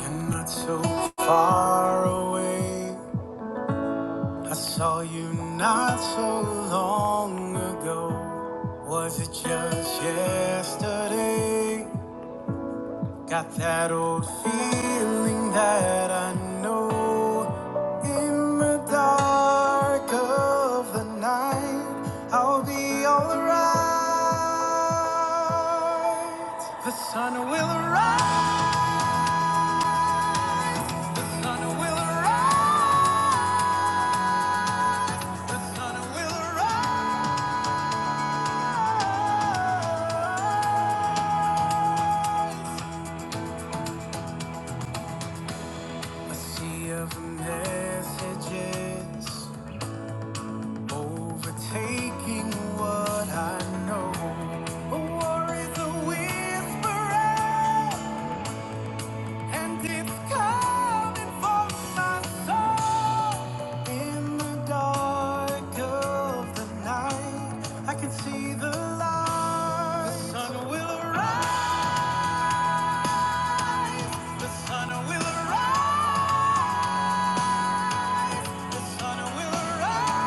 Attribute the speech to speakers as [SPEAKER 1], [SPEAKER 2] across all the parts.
[SPEAKER 1] You're not so far away. I saw you not so long ago. Was it just yesterday? Got that old feeling that I know. In the dark of the night, I'll be alright. The sun will rise. The sun will rise. The sun will rise. A sea of messages overtaking what I know. A war is a whisperer, and it's coming for my soul. In the dark of the night, I can see the light. The sun will arise. The sun will arise. The sun will arise.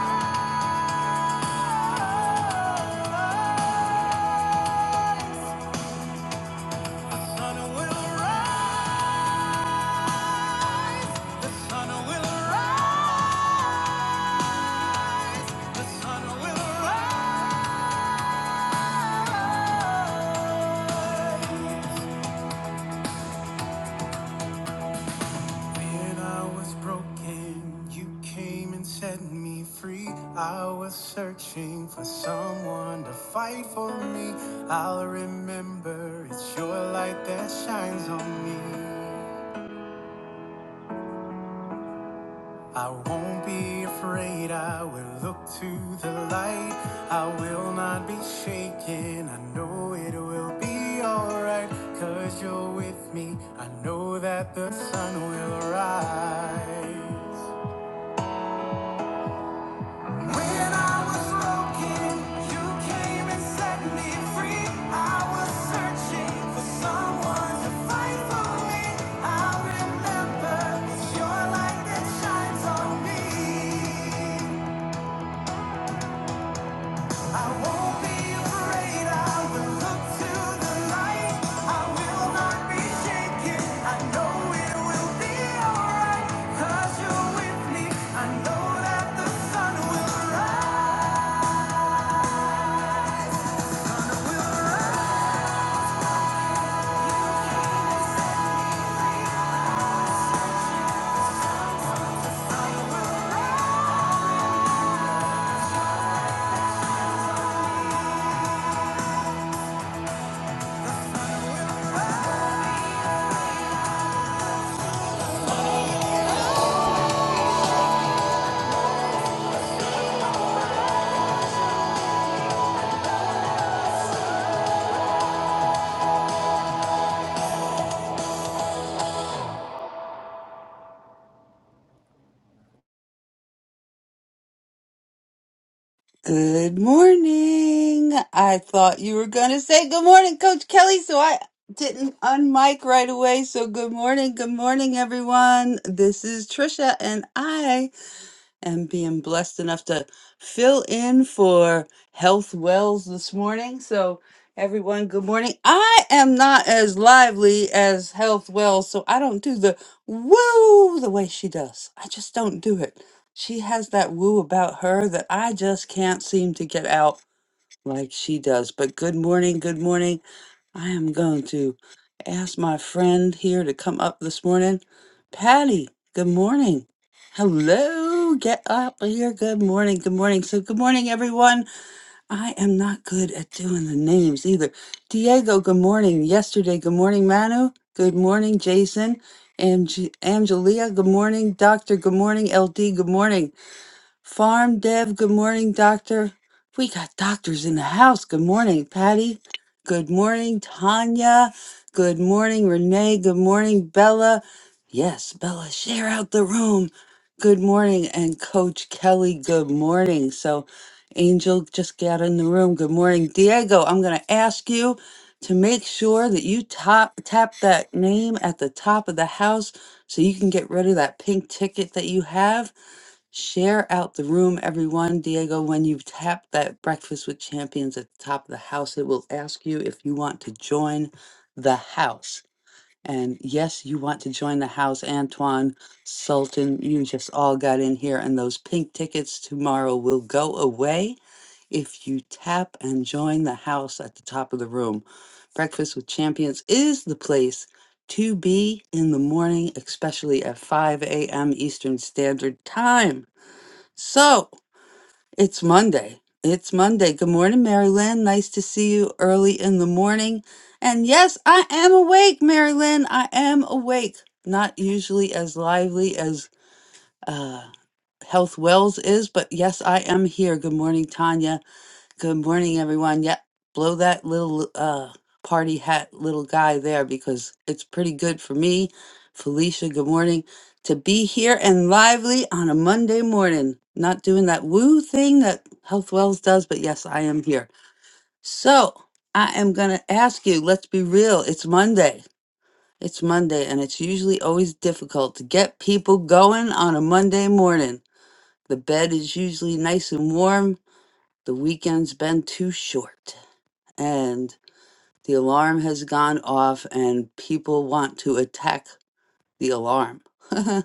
[SPEAKER 1] When I was broken, you came and set me free. I was searching for someone to fight for me. I'll remember it's your light that shines on me. I won't be afraid, I will look to the light. I will not be shaken, I know it will be alright. Cause you're with me, I know that the sun will rise. When I was broken, you came and set me free. I was searching for someone to fight for me. I remember it's your light that shines on me. I won't be afraid. I will look to the light. I will not be shaken. I know it will be alright. you you're with me. I know that the sun will rise. You came to set me free. I will rise.
[SPEAKER 2] Good morning. I thought you were going to say good morning, Coach Kelly, so I didn't unmic right away. So good morning. Good morning, everyone. This is Trisha and I and being blessed enough to fill in for Health Wells this morning. So, everyone, good morning. I am not as lively as Health Wells, so I don't do the woo the way she does. I just don't do it. She has that woo about her that I just can't seem to get out like she does. But good morning, good morning. I am going to ask my friend here to come up this morning. Patty, good morning. Hello, get up here. Good morning. Good morning. So, good morning, everyone. I am not good at doing the names either. Diego, good morning. Yesterday, good morning, Manu. Good morning, Jason. And Angelia, good morning. Doctor, good morning. LD, good morning. Farm Dev, good morning, Doctor. We got doctors in the house. Good morning, Patty. Good morning, Tanya. Good morning, Renee. Good morning, Bella. Yes, Bella, share out the room. Good morning, and Coach Kelly, good morning. So, Angel, just get out in the room. Good morning, Diego. I'm going to ask you to make sure that you top, tap that name at the top of the house so you can get rid of that pink ticket that you have Share out the room, everyone. Diego, when you tap that Breakfast with Champions at the top of the house, it will ask you if you want to join the house. And yes, you want to join the house. Antoine, Sultan, you just all got in here, and those pink tickets tomorrow will go away if you tap and join the house at the top of the room. Breakfast with Champions is the place to be in the morning, especially at 5 a.m. Eastern Standard Time. So it's Monday. It's Monday. Good morning, Mary Lynn. Nice to see you early in the morning. And yes, I am awake, Mary Lynn. I am awake. Not usually as lively as uh, Health Wells is, but yes, I am here. Good morning, Tanya. Good morning, everyone. Yep, blow that little uh party hat little guy there because it's pretty good for me. Felicia, good morning. To be here and lively on a Monday morning. Not doing that woo thing that Health Wells does, but yes, I am here. So I am gonna ask you, let's be real, it's Monday. It's Monday, and it's usually always difficult to get people going on a Monday morning. The bed is usually nice and warm. The weekend's been too short and the alarm has gone off and people want to attack the alarm. I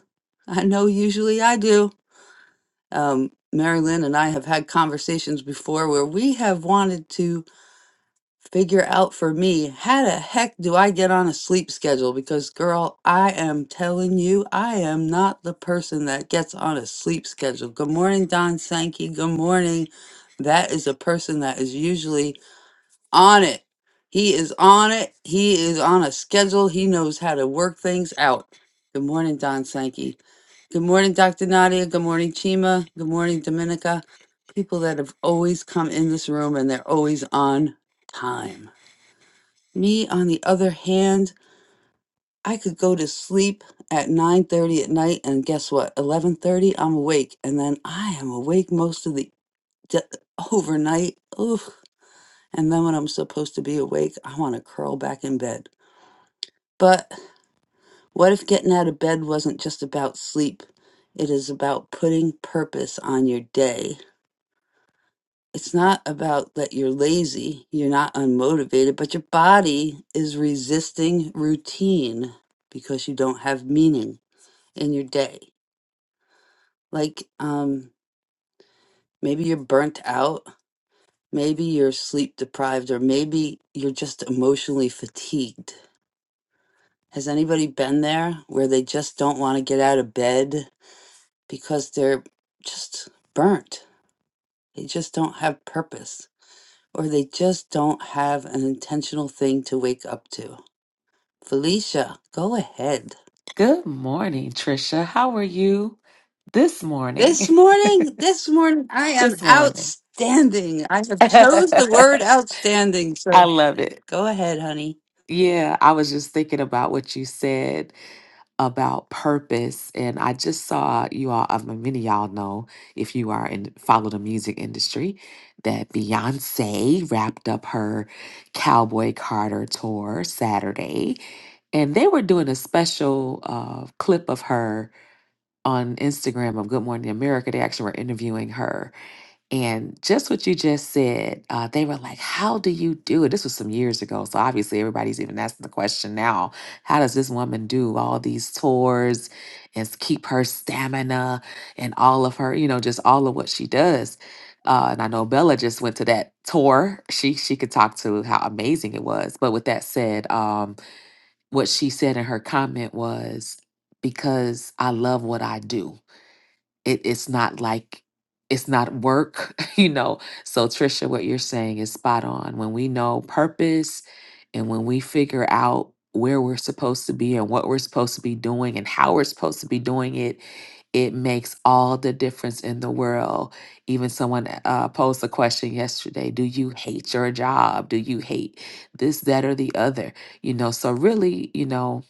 [SPEAKER 2] know usually I do. Um, Mary Lynn and I have had conversations before where we have wanted to figure out for me how the heck do I get on a sleep schedule? Because, girl, I am telling you, I am not the person that gets on a sleep schedule. Good morning, Don Sankey. Good morning. That is a person that is usually on it. He is on it. He is on a schedule. He knows how to work things out. Good morning, Don Sankey. Good morning, Dr. Nadia. Good morning, Chima. Good morning, Dominica. People that have always come in this room and they're always on time. Me, on the other hand, I could go to sleep at 9:30 at night and guess what? 11:30 I'm awake and then I am awake most of the d- overnight. Oof and then when I'm supposed to be awake, I want to curl back in bed. But what if getting out of bed wasn't just about sleep? It is about putting purpose on your day. It's not about that you're lazy, you're not unmotivated, but your body is resisting routine because you don't have meaning in your day. Like, um, maybe you're burnt out, maybe you're sleep deprived, or maybe you're just emotionally fatigued Has anybody been there where they just don't want to get out of bed because they're just burnt? They just don't have purpose or they just don't have an intentional thing to wake up to. Felicia, go ahead.
[SPEAKER 3] Good morning, Trisha. How are you this
[SPEAKER 2] This
[SPEAKER 3] morning?
[SPEAKER 2] morning, this morning, I am
[SPEAKER 3] this morning.
[SPEAKER 2] outstanding. I have chose the
[SPEAKER 3] I
[SPEAKER 2] word outstanding. So
[SPEAKER 3] love it.
[SPEAKER 2] go ahead, honey.
[SPEAKER 3] Yeah, I was just thinking about what you said about purpose, and I just saw you all. I mean, many of y'all know if you are in follow the music industry that Beyonce wrapped up her Cowboy Carter tour Saturday, and they were doing a special uh, clip of her on Instagram of Good Morning America, they actually were interviewing her. And just what you just said, uh, they were like, How do you do it? This was some years ago. So obviously, everybody's even asking the question now How does this woman do all these tours and s- keep her stamina and all of her, you know, just all of what she does? Uh, and I know Bella just went to that tour. She she could talk to how amazing it was. But with that said, um, what she said in her comment was, "Because I love what I do." it, it's not like it's not work, you know. So Trisha, what you're saying is spot on. When we know purpose and when we figure out where we're supposed to be and what we're supposed to be doing and how we're supposed to be doing it, it makes all the difference in the world. Even someone uh, posed a question yesterday Do you hate your job? Do you hate this, that, or the other? You know, so really, you know,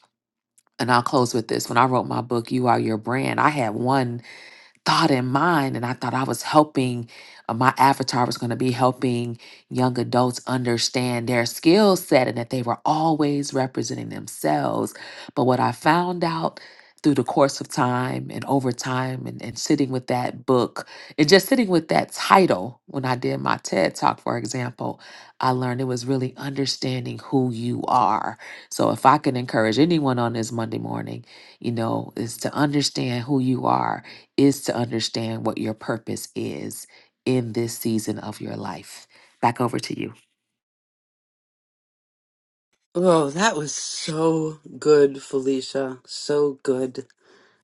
[SPEAKER 3] and I'll close with this. When I wrote my book, You Are Your Brand, I had one thought in mind and i thought i was helping uh, my avatar was going to be helping young adults understand their skill set and that they were always representing themselves but what i found out through the course of time and over time and, and sitting with that book and just sitting with that title when i did my ted talk for example i learned it was really understanding who you are so if i can encourage anyone on this monday morning you know is to understand who you are is to understand what your purpose is in this season of your life. Back over to you.
[SPEAKER 2] Oh, that was so good, Felicia. So good.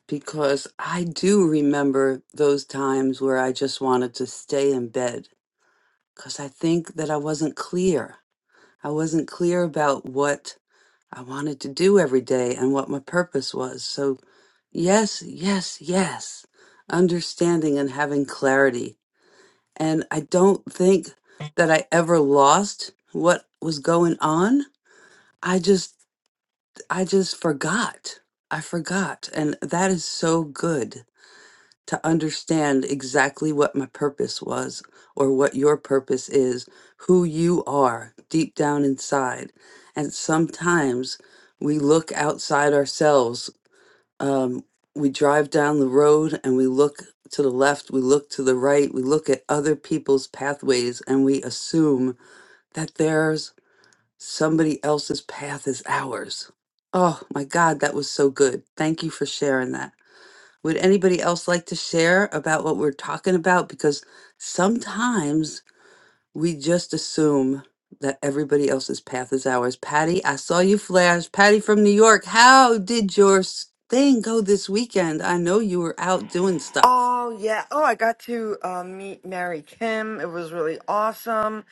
[SPEAKER 2] because I do remember those times where I just wanted to stay in bed because I think that I wasn't clear. I wasn't clear about what I wanted to do every day and what my purpose was. So, yes, yes, yes, understanding and having clarity. And I don't think that I ever lost what was going on. I just, I just forgot. I forgot. And that is so good to understand exactly what my purpose was or what your purpose is, who you are deep down inside. And sometimes we look outside ourselves. Um, we drive down the road and we look to the left, we look to the right, we look at other people's pathways and we assume that there's somebody else's path is ours. Oh my God, that was so good. Thank you for sharing that. Would anybody else like to share about what we're talking about? Because sometimes we just assume that everybody else's path is ours. Patty, I saw you flash. Patty from New York, how did your s- thing go this weekend? I know you were out doing stuff.
[SPEAKER 4] Oh yeah. Oh, I got to uh, meet Mary Kim. It was really awesome.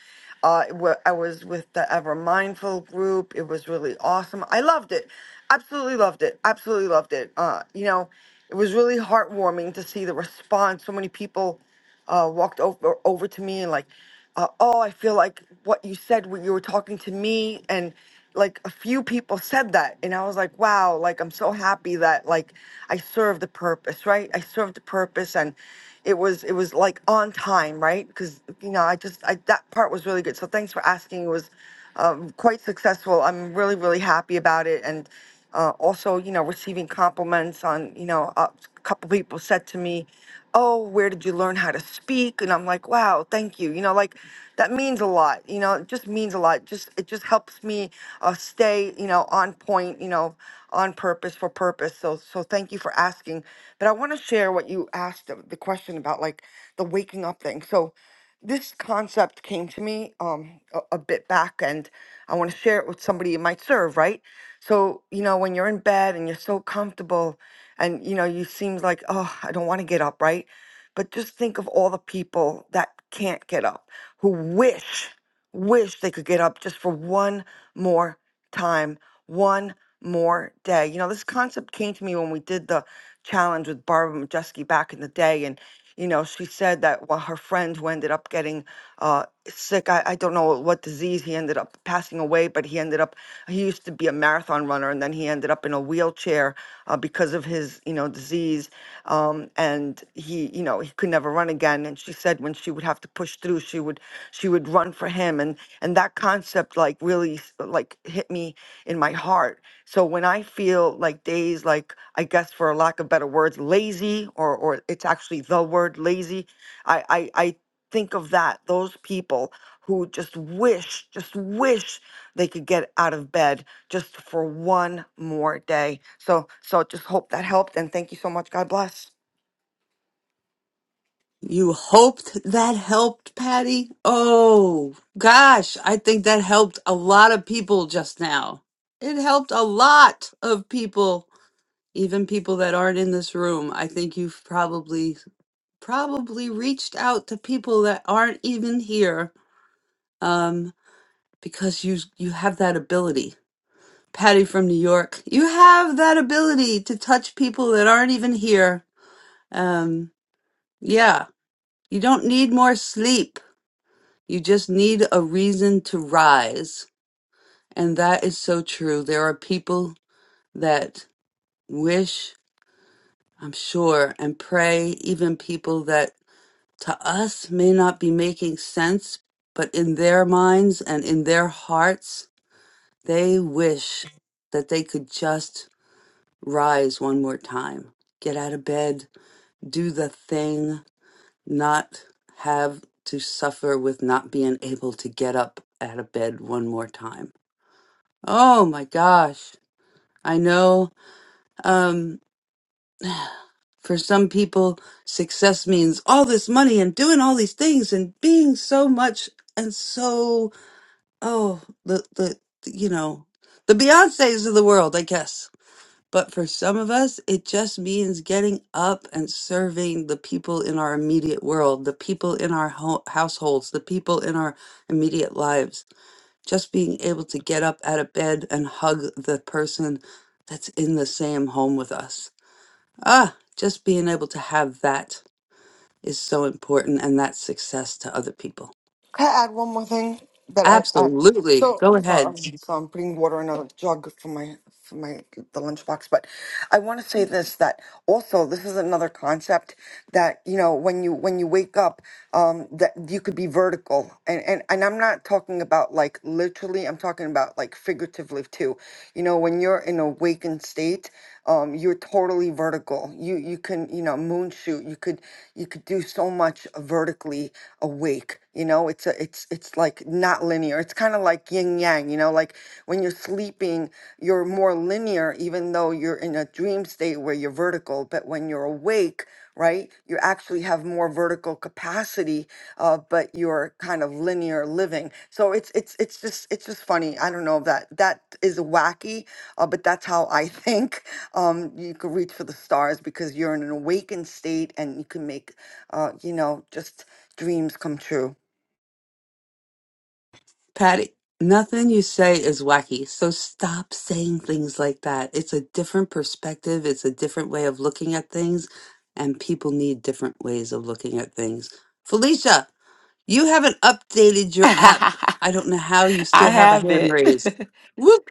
[SPEAKER 4] Uh, it wa- I was with the Ever Mindful group. It was really awesome. I loved it. Absolutely loved it. Absolutely loved it. Uh, you know, it was really heartwarming to see the response. So many people uh, walked over over to me and like, uh, oh, I feel like what you said when you were talking to me, and like a few people said that, and I was like, wow, like I'm so happy that like I served the purpose, right? I served the purpose, and it was it was like on time, right? Because you know I just I that part was really good. So thanks for asking. It was um, quite successful. I'm really really happy about it, and uh, also, you know, receiving compliments on, you know, a couple people said to me, "Oh, where did you learn how to speak?" And I'm like, "Wow, thank you." You know, like that means a lot. You know, it just means a lot. Just it just helps me uh, stay, you know, on point. You know, on purpose for purpose. So so thank you for asking. But I want to share what you asked uh, the question about, like the waking up thing. So this concept came to me um a, a bit back and i want to share it with somebody you might serve right so you know when you're in bed and you're so comfortable and you know you seem like oh i don't want to get up right but just think of all the people that can't get up who wish wish they could get up just for one more time one more day. You know, this concept came to me when we did the challenge with Barbara Majeski back in the day. And, you know, she said that while her friend who ended up getting uh, sick, I, I don't know what disease he ended up passing away, but he ended up, he used to be a marathon runner and then he ended up in a wheelchair uh, because of his, you know, disease. Um, and he, you know, he could never run again. And she said when she would have to push through, she would, she would run for him. and and that concept like really s- like hit me in my heart so when i feel like days like i guess for a lack of better words lazy or or it's actually the word lazy i i, I think of that those people who just wish just wish they could get out of bed just for one more day so so just hope that helped and thank you so much god bless
[SPEAKER 2] You hoped that helped, Patty? Oh, gosh, I think that helped a lot of people just now. It helped a lot of people even people that aren't in this room, I think you've probably probably reached out to people that aren't even here um, because you you have that ability. Patty from New York, you have that ability to touch people that aren't even here. Um, yeah, you don't need more sleep. You just need a reason to rise. And that is so true. There are people that wish, I'm sure, and pray, even people that to us may not be making sense, but in their minds and in their hearts, they wish that they could just rise one more time, get out of bed, do the thing, not have to suffer with not being able to get up out of bed one more time. Oh my gosh. I know um, for some people, success means all this money and doing all these things and being so much and so oh the the you know the Beyonces of the world, I guess. But for some of us, it just means getting up and serving the people in our immediate world, the people in our ho- households, the people in our immediate lives. Just being able to get up out of bed and hug the person that's in the same home with us. Ah, just being able to have that is so important, and that's success to other people.
[SPEAKER 4] Can I add one more thing that I, I
[SPEAKER 2] Absolutely.
[SPEAKER 4] so
[SPEAKER 2] Go
[SPEAKER 4] so
[SPEAKER 2] ahead.
[SPEAKER 4] I'm, so I'm putting water in a jug for my for my the lunchbox, but I want to say this that also this is another concept that you know when you when you wake up um that you could be vertical and and and I'm not talking about like literally I'm talking about like figuratively too you know when you're in a awakened state um you're totally vertical you you can you know moon shoot You could could you could do so much vertically awake you know it's a it's it's like not linear it's kind of like yin yang you know like when you're sleeping you're more linear even though you're in a dream state where you're vertical but when you're awake right you actually have more vertical capacity uh, but you're kind of linear living so it's it's it's just it's just funny i don't know if that that is wacky uh, but that's how i think um you could reach for the stars because you're in an awakened state and you can make uh you know just dreams come true
[SPEAKER 2] Patty, nothing you say is wacky. So stop saying things like that. It's a different perspective, it's a different way of looking at things, and people need different ways of looking at things. Felicia, you haven't updated your app.
[SPEAKER 3] I
[SPEAKER 2] I don't know how you still have a
[SPEAKER 3] have
[SPEAKER 2] hand
[SPEAKER 3] it.
[SPEAKER 2] raised. Whoop.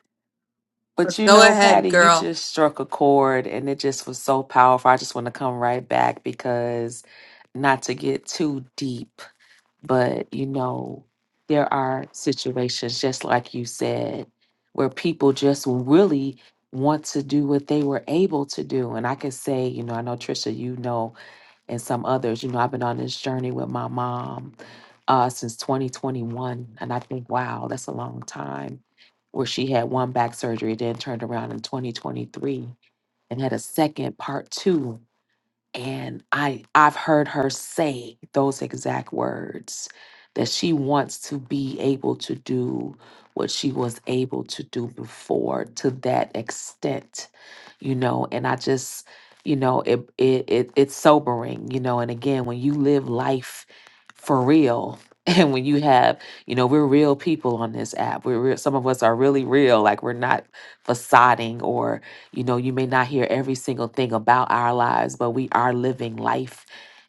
[SPEAKER 3] but you
[SPEAKER 2] Go
[SPEAKER 3] know,
[SPEAKER 2] ahead,
[SPEAKER 3] Patty, you
[SPEAKER 2] girl.
[SPEAKER 3] just struck a chord and it just was so powerful. I just want to come right back because not to get too deep, but you know, there are situations, just like you said, where people just really want to do what they were able to do. And I can say, you know, I know Trisha, you know and some others. You know, I've been on this journey with my mom uh, since 2021. And I think, wow, that's a long time where she had one back surgery, then turned around in 2023 and had a second part two and i i've heard her say those exact words that she wants to be able to do what she was able to do before to that extent you know and i just you know it it, it it's sobering you know and again when you live life for real and when you have you know we're real people on this app we're real, some of us are really real like we're not facading or you know, you may not hear every single thing about our lives, but we are living life.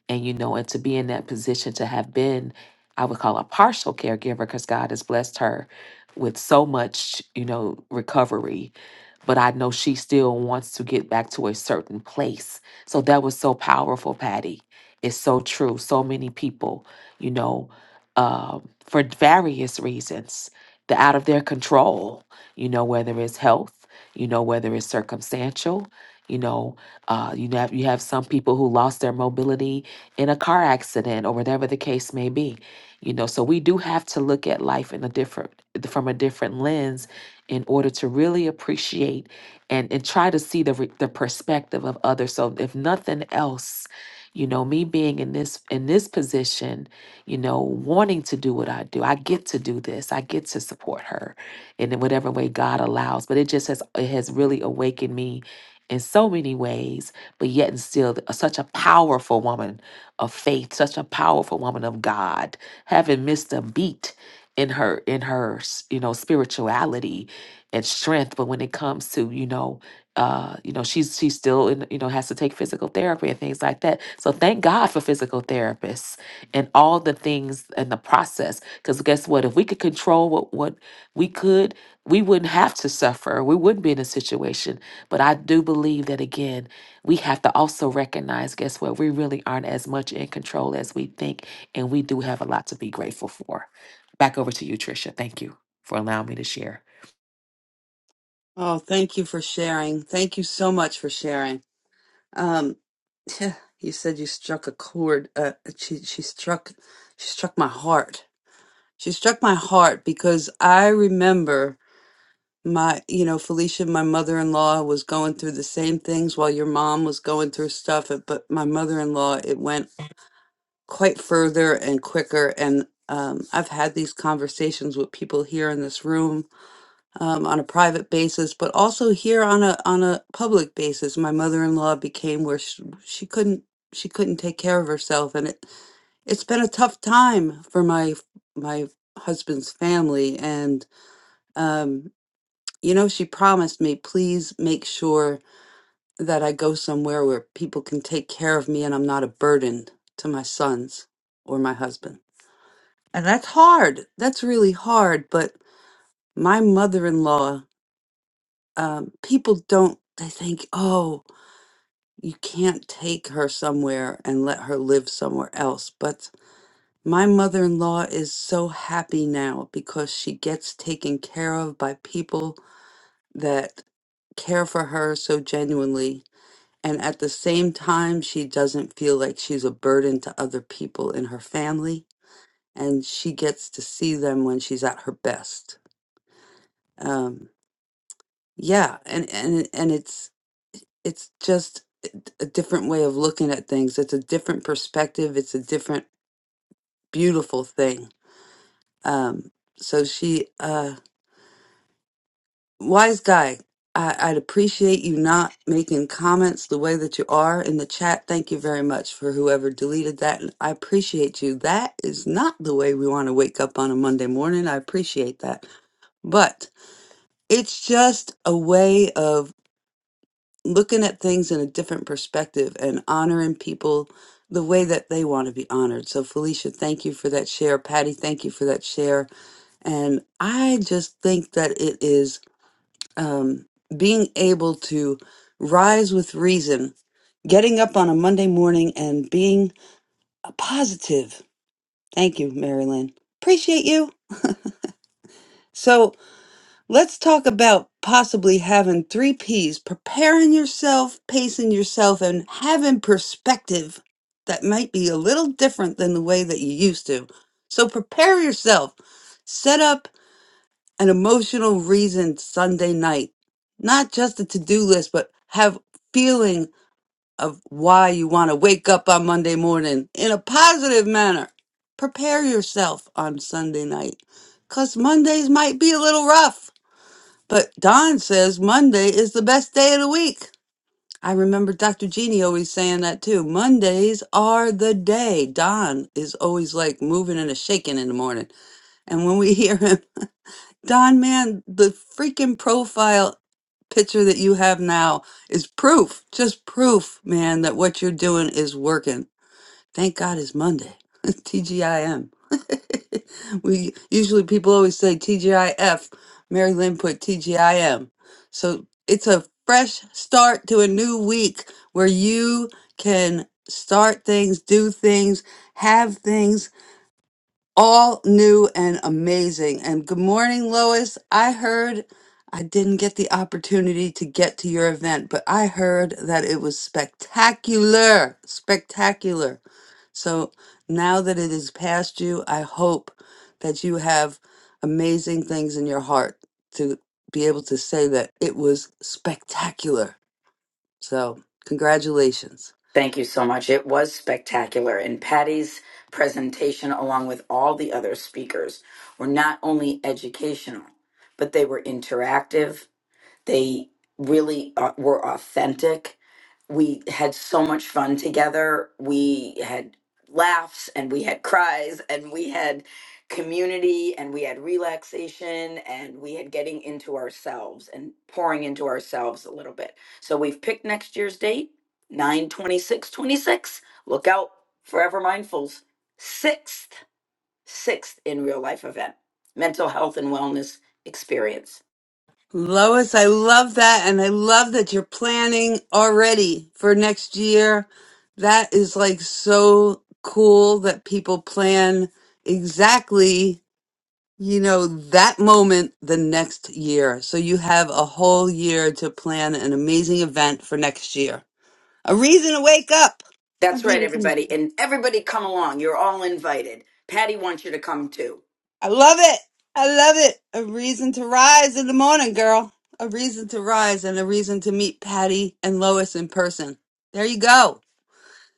[SPEAKER 3] And, you know, and to be in that position to have been, I would call a partial caregiver because God has blessed her with so much, you know, recovery but I know she still wants to get back to a certain place. So that was so powerful, Patty. It's so true. So many people, you know, um, for various reasons, they're out of their control, you know, whether it's health, you know, whether it's circumstantial. You know, uh, you have you have some people who lost their mobility in a car accident or whatever the case may be. You know, so we do have to look at life in a different from a different lens in order to really appreciate and, and try to see the, re- the perspective of others. So if nothing else, you know, me being in this in this position, you know, wanting to do what I do, I get to do this. I get to support her in whatever way God allows. But it just has it has really awakened me in so many ways, but yet and still th- such a powerful woman of faith, such a powerful woman of God, haven't missed a beat in her in her s- you know spirituality and strength. But when it comes to you know, uh, you know, she's she's still in, you know has to take physical therapy and things like that. So thank God for physical therapists and all the things and the process. Because guess what? If we could control what what we could, we wouldn't have to suffer. We wouldn't be in a situation. But I do believe that again, we have to also recognize. Guess what? We really aren't as much in control as we think, and we do have a lot to be grateful for. Back over to you, Tricia. Thank you for allowing me to share.
[SPEAKER 2] Oh, thank you for sharing. Thank you so much for sharing. Um, you said you struck a chord. Uh, she she struck she struck my heart She struck my heart because I remember my, you know, Felicia, my mother in law, was going through the same things while your mom was going through stuff. uh, But my mother in law, it went quite further and quicker. And um, I've had these conversations with people here in this room um, on a private basis, but also here on a on a public basis. My mother in law became where she, she couldn't she couldn't take care of herself, and it it's been a tough time for my my husband's family and um, you know, she promised me, please make sure that I go somewhere where people can take care of me and I'm not a burden to my sons or my husband. And that's hard. That's really hard. But my mother in law, um, people don't, they think, oh, you can't take her somewhere and let her live somewhere else. But my mother in law is so happy now because she gets taken care of by people that care for her so genuinely and at the same time she doesn't feel like she's a burden to other people in her family and she gets to see them when she's at her best um yeah and and and it's it's just a different way of looking at things it's a different perspective it's a different beautiful thing um so she uh wise guy, I, I'd appreciate you not making comments the way that you are in the chat. Thank you very much for whoever deleted that. And I appreciate you. That is not the way we want to wake up on a Monday morning. I appreciate that. But it's just a way of looking at things in a different perspective and honoring people the way that they want to be honored. So, Felicia, thank you for that share. Patty, thank you for that share. And I just think that it is um, being able to rise with reason, getting up on a Monday morning and being a positive. Thank you, Marilyn. Appreciate you. So let's talk about possibly having three P's preparing yourself, pacing yourself, and having perspective that might be a little different than the way that you used to. So prepare yourself, set up an emotional reason Sunday night. Not just a to do list, but have feeling of why you want to wake up on Monday morning in a positive manner. Prepare yourself on Sunday night because Mondays might be a little rough. But Don says Monday is the best day of the week. I remember Dr. Jeannie always saying that too. Mondays are the day. Don is always like moving and a shaking in the morning. And when we hear him, Don man, the freaking profile picture that you have now is proof, just proof, man, that what you're doing is working. Thank God it's Monday. TGIM. we usually people always say TGIF. Mary Lynn put TGIM. So it's a fresh start to a new week where you can start things, do things, have things all new and amazing. And good morning, Lois. I heard I didn't get the opportunity to get to your event, but I heard that it was spectacular. Spectacular. So now that it is past you, I hope that you have amazing things in your heart to be able to say that it was spectacular. So, congratulations.
[SPEAKER 5] Thank you so much. It was spectacular. And Patty's presentation, along with all the other speakers, were not only educational, but they were interactive. They really uh, were authentic. We had so much fun together. We had laughs and we had cries and we had community and we had relaxation and we had getting into ourselves and pouring into ourselves a little bit. So we've picked next year's date, 9 26, 26. Look out, Forever Mindful's sixth, sixth in real life event, mental health and wellness experience.
[SPEAKER 2] Lois, I love that. And I love that you're planning already for next year. That is like so cool that people plan exactly, you know, that moment the next year. So you have a whole year to plan an amazing event for next year. A reason to wake
[SPEAKER 5] That's right,
[SPEAKER 2] up.
[SPEAKER 5] everybody. And everybody come along. You're all invited. Patty wants you to come too.
[SPEAKER 2] I love it. I love it. A reason to rise in the morning, girl. A reason to rise and a reason to meet Patty and Lois in person. There you go.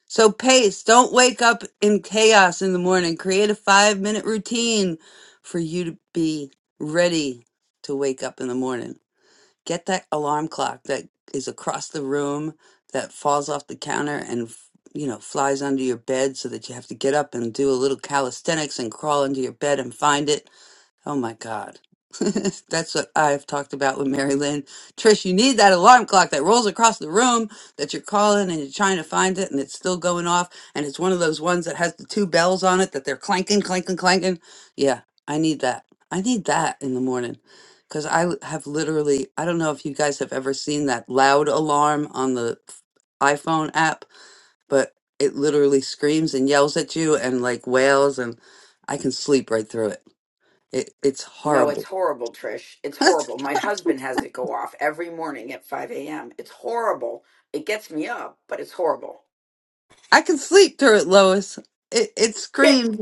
[SPEAKER 2] So pace. Don't wake up in chaos in the morning. Create a five minute routine for you to be ready to wake up in the morning. Get that alarm clock that is across the room that falls off the counter and you know flies under your bed so that you have to get up and do a little calisthenics and crawl under your bed and find it Oh my God. That's what I've talked about with Mary Lynn. Trish, you need that alarm clock that rolls across the room that you're calling and you're trying to find it and it's still going off. And it's one of those ones that has the two bells on it that they're clanking, clanking, clanking. Yeah, I need that. I need that in the morning because I l- have literally, I don't know if you guys have ever seen that loud alarm on the iPhone app, but it literally screams and yells at you and like wails and I can sleep right through it. It, it's
[SPEAKER 5] No, it's
[SPEAKER 2] horrible.
[SPEAKER 5] horrible, Trish. It's horrible. My husband has it go off every morning at 5 a.m. It's horrible. It gets me up, but it's horrible.
[SPEAKER 2] I can sleep through it, Lois. It, it
[SPEAKER 5] Get,
[SPEAKER 2] screams,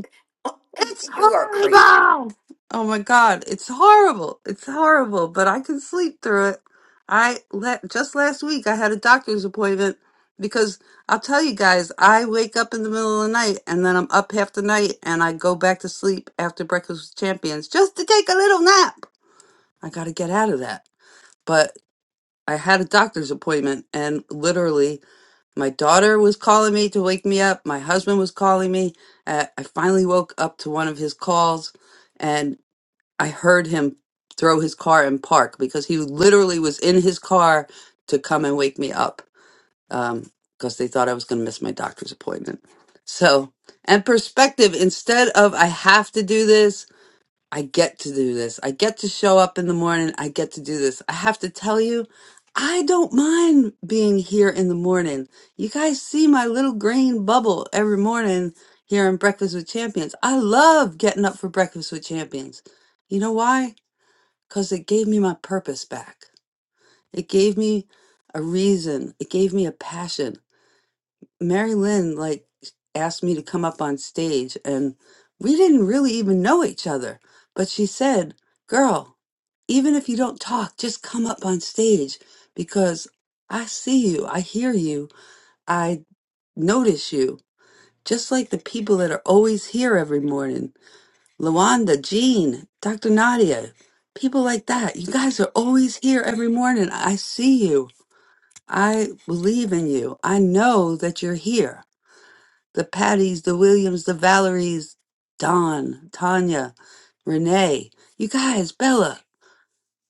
[SPEAKER 2] It's
[SPEAKER 5] you are crazy.
[SPEAKER 2] horrible! Oh my God, it's horrible. It's horrible, but I can sleep through it. I let, just last week I had a doctor's appointment because I'll tell you guys, I wake up in the middle of the night and then I'm up half the night and I go back to sleep after Breakfast with Champions just to take a little nap. I got to get out of that. But I had a doctor's appointment and literally My daughter was calling me to wake me up. My husband was calling me. Uh, I finally woke up to one of his calls and I heard him throw his car and park because he literally was in his car to come and wake me up um, because they thought I was going to miss my doctor's appointment. So, and perspective instead of I have to do this I get to do this. I get to show up in the morning. I get to do this. I have to tell you, I don't mind being here in the morning. You guys see my little green bubble every morning here on Breakfast with Champions. I love getting up for Breakfast with Champions. You know why? Because it gave me my purpose back. It gave me a reason. It gave me a passion. Mary Lynn like asked me to come up on stage and we didn't really even know each other. But she said, Girl, even if you don't talk, just come up on stage because I see you, I hear you, I notice you. Just like the people that are always here every morning. Luanda, Jean, Dr. Nadia, people like that. You guys are always here every morning. I see you. I believe in you. I know that you're here the Patties, the Williams, the Valeries, Don, Tanya, Renee, you guys, Bella.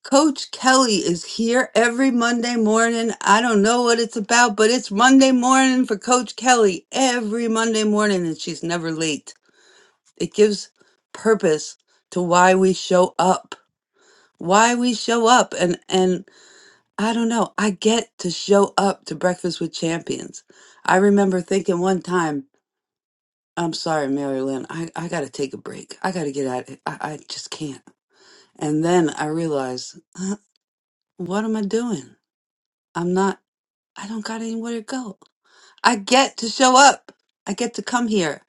[SPEAKER 2] Coach Kelly is here every Monday morning. I don't know what it's about, but it's Monday morning for Coach Kelly every Monday morning, and she's never late. It gives purpose to why we show up, why we show up. And, and I don't know, I get to show up to Breakfast with Champions. I remember thinking one time, I'm sorry, Mary Lynn. I, I got to take a break. I got to get out. I, I just can't. And then I realized, what am I doing? I'm not, I don't got anywhere to go. I get to show up. I get to come here.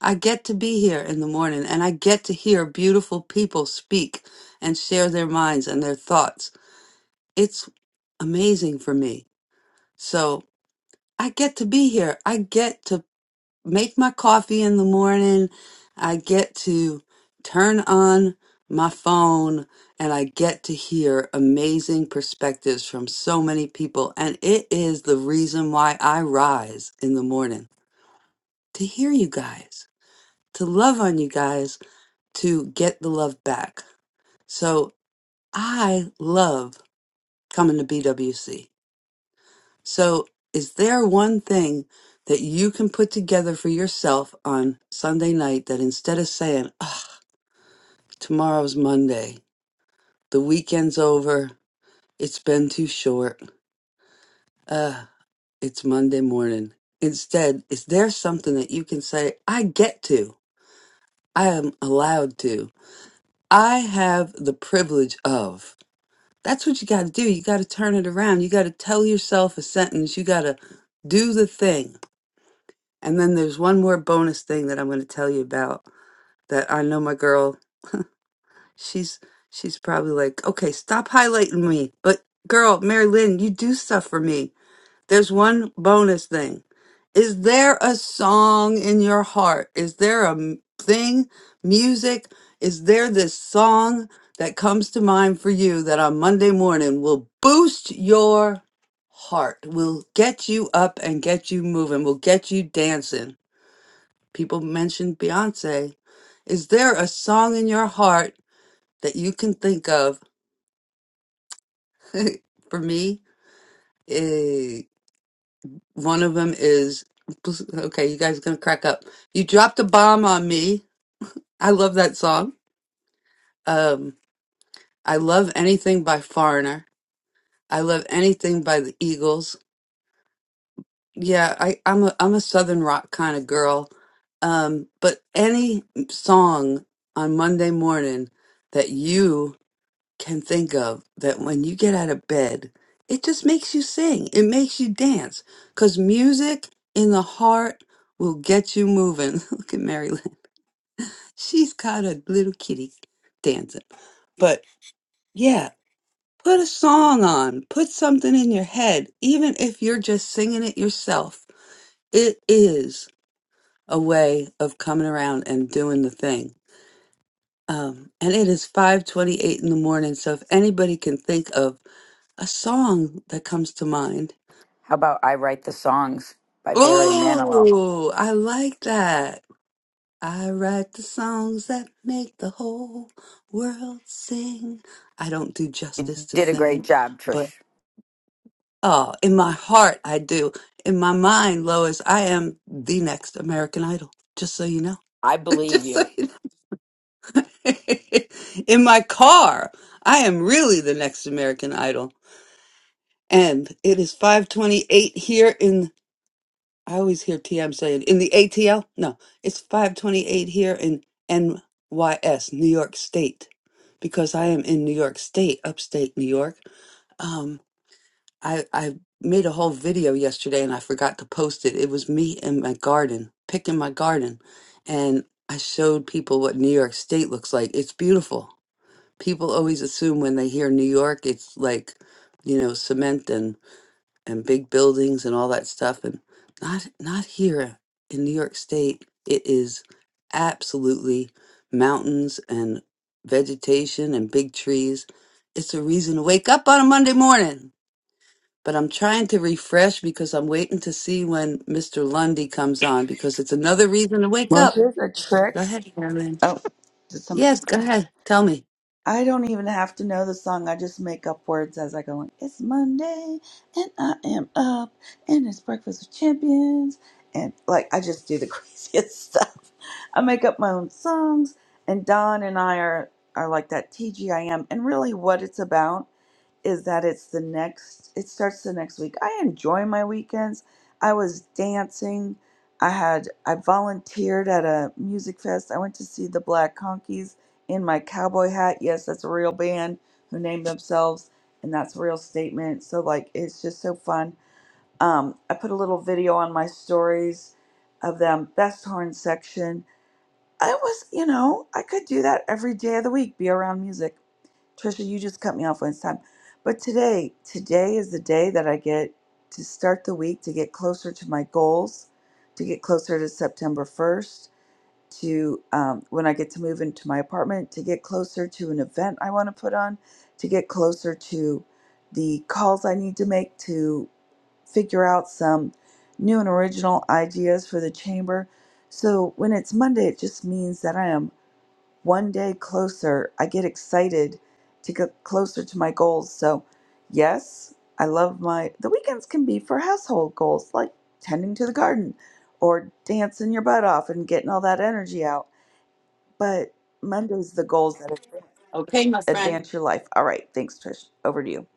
[SPEAKER 2] I get to be here in the morning and I get to hear beautiful people speak and share their minds and their thoughts. It's amazing for me. So I get to be here. I get to make my coffee in the morning. I get to turn on my phone and I get to hear amazing perspectives from so many people. And it is the reason why I rise in the morning to hear you guys, to love on you guys, to get the love back. So I love coming to BWC. So, is there one thing that you can put together for yourself on Sunday night that instead of saying, Tomorrow's Monday. The weekend's over. It's been too short. Ah, it's Monday morning. Instead, is there something that you can say, I get to? I am allowed to. I have the privilege of. That's what you got to do. You got to turn it around. You got to tell yourself a sentence. You got to do the thing. And then there's one more bonus thing that I'm going to tell you about that I know my girl She's she's probably like, okay, stop highlighting me. But girl, Mary Lynn, you do stuff for me. There's one bonus thing. Is there a song in your heart? Is there a m- thing, music? Is there this song that comes to mind for you that on Monday morning will boost your heart, will get you up and get you moving, will get you dancing? People mentioned Beyonce. Is there a song in your heart that you can think of for me eh, one of them is okay you guys are gonna crack up you dropped a bomb on me i love that song um i love anything by foreigner i love anything by the eagles yeah i i'm a i'm a southern rock kind of girl um but any song on monday morning that you can think of that when you get out of bed, it just makes you sing, it makes you dance, because music in the heart will get you moving. Look at Mary Lynn. She's got a little kitty dancing. But yeah, put a song on, put something in your head, even if you're just singing it yourself. It is a way of coming around and doing the thing. Um, and it is 5:28 in the morning, so if anybody can think of a song that comes to mind.
[SPEAKER 5] How about I Write the Songs by Barry Manilow?
[SPEAKER 2] Oh, I like that. I write the songs that make the whole world sing. I don't do
[SPEAKER 5] You
[SPEAKER 2] justice to
[SPEAKER 5] did a great
[SPEAKER 2] singing,
[SPEAKER 5] job,
[SPEAKER 2] but
[SPEAKER 5] Trish.
[SPEAKER 2] oh, in my heart, I do. In my mind, Lois, I am the next American Idol, just so you know.
[SPEAKER 5] I believe
[SPEAKER 2] just so
[SPEAKER 5] you.
[SPEAKER 2] you know. in my car, I am really the next American Idol. And it is 528 here in I always hear TM saying in the ATL. No, it's 528 here in NYS, New York State, because I am in New York State, upstate New York. Um, I I made a whole video yesterday and I forgot to post it. It was me in my garden, picking my garden, and I showed people what New York State looks like. It's beautiful. People always assume when they hear New York, it's like, you know, cement and big buildings and all that stuff and not not here in New York State it is absolutely mountains and vegetation and big trees it's a reason to wake up on a Monday morning but I'm trying to refresh because I'm waiting to see when Mr. Lundy comes on because it's another reason to wake
[SPEAKER 6] Well,
[SPEAKER 2] up
[SPEAKER 6] here's a
[SPEAKER 2] go
[SPEAKER 6] trick.
[SPEAKER 2] ahead Marilyn
[SPEAKER 6] Oh, did somebody?
[SPEAKER 2] yes go ahead tell me
[SPEAKER 6] I don't even have to know the song. I just make up words as I go. In. It's Monday and I am up, and it's breakfast with champions, and like I just do the craziest stuff. I make up my own songs, and Don and I are are like that TGIM. And really, what it's about is that it's the next it starts the next week. I enjoy my weekends. I was dancing. I had I volunteered at a music fest. I went to see the Black Conkeys in my cowboy hat. Yes, that's a real band who named themselves and that's a real statement. So like it's just so fun. Um I put a little video on my stories of them best horn section. I was, you know, I could do that every day of the week, be around music. Trisha, you just cut me off one time. But today, today is the day that I get to start the week to get closer to my goals, to get closer to September 1st, to um, when I get to move into my apartment, to get closer to an event I want to put on, to get closer to the calls I need to make to figure out some new and original ideas for the chamber. So when it's Monday, it just means that I am one day closer. I get excited to get closer to my goals. So, yes, I love my the weekends can be for household goals like tending to the garden or dancing your butt off and getting all that energy out. But Monday's the goals that adv-
[SPEAKER 2] okay my friend
[SPEAKER 6] advance your life. All right, thanks Trish. Over to you.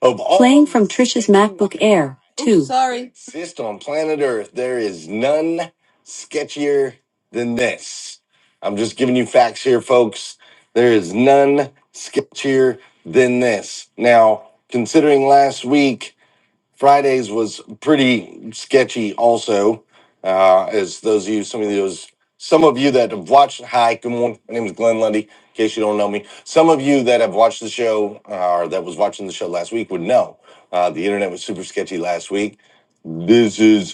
[SPEAKER 2] Of all Playing from Trisha's MacBook Air Oops, 2. sorry. Exist on planet Earth. There is none sketchier than this. I'm just giving you facts here, folks. There is none sketchier than this. Now, considering last week Fridays was pretty sketchy, also. Uh, as those of you, some of those, some of you that have watched, hi, good morning. My name is Glenn Lundy. In case you don't know me, some of you that have watched the show uh, or that was watching the show last week would know uh, the internet was super sketchy last week. This is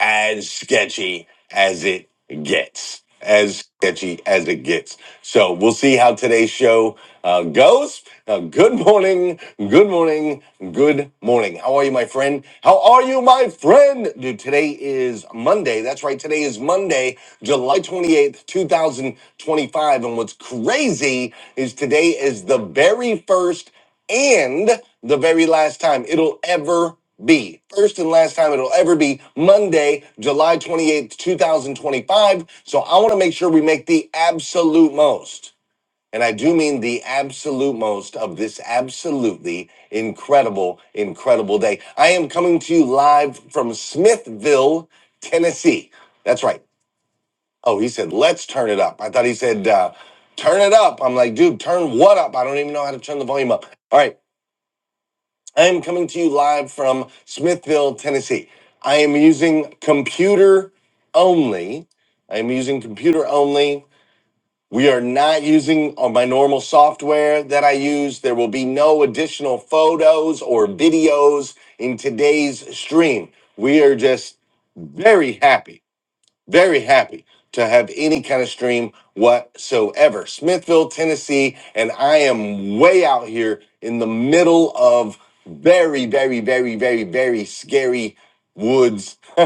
[SPEAKER 2] as sketchy as it gets. As sketchy as it gets. So we'll see how today's show uh, goes. Uh, good morning, good morning, good morning. How are you, my friend? How are you, my friend? Dude, today is Monday. That's right. Today is Monday, July 28th, 2025. And what's crazy is today is the very first and the very last time it'll ever B. First and last time it'll ever be Monday, July 28th, 2025. So I want to make sure we make the absolute most, and I do mean the absolute most of this absolutely incredible, incredible day. I am coming to you live from Smithville, Tennessee. That's right. Oh, he said, let's turn it up. I thought he said, uh, turn it up. I'm like, dude, turn what up? I don't even know how to turn the volume up. All right. I am coming to you live from Smithville, Tennessee. I am using computer only. I am using computer only. We are not using on my normal software that I use. There will be no additional photos or videos in today's stream. We are just very happy very happy to have any kind of stream whatsoever. Smithville, Tennessee, and I am way out here in the middle of very, very, very, very, very scary woods.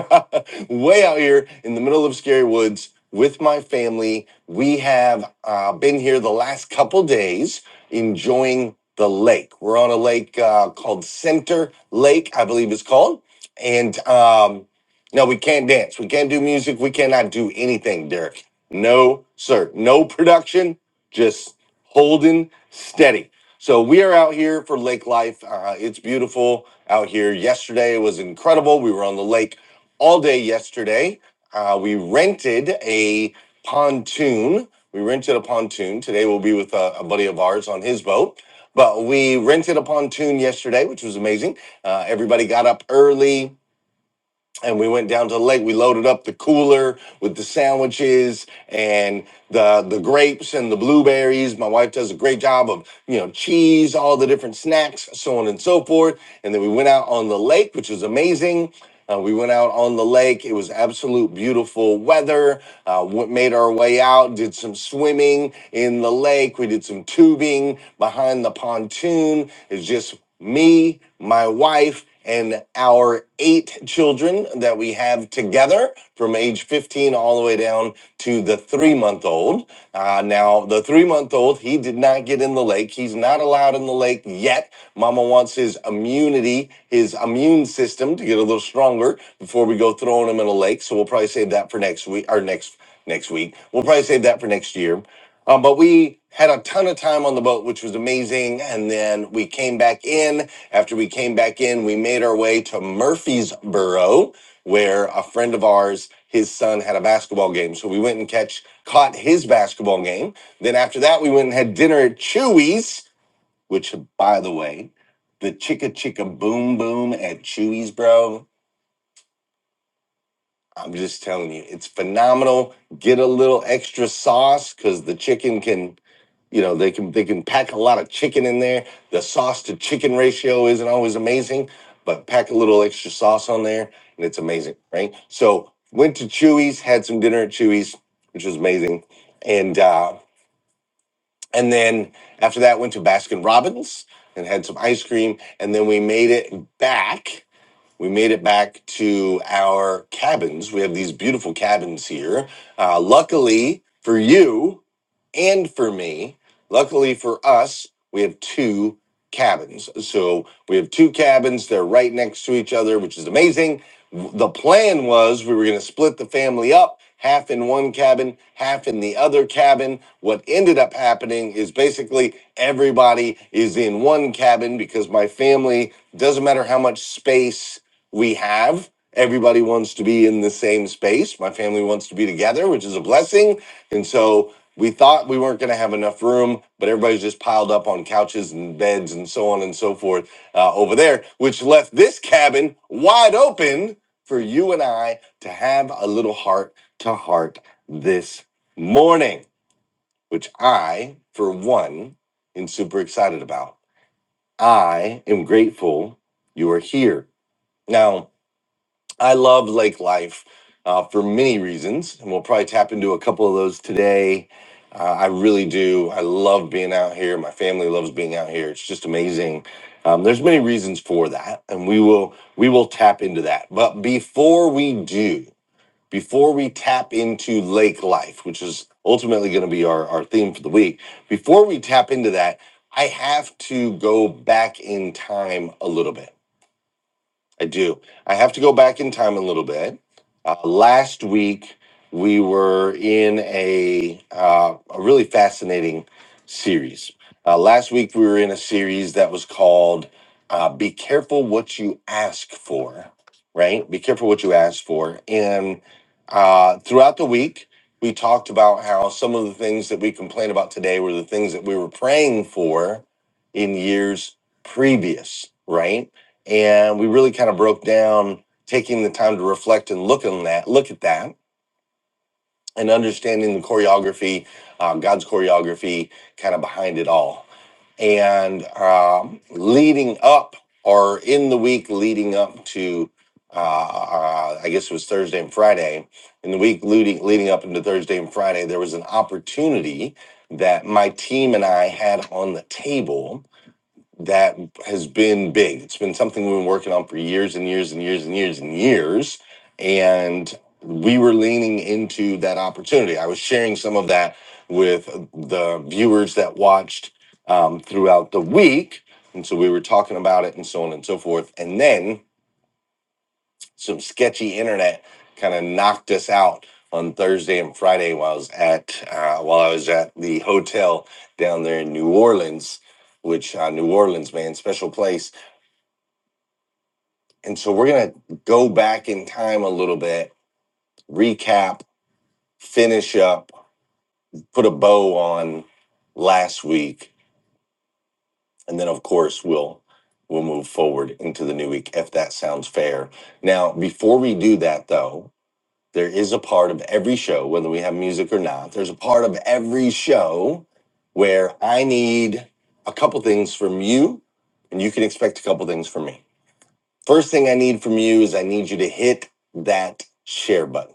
[SPEAKER 2] way out here in the middle of scary woods with my family. We have uh, been here the last couple days enjoying the lake. We're on a lake uh, called Center Lake, I believe it's called. And um, no, we can't dance. We can't do music. We cannot do anything, Derek. No, sir. No production, just holding steady. So we are out here for lake life. Uh, it's beautiful out here. Yesterday was incredible. We were on the lake all day yesterday. Uh, we rented a pontoon. We rented a pontoon. Today we'll be with a, a buddy of ours on his boat. But we rented a pontoon yesterday, which was amazing. Uh, everybody got up early and we went down to the lake. We loaded up the cooler with the sandwiches and the the grapes and the blueberries. My wife does a great job of you know cheese, all the different snacks, so on and so forth. And then we went out on the lake, which was amazing. Uh, we went out on the lake. It was absolute beautiful weather. Uh, w- made our way out, did some swimming in the lake. We did some tubing behind the pontoon. It's just me, my wife, and our eight children that we have together from age 15 all the way down to the three month old. Uh, now, the three month old, he did not get in the lake. He's not allowed in the lake yet. Mama wants his immunity, his immune system to get a little stronger before we go throwing him in a lake. So we'll probably save that for next week or next next week. We'll probably save that for next year. Um, but we had a ton of time on the boat, which was amazing. And then we came back in. After we came back in, we made our way to Murfreesboro, where a friend of ours, his son had a basketball game. So we went and catch caught his basketball game. Then after that, we went and had dinner at Chewy's, which, by the way, the chicka chicka boom boom at Chewy's, bro. I'm just telling you, it's phenomenal. Get a little extra sauce because the chicken can, you know, they can they can pack a lot of chicken in there. The sauce to chicken ratio isn't always amazing, but pack a little extra sauce on there, and it's amazing, right? So went to Chewy's, had some dinner at Chewy's, which was amazing, and uh, And then after that, went to Baskin Robbins and had some ice cream. And then we made it back we made it back to our cabins. We have these beautiful cabins here. Uh, luckily for you and for me, luckily for us, we have two cabins. So we have two cabins. They're right next to each other, which is amazing. The plan was we were going to split the family up. Half in one cabin, half in the other cabin. What ended up happening is basically everybody is in one cabin because my family doesn't matter how much space we have. Everybody wants to be in the same space. My family wants to be together, which is a blessing. And so we thought we weren't going to have enough room, but everybody's just piled up on couches and beds and so on and so forth uh, over there, which left this cabin wide open for you and I to have a little heart to heart this morning, which I, for one, am super excited about. I am grateful you are here. Now, I love lake life uh, for many reasons, and we'll probably tap into a couple of those today. Uh, I really do. I love being out here. My family loves being out here. It's just amazing. Um, there's many reasons for that, and we will we will tap into that. But before we do, before we tap into lake life, which is ultimately going to be our, our theme for the week, before we tap into that, I have to go back in time a little bit. I do. I have to go back in time a little bit. Uh, last week we were in a uh, a really fascinating series. Uh, last week we were in a series that was called uh, "Be Careful What You Ask For," right? Be careful what you ask for. And uh, throughout the week we talked about how some of the things that we complain about today were the things that we were praying for in years previous, right? and we really kind of broke down taking the time to reflect and look on that look at that and understanding the choreography um, god's choreography kind of behind it all and um, leading up or in the week leading up to uh, uh, i guess it was thursday and friday in the week leading, leading up into thursday and friday there was an opportunity that my team and i had on the table that has been big. It's been something we've been working on for years and years and years and years and years. And we were leaning into that opportunity. I was sharing some of that with the viewers that watched um, throughout the week. And so we were talking about it and so on and so forth. And then some sketchy internet kind of knocked us out on Thursday and Friday while I was at uh, while I was at the hotel down there in New Orleans, which uh, New Orleans, man, special place And so we're going to go back in time a little bit, recap, finish up, put a bow on last week, and then of course we'll we'll move forward into the new week if that sounds fair. Now, before we do that though, there is a part of every show whether we have music or not. There's a part of every show where I need a couple things from you and you can expect a couple things from me. First thing I need from you is I need you to hit that share button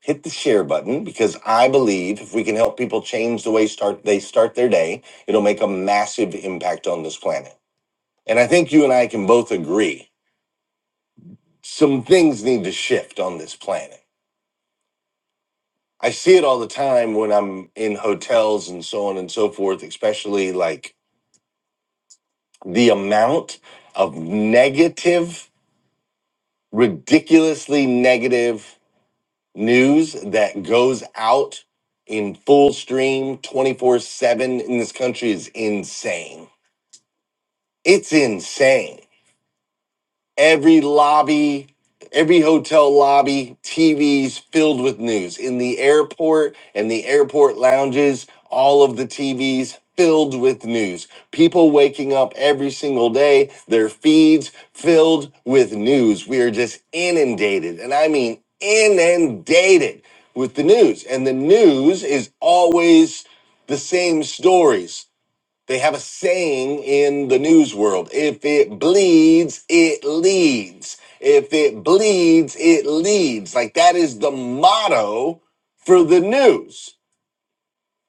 [SPEAKER 2] hit the share button because I believe if we can help people change the way start they start their day, it'll make a massive impact on this planet. And I think you and I can both agree some things need to shift on this planet. I see it all the time when I'm in hotels and so on and so forth, especially like the amount of negative, ridiculously negative news that goes out in full stream 24 7 in this country is insane. It's insane every lobby, every hotel lobby, TVs filled with news. In the airport and the airport lounges, all of the TVs filled with news. People waking up every single day, their feeds filled with news. We are just inundated, and I mean inundated with the news. And the news is always the same stories they have a saying in the news world if it bleeds, it leads. If it bleeds, it leads. Like that is the motto for the news.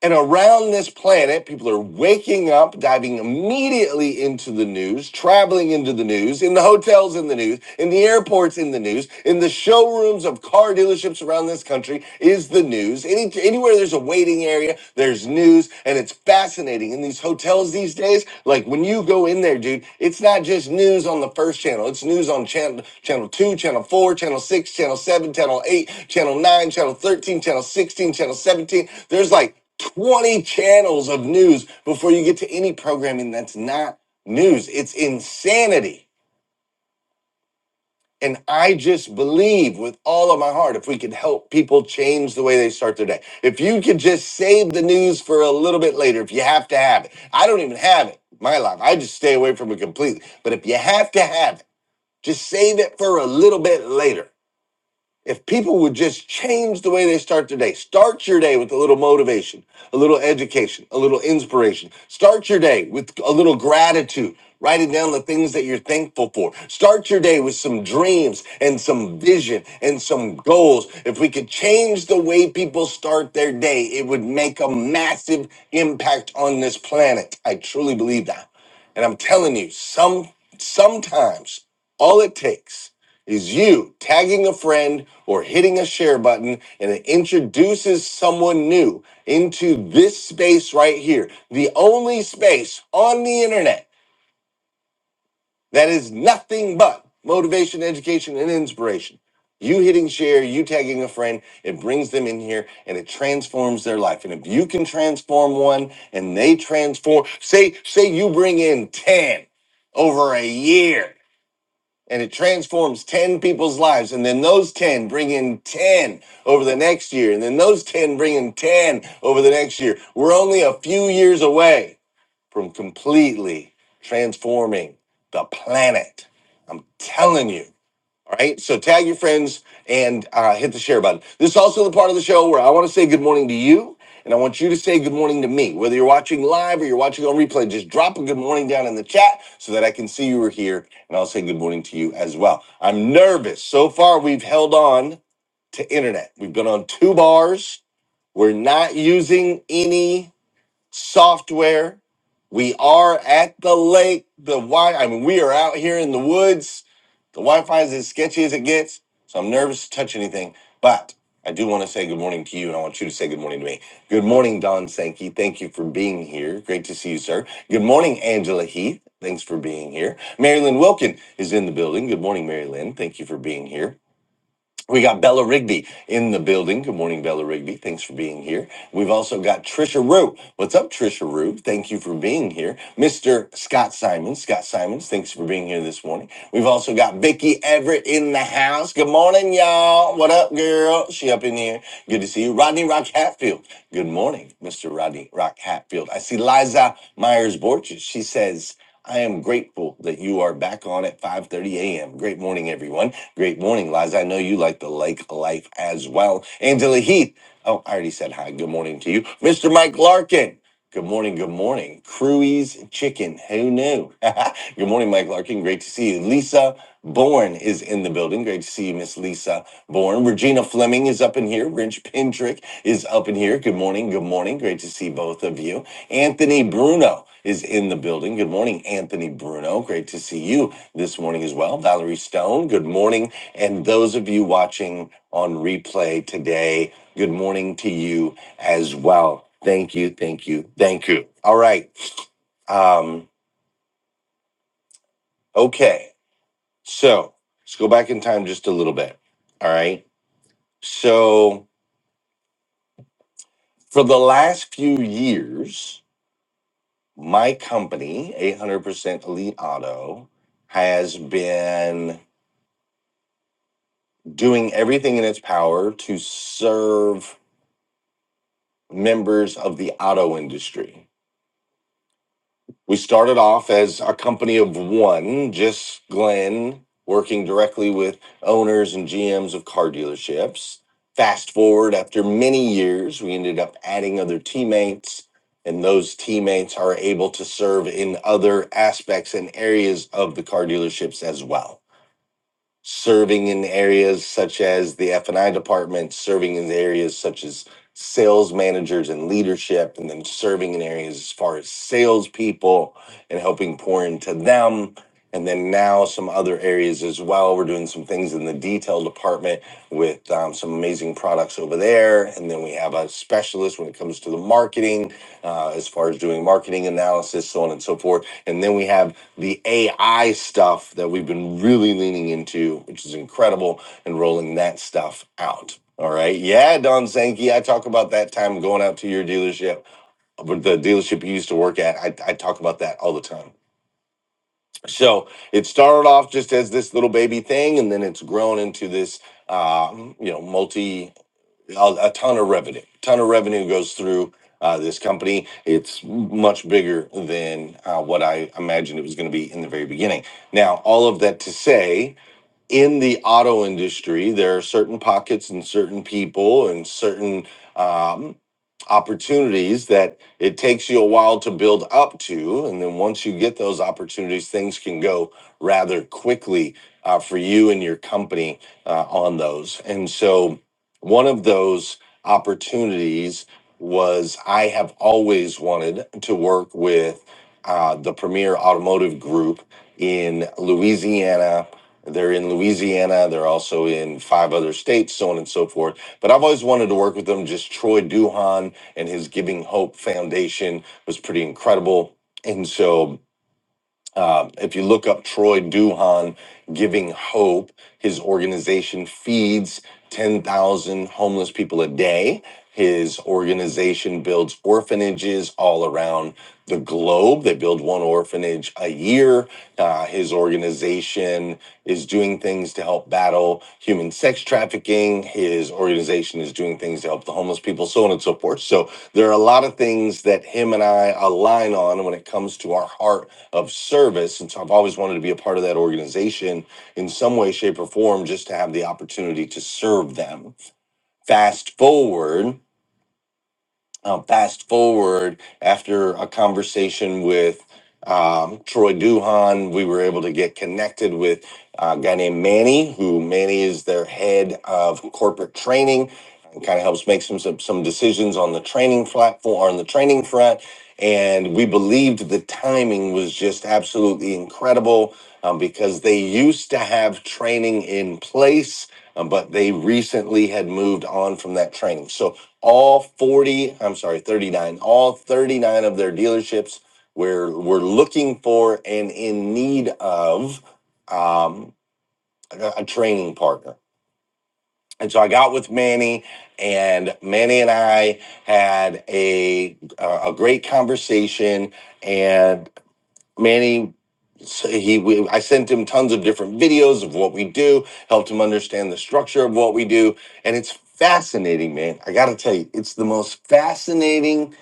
[SPEAKER 2] And around this planet, people are waking up, diving immediately into the news, traveling into the news, in the hotels in the news, in the airports in the news, in the showrooms of car dealerships around this country is the news. Any, anywhere there's a waiting area, there's news, and it's fascinating. In these hotels these days, like when you go in there, dude, it's not just news on the first channel, it's news on channel channel two, channel four, channel six, channel seven, channel eight, channel nine, channel thirteen, channel sixteen, channel seventeen. There's like 20 channels of news before you get to any programming that's not news. It's insanity. And I just believe with all of my heart if we could help people change the way they start their day, if you could just save the news for a little bit later, if you have to have it. I don't even have it in my life. I just stay away from it completely. But if you have to have it, just save it for a little bit later. If people would just change the way they start their day, start your day with a little motivation, a little education, a little inspiration. Start your day with a little gratitude, writing down the things that you're thankful for. Start your day with some dreams and some vision and some goals. If we could change the way people start their day, it would make a massive impact on this planet. I truly believe that. And I'm telling you, some sometimes all it takes is you tagging a friend or hitting a share button and it introduces someone new into this space right here, the only space on the internet that is nothing but motivation, education, and inspiration. You hitting share, you tagging a friend, it brings them in here and it transforms their life. And if you can transform one and they transform, say, say you bring in 10 over a year and it transforms 10 people's lives and then those 10 bring in 10 over the next year and then those 10 bring in 10 over the next year we're only a few years away from completely transforming the planet i'm telling you all right. So tag your friends and uh, hit the share button. This is also the part of the show where I want to say good morning to you. And I want you to say good morning to me. Whether you're watching live or you're watching on replay, just drop a good morning down in the chat so that I can see you are here. And I'll say good morning to you as well. I'm nervous. So far, we've held on to internet. We've been on two bars. We're not using any software. We are at the lake. The Wi I mean, we are out here in the woods. The Wi-Fi is as sketchy as it gets, so I'm nervous to touch anything. But I do want to say good morning to you, and I want you to say good morning to me. Good morning, Don Sankey. Thank you for being here. Great to see you, sir. Good morning, Angela Heath. Thanks for being here. Mary Lynn Wilkin is in the building. Good morning, Mary Lynn. Thank you for being here. We got Bella Rigby in the building. Good morning, Bella Rigby. Thanks for being here. We've also got Trisha Rue. What's up, Trisha Rue? Thank you for being here. Mr. Scott Simons. Scott Simons, thanks for being here this morning. We've also got Vicky Everett in the house. Good morning, y'all. What up, girl? She up in here. Good to see you. Rodney Rock Hatfield. Good morning, Mr. Rodney Rock Hatfield. I see Liza Myers Borges. She says, I am grateful that you are back on at 5:30 a.m. Great morning, everyone. Great morning, Liza. I know you like the lake life as well. Angela Heath. Oh, I already said hi. Good morning to you, Mr. Mike Larkin. Good morning. Good morning. Cruise Chicken. Who knew? good morning, Mike Larkin. Great to see you, Lisa. Bourne is in the building. Great to see you, Miss Lisa Bourne. Regina Fleming is up in here. Rich Pendrick is up in here. Good morning. Good morning. Great to see both of you. Anthony Bruno is in the building. Good morning, Anthony Bruno. Great to see you this morning as well. Valerie Stone, good morning. And those of you watching on replay today, good morning to you as well. Thank you. Thank you. Thank you. All right. Um, okay. So let's go back in time just a little bit. All right. So for the last few years, my company, 800% Elite Auto, has been doing everything in its power to serve members of the auto industry. We started off as a company of one, just Glenn working directly with owners and GMs of car dealerships. Fast forward after many years, we ended up adding other teammates, and those teammates are able to serve in other aspects and areas of the car dealerships as well serving in areas such as the F&I department, serving in areas such as sales managers and leadership, and then serving in areas as far as salespeople and helping pour into them. And then now some other areas as well. We're doing some things in the detail department with um, some amazing products over there. And then we have a specialist when it comes to the marketing, uh, as far as doing marketing analysis, so on and so forth. And then we have the AI stuff that we've been really leaning into, which is incredible, and rolling that stuff out. All right. Yeah, Don Sankey, I talk about that time going out to your dealership, but the dealership you used to work at, I, I talk about that all the time. So it started off just as this little baby thing, and then it's grown into this, um, you know, multi a, a ton of revenue. ton of revenue goes through uh, this company. It's much bigger than uh, what I imagined it was going to be in the very beginning. Now, all of that to say, in the auto industry, there are certain pockets and certain people and certain um, opportunities that it takes you a while to build up to. And then once you get those opportunities, things can go rather quickly uh, for you and your company uh, on those. And so one of those opportunities was I have always wanted to work with uh, the premier automotive group in Louisiana they're in Louisiana. They're also in five other states, so on and so forth. But I've always wanted to work with them. Just Troy Duhan and his Giving Hope Foundation was pretty incredible. And so um, if you look up Troy Duhan giving hope, his organization feeds 10,000 homeless people a day. His organization builds orphanages all around the globe. They build one orphanage a year. Uh, his organization is doing things to help battle human sex trafficking. His organization is doing things to help the homeless people, so on and so forth. So there are a lot of things that him and I align on when it comes to our heart of service. And so I've always wanted to be a part of that organization in some way, shape, or form, just to have the opportunity to serve them. Fast forward, um, fast forward after a conversation with um, Troy Duhan, we were able to get connected with a guy named Manny, who Manny is their head of corporate training and kind of helps make some, some some decisions on the training platform on the training front. And we believed the timing was just absolutely incredible um, because they used to have training in place, um, but they recently had moved on from that training. So all 40 i'm sorry 39 all 39 of their dealerships where we're looking for and in need of um, a, a training partner and so i got with manny and manny and i had a a a great conversation and Manny, so he, we, I sent him tons of different videos of what we do, helped him understand the structure of what we do, and it's fascinating, man. I got to tell you, it's the most fascinating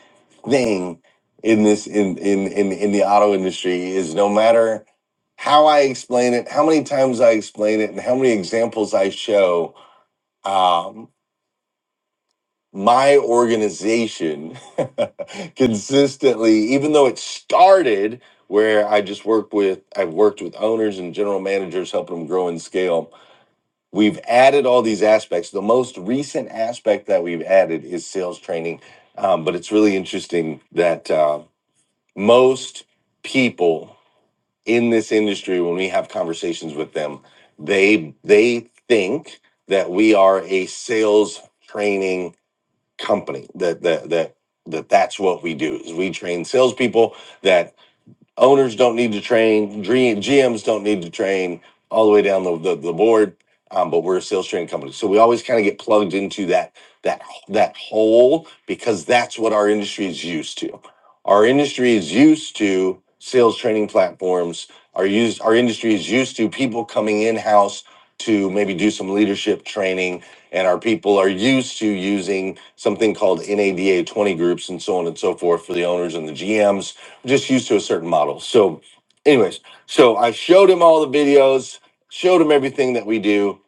[SPEAKER 2] thing in this in in in in the auto industry is no matter how I explain it, how many times I explain it, and how many examples I show. Um, my organization consistently, even though it started where I just worked with, I've worked with owners and general managers, helping them grow and scale. We've added all these aspects. The most recent aspect that we've added is sales training. Um, but it's really interesting that uh, most people in this industry, when we have conversations with them, they they think that we are a sales training company that that that that that's what we do is we train salespeople that Owners don't need to train. Dream, GMs don't need to train all the way down the, the, the board. Um, but we're a sales training company, so we always kind of get plugged into that that that hole because that's what our industry is used to. Our industry is used to sales training platforms. Our used our industry is used to people coming in house to maybe do some leadership training and our people are used to using something called NADA 20 groups and so on and so forth for the owners and the GMs just used to a certain model. So, anyways, so I showed him all the videos, showed him everything that we do,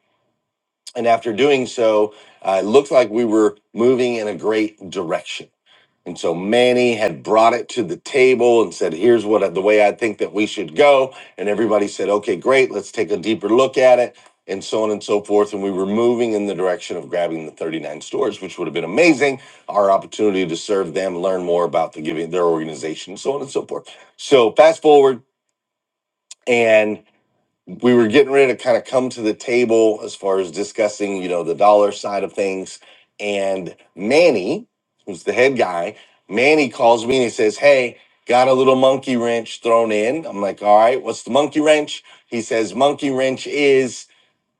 [SPEAKER 2] and after doing so, uh, it looked like we were moving in a great direction and so Manny had brought it to the table and said, "Here's what the way I think that we should go." And everybody said, "Okay, great. Let's take a deeper look at it." And so on and so forth. And we were moving in the direction of grabbing the 39 stores, which would have been amazing. Our opportunity to serve them, learn more about the giving their organization, so on and so forth. So fast forward, and we were getting ready to kind of come to the table as far as discussing, you know, the dollar side of things. And Manny, who's the head guy, Manny calls me and he says, Hey, got a little monkey wrench thrown in. I'm like, All right, what's the monkey wrench? He says, Monkey wrench is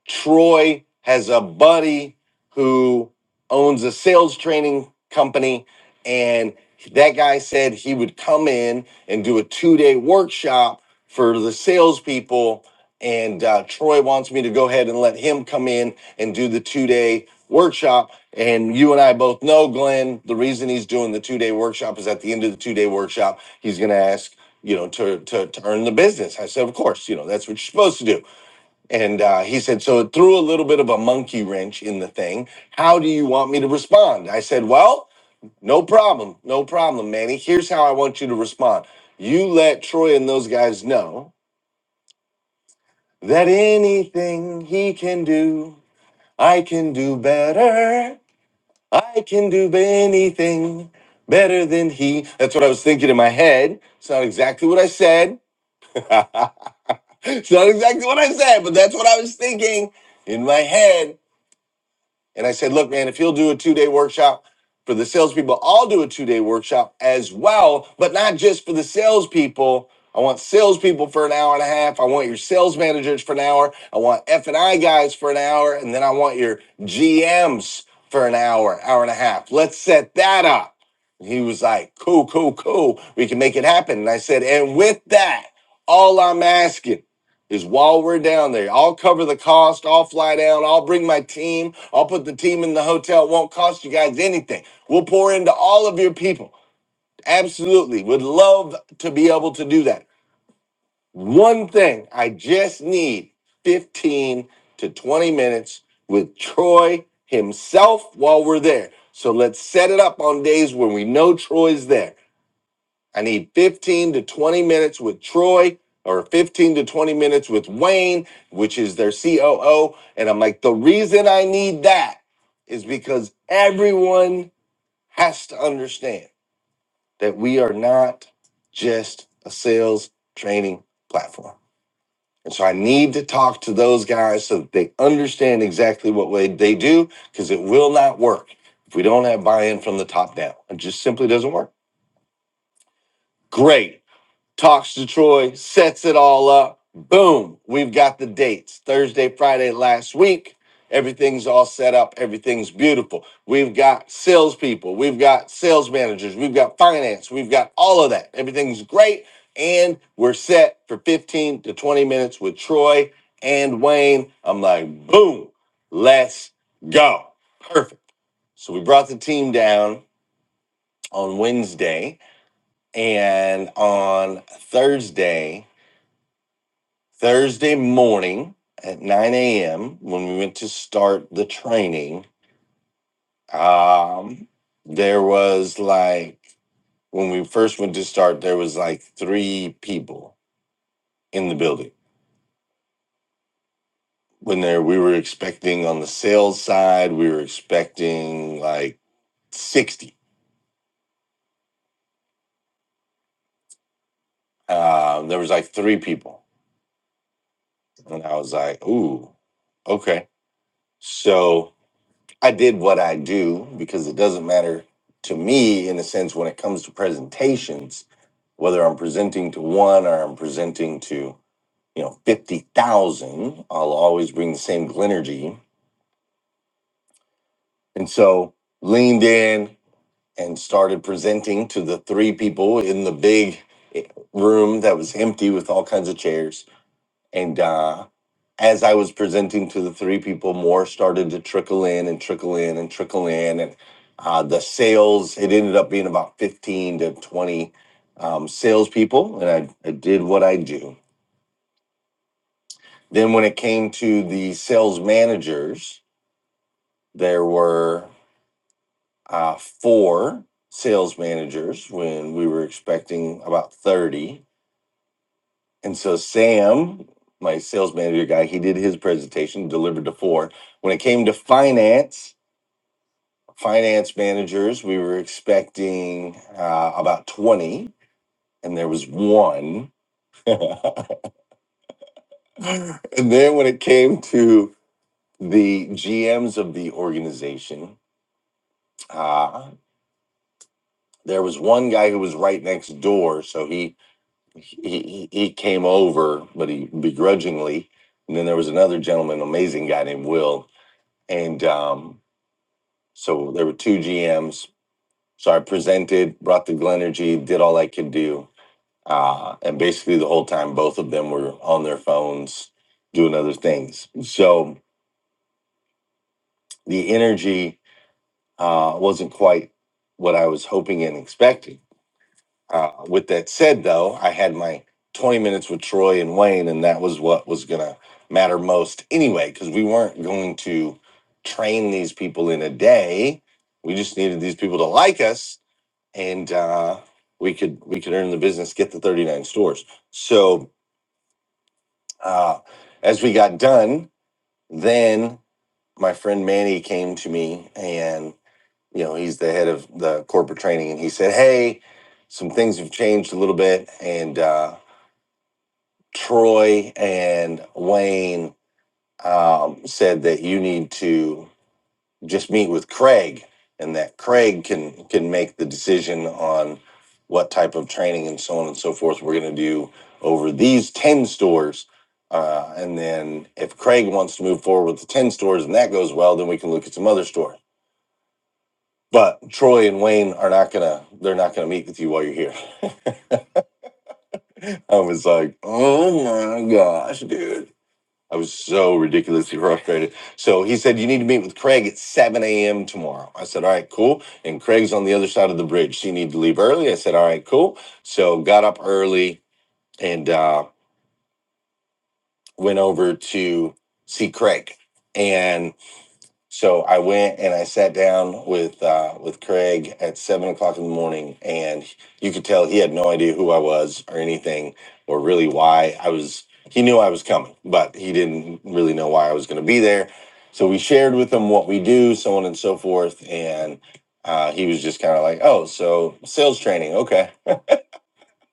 [SPEAKER 2] Troy has a buddy who owns a sales training company, and that guy said he would come in and do a two day workshop for the salespeople. And uh, Troy wants me to go ahead and let him come in and do the two day workshop. And you and I both know, Glenn, the reason he's doing the two day workshop is at the end of the two day workshop, he's going to ask, you know, to, to, to earn the business. I said, of course, you know, that's what you're supposed to do. And uh, he said, so it threw a little bit of a monkey wrench in the thing. How do you want me to respond? I said, well, no problem. No problem, Manny. Here's how I want you to respond. You let Troy and those guys know that anything he can do, I can do better. I can do anything better than he. That's what I was thinking in my head. It's not exactly what I said. it's not exactly what I said, but that's what I was thinking in my head And I said, look, man, if you'll do a two day workshop for the salespeople, I'll do a two day workshop as well, but not just for the salespeople. I want salespeople for an hour and a half. I want your sales managers for an hour. I want F and I guys for an hour, and then I want your GMs for an hour, hour and a half. Let's set that up. And he was like, cool, cool, cool. We can make it happen. And I said, and with that, all I'm asking is while we're down there, I'll cover the cost. I'll fly down. I'll bring my team. I'll put the team in the hotel. It won't cost you guys anything. We'll pour into all of your people. Absolutely. Would love to be able to do that. One thing I just need 15 to 20 minutes with Troy himself while we're there. So let's set it up on days when we know Troy's there. I need 15 to 20 minutes with Troy or 15 to 20 minutes with Wayne, which is their COO. And I'm like, the reason I need that is because everyone has to understand that we are not just a sales training platform. And so I need to talk to those guys so that they understand exactly what way they do, because it will not work if we don't have buy in from the top down. It just simply doesn't work. Great. talks to Troy, sets it all up. Boom, we've got the dates Thursday, Friday last week. Everything's all set up. Everything's beautiful. We've got salespeople. We've got sales managers. We've got finance. We've got all of that. Everything's great. And we're set for 15 to 20 minutes with Troy and Wayne. I'm like, boom, let's go. Perfect. So we brought the team down on Wednesday. And on Thursday, Thursday morning at 9 a.m. when we went to start the training, um, there was like, when we first went to start, there was like three people in the building. When there, we were expecting on the sales side, we were expecting like 60. Um, there was like three people. And I was like, ooh, okay. So I did what I do because it doesn't matter to me in a sense when it comes to presentations, whether I'm presenting to one or I'm presenting to, you know, 50,000, I'll always bring the same energy. And so leaned in and started presenting to the three people in the big eh, room that was empty with all kinds of chairs And uh, as I was presenting to the three people, more started to trickle in and trickle in and trickle in. And uh, the sales, it ended up being about 15 to 20 um, salespeople. And I, I did what I do. Then when it came to the sales managers, there were uh, four sales managers when we were expecting about 30 And so Sam, my sales manager guy, he did his presentation, delivered to four. When it came to finance, finance managers, we were expecting uh, about 20, and there was one. and then when it came to the GMs of the organization, uh, there was one guy who was right next door. So he, he, he he came over, but he begrudgingly. And then there was another gentleman, amazing guy named Will And um, so there were two GMs. So I presented, brought the Glenergy, did all I could do. Uh, and basically the whole time, both of them were on their phones doing other things. So the energy uh, wasn't quite what I was hoping and expecting Uh, with that said, though, I had my 20 minutes with Troy and Wayne, and that was what was going to matter most anyway, because we weren't going to train these people in a day. We just needed these people to like us, and uh, we could we could earn the business, get the 39 stores. So uh, as we got done, then my friend Manny came to me, and you know he's the head of the corporate training, and he said, "Hey." Some things have changed a little bit, and uh, Troy and Wayne um, said that you need to just meet with Craig, and that Craig can can make the decision on what type of training and so on and so forth we're going to do over these ten stores. Uh, and then if Craig wants to move forward with the ten stores and that goes well, then we can look at some other stores. But Troy and Wayne are not gonna they're not gonna meet with you while you're here. I was like, oh my gosh, dude I was so ridiculously frustrated. So he said, You need to meet with Craig at 7 a.m. tomorrow. I said, All right, cool. And Craig's on the other side of the bridge. So you need to leave early. I said, All right, cool. So got up early and uh, went over to see Craig. And so I went and I sat down with uh, with Craig at seven o'clock in the morning, and you could tell he had no idea who I was or anything, or really why I was. He knew I was coming, but he didn't really know why I was going to be there. So we shared with him what we do, so on and so forth, and uh, he was just kind of like, "Oh, so sales training, okay."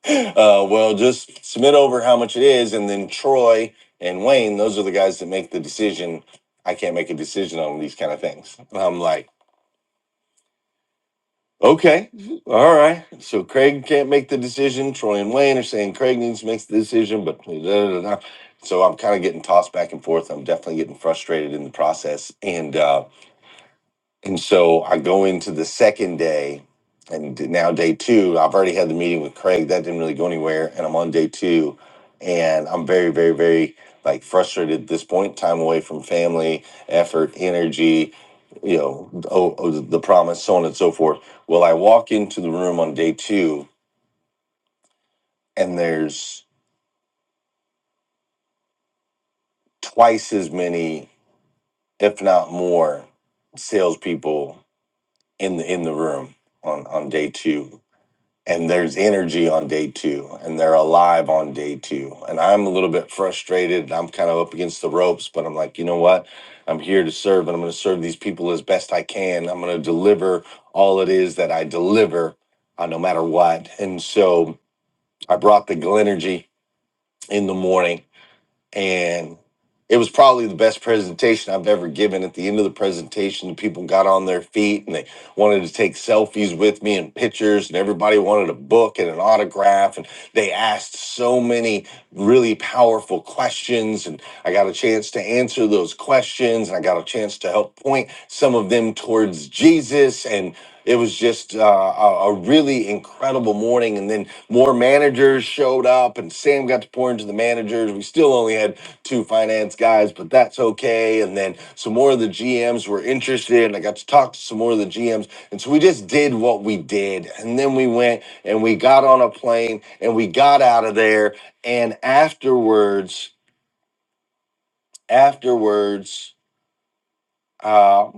[SPEAKER 2] uh, well, just submit over how much it is, and then Troy and Wayne, those are the guys that make the decision. I can't make a decision on these kind of things. And I'm like, okay, all right. So Craig can't make the decision. Troy and Wayne are saying Craig needs to make the decision, but da, da, da, da. so I'm kind of getting tossed back and forth. I'm definitely getting frustrated in the process, and uh, And so I go into the second day, and d- now day two, I've already had the meeting with Craig. That didn't really go anywhere. And I'm on day two, and I'm very, very, very like frustrated at this point. Time away from family, effort, energy, you know, oh, oh, the the promise, so on and so forth. Well, I walk into the room on day two, and there's twice as many, if not more, salespeople in the in the room on on day two and there's energy on day two and they're alive on day two and i'm a little bit frustrated i'm kind of up against the ropes but i'm like you know what i'm here to serve and i'm going to serve these people as best i can i'm going to deliver all it is that i deliver uh, no matter what and so i brought the glenergy in the morning and it was probably the best presentation I've ever given. At the end of the presentation, the people got on their feet and they wanted to take selfies with me and pictures, and everybody wanted a book and an autograph. And they asked so many really powerful questions, and I got a chance to answer those questions, and I got a chance to help point some of them towards Jesus. And it was just uh, a, a really incredible morning. And then more managers showed up and Sam got to pour into the managers. We still only had two finance guys, but that's okay. And then some more of the GMs were interested and I got to talk to some more of the GMs. And so we just did what we did. And then we went and we got on a plane and we got out of there. And afterwards, afterwards, uh,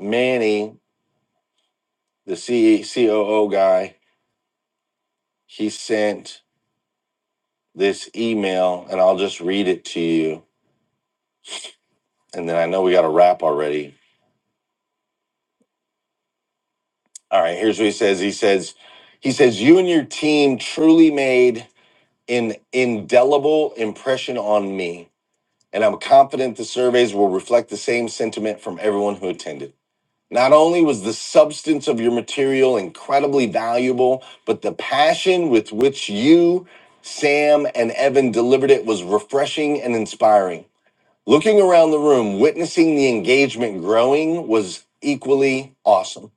[SPEAKER 2] Manny, the C- COO guy, he sent this email and I'll just read it to you and then I know we got to wrap already. All right, here's what he says. He says, he says, you and your team truly made an indelible impression on me, and I'm confident the surveys will reflect the same sentiment from everyone who attended. Not only was the substance of your material incredibly valuable, but the passion with which you, Sam, and Evan delivered it was refreshing and inspiring. Looking around the room, witnessing the engagement growing was equally awesome.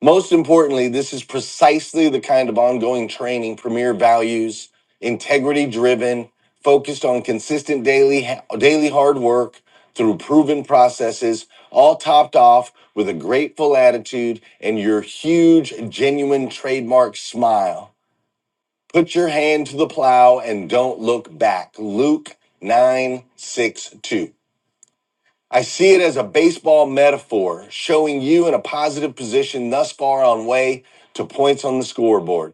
[SPEAKER 2] Most importantly, this is precisely the kind of ongoing training Premier values, integrity driven, focused on consistent daily daily hard work through proven processes, all topped off with a grateful attitude and your huge genuine trademark smile. Put your hand to the plow and don't look back. Luke 962. I see it as a baseball metaphor, showing you in a positive position thus far on way to points on the scoreboard.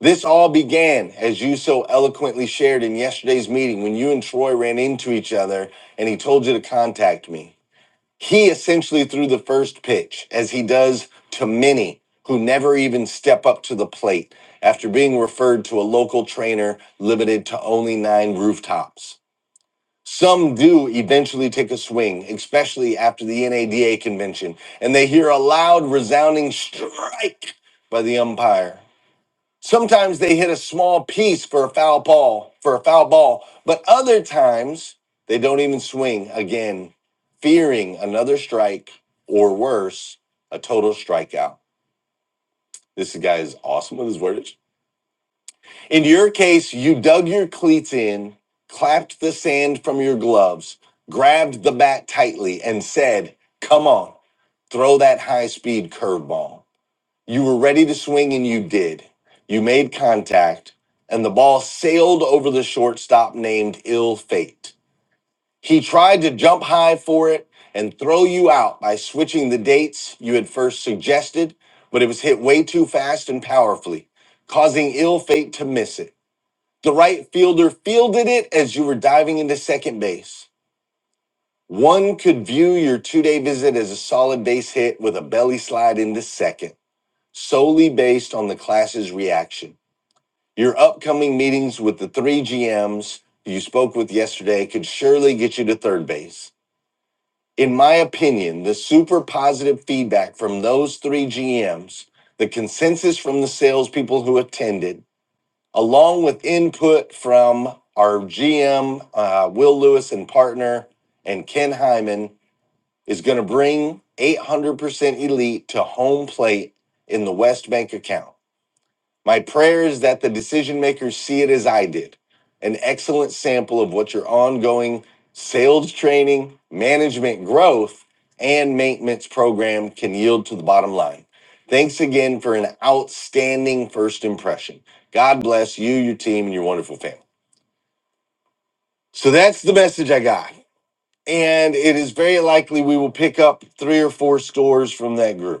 [SPEAKER 2] This all began, as you so eloquently shared in yesterday's meeting, when you and Troy ran into each other and he told you to contact me. He essentially threw the first pitch, as he does to many who never even step up to the plate after being referred to a local trainer limited to only nine rooftops. Some do eventually take a swing, especially after the NADA convention, and they hear a loud, resounding strike by the umpire. Sometimes they hit a small piece for a foul ball, for a foul ball, but other times they don't even swing again, fearing another strike or worse, a total strikeout. This guy is awesome with his words. In your case, you dug your cleats in, clapped the sand from your gloves, grabbed the bat tightly, and said, Come on, throw that high speed curveball. You were ready to swing, and you did. You made contact, and the ball sailed over the shortstop named Ill Fate. He tried to jump high for it and throw you out by switching the dates you had first suggested, but it was hit way too fast and powerfully, causing Ill Fate to miss it. The right fielder fielded it as you were diving into second base. One could view your two day visit as a solid base hit with a belly slide into second, solely based on the class's reaction. Your upcoming meetings with the three GMs you spoke with yesterday could surely get you to third base. In my opinion, the super positive feedback from those three GMs, the consensus from the salespeople who attended, along with input from our GM, uh, Will Lewis and partner, and Ken Hyman, is going to bring 800% Elite to home plate in the West Bank account. My prayer is that the decision makers see it as I did an excellent sample of what your ongoing sales training, management growth, and maintenance program can yield to the bottom line. Thanks again for an outstanding first impression. God bless you, your team, and your wonderful family. So that's the message I got. And it is very likely we will pick up three or four stores from that group.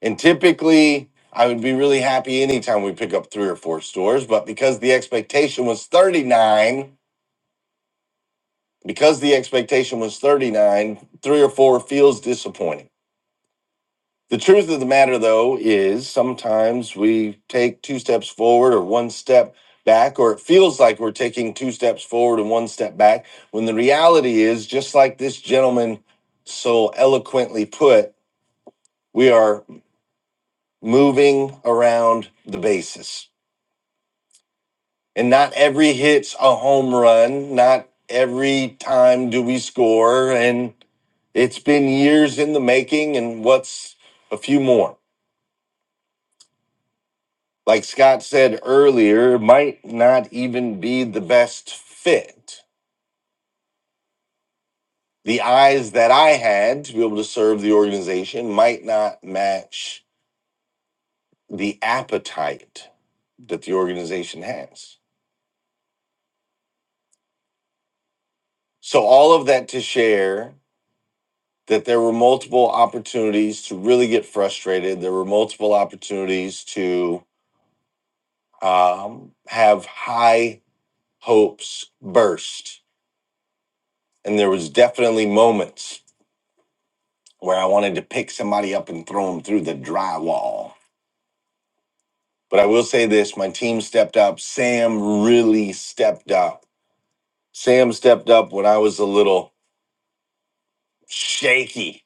[SPEAKER 2] And typically, I would be really happy anytime we pick up three or four stores, but because the expectation was 39, because the expectation was 39, three or four feels disappointing. The truth of the matter, though, is sometimes we take two steps forward or one step back, or it feels like we're taking two steps forward and one step back, when the reality is, just like this gentleman so eloquently put, we are moving around the basis And not every hit's a home run. Not every time do we score. And it's been years in the making and what's a few more like scott said earlier it might not even be the best fit the eyes that i had to be able to serve the organization might not match the appetite that the organization has so all of that to share that there were multiple opportunities to really get frustrated. There were multiple opportunities to um, have high hopes burst, and there was definitely moments where I wanted to pick somebody up and throw them through the drywall. But I will say this: my team stepped up. Sam really stepped up. Sam stepped up when I was a little shaky.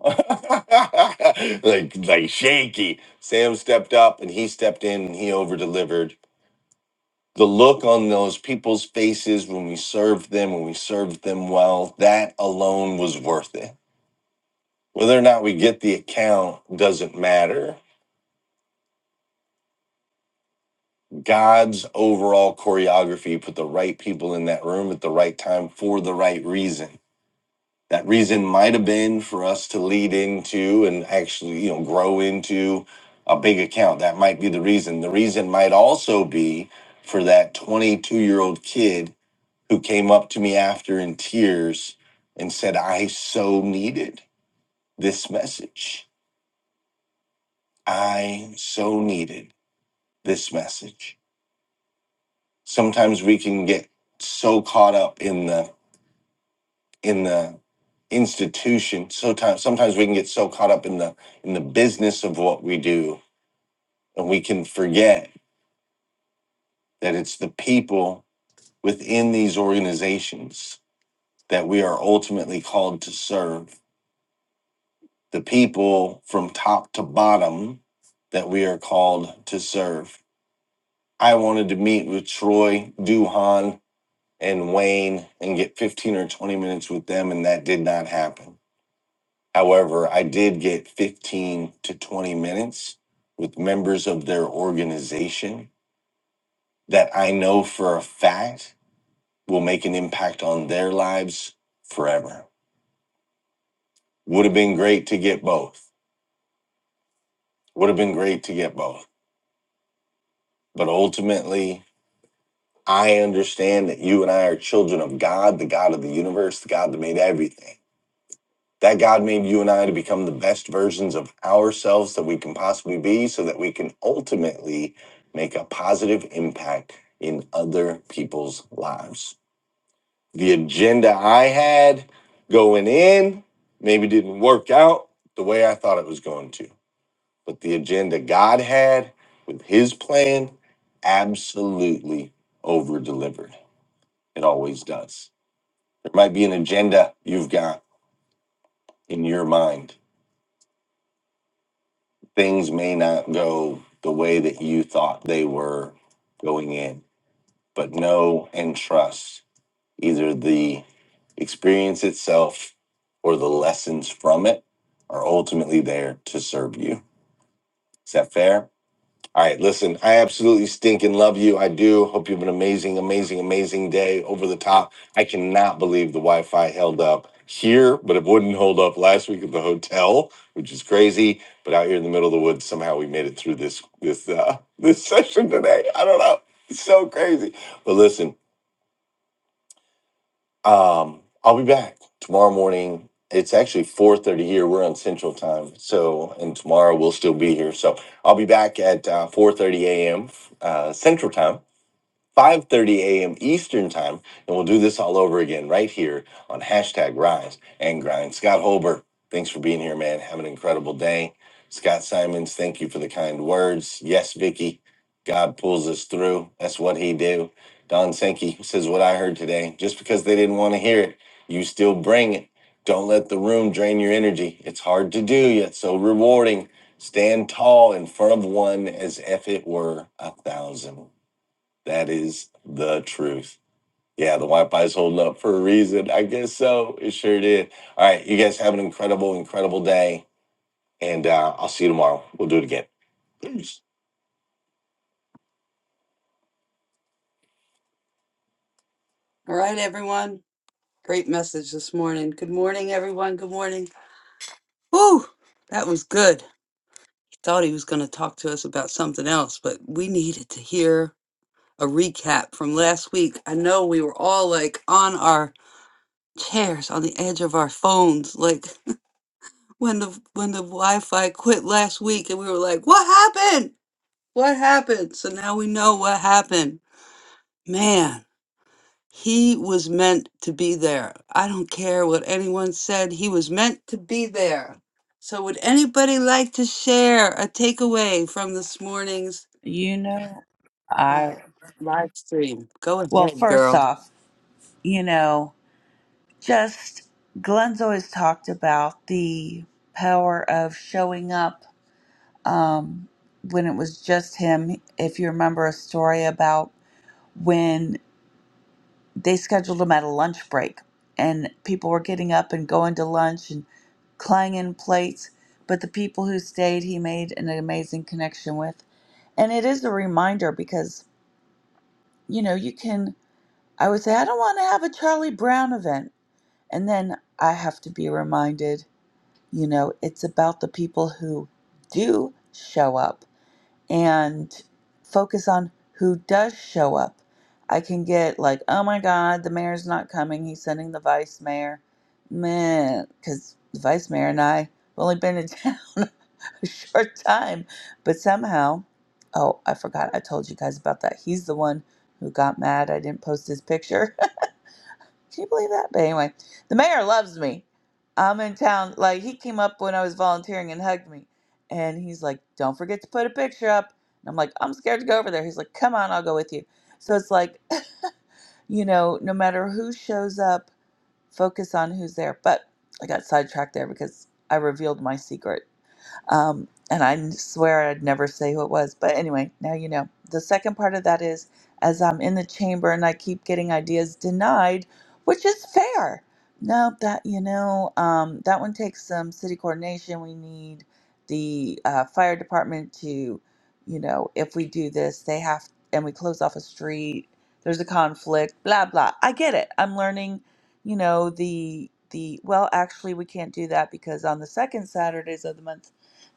[SPEAKER 2] like like shaky. Sam stepped up and he stepped in and he over delivered the look on those people's faces when we served them, when we served them well, that alone was worth it. Whether or not we get the account doesn't matter. God's overall choreography put the right people in that room at the right time for the right reason. That reason might have been for us to lead into and actually, you know, grow into a big account. That might be the reason. The reason might also be for that 22 year old kid who came up to me after in tears and said, I so needed this message. I so needed this message. Sometimes we can get so caught up in the in the institution. Sometimes sometimes we can get so caught up in the in the business of what we do and we can forget that it's the people within these organizations that we are ultimately called to serve the people from top to bottom that we are called to serve. I wanted to meet with Troy, Duhan, and Wayne and get 15 or 20 minutes with them, and that did not happen. However, I did get 15 to 20 minutes with members of their organization that I know for a fact will make an impact on their lives forever. Would have been great to get both. Would have been great to get both. But ultimately, I understand that you and I are children of God, the God of the universe, the God that made everything. That God made you and I to become the best versions of ourselves that we can possibly be so that we can ultimately make a positive impact in other people's lives. The agenda I had going in maybe didn't work out the way I thought it was going to, but the agenda God had with his plan absolutely over delivered. It always does. There might be an agenda you've got in your mind. Things may not go the way that you thought they were going in, but know and trust either the experience itself or the lessons from it are ultimately there to serve you. Is that fair? All right, listen, I absolutely stink and love you. I do. Hope you have an amazing, amazing, amazing day over the top. I cannot believe the Wi Fi held up here, but it wouldn't hold up last week at the hotel, which is crazy. But out here in the middle of the woods, somehow we made it through this this uh this session today. I don't know. It's so crazy. But listen, um, I'll be back tomorrow morning. It's actually 4:30 here. We're on Central Time, so and tomorrow we'll still be here. So I'll be back at uh, 4:30 a.m. Uh, Central Time. 5.30 a.m. Eastern Time. And we'll do this all over again right here on hashtag Rise and Grind. Scott Holber, thanks for being here, man. Have an incredible day. Scott Simons, thank you for the kind words. Yes, Vicky, God pulls us through. That's what he do. Don Sankey says, what I heard today, just because they didn't want to hear it, you still bring it. Don't let the room drain your energy. It's hard to do, yet so rewarding. Stand tall in front of one as if it were a thousand. That is the truth. Yeah, the Wi-Fi's holding up for a reason. I guess so. It sure did. All right, you guys have an incredible, incredible day, and uh, I'll see you tomorrow. We'll do it again. Peace. All right, everyone. Great message this morning. Good morning, everyone. Good morning. Whew, that was good. Thought he was going to talk to us about something else, but we needed to hear a recap from last week. I know we were all like on our chairs, on the edge of our phones, like when the when the Wi-Fi quit last week, and we were like, "What happened? What happened?" So now we know what happened. Man, he was meant to be there. I don't care what anyone said; he was meant to be there. So, would anybody like to share a takeaway from this morning's
[SPEAKER 6] You know, I
[SPEAKER 2] uh, live stream? Go
[SPEAKER 6] well,
[SPEAKER 2] ahead,
[SPEAKER 6] first
[SPEAKER 2] girl.
[SPEAKER 6] off, you know, just Glenn's always talked about the power of showing up um, when it was just him. If you remember a story about when they scheduled him at a lunch break and people were getting up and going to lunch and clanging plates, but the people who stayed, he made an amazing connection with. And it is a reminder because, you know, you can, I would say, I don't want to have a Charlie Brown event. And then I have to be reminded, you know, it's about the people who do show up and focus on who does show up. I can get like, oh my God, the mayor's not coming. He's sending the vice mayor. Man, because the vice mayor and I have only been in town a short time. But somehow, oh, I forgot I told you guys about that. He's the one who got mad I didn't post his picture. Can you believe that? But anyway, the mayor loves me. I'm in town. Like he came up when I was volunteering and hugged me, and he's like, "Don't forget to put a picture up." And I'm like, "I'm scared to go over there." He's like, "Come on, I'll go with you." So it's like, you know, no matter who shows up, focus on who's there. But I got sidetracked there because I revealed my secret. Um, and I swear I'd never say who it was. But anyway, now you know. The second part of that is as I'm in the chamber and I keep getting ideas denied, which is fair. No, that, you know, um, that one takes some city coordination. We need the uh, fire department to, you know, if we do this, they have, and we close off a street, there's a conflict, blah, blah. I get it. I'm learning, you know, the, the, well, actually, we can't do that because on the second Saturdays of the month,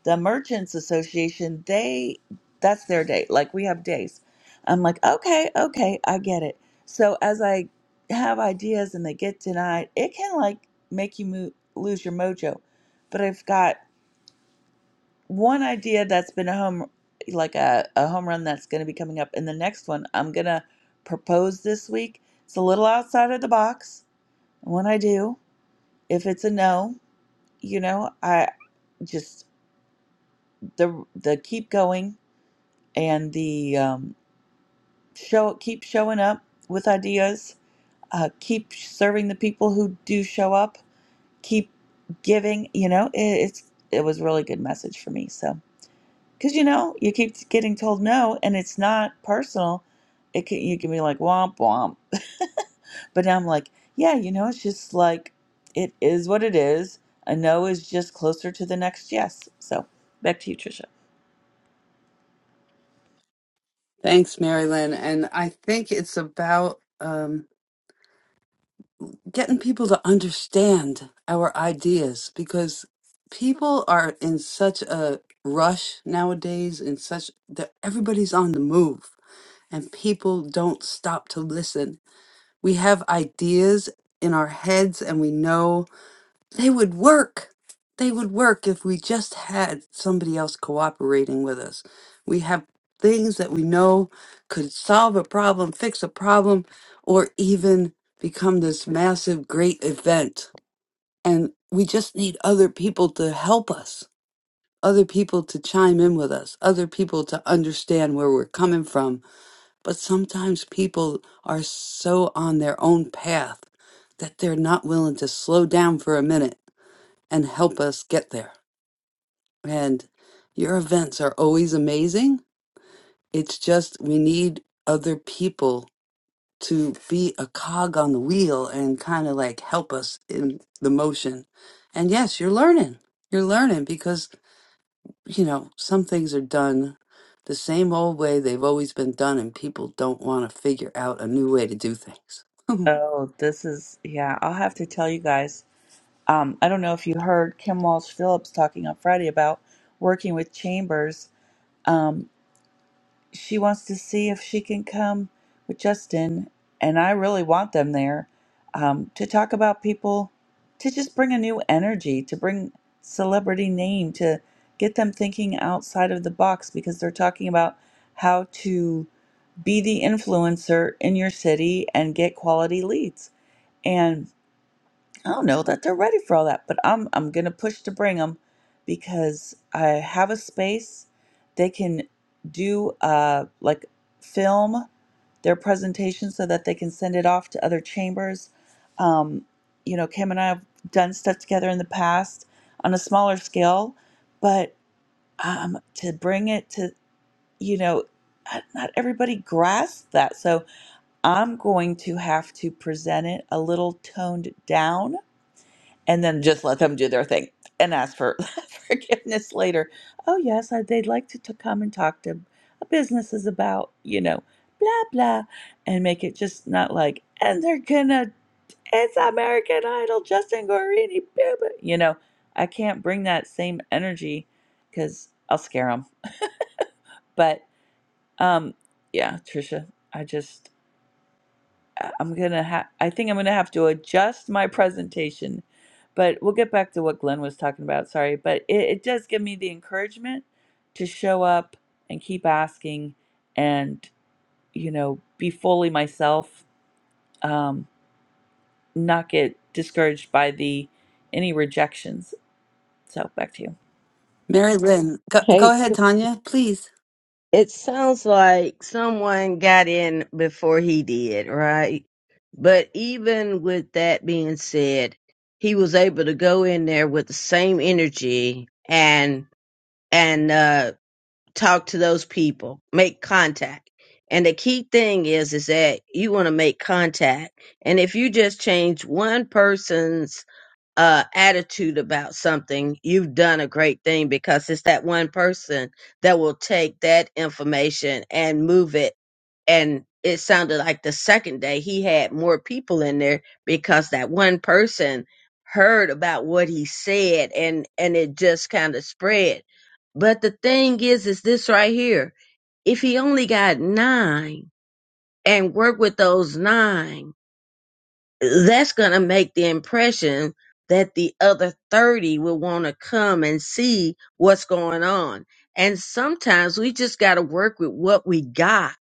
[SPEAKER 6] the merchants association they that's their day like we have days i'm like okay okay i get it so as i have ideas and they get denied it can like make you mo- lose your mojo but i've got one idea that's been a home like a, a home run that's going to be coming up and the next one i'm going to propose this week it's a little outside of the box and when i do if it's a no you know i just the the keep going and the um, show keep showing up with ideas uh, keep serving the people who do show up keep giving you know it, it's it was a really good message for me so because you know you keep getting told no and it's not personal it can you can be like womp womp but now i'm like yeah you know it's just like it is what it is a no is just closer to the next yes so back to you trisha
[SPEAKER 2] Thanks, Marilyn. And I think it's about. um, getting people to understand our ideas because people are in such a rush nowadays In such that everybody's on the move and people don't stop to listen we have ideas in our heads and we know they would work. They would work if we just had somebody else cooperating with us. We have things that we know could solve a problem, fix a problem, or even become this massive, great event. And we just need other people to help us, other people to chime in with us, other people to understand where we're coming from. But sometimes people are so on their own path that they're not willing to slow down for a minute and help us get there. And your events are always amazing. It's just we need other people to be a cog on the wheel and kind of like help us in the motion. And yes, you're learning. You're learning because, you know, some things are done the same old way they've always been done, and people don't want to figure out a new way to do things.
[SPEAKER 6] oh this is yeah i'll have to tell you guys Um, I don't know if you heard Kim Walsh Phillips talking on Friday about working with Chambers. Um, she wants to see if she can come with Justin, and I really want them there um, to talk about people, to just bring a new energy, to bring celebrity name, to get them thinking outside of the box because they're talking about how to be the influencer in your city and get quality leads. and. I don't know that they're ready for all that, but I'm I'm gonna push to bring them because I have a space. They can do uh like film their presentation so that they can send it off to other chambers. Um, you know, Kim and I have done stuff together in the past on a smaller scale, but um, to bring it to you know, not not everybody grasps that. So I'm going to have to present it a little toned down and then just let them do their thing and ask for forgiveness later. Oh, yes, I, they'd like to, to come and talk to a business is about, you know, blah, blah, and make it just not like, and they're gonna, it's American Idol, Justin Guarini, blah, blah," you know, I can't bring that same energy because I'll scare them. But um, yeah, Trisha, I just, I- I'm gonna have, I think I'm gonna have to adjust my presentation, but we'll get back to what Glenn was talking about. Sorry, but it, it does give me the encouragement to show up and keep asking and, you know, be fully myself, um, not get discouraged by the any rejections. So back to you.
[SPEAKER 2] Mary Lynn, go, go
[SPEAKER 7] Hey, g-
[SPEAKER 2] ahead, Tanya, please.
[SPEAKER 7] it sounds like someone got in before he did, right? But even with that being said, he was able to go in there with the same energy and and uh talk to those people, make contact. And the key thing is is that you want to make contact. And if you just change one person's uh attitude about something you've done a great thing because it's that one person that will take that information and move it and it sounded like the second day he had more people in there because that one person heard about what he said and and it just kind of spread but the thing is is this right here if he only got nine and work with those nine that's going to make the impression that the other 30 will want to come and see what's going on. And sometimes we just got to work with what we got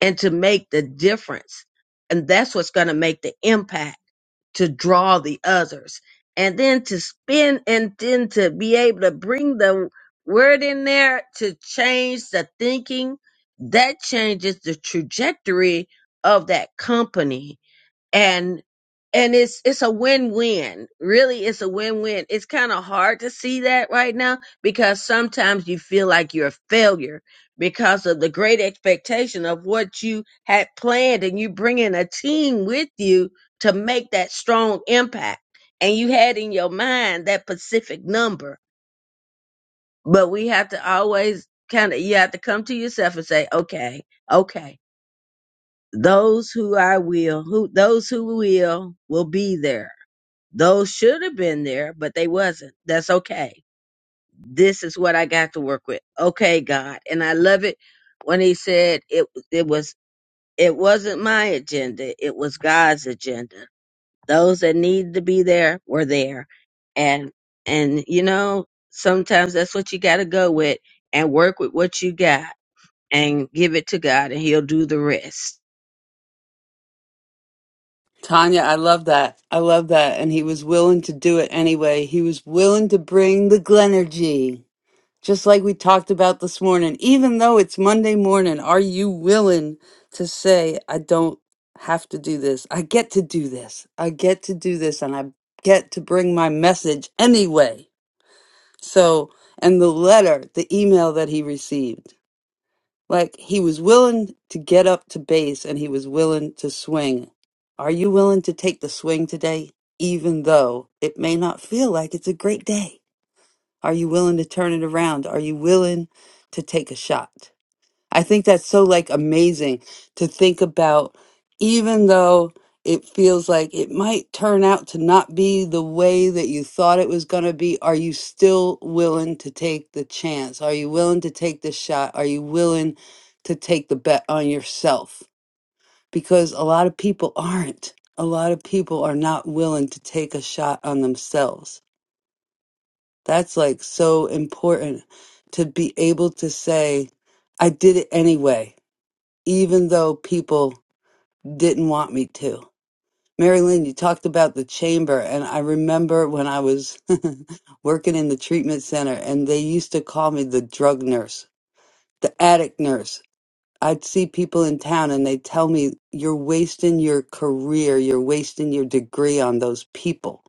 [SPEAKER 7] and to make the difference. And that's what's going to make the impact to draw the others. And then to spin and then to be able to bring the word in there to change the thinking that changes the trajectory of that company and and it's it's a win-win really it's a win-win it's kind of hard to see that right now because sometimes you feel like you're a failure because of the great expectation of what you had planned and you bring in a team with you to make that strong impact and you had in your mind that specific number but we have to always kind of you have to come to yourself and say okay okay those who I will, who those who will will be there those should have been there, but they wasn't. That's okay. This is what I got to work with. Okay, God. And I love it when he said it it was it wasn't my agenda, it was God's agenda. Those that needed to be there were there. And and you know, sometimes that's what you gotta go with and work with what you got and give it to God and he'll do the rest.
[SPEAKER 2] Tanya, I love that. I love that. And he was willing to do it anyway. He was willing to bring the Glenergy, just like we talked about this morning. Even though it's Monday morning, are you willing to say, I don't have to do this? I get to do this. I get to do this, and I get to bring my message anyway. So, and the letter, the email that he received. Like he was willing to get up to base and he was willing to swing. Are you willing to take the swing today, even though it may not feel like it's a great day? Are you willing to turn it around? Are you willing to take a shot? I think that's so like amazing to think about, even though it feels like it might turn out to not be the way that you thought it was going to be. Are you still willing to take the chance? Are you willing to take the shot? Are you willing to take the bet on yourself? Because a lot of people aren't. A lot of people are not willing to take a shot on themselves. That's like so important to be able to say, I did it anyway even though people didn't want me to. Mary Lynn, you talked about the chamber, and I remember when I was working in the treatment center, and they used to call me the drug nurse, the addict nurse. I'd see people in town and they'd tell me, You're wasting your career, you're wasting your degree on those people.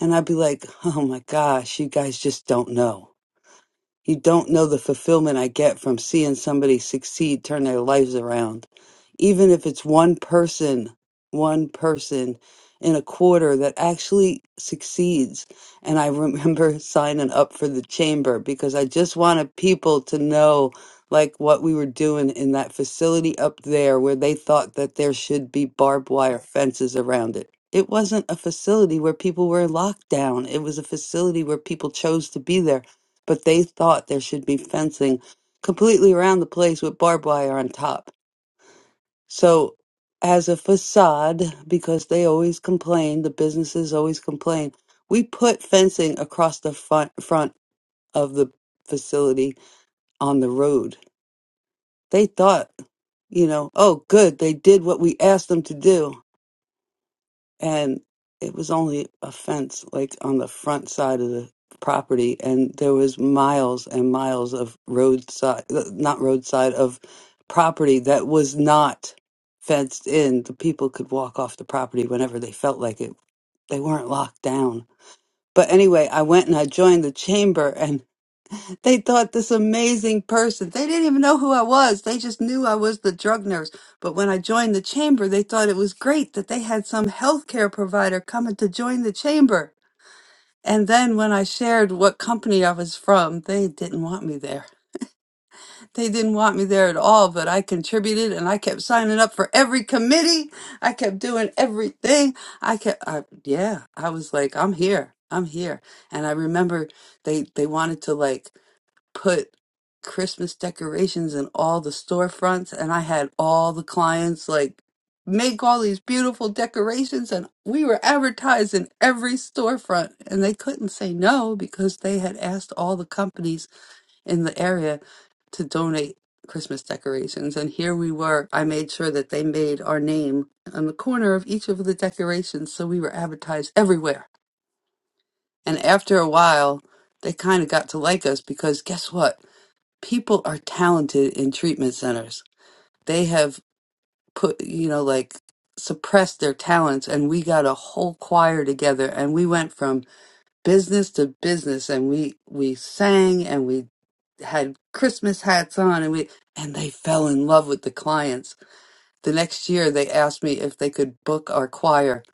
[SPEAKER 2] And I'd be like, Oh my gosh, you guys just don't know. You don't know the fulfillment I get from seeing somebody succeed, turn their lives around. Even if it's one person, one person in a quarter that actually succeeds. And I remember signing up for the chamber because I just wanted people to know like what we were doing in that facility up there where they thought that there should be barbed wire fences around it. It wasn't a facility where people were locked down. It was a facility where people chose to be there but they thought there should be fencing completely around the place with barbed wire on top. So, as a facade, because they always complain, the businesses always complain, we put fencing across the front front of the facility on the road. They thought, you know, oh, good, they did what we asked them to do. and it was only a fence like on the front side of the property and there was miles and miles of roadside uh, not roadside of property that was not fenced in the people could walk off the property whenever they felt like it they weren't locked down but anyway i went and i joined the chamber they thought this amazing person. They didn't even know who I was. They just knew I was the drug nurse. But when I joined the chamber, they thought it was great that they had some healthcare provider coming to join the chamber. And then when I shared what company I was from, they didn't want me there. They didn't want me there at all, but I contributed and I kept signing up for every committee. I kept doing everything. I kept, I, yeah, I was like, I'm here. I'm here. And I remember they, they wanted to like put Christmas decorations in all the storefronts, and I had all the clients like make all these beautiful decorations, and we were advertised in every storefront, and they couldn't say no because they had asked all the companies in the area to donate Christmas decorations. And here we were. I made sure that they made our name on the corner of each of the decorations, so we were advertised everywhere. And after a while, they kind of got to like us because guess what? people are talented in treatment centers. They have put, you know, like suppressed their talents, and we got a whole choir together, and we went from business to business, and we we sang, and we had Christmas hats on, and we and they fell in love with the clients. The next year, they asked me if they could book our choir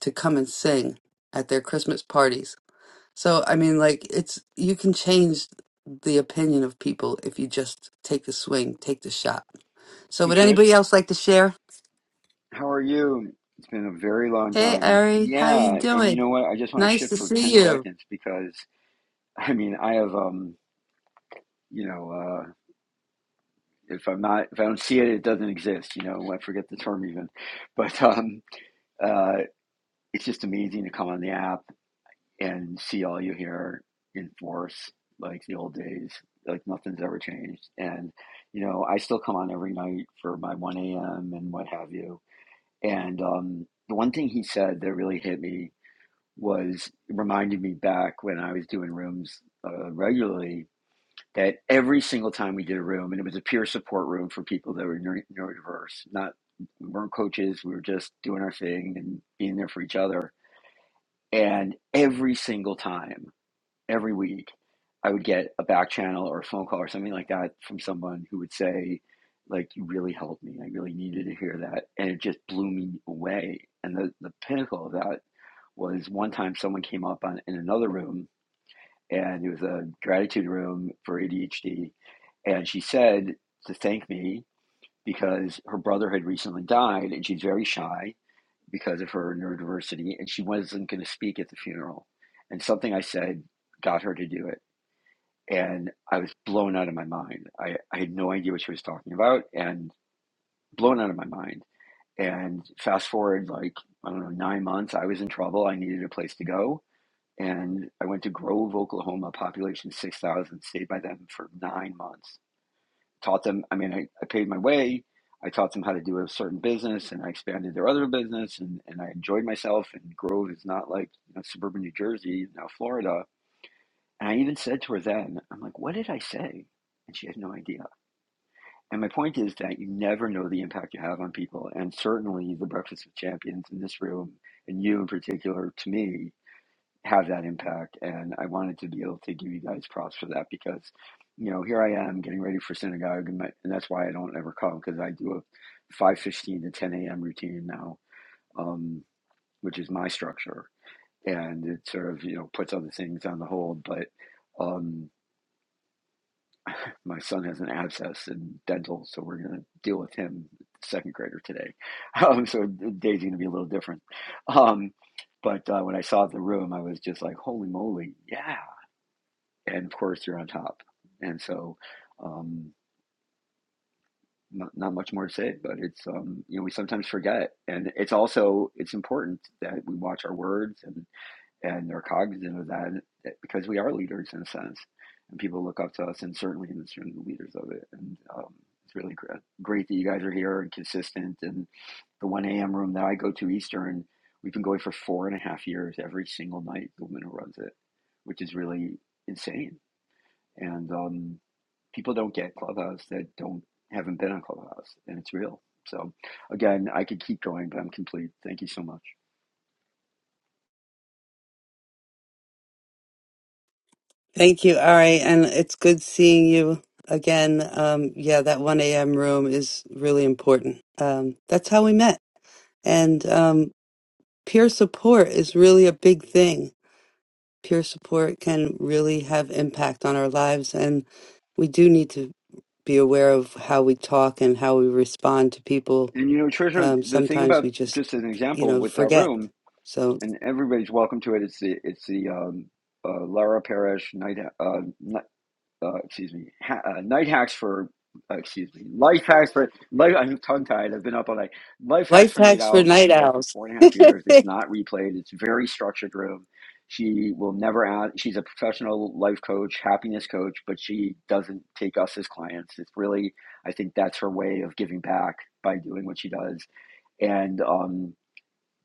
[SPEAKER 2] to come and sing at their Christmas parties so, I mean, like, it's you can change the opinion of people if you just take the swing, take the shot. So,
[SPEAKER 8] Hey
[SPEAKER 2] would
[SPEAKER 8] Trish,
[SPEAKER 2] anybody else like to share?
[SPEAKER 8] how are you? It's been a very long
[SPEAKER 2] Hey,
[SPEAKER 8] time.
[SPEAKER 2] Ari, how you
[SPEAKER 8] Yeah, and you
[SPEAKER 2] doing?
[SPEAKER 8] know what? I just want to
[SPEAKER 2] Nice
[SPEAKER 8] shift
[SPEAKER 2] to
[SPEAKER 8] for
[SPEAKER 2] see
[SPEAKER 8] 10
[SPEAKER 2] you.
[SPEAKER 8] seconds because I mean, I have um, you know, uh if I'm not if I don't see it, it doesn't exist, you know. I forget the term even. But um uh it's just amazing to come on the app and see all you hear in force like the old days, like nothing's ever changed. And you know, I still come on every night for my 1 a.m. and what have you. And um the one thing he said that really hit me was reminded me back when I was doing rooms uh, regularly that every single time we did a room, and it was a peer support room for people that were neuro- neurodiverse, not we weren't coaches, we were just doing our thing and being there for each other. And every single time, every week, I would get a back channel or a phone call or something like that from someone who would say, like, you really helped me. I really needed to hear that. And it just blew me away. And the, the pinnacle of that was one time someone came up on in another room and it was a gratitude room for ADHD and she said to thank me because her brother had recently died and she's very shy because of her neurodiversity and she wasn't going to speak at the funeral and something I said got her to do it and I was blown out of my mind I, I had no idea what she was talking about and blown out of my mind and fast forward like I don't know nine months I was in trouble I needed a place to go and I went to Grove, Oklahoma, population 6,000, stayed by them for nine months. Taught them, I mean, I, I paid my way. I taught them how to do a certain business and I expanded their other business and, and I enjoyed myself. And Grove is not like you know, suburban New Jersey, now Florida. And I even said to her then, I'm like, what did I say? And she had no idea. And my point is that you never know the impact you have on people. And certainly the Breakfast with Champions in this room, and you in particular, to me, have that impact. And I wanted to be able to give you guys props for that because, you know, here I am getting ready for synagogue, and, my, and that's why I don't ever come because I do a five fifteen to ten a.m. routine now, um, which is my structure, and it sort of you know puts other things on the hold, but. Um, my son has an abscess in dental, so we're going to deal with him, second grader today. Um, so the day's going to be a little different. Um, but uh, when I saw the room, I was just like, "Holy moly, yeah!" and of course you're on top. And so, um, not, not much more to say, but it's um, you know we sometimes forget, and it's also it's important that we watch our words and and are cognizant of that because we are leaders in a sense, and people look up to us, and certainly in this room, the leaders of it, and um, it's really great great that you guys are here and consistent, and the one a.m. room that I go to Eastern, we've been going for four and a half years every single night. The woman who runs it, which is really insane, and um, people don't get Clubhouse that don't haven't been on Clubhouse, and it's real. So again, I could keep going, but I'm complete. Thank you so much.
[SPEAKER 2] Thank you, Ari, and it's good seeing you again. Um, yeah, that 1 a.m. room is really important. Um, that's how we met, and um, peer support is really a big thing peer support can really have impact on our lives and we do need to be aware of how we talk and how we respond to people
[SPEAKER 8] And you know, Trisha,
[SPEAKER 2] um,
[SPEAKER 8] the thing
[SPEAKER 2] sometimes
[SPEAKER 8] about
[SPEAKER 2] we just
[SPEAKER 8] just as an
[SPEAKER 2] you
[SPEAKER 8] example
[SPEAKER 2] know
[SPEAKER 8] with that
[SPEAKER 2] forget
[SPEAKER 8] room,
[SPEAKER 2] so
[SPEAKER 8] and everybody's welcome to it. It's the it's the um, uh, Lara Parrish night uh, uh, excuse me, ha- uh, night hacks for, uh, excuse me, life hacks for, life, I'm tongue tied. I've been up all night. Life hacks
[SPEAKER 2] life
[SPEAKER 8] for night
[SPEAKER 2] hacks for
[SPEAKER 8] owls. It's
[SPEAKER 2] night
[SPEAKER 8] been going for
[SPEAKER 2] owls
[SPEAKER 8] four and a half years. It's not replayed. It's a very structured room. She will never ask. She's a professional life coach, happiness coach, but she doesn't take us as clients. It's really, I think that's her way of giving back by doing what she does. And, um,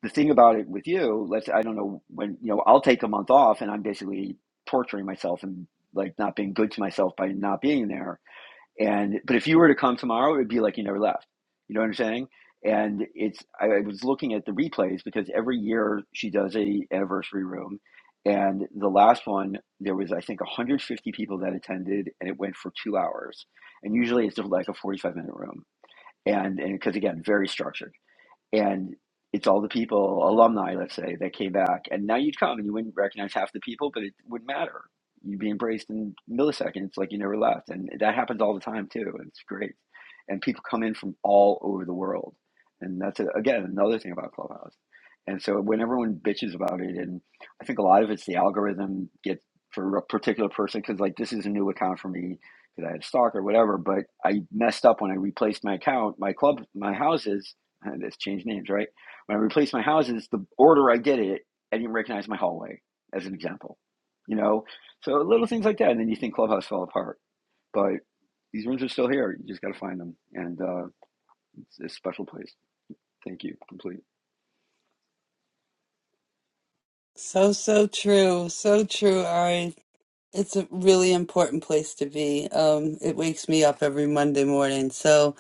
[SPEAKER 8] the thing about it with you, let's I don't know when you know I'll take a month off and I'm basically torturing myself and like not being good to myself by not being there. And but if you were to come tomorrow, it'd be like you never left. You know what I'm saying? And it's I, I was looking at the replays because every year she does a anniversary room, and the last one there was I think 150 people that attended and it went for two hours. And usually it's like a 45 minute room. And and because again, very structured and it's all the people, alumni, let's say, that came back. And now you'd come and you wouldn't recognize half the people, but it wouldn't matter. You'd be embraced in milliseconds like you never left. And that happens all the time too. And it's great. And people come in from all over the world. And that's, a, again, another thing about Clubhouse. And so when everyone bitches about it, and I think a lot of it's the algorithm gets for a particular person, because like this is a new account for me because I had a stock or whatever, but I messed up when I replaced my account, my club, my houses Let's change names, right? When I replace my houses, the order I did it, I didn't recognize my hallway, as an example. You know, so little things like that, and then you think Clubhouse fell apart, but these rooms are still here. You just got to find them, and uh, it's, it's a special place. Thank you. Complete.
[SPEAKER 2] so so true so true Ari It's a really important place to be. Um, it wakes me up every Monday morning. So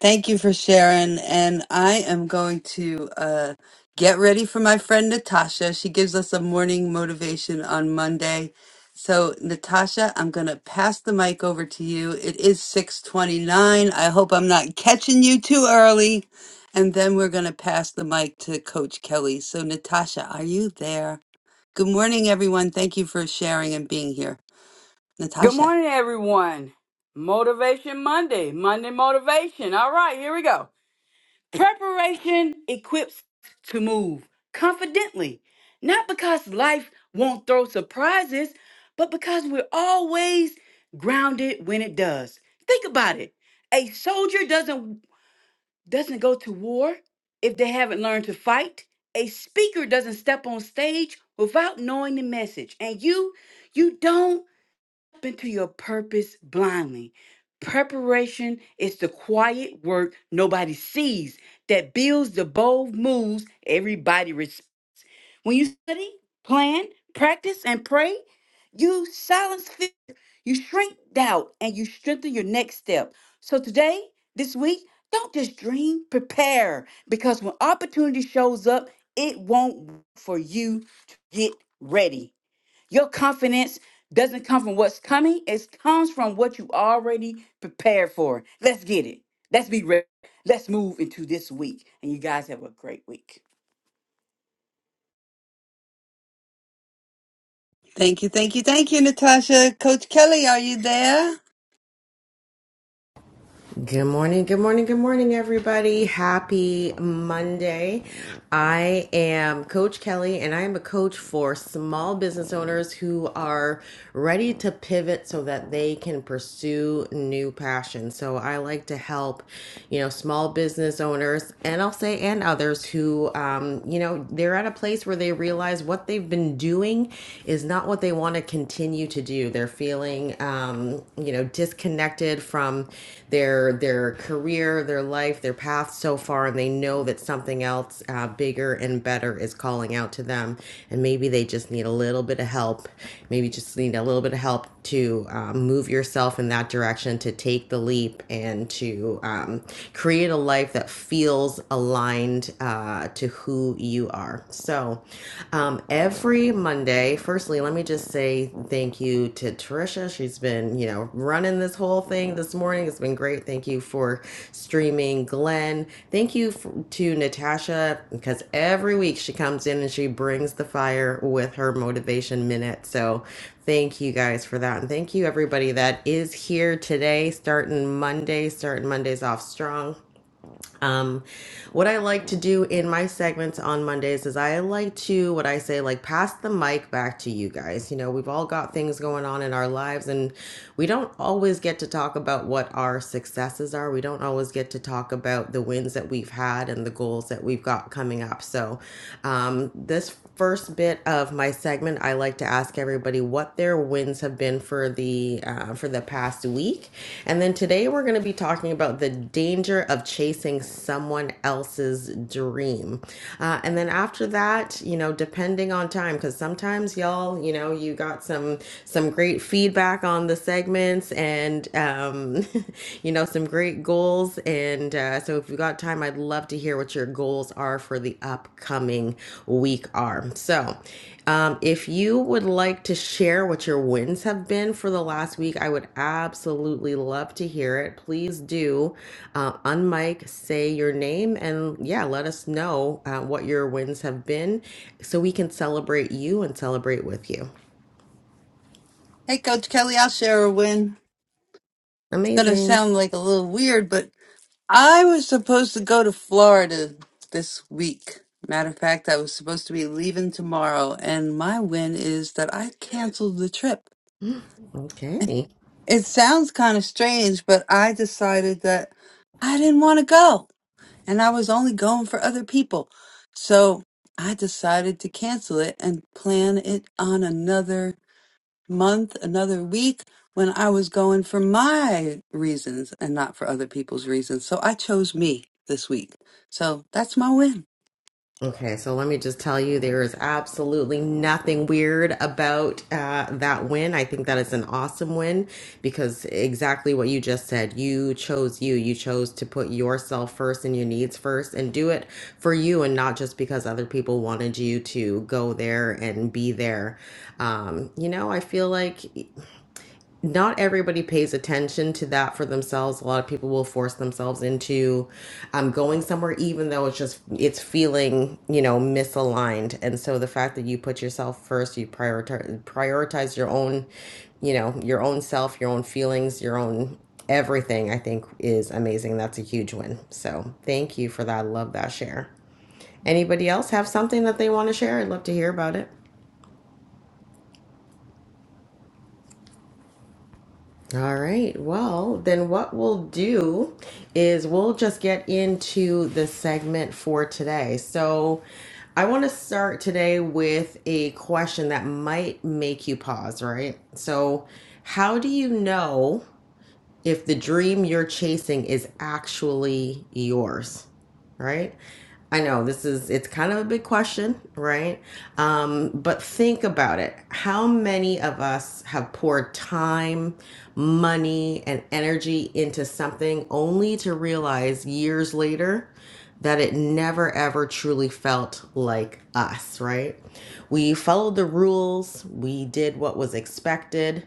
[SPEAKER 2] thank you for sharing. And I am going to uh, get ready for my friend Natasha. She gives us a morning motivation on Monday. So Natasha, I'm going to pass the mic over to you. It is 629. I hope I'm not catching you too early. And then we're going to pass the mic to Coach Kelly. So Natasha, are you there? Good morning, everyone. Thank you for sharing and being here. Natasha. Thank you, thank you, thank you, Natasha. Coach Kelly, are you there?
[SPEAKER 1] Good morning, good morning, good morning, everybody. Happy Monday. I am Coach Kelly, and I am a coach for small business owners who are ready to pivot so that they can pursue new passions. So I like to help, you know, small business owners, and I'll say and others who, um, you know, they're at a place where they realize what they've been doing is not what they want to continue to to do. They're feeling, um, you know, disconnected from their their career, their life, their path so far, and they know that something else uh, bigger and better is calling out to them. And maybe they just need a little bit of help. Maybe just need a little bit of help to um, move yourself in that direction, to take the leap, and to um, create a life that feels aligned uh, to who you are. So, um, every Monday, firstly, let me just say thank you to Trisha. She's been, you know, running this whole thing this morning. It's been great. Thank you for streaming, Glenn. Thank you f- to Natasha because every week she comes in and she brings the fire with her motivation minute. So, Thank you guys for that. And thank you everybody that is here today, starting Monday, starting Mondays off strong. Um, what I like to do in my segments on Mondays is I like to, what I say, like pass the mic back to you guys. You know, we've all got things going on in our lives and we don't always get to talk about what our successes are. We don't always get to talk about the wins that we've had and the goals that we've got coming up. So, um, this first bit of my segment, I like to ask everybody what their wins have been for the uh, for the past week, and then today we're going to be talking about the danger of chasing someone else's dream, uh, and then after that, you know, depending on time, because sometimes y'all, you know, you got some some great feedback on the segments and um, you know some great goals goals and uh, so if you got time i'd love to hear what your goals are for the upcoming week are so um, if you would like to share what your wins have been for the last week i would absolutely love to hear it please do uh, unmic say your name and yeah let us know uh, what your wins have been so we can celebrate you and celebrate with you
[SPEAKER 2] Hey, Coach Kelly, I'll share a win. It's going to
[SPEAKER 1] amazing
[SPEAKER 2] sound like a little weird, but I was supposed to go to Florida this week. Matter of fact, I was supposed to be leaving tomorrow, and my win is that I canceled the trip.
[SPEAKER 1] okay
[SPEAKER 2] It sounds kind of strange, but I decided that I didn't want to go. and I was only going for other people. So I decided to cancel it and plan it on another month, another week when I was going for my reasons and not for other people's reasons. So I chose me this week. So that's my win.
[SPEAKER 1] Okay, so let me just tell you, there is absolutely nothing weird about uh, that win. I think that is an awesome win because exactly what you just said. You chose you. You chose to put yourself first and your needs first and do it for you and not just because other people wanted you to go there and be there. Um, you know, I feel like not everybody pays attention to that for themselves. A lot of people will force themselves into um, going somewhere, even though it's just it's feeling you know misaligned. And so the fact that you put yourself first, you prioritize prioritize your own, you know, your own self, your own feelings, your own everything. I think is amazing. That's a huge win. So thank you for that. I love that share. Anybody else have something that they want to share? I'd love to hear about it. All right. Well, then what we'll do is we'll just get into the segment for today. So I want to start today with a question that might make you pause, right? So, how do you know? if the dream you're chasing is actually yours, right? I know this is it's kind of a big question, right? Um, but think about it. How many of us have poured time, money, and energy into something only to realize years later that it never ever truly felt like us, right? We followed the rules, we did what was expected,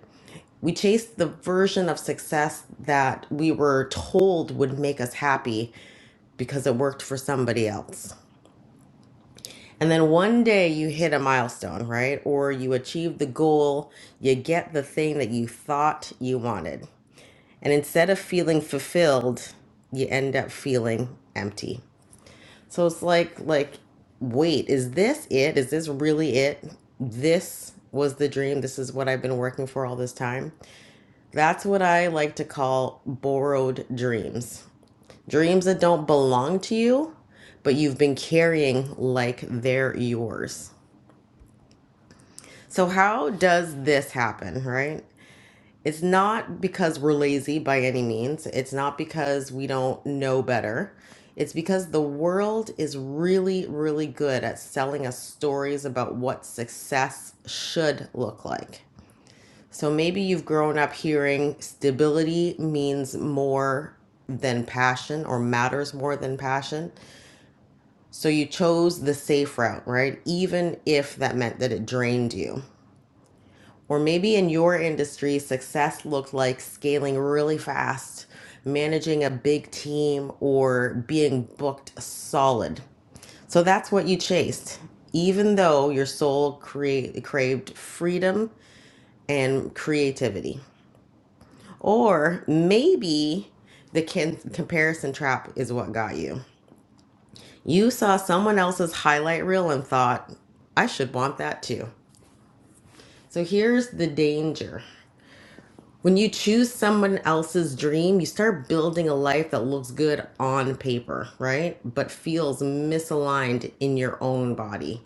[SPEAKER 1] we chased the version of success that we were told would make us happy because it worked for somebody else. And then one day you hit a milestone, right? Or you achieve the goal, you get the thing that you thought you wanted. And instead of feeling fulfilled, you end up feeling empty. So it's like like wait, is this it? Is this really it? This was the dream. This is what I've been working for all this time. That's what I like to call borrowed dreams. Dreams that don't belong to you, but you've been carrying like they're yours. So, how does this happen, right? It's not because we're lazy by any means, it's not because we don't know better. It's because the world is really, really good at selling us stories about what success should look like. So maybe you've grown up hearing stability means more than passion or matters more than passion. So you chose the safe route, right? Even if that meant that it drained you. Or maybe in your industry, success looked like scaling really fast, managing a big team, or being booked solid. So that's what you chased, even though your soul crea- craved freedom and creativity. Or maybe the can- comparison trap is what got you. You saw someone else's highlight reel and thought, I should want that too. So here's the danger. When you choose someone else's dream, you start building a life that looks good on paper, right? But feels misaligned in your own body.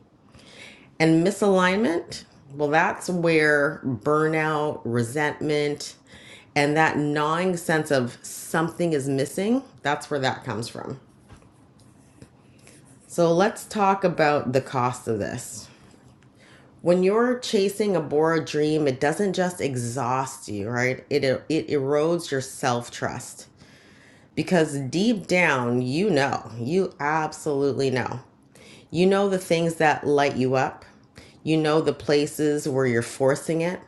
[SPEAKER 1] And misalignment, well, that's where burnout, resentment, and that gnawing sense of something is missing, that's where that comes from. So let's talk about the cost of this. When you're chasing a Bora dream, it doesn't just exhaust you, right? It, it erodes your self trust because deep down, you know, you absolutely know. You know the things that light you up, you know the places where you're forcing it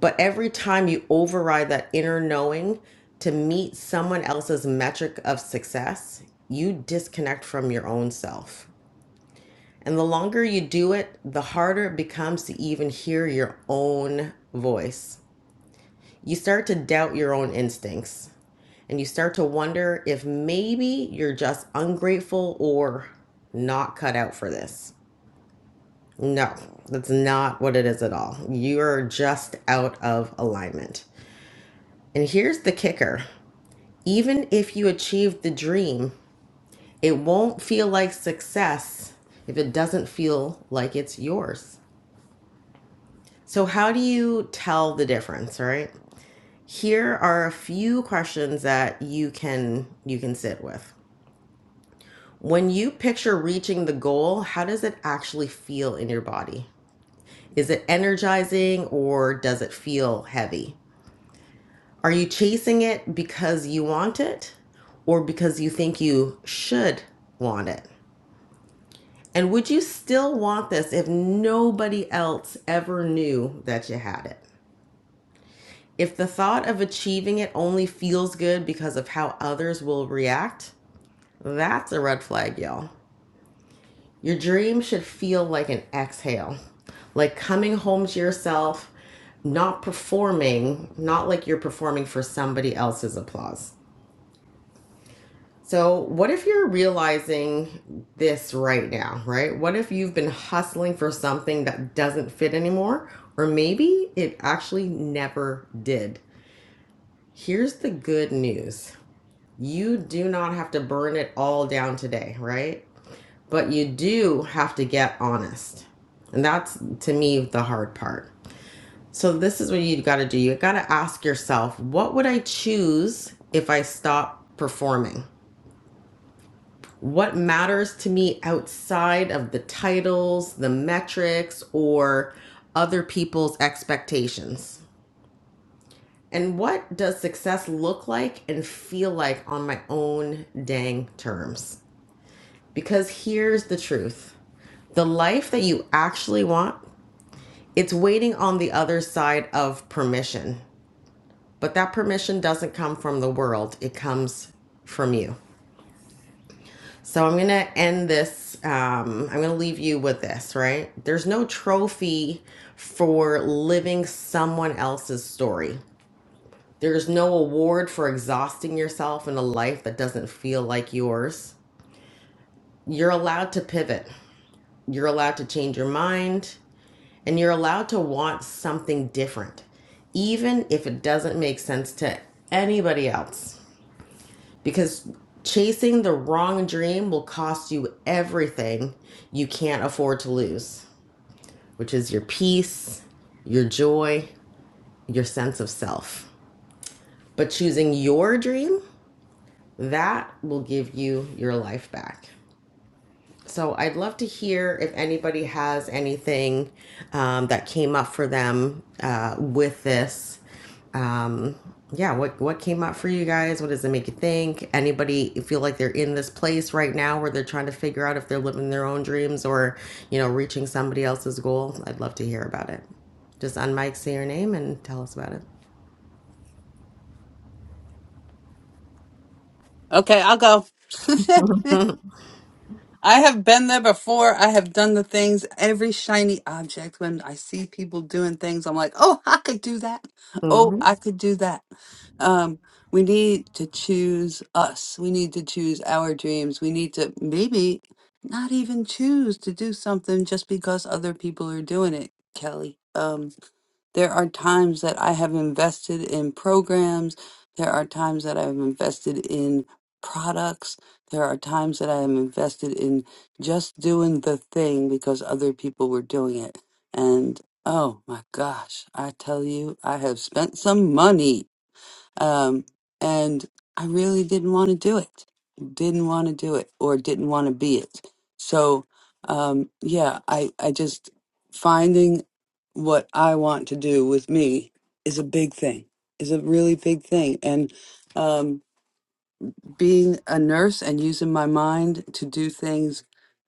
[SPEAKER 1] But every time you override that inner knowing to meet someone else's metric of success, you disconnect from your own self. And the longer you do it, the harder it becomes to even hear your own voice. You start to doubt your own instincts and you start to wonder if maybe you're just ungrateful or not cut out for this. No, that's not what it is at all. You're just out of alignment. And here's the kicker even if you achieve the dream, it won't feel like success if it doesn't feel like it's yours. So, how do you tell the difference, right? Here are a few questions that you can you can sit with. When you picture reaching the goal, how does it actually feel in your body? Is it energizing or does it feel heavy? Are you chasing it because you want it or because you think you should want it? And would you still want this if nobody else ever knew that you had it? If the thought of achieving it only feels good because of how others will react, that's a red flag, y'all. Your dream should feel like an exhale, like coming home to yourself, not performing, not like you're performing for somebody else's applause. So, what if you're realizing this right now, right? What if you've been hustling for something that doesn't fit anymore, or maybe it actually never did? Here's the good news you do not have to burn it all down today, right? But you do have to get honest. And that's to me the hard part. So, this is what you have got to do. You have got to ask yourself, what would I choose if I stop performing? what matters to me outside of the titles, the metrics, or other people's expectations? And what does success look like and feel like on my own dang terms? Because here's the truth the life that you actually want, it's waiting on the other side of permission. But that permission doesn't come from the world, it comes from you. So I'm going to end this. Um, I'm going to leave you with this, right? There's no trophy for living someone else's story. There's no award for exhausting yourself in a life that doesn't feel like yours. You're allowed to pivot, you're allowed to change your mind, and you're allowed to want something different, even if it doesn't make sense to anybody else. because chasing the wrong dream will cost you everything you can't afford to lose, which is your peace, your joy, your sense of self. But choosing your dream, that will give you your life back. So I'd love to hear if anybody has anything um, that came up for them uh, with this. Um, yeah, what what came up for you guys? What does it make you think? Anybody feel like they're in this place right now where they're trying to figure out if they're living their own dreams or you know reaching somebody else's goal? I'd love to hear about it. Just unmic, say your name, and tell us about
[SPEAKER 2] Okay, I'll go. I have been there before. I have done the things, every shiny object. When I see people doing things, I'm like, oh, I could do that. Oh,
[SPEAKER 1] it.
[SPEAKER 2] I could do that. Um, we need to choose us. We need to choose our dreams. We need to maybe not even choose to do something just because other people are doing it, Kelly. Um, there are times that I have invested in programs. There are times that I have invested in products. There are times that I am invested in just doing the thing because other people were doing it. And oh my gosh, I tell you, I have spent some money um, and I really didn't want to do it. Didn't want to do it or didn't want to be it. So, um, yeah, I, I just finding what I want to do with me is a big thing, is a really big thing. And, um, being a nurse and using my mind to do things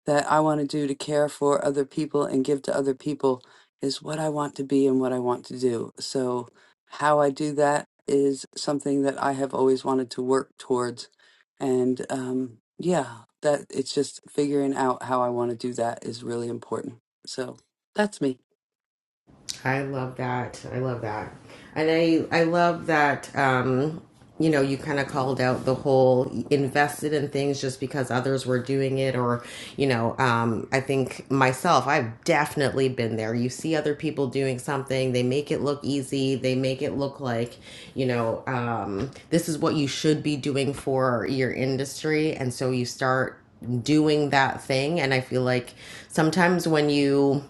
[SPEAKER 2] that I want to do to care for other people and give to other people is what I want to be and what I want to do. So, how I do that is something that I have always wanted to work towards. And um, yeah, that it's just figuring out how I want to do that is really important. So, that's me.
[SPEAKER 1] I love that. I love that. And I I love that um you know, you kind of called out the whole invested in things just because others were doing it, or, you know, um, I think myself, I've definitely been there. You see other people doing something, they make it look easy, they make it look like, you know, um, this is what you should be doing for your industry. And so you start doing that thing. And I feel like sometimes when you,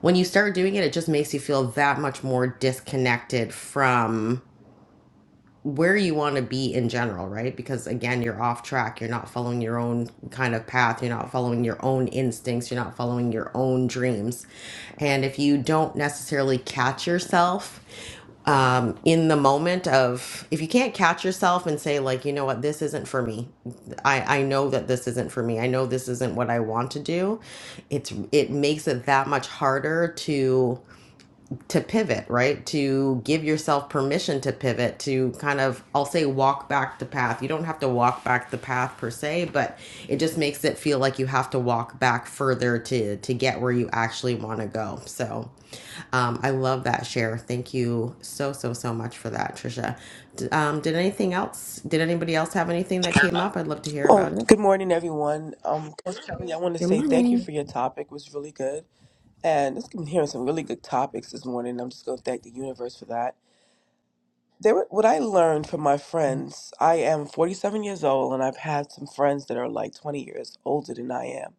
[SPEAKER 1] when you start doing it, it just makes you feel that much more disconnected from where you want to be in general, right? Because again, you're off track. You're not following your own kind of path. You're not following your own instincts. You're not following your own dreams. And if you don't necessarily catch yourself um, in the moment of, if you can't catch yourself and say, like, you know what, this isn't for me. I, I know that this isn't for me. I know this isn't what I want to do. It's, it makes it that much harder to to pivot, right? To give yourself permission to pivot, to kind of, I'll say, walk back the path. You don't have to walk back the path per se, but it just makes it feel like you have to walk back further to to get where you actually want to go. So, um, I love that share. Thank you so so so much for that, Trisha. D- um, did anything else? Did anybody else have anything that came up? I'd love to hear
[SPEAKER 9] Well,
[SPEAKER 1] about it.
[SPEAKER 9] good morning, everyone. Um, Coach Kelly, I want to
[SPEAKER 1] Good
[SPEAKER 9] say thank you
[SPEAKER 1] morning.
[SPEAKER 9] for your topic. It was really good. And I've been hearing some really good topics this morning. I'm just going to thank the universe for that. There, were- what I learned from my friends, I am 47 years old, and I've had some friends that are like 20 years older than I am.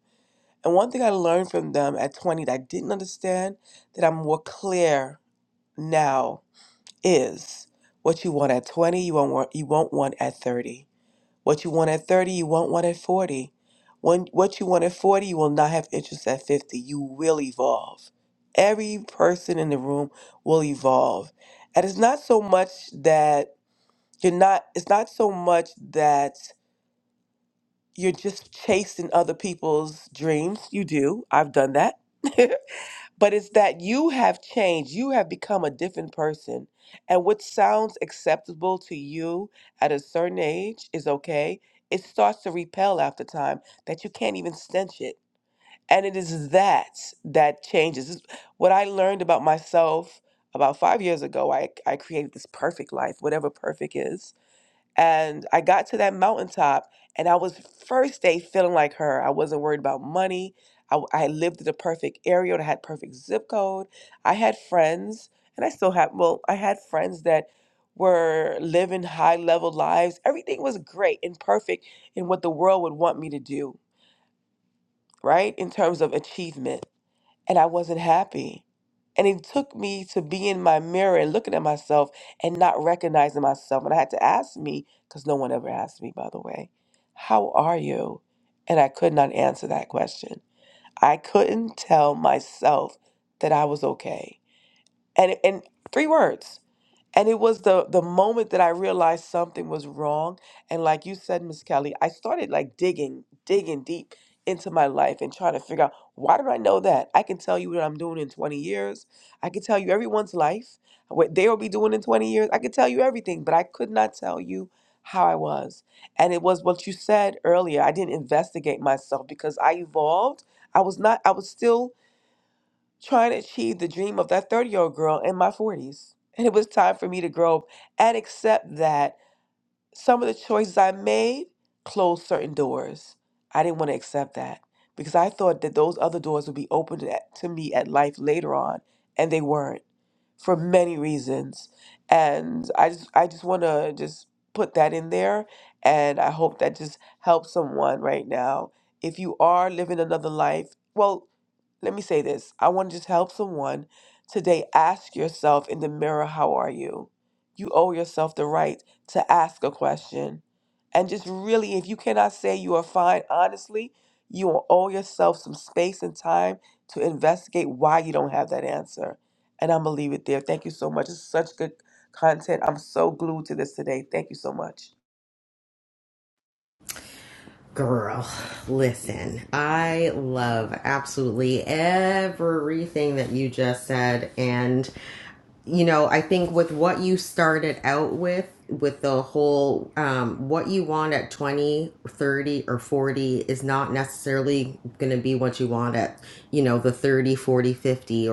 [SPEAKER 9] And one thing I learned from them at 20 that I didn't understand, that I'm more clear now, is what you want at 20, you won't want, you won't want at 30 what you want at 30, you won't want at 40. When, what you want at 40, you will not have interest at 50. You will evolve. Every person in the room will evolve. And it's not so much that you're not, it's not so much that you're just chasing other people's dreams. You do. I've done that. But it's that you have changed. You have become a different person. And what sounds acceptable to you at a certain age is okay. It starts to repel after time that you can't even stench it. And it is that that changes. It's What I learned about myself about five years ago, I, I created this perfect life, whatever perfect is and I got to that mountaintop, and I was first day feeling like her. I wasn't worried about money. I, w- I lived in the perfect area, I had perfect zip code. I had friends, and I still have, well, I had friends that were living high level lives. Everything was great and perfect in what the world would want me to do, right? In terms of achievement and I wasn't happy. And it took me to be in my mirror and looking at myself and not recognizing myself. And I had to ask me, because no one ever asked me, by the way, how are you? And I could not answer that question. I couldn't tell myself that I was okay. And, and three words. And it was the the moment that I realized something was wrong. And like you said, Miss Kelly, I started like digging, digging deep into my life and trying to figure out why did I know that? I can tell you what I'm doing in 20 years. I can tell you everyone's life, what they will be doing in 20 years. I could tell you everything, but I could not tell you how I was. And it was what you said earlier. I didn't investigate myself because I evolved. I was not, I was still trying to achieve the dream of that 30 year old girl in my 40s. And it was time for me to grow up and accept that some of the choices I made closed certain doors. I didn't want to accept that because I thought that those other doors would be opened at- to me at life later on, and they weren't for many reasons. And I just I just want to just put that in there, and I hope that just helps someone right now. If you are living another life, well, let me say this. I want to just help someone today. Ask yourself in the mirror, how are you? You owe yourself the right to ask a question. And just really, if you cannot say you are fine, honestly, you will owe yourself some space and time to investigate why you don't have that answer. And I'm going to leave it there. Thank you so much. It's such good content. I'm so glued to this today. Thank you so much.
[SPEAKER 1] Girl, listen, I love absolutely everything that you just said. And, you know, I think with what you started out with, with the whole um, what you want at 20, 30, or 40 is not necessarily going to be what you want at, you know, the 30, 40, 50,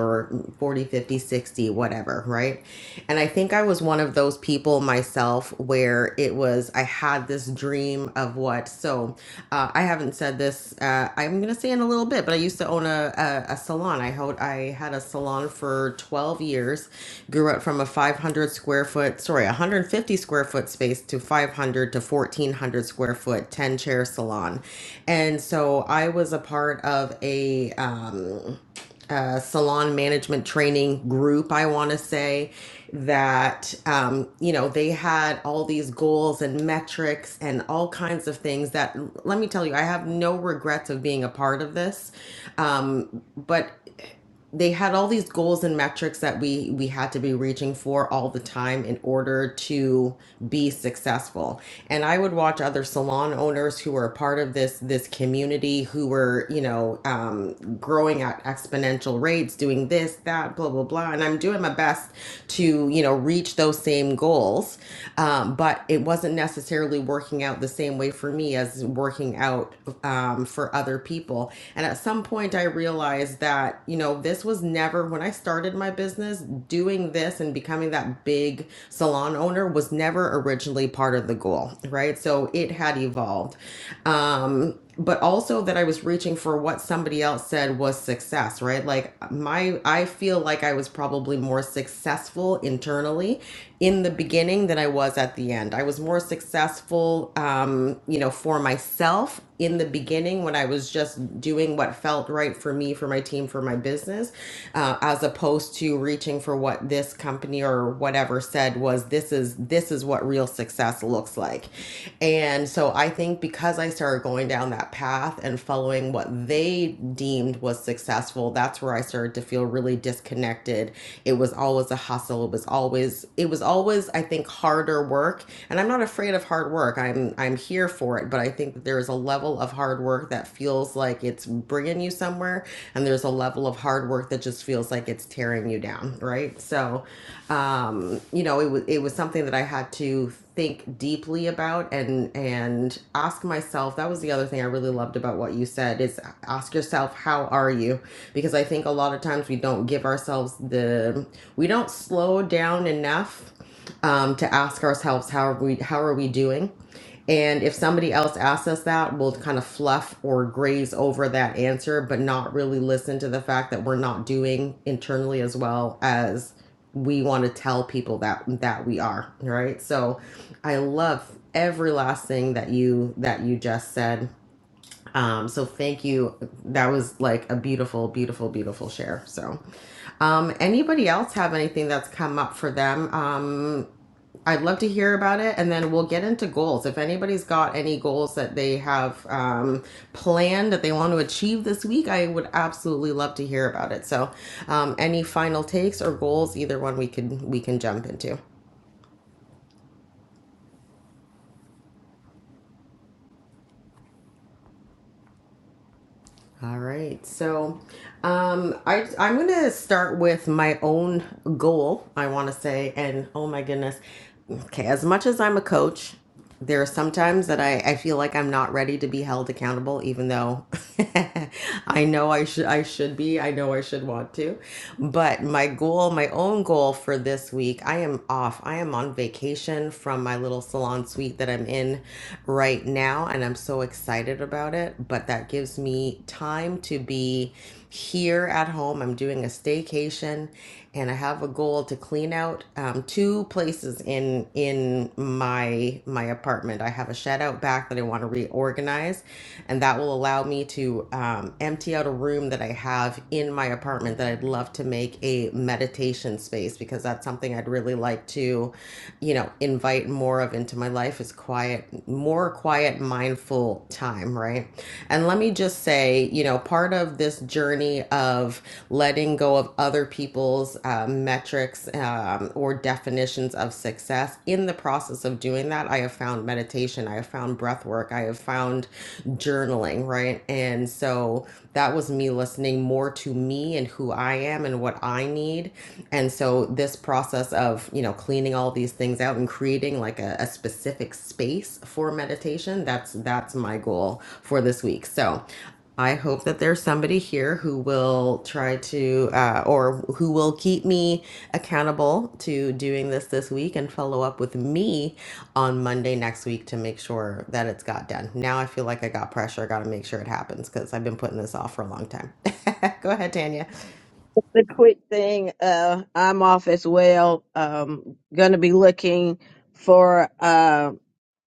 [SPEAKER 1] or 40, 50, 60, whatever, right? And I think I was one of those people myself where it was, I had this dream of what. So uh, I haven't said this, uh, I'm going to say in a little bit, but I used to own a, a, a salon. I, ho- I had a salon for 12 years, grew up from a 500 square foot, sorry, 150 square foot space to 500 to 1400 square foot, 10 chair salon. And so I was a part of a, um, uh, salon management training group, I want to say, that, um, you know, they had all these goals and metrics and all kinds of things that, let me tell you, I have no regrets of being a part of this. Um, but they had all these goals and metrics that we we had to be reaching for all the time in order to be successful and i would watch other salon owners who were a part of this this community who were you know um, growing at exponential rates doing this that blah blah blah and i'm doing my best to you know reach those same goals um, but it wasn't necessarily working out the same way for me as working out um, um, for other people. And at some point, I realized that, you know, this was never, when I started my business, doing this and becoming that big salon owner was never originally part of the goal, right? So it had evolved. Um, but also that I was reaching for what somebody else said was success, right? Like my I feel like I was probably more successful internally in the beginning than I was at the end. I was more successful successful, um, you know, for myself in the beginning when I was just doing what felt right for me, for my team, for my business, uh, as opposed to reaching for what this company or whatever said was this is this is what real success looks like. And so I think because I started going down that path and following what they deemed was successful, that's where I started to feel really disconnected. It was always a hustle hustle was always it was always I think harder work and I'm not afraid of hard work. I'm I'm here for it, but I think that there is a level of hard work that feels like it's bringing you somewhere and there's a level of hard work that just feels like it's tearing you down, right? So um you know, it was it was something that I had to think deeply about and and ask myself that was the other thing i really loved about what you said is ask yourself how are you because i think a lot of times we don't give ourselves the we don't slow down enough um, to ask ourselves how are we how are we doing and if somebody else asks us that, we'll kind of fluff or graze over that answer, but not really listen to the fact that we're not doing internally as well as we want to tell people that that we are, right? So I love every last thing that you that you just said um, so thank you. That was like a beautiful, beautiful, beautiful share. So, um, anybody else have anything that's come up for them? Um, I'd love to hear about it, and then we'll get into goals. If anybody's got any goals that they have um, planned that they want to achieve this week, I would absolutely love to hear about it. So, um, any final takes or goals, either one we can we can jump into. All right. So, um, I I'm gonna start with my own goal. I want to say, and oh my goodness, okay. As much as I'm a coach, there are sometimes that I I feel like I'm not ready to be held accountable, even though I know I should I should be. I know I should want to, but my goal, my own goal for this week, I am off. I am on vacation from my little salon suite that I'm in right now and I'm so excited about it. But that gives me time to be here at home. I'm doing a staycation, and I have a goal to clean out um, two places in in my my apartment. I have a shed out back that I want to reorganize, and that will allow me to um, empty out a room that I have in my apartment that I'd love to make a meditation space because that's something I'd really like to, you know, invite more more of into my life is quiet, more quiet, mindful time, right? And let me just say, you know, part of this journey of letting go of other people's um, metrics um, or definitions of success, in the process of doing that, I have found meditation, I have found breath work, I have found journaling, right? And so that was me listening more to me and who I am and what I need. And so this this process of you know cleaning all these things out and creating like a, a specific space for meditation that's that's my goal for this week so i hope that there's somebody here who will try to uh, or who will keep me accountable to doing this this week and follow up with me on monday next week to make sure that it's got done now i feel like i got pressure i gotta make sure it happens because i've been putting this off for a long time go ahead tanya
[SPEAKER 7] the quick thing uh i'm off as well um gonna be looking for uh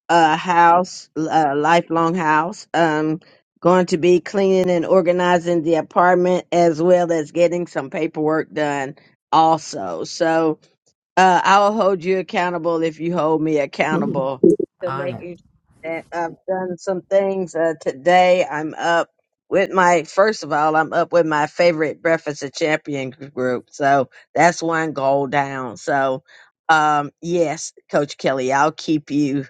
[SPEAKER 7] a house a lifelong house um going to be cleaning and organizing the apartment as well as getting some paperwork done also so uh, I'll hold you accountable if you hold me
[SPEAKER 1] Mhm.
[SPEAKER 7] accountable to
[SPEAKER 1] On it.
[SPEAKER 7] making sure that I've done some things. Uh, today I'm up with my, first of all, I'm up with my favorite Breakfast of Champion group. So that's one goal down. So, um, yes, Coach Kelly, I'll keep you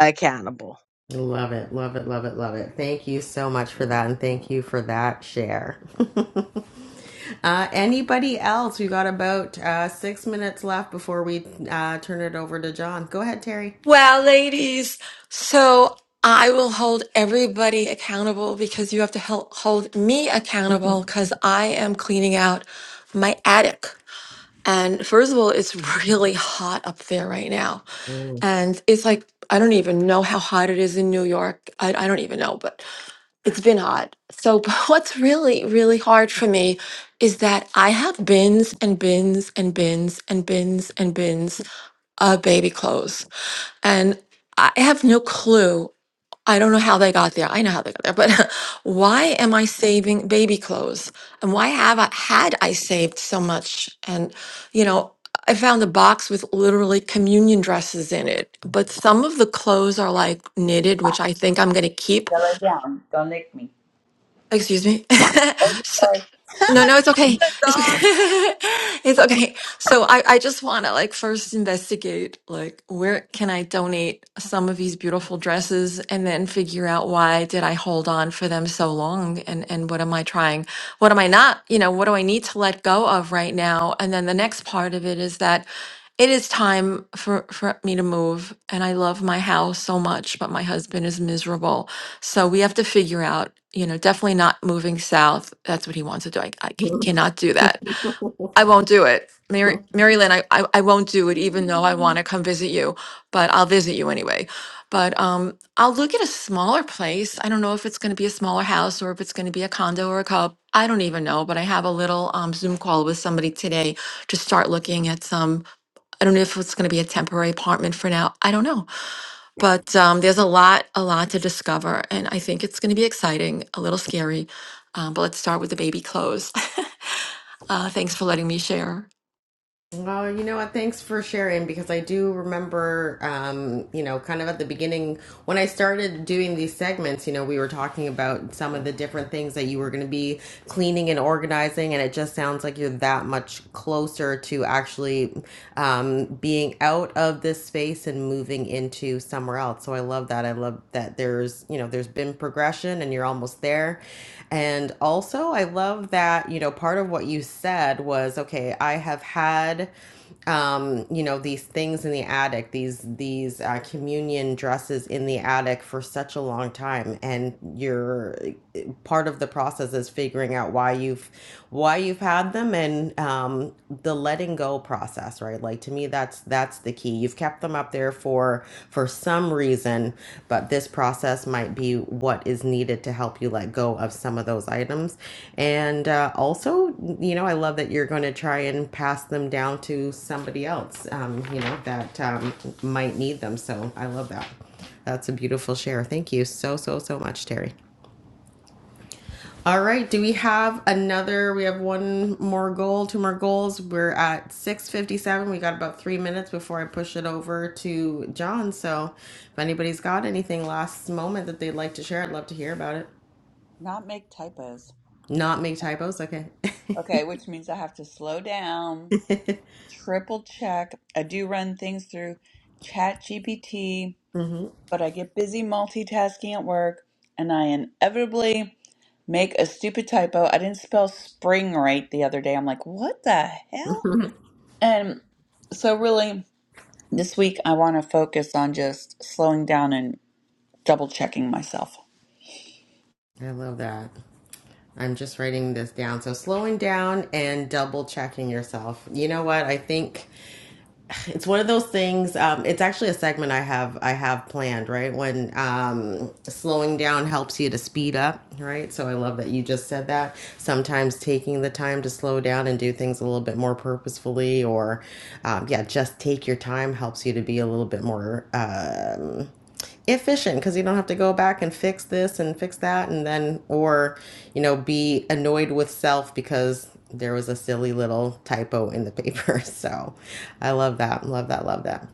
[SPEAKER 7] accountable.
[SPEAKER 1] Love it. Love it. Love it. Love it. Thank you so much for that. And thank you for that share. uh, anybody else? We got about uh, six minutes left before we uh, turn it over to John. Go ahead, Terry.
[SPEAKER 10] Well, ladies, so I will hold everybody accountable because you have to hel- hold me accountable because I am cleaning out my attic. And first of all, it's really hot up there right now. And it's like, I don't even know how hot it is in New York. I, I don't even know, but it's been hard. So, but what's really, really hard for me is that I have bins and bins and bins and bins and bins of baby clothes. And I have no clue. I don't know how they got there. I know how they got there, but why am I saving baby clothes? And why have I had I saved so much? And you know, I found a box with literally communion dresses in it, but some of the clothes are like knitted, which I think I'm going to keep Excuse me. So- no, no, it's okay. It's okay. it's okay. So I, I just want to like first investigate like where can I donate some of these beautiful dresses and then figure out why did I hold on for them so long and and what am I trying? What am I not, you know, what do I need to let go of right now? And then the next part of it is that it is time for for me to move and I love my house so much, but my husband is miserable so we have to figure out, you know, definitely not moving south. That's what he wants to do. I, I c- cannot do that. I won't do it. Mary, Mary Lynn, I, I, I won't do it, even though I want to come visit you, but I'll visit you anyway. But um, I'll look at a smaller place. I don't know if it's going to be a smaller house or if it's going to be a condo or a cub. I don't even know, but I have a little um, Zoom call with somebody today to start looking at some. I don't know if it's going to be a temporary apartment for now. I don't know but um, there's a lot, a lot to discover, and I think it's going to be exciting, a little scary. Um, but let's start with the baby clothes. uh, thanks for letting me share.
[SPEAKER 1] Well, you know what? Thanks for sharing because I do remember, um, you know, kind of at the beginning when I started doing these segments, you know, we were talking about some of the different things that you were going to be cleaning and organizing. And it just sounds like you're that much closer to actually um, being out of this space and moving into somewhere else. So I love that. I love that there's, you know, there's been progression progression and you're almost there. And also, I love that, you know, part of what you said was okay, I have had um you know these things in the attic these these uh, communion dresses in the attic for such a long time and you're part of the process is figuring out why you've why you've had them and um the letting go process process right like to me that's that's the key you've kept them up there for for some reason but this process might be what is needed to help you let go of some of those items and uh, also you know i love that you're going to try and pass them down to somebody else um, you know that um, might need them so i love that that's a beautiful share thank you so so so much terry all right. Do we have another? We have one more goal, two more goals. We're at 657. We got about three minutes before I push it over to John. So if anybody's got anything last moment that they'd like to share, I'd love to hear about it.
[SPEAKER 6] Not make typos.
[SPEAKER 1] Not make typos. Okay.
[SPEAKER 6] Okay, which means I have to slow down, triple check. I do run things through Chat GPT.
[SPEAKER 1] hmm
[SPEAKER 6] but I get busy multitasking at work and I inevitably make a stupid typo. I didn't spell spring right the other day. I'm like, what the hell? And so, really, this week I want to focus on just slowing down and double checking myself.
[SPEAKER 1] I love that. I'm just writing this down. So slowing down and double checking yourself. You know what? I think it's one of those things. Um, it's actually a segment I have I have planned. Right when um, slowing down helps you to speed up. Right, so I love that you just said that. Sometimes taking the time to slow down and do things a little bit more purposefully, or um, yeah, just take your time helps you to be a little bit more. Um, efficient because you don't have to go back and fix this and fix that and then or you know be annoyed with self because there was a silly little typo in the paper so i love that love that love that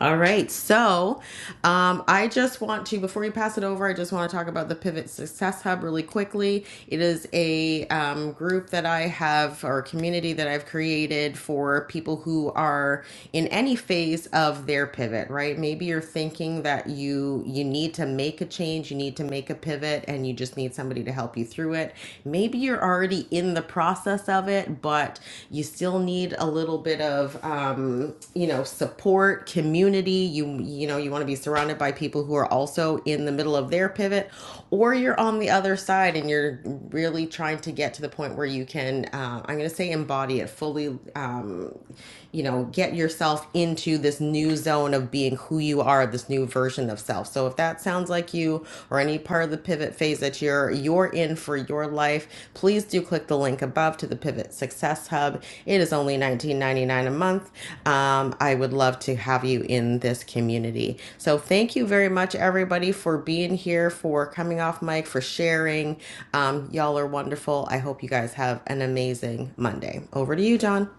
[SPEAKER 1] all right. So um, I just want to, before we pass it over, I just want to talk about the Pivot Success Hub really quickly. It is a um, group that I have, or a community that I've created for people who are in any phase of their pivot, right? Maybe you're thinking that you you need to make a change, you need to make a pivot, and you just need somebody to help you through it. Maybe you're already in the the process of it, but you still need a little bit of, um, you know, support, community. You, you know, you want to be surrounded by people who are also in the middle of their pivot, or you're on the other side and you're really trying to get to the point where you can, uh, I'm going to say embody it fully, um, you know, get yourself into this new zone of being who you are, this new version of self. So if that sounds like you or any part of the pivot phase that you're you're in for your life, please do click the link above to the Pivot Success Hub. It is only $19.99 a month. Um, I would love to have you in this community. So thank you very much, everybody, for being here, for coming off mic, for sharing. Um, y'all are wonderful. I hope you guys have an amazing Monday. Over to you, John.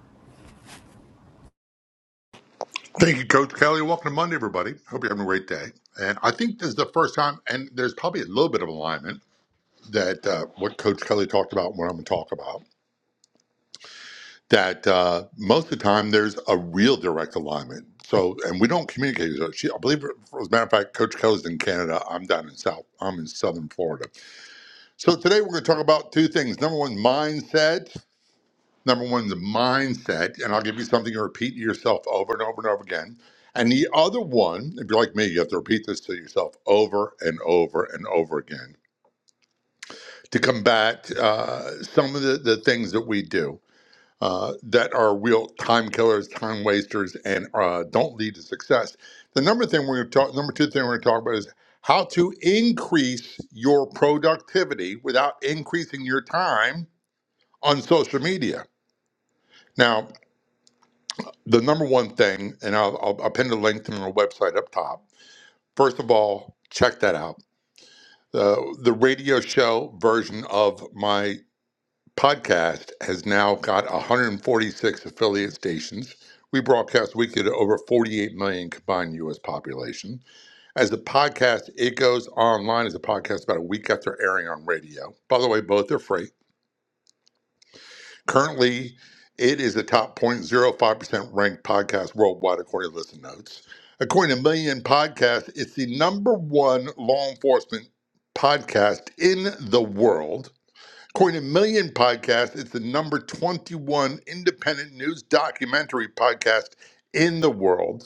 [SPEAKER 11] Thank you, Coach Kelly. Welcome to Monday, everybody. Hope you're having a great day. And I think this is the first time, and there's probably a little bit of alignment that uh, what Coach Kelly talked about, and what I'm going to talk about, that uh, most of the time there's a real direct alignment. So, and we don't communicate. with each She, I believe, as a matter of fact, Coach Kelly's in Canada. I'm down in South. I'm in Southern Florida. So today we're going to talk about two things. Number one, mindset, Number one, the mindset, and I'll give you something to repeat to yourself over and over and over again. And the other one, if you're like me, you have to repeat this to yourself over and over and over again to combat uh, some of the, the things that we do uh, that are real time killers, time wasters, and uh, don't lead to success. The number thing we're going to talk, number two thing we're going to talk about is how to increase your productivity without increasing your time on social media. Now, the number one thing, and I'll, I'll, I'll pin the link to our website up top. First of all, check that out. The the radio show version of my podcast has now got 146 affiliate stations. We broadcast weekly to over 48 million combined U.S. population. As a podcast, it goes online as a podcast about a week after airing on radio. By the way, both are free. Currently, it is the top 0.05% ranked podcast worldwide, according to Listen Notes. According to Million Podcast, it's the number one law enforcement podcast in the world. According to Million Podcast, it's the number 21 independent news documentary podcast in the world.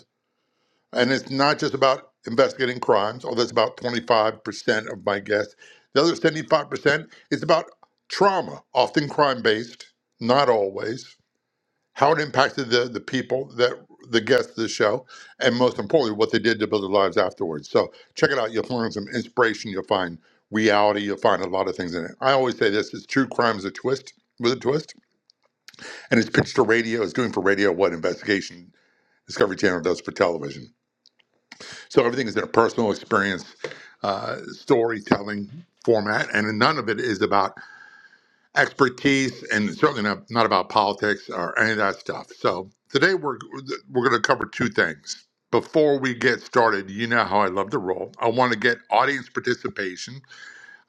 [SPEAKER 11] And it's not just about investigating crimes, although that's about 25% of my guess. The other 75% is about trauma, often crime based, not always, how it impacted the, the people that the guests of the show, and most importantly, what they did to build their lives afterwards. So check it out. You'll find some inspiration, you'll find reality, you'll find a lot of things in it. I always say this is true crime is a twist with a twist. And it's pitched to radio, it's doing for radio what investigation Discovery Channel does for television. So everything is in a personal experience uh, storytelling format, and none of it is about expertise, and certainly not, not about politics or any of that stuff. So today we're we're going to cover two things. Before we get started, you know how I love to roll. I want to get audience participation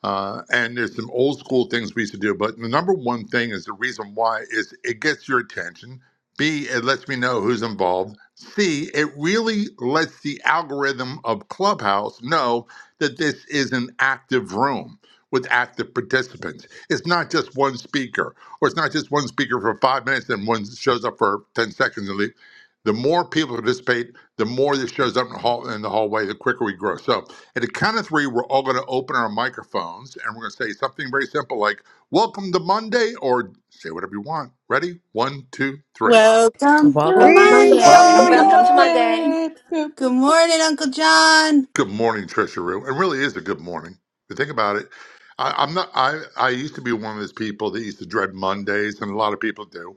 [SPEAKER 11] uh, and there's some old school things we used to do, but the number one thing is the reason why is it gets your attention. B, it lets me know who's involved. C, it really lets the algorithm of Clubhouse know that this is an active room with active participants. It's not just one speaker, or it's not just one speaker for five minutes and one shows up for 10 seconds and leave. The more people participate, the more this shows up in the, hall, in the hallway, the quicker we grow. So at the count of three, we're all going to open our microphones and we're going to say something very simple like, Welcome to Monday, or say whatever you want. Ready? One, two, three.
[SPEAKER 2] Welcome to
[SPEAKER 1] Welcome
[SPEAKER 4] Greetings from New
[SPEAKER 6] Welcome
[SPEAKER 2] Monday.
[SPEAKER 6] to
[SPEAKER 10] Welcome
[SPEAKER 9] Welcome.
[SPEAKER 10] to
[SPEAKER 4] York.
[SPEAKER 10] Monday.
[SPEAKER 6] Monday.
[SPEAKER 2] Good John.
[SPEAKER 11] Good morning, Trisha Rue. It really is a good morning. If you think about it, I, I'm not, I, I used to be one of those people that used to dread Mondays, and a lot of people do.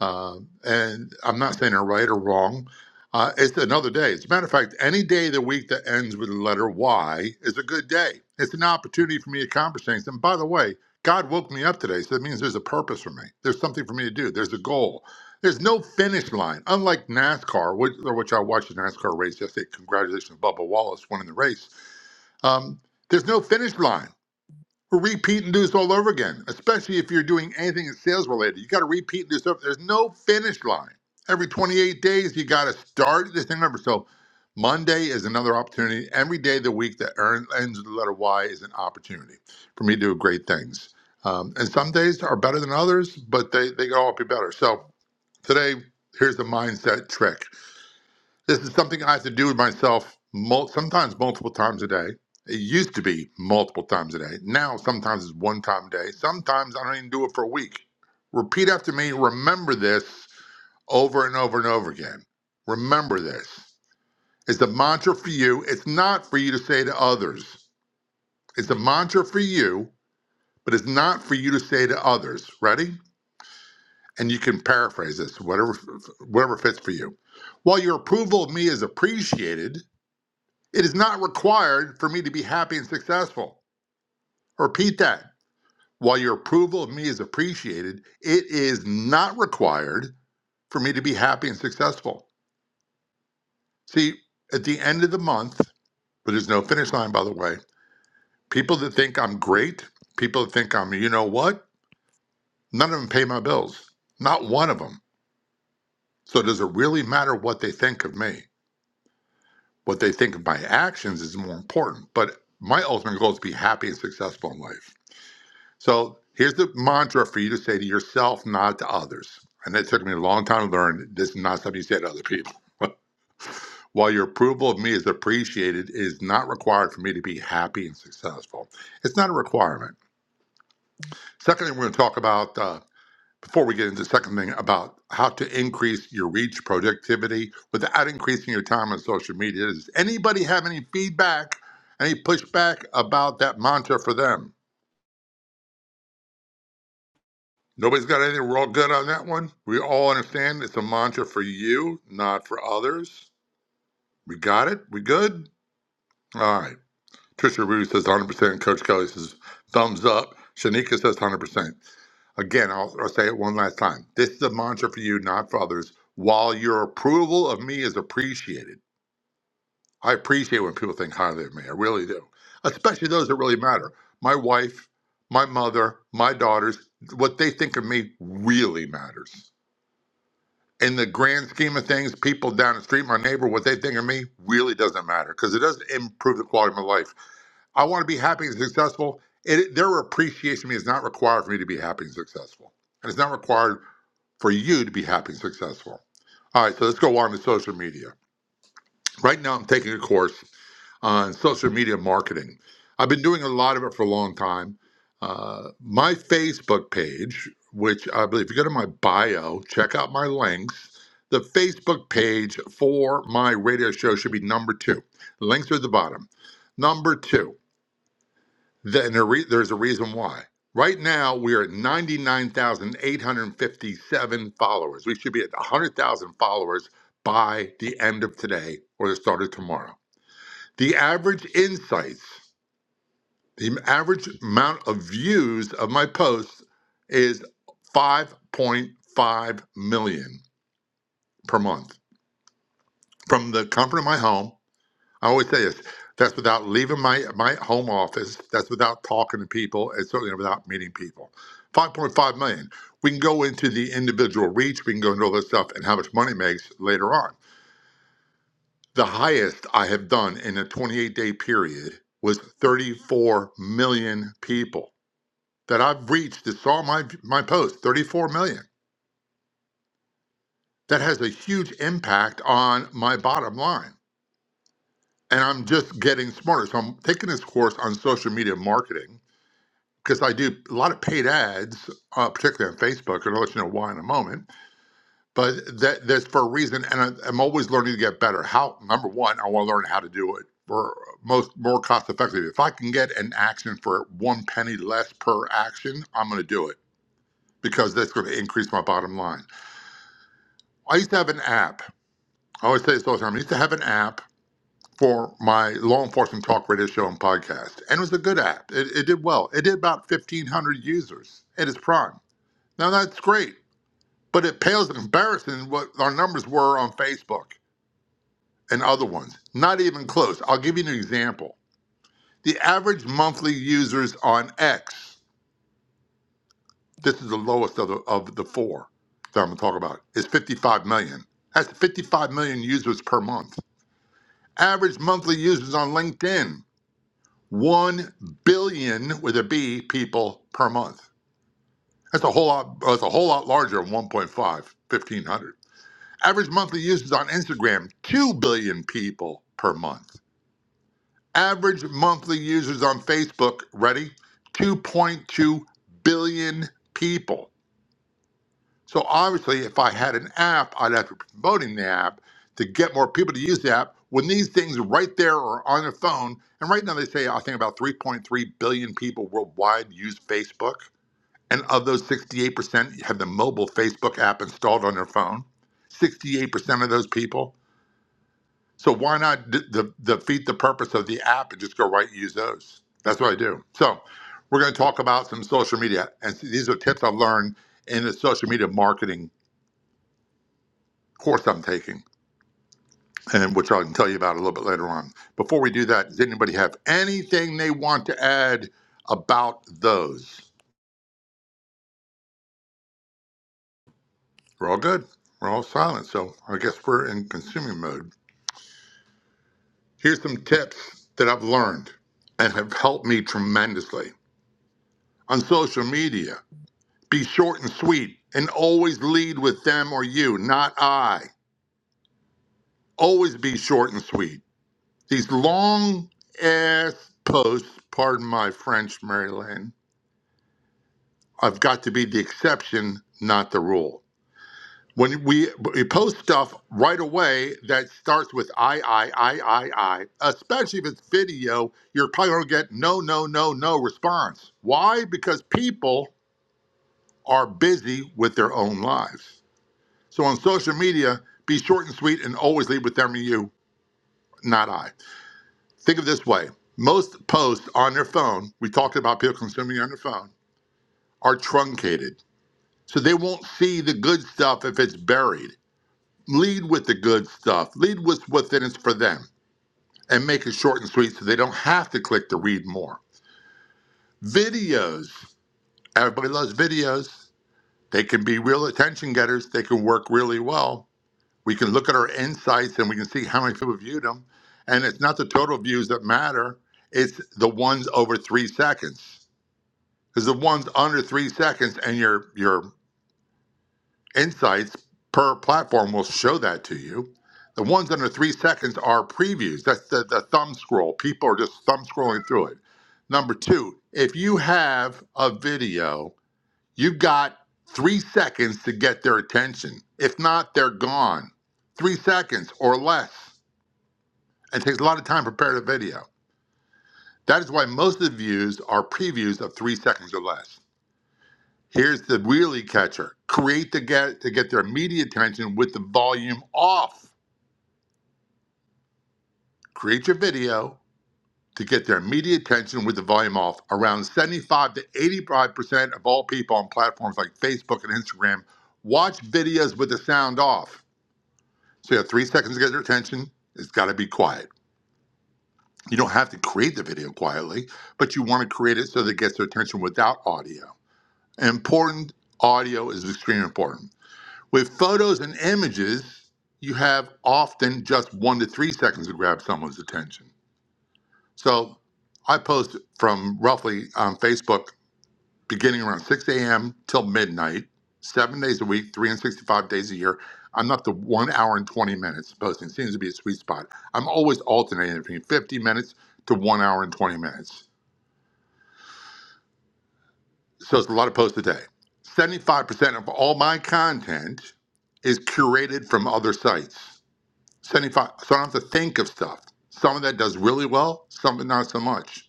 [SPEAKER 11] Um, and I'm not saying they're right or wrong. Uh, it's another day. As a matter of fact, any day of the week that ends with the letter Y is a good day. It's an opportunity for me to accomplish things. And by the way, God woke me up today, so that means there's a purpose for me. There's something for me to do. There's a goal. There's no finish line, unlike NASCAR, which, or which I watched the NASCAR race yesterday. Congratulations, Bubba Wallace winning the race. Um, there's no finish line. We're repeat and do this all over again, especially if you're doing anything that's sales related. You got to repeat and do stuff. There's no finish line. Every 28 days, you got to start this thing over. So Monday is another opportunity. Every day of the week that earn- ends with the letter Y is an opportunity for me to do great things. Um, and some days are better than others, but they, they can all be better. So today, here's the mindset trick. This is something I have to do with myself mul- sometimes multiple times a day. It used to be multiple times a day. Now, sometimes it's one time a day. Sometimes I don't even do it for a week. Repeat after me. Remember this over and over and over again. Remember this. It's a mantra for you. It's not for you to say to others. It's a mantra for you, but it's not for you to say to others. Ready? And you can paraphrase this, whatever, whatever fits for you. While your approval of me is appreciated, It is not required for me to be happy and successful. Repeat that. While your approval of me is appreciated, it is not required for me to be happy and successful. See, at the end of the month, but there's no finish line, by the way, people that think I'm great, people that think I'm, you know what, none of them pay my bills. Not one of them. So does it really matter what they think of me? What they think of my actions is more important. But my ultimate goal is to be happy and successful in life. So here's the mantra for you to say to yourself, not to others. And it took me a long time to learn this is not something you say to other people. While your approval of me is appreciated, it is not required for me to be happy and successful. It's not a requirement. Secondly, we're going to talk about, uh, before we get into the second thing, about how to increase your reach productivity without increasing your time on social media. Does anybody have any feedback, any pushback about that mantra for them? Nobody's got anything. We're all good on that one. We all understand it's a mantra for you, not for others. We got it. We good. All right. Trisha Rudy says 100%. Coach Kelly says thumbs up. Shanika says 100%. Again, I'll, I'll say it one last time. This is a mantra for you, not for others. While your approval of me is appreciated, I appreciate when people think highly of me. I really do, especially those that really matter. My wife, my mother, my daughters, what they think of me really matters in the grand scheme of things, people down the street, my neighbor, what they think of me really doesn't matter because it doesn't improve the quality of my life. I want to be happy and successful. It, their appreciation of me is not required for me to be happy and successful. And it's not required for you to be happy and successful. All right, so let's go on to social media. Right now, I'm taking a course on social media marketing. I've been doing a lot of it for a long time. Uh, my Facebook page, which I believe if you go to my bio, check out my links. The Facebook page for my radio show should be number two. Links are at the bottom. Number two, then a re- there's a reason why. Right now, we are at 99,857 followers. We should be at 100,000 followers by the end of today or the start of tomorrow. The average insights the average amount of views of my posts is 5.5 million per month from the comfort of my home. I always say this. That's without leaving my, my home office. That's without talking to people, and certainly without meeting people. 5.5 million. We can go into the individual reach. We can go into all this stuff and how much money it makes later on. The highest I have done in a 28 day period was 34 million people. that I've reached that saw my my post, 34 million. That has a huge impact on my bottom line. And I'm just getting smarter. So I'm taking this course on social media marketing because I do a lot of paid ads, uh, particularly on Facebook, and I'll let you know why in a moment. But that that's for a reason, and I, I'm always learning to get better. How number one, I want to learn how to do it for most more cost effectively. If I can get an action for one penny less per action, I'm going to do it because that's going to increase my bottom line. I used to have an app. I always say this all the time. I used to have an app for my law enforcement talk radio show and podcast, and it was a good app. It, it did well. It did about 1,500 users at its prime. Now that's great, but it pales in comparison what our numbers were on Facebook and other ones. Not even close. I'll give you an example. The average monthly users on X, this is the lowest of the, of the four that I'm going to talk about, is 55 million. That's 55 million users per month. Average monthly users on LinkedIn, 1 billion with a B people per month. That's a whole lot, that's a whole lot larger than one point five, 1.5, 1500. Average monthly users on Instagram, 2 billion people per month. Average monthly users on Facebook, ready? 2.2 billion people. So obviously, if I had an app, I'd have to be promoting the app to get more people to use the app. When these things right there are on their phone, and right now they say I think about 3.3 billion people worldwide use Facebook, and of those, 68% have the mobile Facebook app installed on their phone. 68% of those people. So why not d- d- defeat the purpose of the app and just go right and use those? That's what I do. So we're going to talk about some social media, and these are tips I've learned in the social media marketing course I'm taking, and which I can tell you about a little bit later on. Before we do that, does anybody have anything they want to add about those? We're all good. We're all silent, so I guess we're in consuming mode. Here's some tips that I've learned and have helped me tremendously on social media. Be short and sweet and always lead with them or you, not I. Always be short and sweet. These long ass posts, pardon my French, Mary Lane. I've got to be the exception, not the rule. When we, we post stuff right away that starts with I, I, I, I, I, especially if it's video, you're probably going to get no, no, no, no response. Why? Because people are busy with their own lives. So on social media, be short and sweet and always lead with them and you, not I. Think of it this way most posts on their phone, we talked about people consuming on their phone, are truncated So they won't see the good stuff if it's buried. Lead with the good stuff. Lead with what's in it for them and make it short and sweet so they don't have to click to read more. Videos. Everybody loves videos. They can be real attention getters. They can work really well. We can look at our insights and we can see how many people viewed them. And it's not the total views that matter. It's the ones over three seconds. Because the ones under three seconds and your your Insights per platform will show that to you. The ones under three seconds are previews. That's the, the thumb scroll. People are just thumb scrolling through it. Number two, if you have a video, you've got three seconds to get their attention. If not, they're gone. Three seconds or less. It takes a lot of time to prepare the video. That is why most of the views are previews of three seconds or less. Here's the really catcher. Create to get to get their media attention with the volume off. Create your video to get their media attention with the volume off. Around 75 to 85% of all people on platforms like Facebook and Instagram watch videos with the sound off. So you have three seconds to get their attention. It's gotta be quiet. You don't have to create the video quietly, but you want to create it so that it gets their attention without audio. Important audio is extremely important. With photos and images, you have often just one to three seconds to grab someone's attention. So I post from roughly on Facebook beginning around 6 a.m. till midnight, seven days a week, 365 days a year. I'm up to one hour and 20 minutes posting. Seems to be a sweet spot. I'm always alternating between 50 minutes to one hour and 20 minutes. So it's a lot of posts a day. 75% of all my content is curated from other sites. 75. So I don't have to think of stuff. Some of that does really well, some not so much.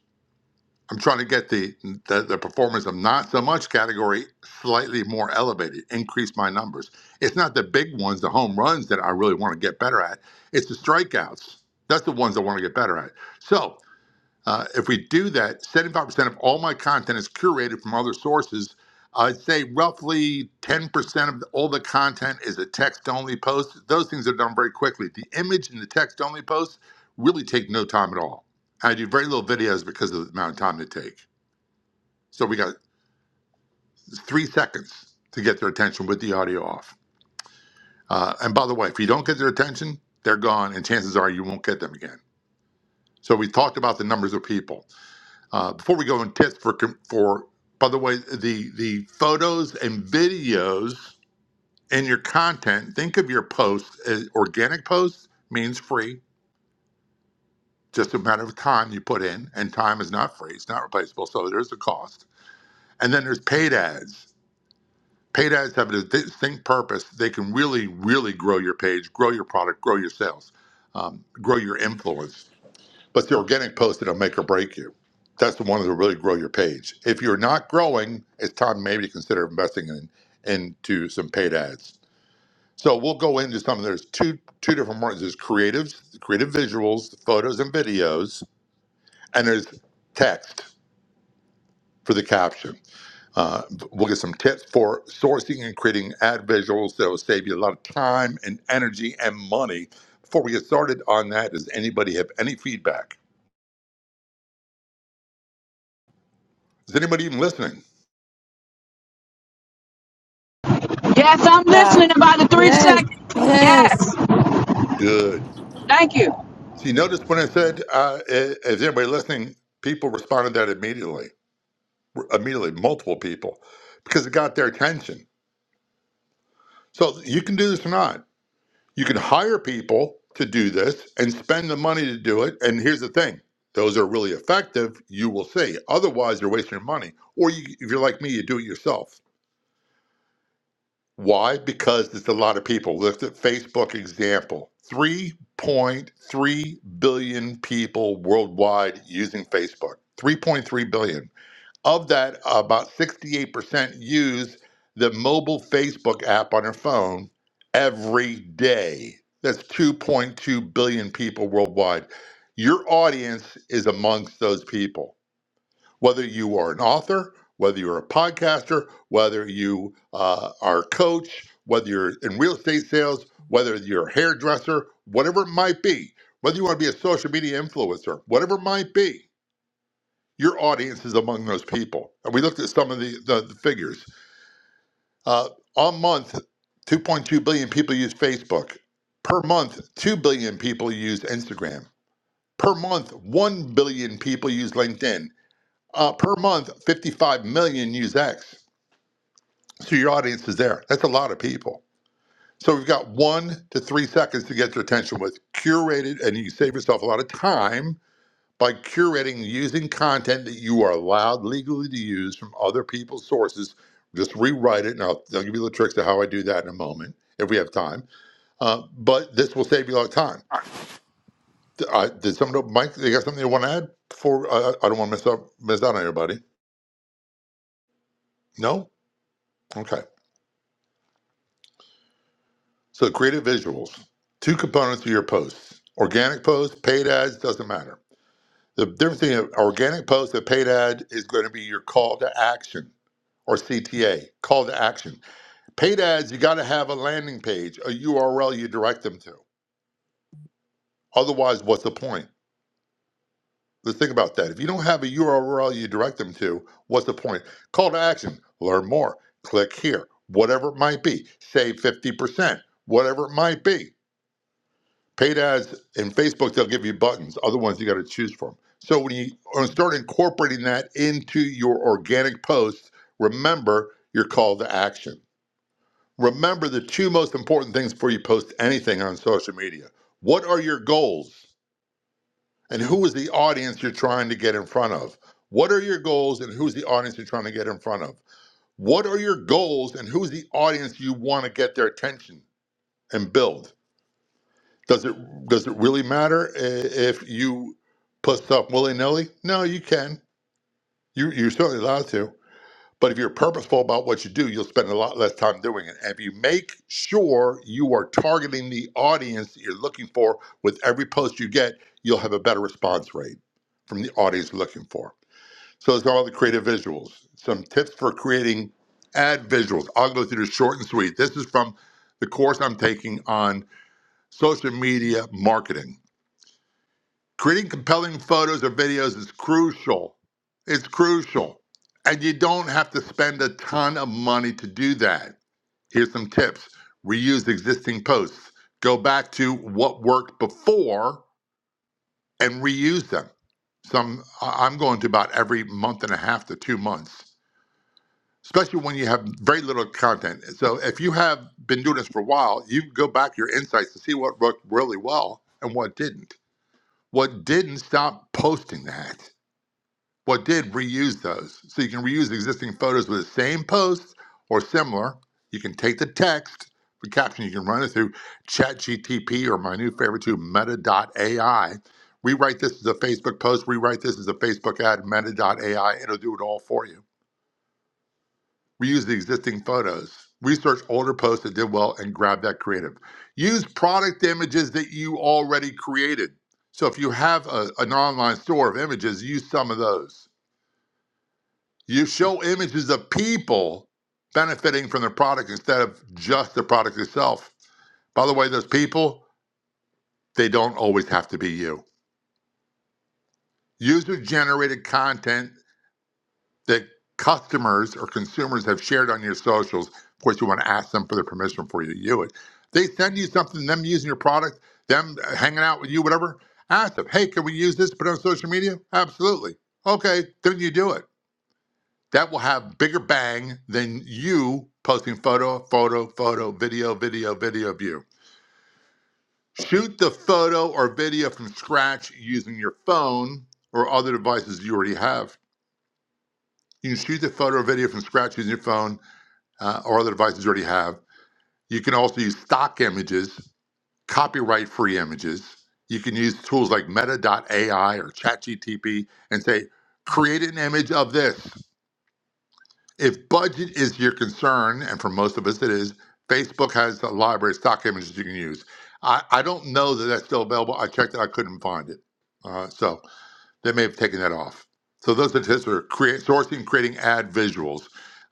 [SPEAKER 11] I'm trying to get the, the, the performance of not so much category slightly more elevated, increase my numbers. It's not the big ones, the home runs that I really want to get better at. It's the strikeouts. That's the ones I want to get better at. So uh, if we do that, 75% of all my content is curated from other sources. I'd say roughly 10% of all the content is a text only post. Those things are done very quickly. The image and the text only posts really take no time at all. I do very little videos because of the amount of time they take. So we got three seconds to get their attention with the audio off. Uh, and by the way, if you don't get their attention, they're gone, and chances are you won't get them again. So we talked about the numbers of people. Uh, before we go and test for for by the way, the the photos and videos in your content. Think of your posts as organic posts means free, just a matter of time you put in, and time is not free; it's not replaceable. So there's a cost, and then there's paid ads. Paid ads have a distinct purpose. They can really, really grow your page, grow your product, grow your sales, um, grow your influence. But the organic post that'll make or break you. That's the one that'll really grow your page. If you're not growing, it's time maybe to consider investing in into some paid ads. So we'll go into some. There's two two different ones. There's creatives, creative visuals, photos and videos, and there's text for the caption. Uh, we'll get some tips for sourcing and creating ad visuals that will save you a lot of time and energy and money. Before we get started on that, does anybody have any feedback? Is anybody even listening?
[SPEAKER 12] Yes, I'm
[SPEAKER 13] Yeah,
[SPEAKER 12] listening in about the three
[SPEAKER 2] Yes.
[SPEAKER 12] seconds.
[SPEAKER 2] Yes.
[SPEAKER 12] Yes.
[SPEAKER 11] Good.
[SPEAKER 12] Thank you.
[SPEAKER 11] So you notice when I said, uh, i- is anybody listening? People responded that immediately, immediately, multiple people, because it got their attention. So you can do this or not. You can hire people to do this and spend the money to do it. And here's the thing those are really effective, you will see. Otherwise, you're wasting your money. Or you, if you're like me, you do it yourself. Why? Because there's a lot of people. Look at Facebook example. 3.3 billion people worldwide using Facebook. 3.3 billion. Of that, about 68% use the mobile Facebook app on their phone every day. That's 2.2 billion people worldwide. Your audience is amongst those people whether you are an author, whether you're a podcaster, whether you uh, are a coach, whether you're in real estate sales, whether you're a hairdresser, whatever it might be, whether you want to be a social media influencer, whatever it might be, your audience is among those people. And we looked at some of the, the, the figures. Uh, on month, 2.2 billion people use Facebook. Per month, 2 billion people use Instagram. Per month, 1 billion people use LinkedIn. Uh, per month, 55 million use X. So your audience is there. That's a lot of people. So we've got one to three seconds to get their attention with curated, and you save yourself a lot of time by curating and using content that you are allowed legally to use from other people's sources. Just rewrite it, and I'll, I'll give you the tricks of how I do that in a moment if we have time. Uh, but this will save you a lot of time. Th- Uh, did someone, Mike, they got something they want to add before? Uh, I don't want to miss, up, miss out on anybody. No? Okay. So creative visuals. Two components of your posts. Organic posts, paid ads, doesn't matter. The difference between an organic post and a paid ad is going to be your call to action or CTA, call to action. Paid ads, you got to have a landing page, a URL you direct them to. Otherwise, what's the point? Let's think about that. If you don't have a URL you direct them to, what's the point? Call to action, learn more, click here, whatever it might be, save 50%, whatever it might be Paid ads in Facebook, they'll give you buttons. Other ones you got to choose from. So when you when you start incorporating that into your organic posts, remember your call to action. Remember the two most important things before you post anything on social media. What are your goals? And who is the audience you're trying to get in front of? What are your goals and who's the audience you're trying to get in front of? What are your goals and who's the audience you want to get their attention and build? Does it does it really matter i- if you put stuff willy nilly? No, you can. You you're certainly allowed to. But if you're purposeful about what you do, you'll spend a lot less time doing it. And if you make sure you are targeting the audience that you're looking for with every post you get, you'll have a better response rate from the audience you're looking for. So those are all the creative visuals. Some tips for creating ad visuals. I'll go through this short and sweet. This is from the course I'm taking on social media marketing Creating compelling photos or videos is crucial. It's crucial. And you don't have to spend a ton of money to do that. Here's some tips reuse existing posts, go back to what worked before and reuse them. Some I- I'm going to about every month and a half to two months, especially when you have very little content. So if you have been doing this for a while, you can go back to your insights to see what worked really well and what didn't. What didn't, stop posting that What did reuse those. So you can reuse existing photos with the same posts or similar. You can take the text, the caption, you can run it through ChatGTP or my new favorite too, AI. Rewrite this as a Facebook post, rewrite this as a Facebook ad, Meta Meta.ai. It'll do it all for you. Reuse the existing photos. Research older posts that did well and grab that creative. Use product images that you already created. So if you have a, an online store of images, use some of those you show images of people benefiting from the product instead of just the product itself. By the way, those people, they don't always have to be you. User generated content that customers or consumers have shared on your socials. Of course, you want to ask them for their permission before you do it. They send you something, them using your product, them hanging out with you, whatever. Ask them, hey, can we use this to put on social media? Absolutely. Okay, then you do it. That will have bigger bang than you posting photo, photo, photo, video, video, video of you. Shoot the photo or video from scratch using your phone or other devices you already have. You can shoot the photo or video from scratch using your phone uh, or other devices you already have. You can also use stock images, copyright free images. You can use tools like Meta AI or ChatGTP and say, create an image of this. If budget is your concern, and for most of us it is, Facebook has a library of stock images you can use. I, I don't know that that's still available. I checked it, I couldn't find it. Uh, so they may have taken that off. So those are tips for create, sourcing, creating ad visuals.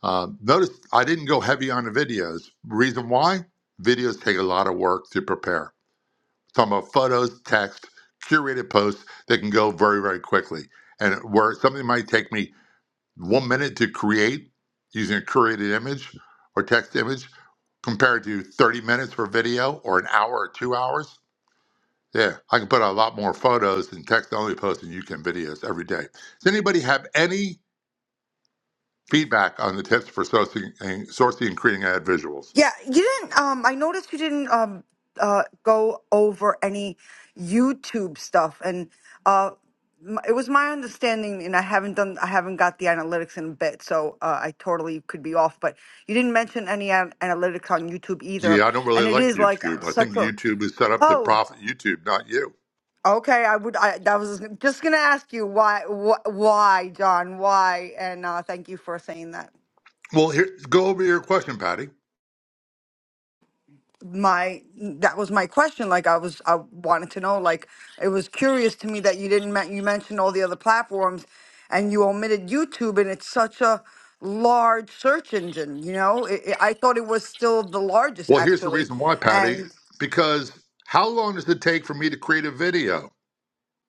[SPEAKER 11] Uh, notice I didn't go heavy on the videos. Reason why? Videos take a lot of work to prepare. Talking about photos, text, curated posts that can go very, very quickly. And where something might take me one minute to create using a curated image or text image compared to 30 minutes for video or an hour or two hours. Yeah, I can put out a lot more photos and text only posts than you can videos every day. Does anybody have any feedback on the tips for sourcing and, sourcing and creating ad visuals?
[SPEAKER 4] yeah you didn't um i noticed you didn't um uh go over any youtube stuff and uh m- it was my understanding and i haven't done i haven't got the analytics in a bit so uh, i totally could be off but you didn't mention any an- analytics on youtube either
[SPEAKER 11] Yeah, I don't really
[SPEAKER 4] and it
[SPEAKER 11] like
[SPEAKER 4] is like uh,
[SPEAKER 11] YouTube. I
[SPEAKER 4] such
[SPEAKER 11] think
[SPEAKER 4] a
[SPEAKER 11] YouTube is set up to
[SPEAKER 4] oh
[SPEAKER 11] profit YouTube, not you.
[SPEAKER 4] Okay, I would. I that was just gonna ask you why, wh- why, John, why, and uh, thank you for saying that.
[SPEAKER 11] Well, here, go over your question, Patty.
[SPEAKER 4] My that was my question. Like I was, I wanted to know. Like it was curious to me that you didn't. men- You mentioned all the other platforms, and you omitted YouTube, and it's such a large search engine. You know, it, it, I thought it was still the largest
[SPEAKER 11] Well, here's the
[SPEAKER 4] actually.
[SPEAKER 11] reason why, Patty.
[SPEAKER 4] And
[SPEAKER 11] Because how long does it take for me to create a video?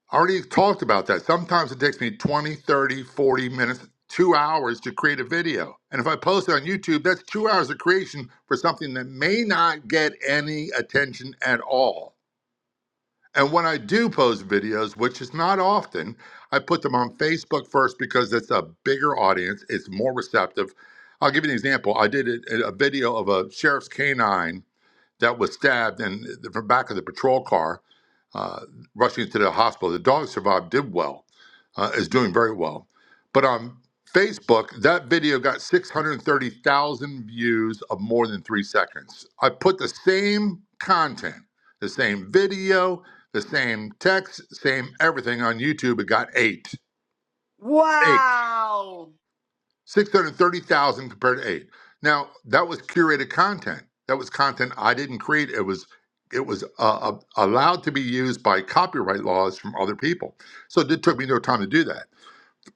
[SPEAKER 11] I already talked about that. Sometimes it takes me 20, 30, 40 minutes, two hours to create a video. And if I post it on YouTube, that's two hours of creation for something that may not get any attention at all. And when I do post videos, which is not often, I put them on Facebook first because it's a bigger audience, it's more receptive. I'll give you an example. I did a, a video of a sheriff's canine that was stabbed in the back of the patrol car uh, rushing to the hospital. The dog survived, did well, uh, is doing very well. But on Facebook, that video got 630,000 views of more than three seconds. I put the same content, the same video, the same text, same everything on YouTube. It got eight. Eight.
[SPEAKER 4] wow,
[SPEAKER 11] 630,000 compared to 8. Now, that was curated content. That was content I didn't create. It was it was uh, uh, allowed to be used by copyright laws from other people. So it took me no time to do that.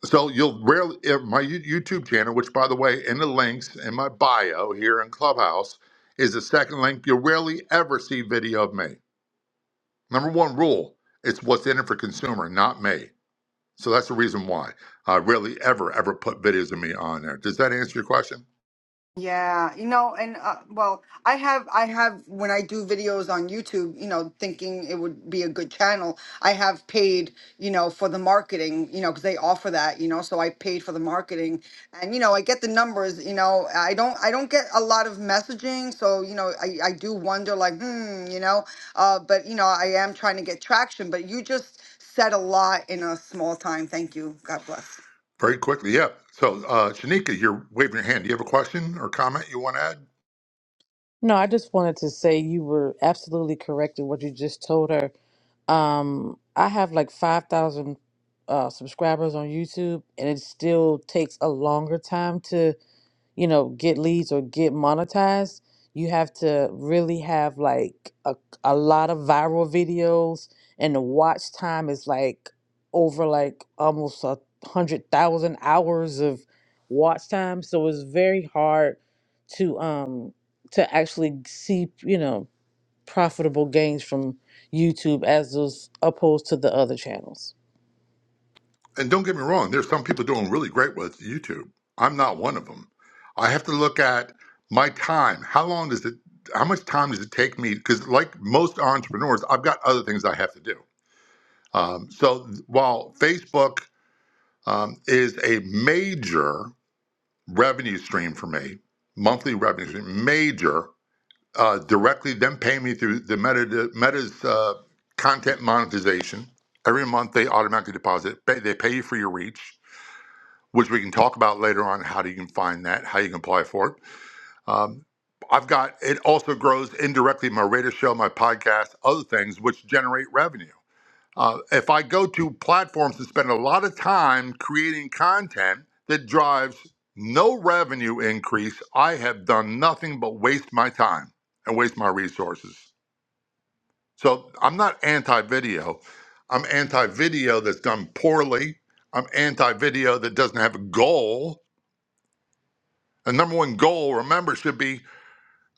[SPEAKER 11] So you'll rarely if my You- YouTube channel, which by the way, in the links in my bio here in Clubhouse is the second link. You'll rarely ever see video of me. Number one rule, it's what's in it for consumer, not me. So that's the reason why I rarely ever ever put videos of me on there. Does that answer your question?
[SPEAKER 4] Yeah, you know, and uh, well, I have, I have, when I do videos on YouTube, you know, thinking it would be a good channel, I have paid, you know, for the marketing, you know, because they offer that, you know, so I paid for the marketing, and you know, I get the numbers, you know, I don't, I don't get a lot of messaging, so you know, I, I do wonder, like, hmm, you know, uh, but you know, I am trying to get traction, but you just said a lot in a small time. Thank you. God bless.
[SPEAKER 11] Very quickly, yeah. So, uh, Shanika, you're waving your hand. Do you have a question or comment you want to add?
[SPEAKER 14] No, I just wanted to say you were absolutely correct in what you just told her. Um, I have like 5,000 uh, subscribers on YouTube, and it still takes a longer time to you know, get leads or get monetized, you have to really have like a, a lot of viral videos and the watch time is like over like almost a hundred thousand hours of watch time. So it's very hard to um to actually see, you know, profitable gains from YouTube as those opposed to the other channels.
[SPEAKER 11] And don't get me wrong, there's some people doing really great with YouTube. I'm not one of them. I have to look at my time. How long does it? How much time does it take me? Because, like most entrepreneurs, I've got other things I have to do. Um, so, while Facebook um, is a major revenue stream for me, monthly revenue stream, major, uh, directly, then pay me through the Meta, Meta's uh, content monetization. Every month they automatically deposit. Pay, they pay you for your reach, which we can talk about later on how you can find that, how you can apply for it. Um, I've got it also grows indirectly my radio show, my podcast, other things which generate revenue. Uh, if I go to platforms and spend a lot of time creating content that drives no revenue increase, I have done nothing but waste my time and waste my resources. So I'm not anti video. I'm anti video that's done poorly. I'm anti video that doesn't have a goal. The number one goal, remember, should be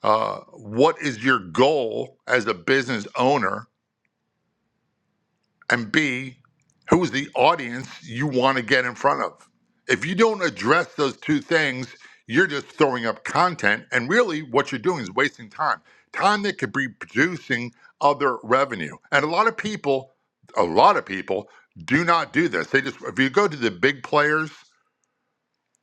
[SPEAKER 11] uh, what is your goal as a business owner and B, who's the audience you want to get in front of. If you don't address those two things, you're just throwing up content, and really what you're doing is wasting time. Time that could be producing other revenue. And a lot of people, a lot of people do not do this. They just, if you go to the big players,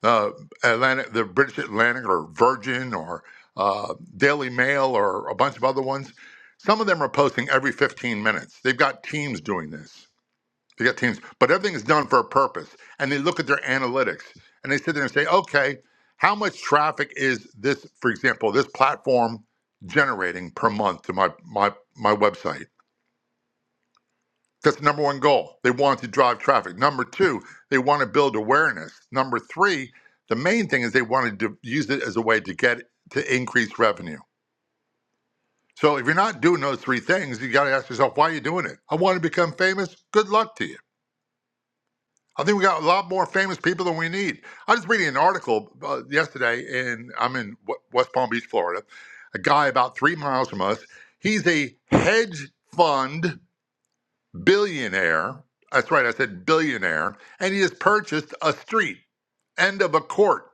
[SPEAKER 11] uh, Atlantic, the British Atlantic or Virgin or uh, Daily Mail or a bunch of other ones, some of them are posting every 15 minutes. They've got teams doing this to get teams, but everything is done for a purpose. And they look at their analytics and they sit there and say, okay, how much traffic is this, for example, this platform generating per month to my my my website? That's the number one goal. They want to drive traffic. Number two, they want to build awareness. Number three, the main thing is they want to use it as a way to get to increase revenue. So if you're not doing those three things, you got to ask yourself, why are you doing it? I want to become famous. Good luck to you. I think we got a lot more famous people than we need. I was reading an article uh, yesterday, and I'm in W- West Palm Beach, Florida. A guy about three miles from us. He's a hedge fund billionaire. That's right, I said billionaire, and he has purchased a street end of a court,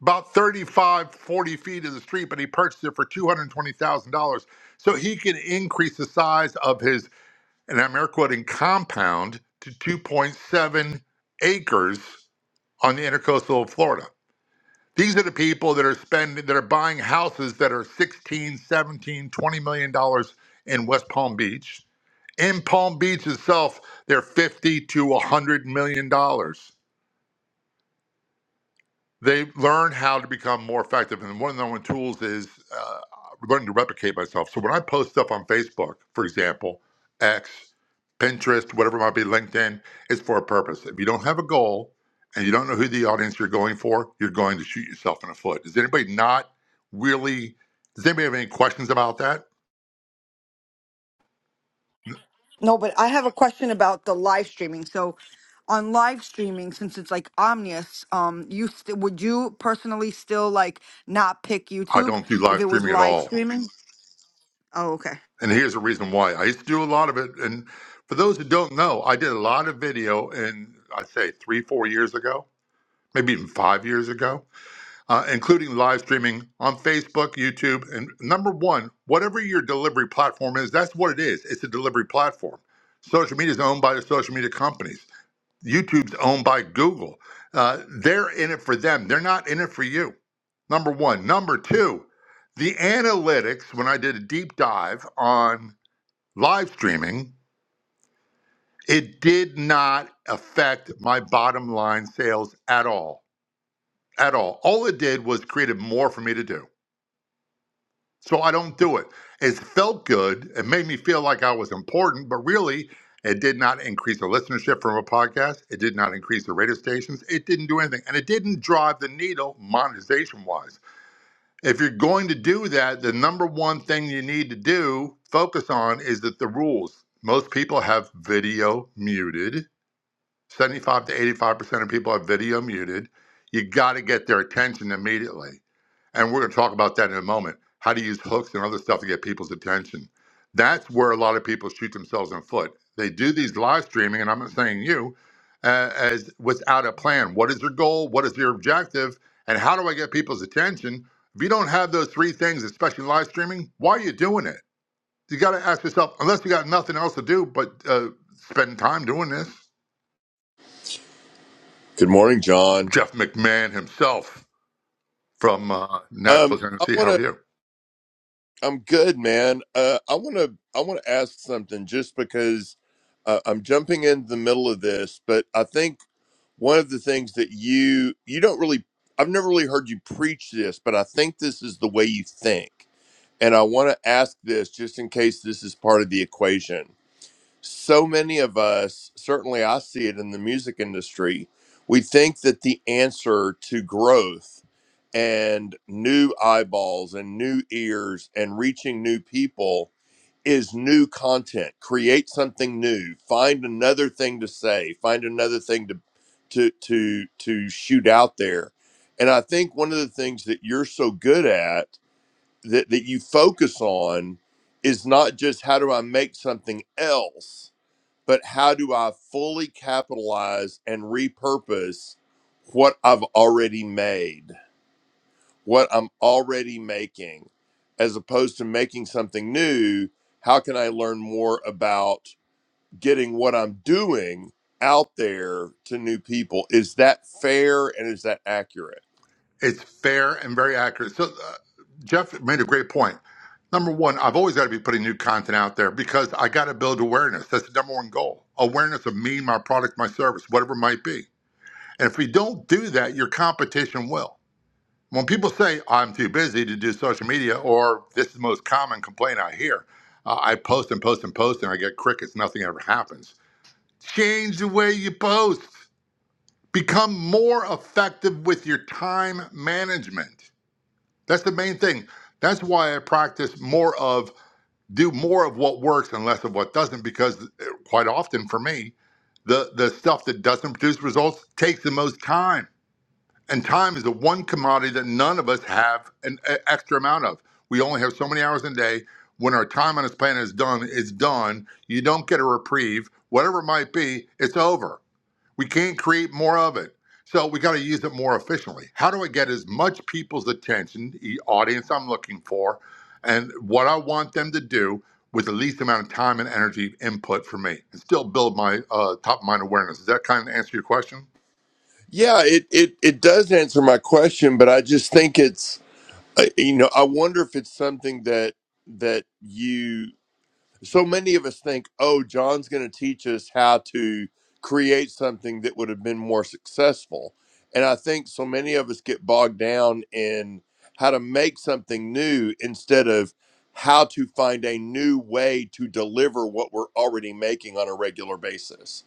[SPEAKER 11] about 35, 40 feet of the street, but he purchased it for $220,000 so he can increase the size of his an Ameriquotan compound to 2.7 acres on the intercoastal of Florida. These are the people that are spending, that are buying houses that are 16, 17, 20 million dollars in West Palm Beach. In Palm Beach itself, they're 50 to 100 million dollars. they learn how to become more effective. And one of the one tools is uh, learning to replicate myself. So when I post stuff on Facebook, for example, X, Pinterest, whatever it might be, LinkedIn, it's for a purpose. If you don't have a goal and you don't know who the audience you're going for, you're going to shoot yourself in the foot. Does anybody not really? Does anybody have any questions about that?
[SPEAKER 4] No, but I have a question about the live streaming. So, on live streaming, since it's like Omnius, um, you st- would you personally still like not pick
[SPEAKER 11] I
[SPEAKER 4] YouTube
[SPEAKER 11] don't do
[SPEAKER 4] if
[SPEAKER 11] live
[SPEAKER 4] it was
[SPEAKER 11] streaming at
[SPEAKER 4] live
[SPEAKER 11] all.
[SPEAKER 4] streaming? Oh, okay.
[SPEAKER 11] And here's the reason why. I used to do a lot of it. And for those who don't know, I did a lot of video in, I'd say, three, four years ago maybe even five years ago, uh, including live streaming on Facebook, YouTube. And number one, whatever your delivery platform is, that's what it is. It's a delivery platform. Social media is owned by the social media companies, YouTube's owned by Google. Uh, they're in it for them, they're not in it for you. Number one. Number two, the analytics, when I did a deep dive on live streaming, it did not affect my bottom line sales at all at all. All it did was created more for me to do. So I don't do it. It felt good. It made me feel like I was important, but really, it did not increase the listenership from a podcast. It did not increase the radio stations. It didn't do anything. And it didn't drive the needle monetization wise. If you're going to do that, the number one thing you need to do, focus on, is that the rules. Most people have video muted 75 to 85% of people have video muted. You got to get their attention immediately. And we're going to talk about that in a moment. How to use hooks and other stuff to get people's attention. That's where a lot of people shoot themselves in the foot. They do these live streaming, and I'm not saying you, uh, as without a plan. What is your goal? What is your objective? And how do I get people's attention? If you don't have those three things, especially live streaming, why are you doing it? You got to ask yourself, unless you got nothing else to do but uh, spend time doing this.
[SPEAKER 15] Good morning, John.
[SPEAKER 11] Jeff McMahon himself from uh,
[SPEAKER 15] Um,
[SPEAKER 11] Nashville,
[SPEAKER 15] I
[SPEAKER 11] Tennessee.
[SPEAKER 15] want
[SPEAKER 11] How are
[SPEAKER 15] to.
[SPEAKER 11] you?
[SPEAKER 15] I'm good, man. Uh, I want to. I want to ask something just because uh, I'm jumping in the middle of this, but I think one of the things that you you don't really. I've never really heard you preach this, but I think this is the way you think, and I want to ask this just in case this is part of the equation so many of us, certainly I see it in the music industry, we think that the answer to growth and new eyeballs and new ears and reaching new people is new content. Create something new. Find another thing to say. Find another thing to to to to shoot out there. And I think one of the things that you're so good at that, that you focus on is not just how do I make something else, but how do I fully capitalize and repurpose what I've already made, what I'm already making, as opposed to making something new? How can I learn more about getting what I'm doing out there to new people? Is that fair and is that accurate?
[SPEAKER 11] It's fair and very accurate. So, uh, Jeff made a great point. Number one, I've always got to be putting new content out there because I got to build awareness. That's the number one goal awareness of me, my product, my service, whatever it might be. And if we don't do that, your competition will. When people say, I'm too busy to do social media, or this is the most common complaint I hear, uh, I post and post and post and I get crickets, nothing ever happens. Change the way you post Become more effective with your time management. That's the main thing. That's why I practice more of do more of what works and less of what doesn't because eh, quite often for me, the the stuff that doesn't produce results takes the most time. And time is the one commodity that none of us have an e- extra amount of. We only have so many hours in a day. When our time on this planet is done, it's done. You don't get a reprieve, whatever it might be. It's over. We can't create more of it. So we got to use it more efficiently. How do I get as much people's attention, the audience I'm looking for, and what I want them to do with the least amount of time and energy input for me and still build my uh, top of mind awareness? Does that kind of answer your question?
[SPEAKER 15] Yeah, it it, it does answer my question, but I just think it's uh, you know I wonder if it's something that that you so many of us think, oh, John's going to teach us how to create something that would have been more successful. And I think so many of us get bogged down in how to make something new instead of how to find a new way to deliver what we're already making on a regular basis.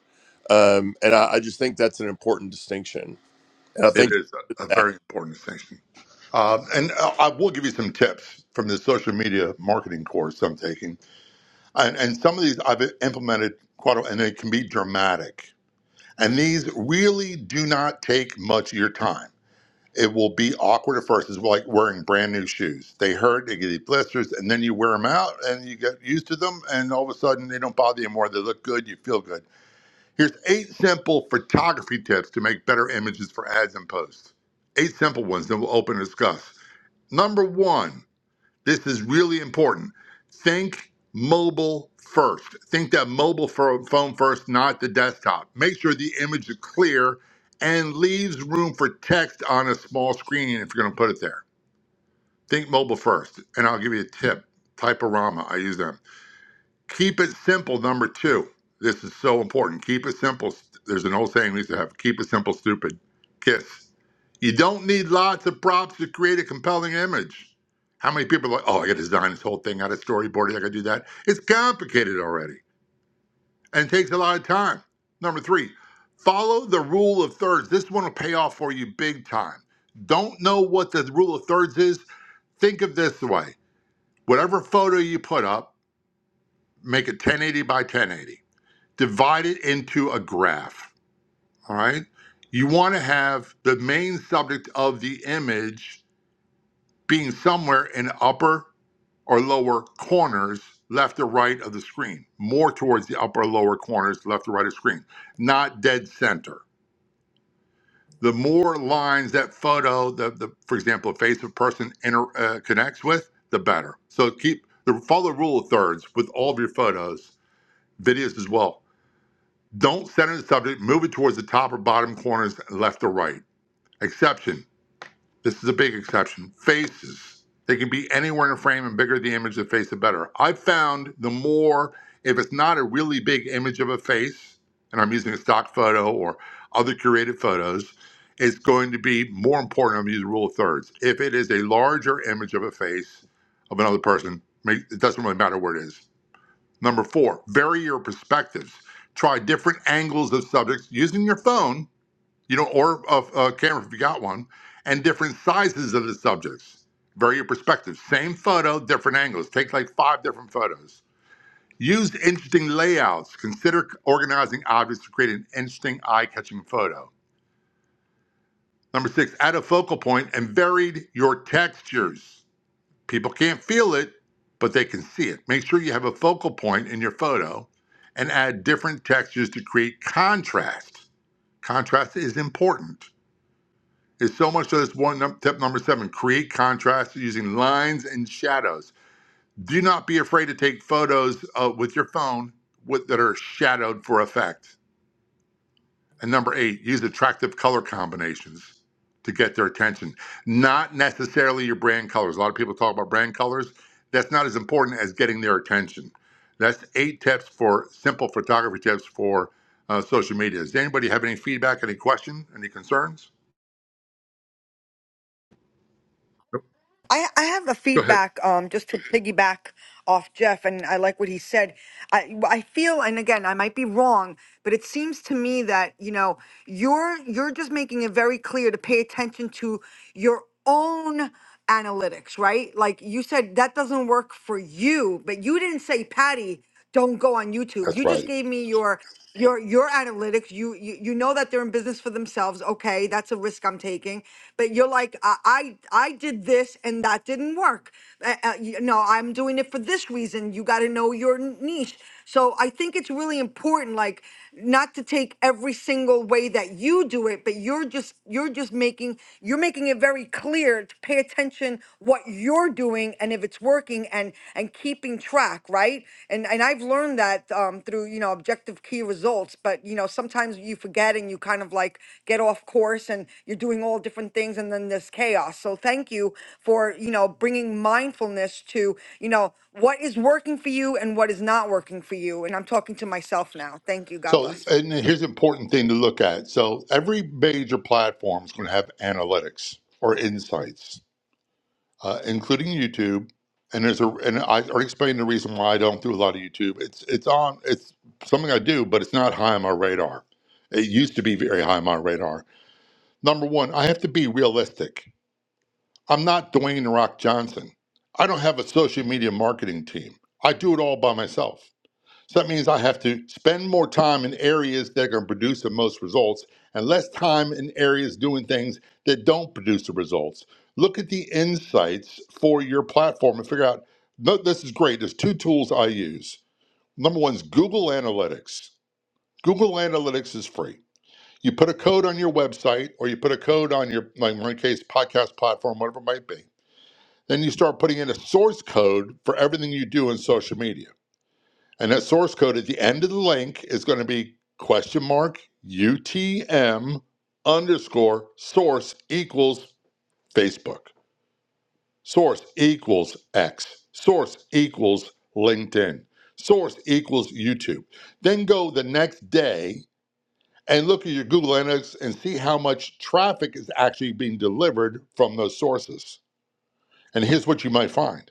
[SPEAKER 15] Um, and I, I just think that's an important distinction. And I
[SPEAKER 11] It
[SPEAKER 15] think
[SPEAKER 11] is a, a
[SPEAKER 15] that.
[SPEAKER 11] very important distinction. Uh, and I I will give you some tips from the social media marketing course I'm taking. And, and some of these I've implemented quite a and they can be dramatic And these really do not take much of your time. It will be awkward at first. It's like wearing brand new shoes. They hurt, they get blisters, and then you wear them out and you get used to them, and all of a sudden they don't bother you anymore. They look good, you feel good. Here's eight simple photography tips to make better images for ads and posts. Eight simple ones that we'll open and discuss. Number one, this is really important. Think mobile first. Think that mobile phone first, not the desktop. Make sure the image is clear and leaves room for text on a small screen if you're going to put it there. Think mobile first. And I'll give you a tip Typorama, I use them. Keep it simple, number two. This is so important. Keep it simple. There's an old saying we used to have keep it simple, stupid. Kiss. You don't need lots of props to create a compelling image. How many people are like, oh, I got to design this whole thing out of storyboarding, I got to do that? It's complicated already and it takes a lot of time. Number three, follow the rule of thirds. This one will pay off for you big time. Don't know what the rule of thirds is? Think of this way whatever photo you put up, make it 1080 by 1080 Divided into a graph. All right. You want to have the main subject of the image being somewhere in the upper or lower corners, left or right of the screen, more towards the upper or lower corners, left or right of screen, not dead center. The more lines that photo, the, the for example, face of person inter, uh, connects with, the better. So keep the follow the rule of thirds with all of your photos, videos as well Don't center the subject, move it towards the top or bottom corners, left or right. Exception. This is a big exception. Faces. They can be anywhere in a frame, and bigger the image of the face, the better. I've found the more, if it's not a really big image of a face, and I'm using a stock photo or other curated photos, it's going to be more important. I'm using the rule of thirds. If it is a larger image of a face of another person, make- it doesn't really matter where it is Number four, vary your perspectives. Try different angles of subjects using your phone, you know, or a, a camera if you got one, and different sizes of the subjects. Vary your perspectives. Same photo, different angles. Take like five different photos. Use interesting layouts. Consider organizing objects to create an interesting eye catching photo. Number six, add a focal point and varied your textures. People can't feel it, but they can see it. Make sure you have a focal point in your photo and add different textures to create contrast. Contrast is important. It's so much so that's one num- tip number seven create contrast using lines and shadows. Do not be afraid to take photos uh, with your phone with, that are shadowed for effect. And number eight, use attractive color combinations to get their attention. Not necessarily your brand colors. A lot of people talk about brand colors. That's not as important as getting their attention. That's eight tips for simple photography tips for uh, social media. Does anybody have any feedback, any question, any concerns? Nope.
[SPEAKER 4] I, I have a
[SPEAKER 11] Go ahead.
[SPEAKER 4] feedback um, just to piggyback off Jeff, and I like what he said. I, I feel, and again, I might be wrong, but it seems to me that you know you're you're just making it very clear to pay attention to your own analytics, right? Like you said, that doesn't work for you, but you didn't say, Patty don't go on YouTube.
[SPEAKER 11] That's
[SPEAKER 4] You just
[SPEAKER 11] right.
[SPEAKER 4] gave me your your your analytics. You you, you know that they're in business for themselves. Okay, that's a risk I'm taking. But you're like, I I, I did this and that didn't work. Uh, uh, you know, I'm doing it for this reason. You got to know your n- niche. So I think it's really important, like, not to take every single way that you do it, but you're just you're just making you're making it very clear standards, pay attention what you're doing and if it's working and and keeping track, right? And and I've learned that um, through, you know, objective key results, but you know, sometimes you forget and you kind of like get off course and you're doing all different things and then there's chaos. So thank you for, you know, bringing mindfulness to, you know, what is working for you and what is not working for you. And I'm talking to myself now. Thank you. God
[SPEAKER 11] So,
[SPEAKER 4] bless.
[SPEAKER 11] and here's an important thing to look at. So, every major platform is going to have analytics or insights uh, including YouTube. And there's a and I already explained the reason why I don't do a lot of YouTube. It's it's on it's something I do, but it's not high on my radar. It used to be very high on my radar. Number one, I have to be realistic. I'm not Dwayne The Rock Johnson. I don't have a social media marketing team. I do it all by myself. So that means I have to spend more time in areas that are going to produce the most results and less time in areas doing things that don't produce the results. Look at the insights for your platform and figure out no, this is great. There's two tools I use. Number one is Google Analytics. Google Analytics is free. You put a code on your website or you put a code on your, like in my case, podcast platform, whatever it might be. Then you start putting in a source code for everything you do in social media. And that source code at the end of the link is going to be question mark UTM underscore source equals Facebook, source equals X, source equals LinkedIn, source equals YouTube. Then go the next day and look at your Google Analytics and see how much traffic is actually being delivered from those sources. And here's what you might find.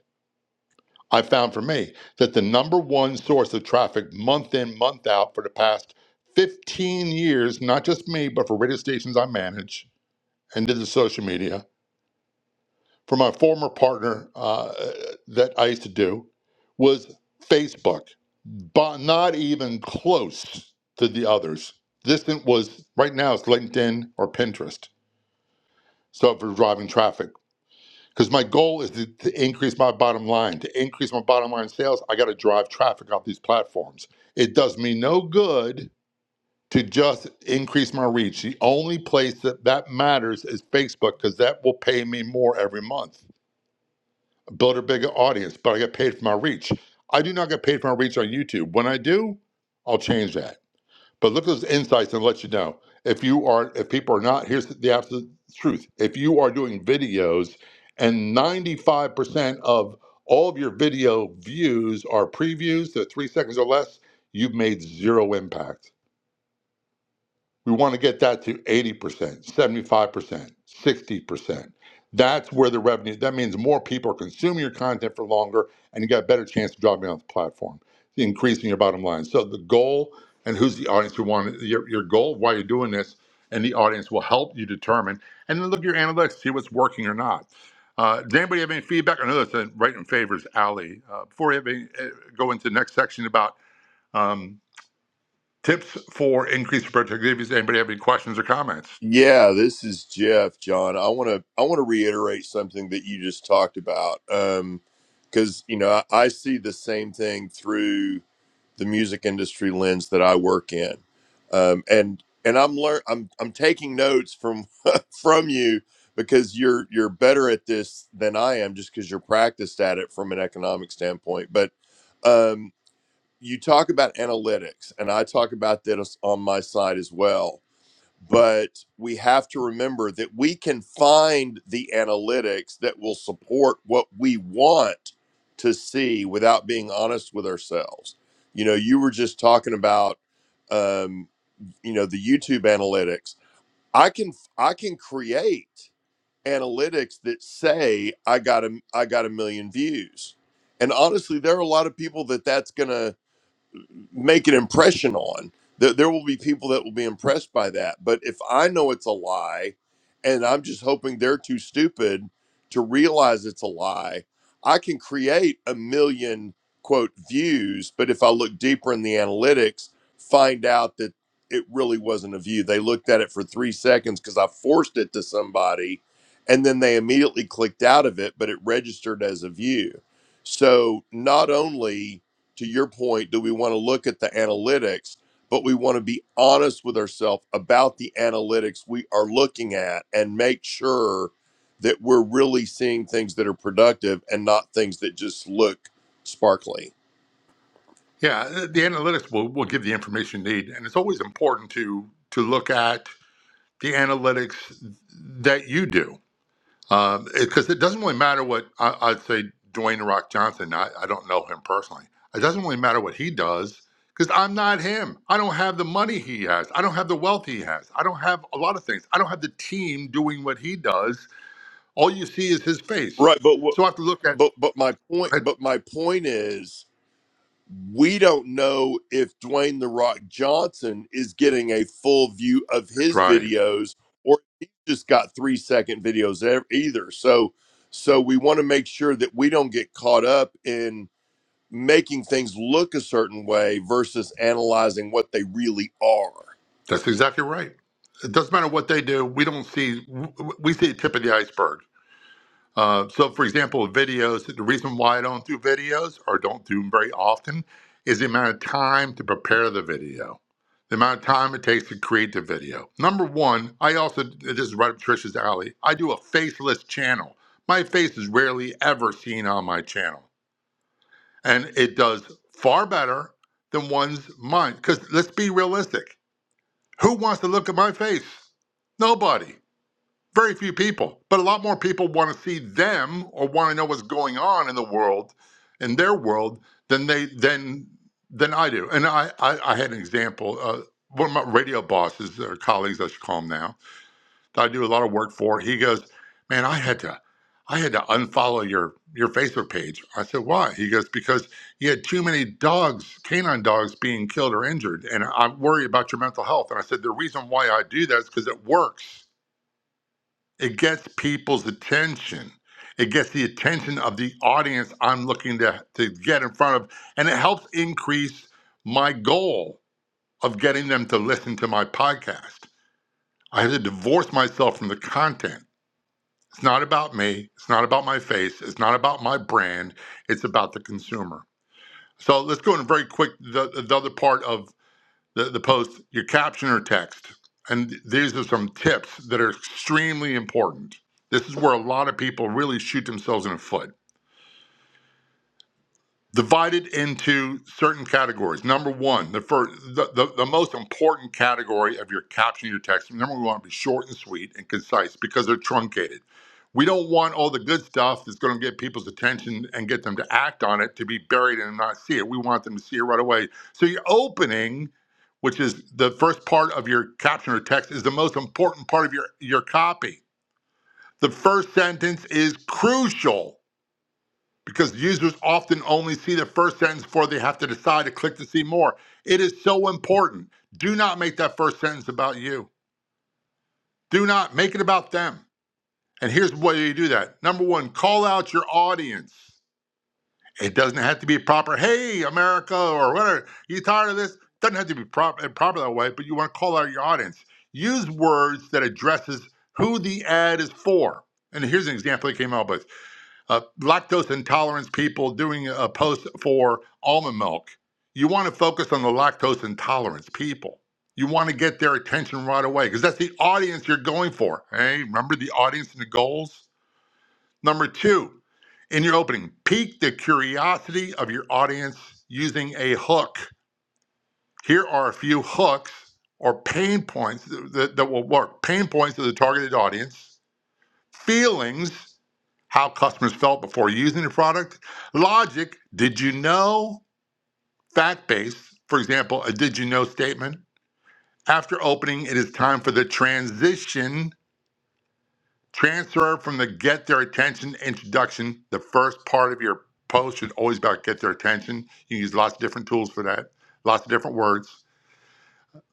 [SPEAKER 11] I found for me that the number one source of traffic month in, month out for the past 15 years, not just me, but for radio stations I manage and did the social media, for my former partner uh, that I used to do, was Facebook, but not even close to the others. This thing was right now it's LinkedIn or Pinterest. So for driving traffic. because my goal is to, to increase my bottom line. To increase my bottom line sales, I got to drive traffic off these platforms. It does me no good to just increase my reach. The only place that that matters is Facebook because that will pay me more every month. Build a bigger audience, but I get paid for my reach. I do not get paid for my reach on YouTube. When I do, I'll change that. But look at those insights and let you know. If you are, if people are not, here's the absolute truth. If you are doing videos and 95% of all of your video views are previews, they're three seconds or less, you've made zero impact we want to get that to 80%, 75%, 60%. That's where the revenue, that means more people are consuming your content for longer and you got a better chance of dropping off the platform, increasing your bottom line. So the goal and who's the audience you want, your, your goal, why you're doing this, and the audience will help you determine. And then look at your analytics, see what's working or not. Uh, does anybody have any feedback? I know that's a right in favors alley. Uh, before we have any, uh, go into the next section about um, Tips for increased productivity. Does anybody have any questions or comments?
[SPEAKER 15] Yeah, this is Jeff, John. I want to I want to reiterate something that you just talked about, um, because you know I, I see the same thing through the music industry lens that I work in, um, and and I'm learn I'm I'm taking notes from from you because you're you're better at this than I am just because you're practiced at it from an economic standpoint. But um, you talk about analytics, and I talk about this on my side as well but we have to remember that we can find the analytics that will support what we want to see without being honest with ourselves. You know, you were just talking about um, you know the YouTube analytics. I can I can create analytics that say I got a I got a million views. And honestly, there are a lot of people that that's going to make an impression on. There, there will be people that will be impressed by that. But if I know it's a lie and I'm just hoping they're too stupid to realize it's a lie, I can create a million quote views. But if I look deeper in the analytics, find out that it really wasn't a view. They looked at it for three seconds because I forced it to somebody and then they immediately clicked out of it, but it registered as a view. So not only to your point, do we want to look at the analytics, but we want to be honest with ourselves about the analytics we are looking at and make sure that we're really seeing things that are productive and not things that just look sparkly.
[SPEAKER 11] Yeah, the analytics will, will give the information you need. And it's always important to to look at the analytics that you do. Because it 'cause it doesn't really matter what I, I'd say Dwayne The Rock Johnson, I, I don't know him personally. It doesn't really matter what he does because I'm not him. I don't have the money he has. I don't have the wealth he has. I don't have a lot of things. I don't have the team doing what he does. All you see is his face.
[SPEAKER 15] Right, but what
[SPEAKER 11] So I have to look at.
[SPEAKER 15] but but my point
[SPEAKER 11] That's
[SPEAKER 15] but my point is we don't know if Dwayne the Rock Johnson is getting a full view of his
[SPEAKER 11] right.
[SPEAKER 15] videos or he just got three second videos e- either. So, so we want to make sure that we don't get caught up in making things look a certain way versus analyzing what they really are.
[SPEAKER 11] That's exactly right. It doesn't matter what they do. We don't see, w- w- we see the tip of the iceberg. Uh, so, for example, videos, the reason why I don't do videos or don't do them very often is the amount of time to prepare the video, the amount of time it takes to create the video. Number one, I also, this is right up Trisha's alley, I do a faceless channel. My face is rarely ever seen on my channel. And it does far better than one's mind. Because let's be realistic who wants to look at my face? Nobody. Very few people. But a lot more people want to see them or want to know what's going on in the world, in their world, than they than than I do. And I I, I had an example. Uh, one of my radio bosses or colleagues, I should call them now that I do a lot of work for, he goes, "Man, I had to, I had to unfollow your your Facebook page." I said, "Why?" He goes, "Because you had too many dogs, canine dogs, being killed or injured, and I worry about your mental health." And I said, "The reason why I do that is because it works. It gets people's attention." It gets the attention of the audience I'm looking to, to get in front of, and it helps increase my goal of getting them to listen to my podcast. I had to divorce myself from the content it's not about me. It's not about my face. It's not about my brand. It's about the consumer. So let's go in very quick. The, the other part of the, the post, your caption or text. And these are some tips that are extremely important. This is where a lot of people really shoot themselves in the foot. divided into certain categories. Number one, the first, the, the, the most important category of your caption, your text. Remember, we want to be short and sweet and concise because they're truncated. We don't want all the good stuff that's going to get people's attention and get them to act on it to be buried and not see it. We want them to see it right away. So your opening, which is the first part of your caption or text, is the most important part of your your copy. The first sentence is crucial because users often only see the first sentence before they have to decide to click to see more. It is so important. Do not make that first sentence about you. Do not make it about them. And here's the way you do that. Number one, call out your audience. It doesn't have to be proper, hey, America, or whatever. You tired of this? Doesn't have to be proper, proper that way, but you want to call out your audience. Use words that addresses who the ad is for. And here's an example that came out with uh, lactose intolerance people doing a post for almond milk. You want to focus on the lactose intolerance people. You want to get their attention right away because that's the audience you're going for. Hey, remember the audience and the goals? Number two, in your opening, pique the curiosity of your audience using a hook. Here are a few hooks or pain points that, that will work. Pain points of the targeted audience feelings how customers felt before using the product. Logic, did you know? Fact based, for example, a did you know statement. After opening, it is time for the transition, transfer from the get their attention introduction. The first part of your post should always be about get their attention. You can use lots of different tools for that, lots of different words.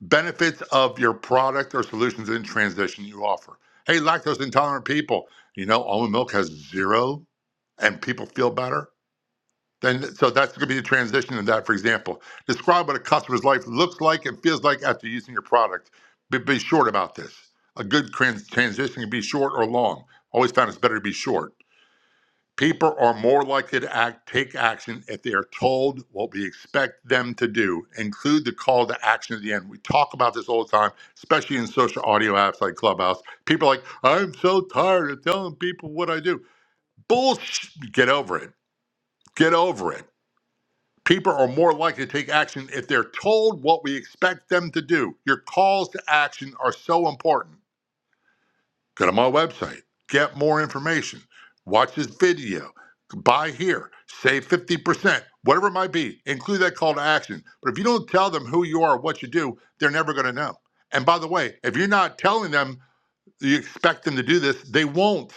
[SPEAKER 11] benefits of your product or solutions in transition you offer. Hey, lactose intolerant people, you know, almond milk has zero and people feel better. Then, so that's going to be the transition in that, for example. Describe what a customer's life looks like and feels like after using your product. Be, be short about this. A good trans- transition can be short or long. Always found it's better to be short. People are more likely to act, take action if they are told what we expect them to do. Include the call to action at the end. We talk about this all the time, especially in social audio apps like Clubhouse. People are like, I'm so tired of telling people what I do. Bullshit. Get over it. Get over it. People are more likely to take action if they're told what we expect them to do. Your calls to action are so important. Go to my website, get more information, watch this video, buy here, save 50%, whatever it might be. Include that call to action. But if you don't tell them who you are, what you do, they're never going to know. And by the way, if you're not telling them you expect them to do this, they won't.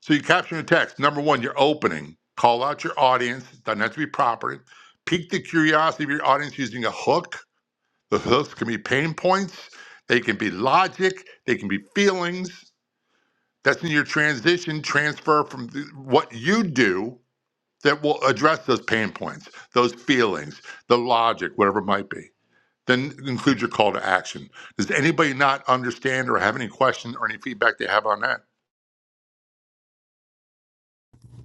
[SPEAKER 11] So you capture the text. Number one, you're opening. Call out your audience. It Doesn't have to be property. Pique the curiosity of your audience using a hook. The hooks can be pain points. They can be logic. They can be feelings. That's in your transition transfer from th- what you do that will address those pain points, those feelings, the logic, whatever it might be. Then include your call to action. Does anybody not understand or have any question or any feedback they have on that?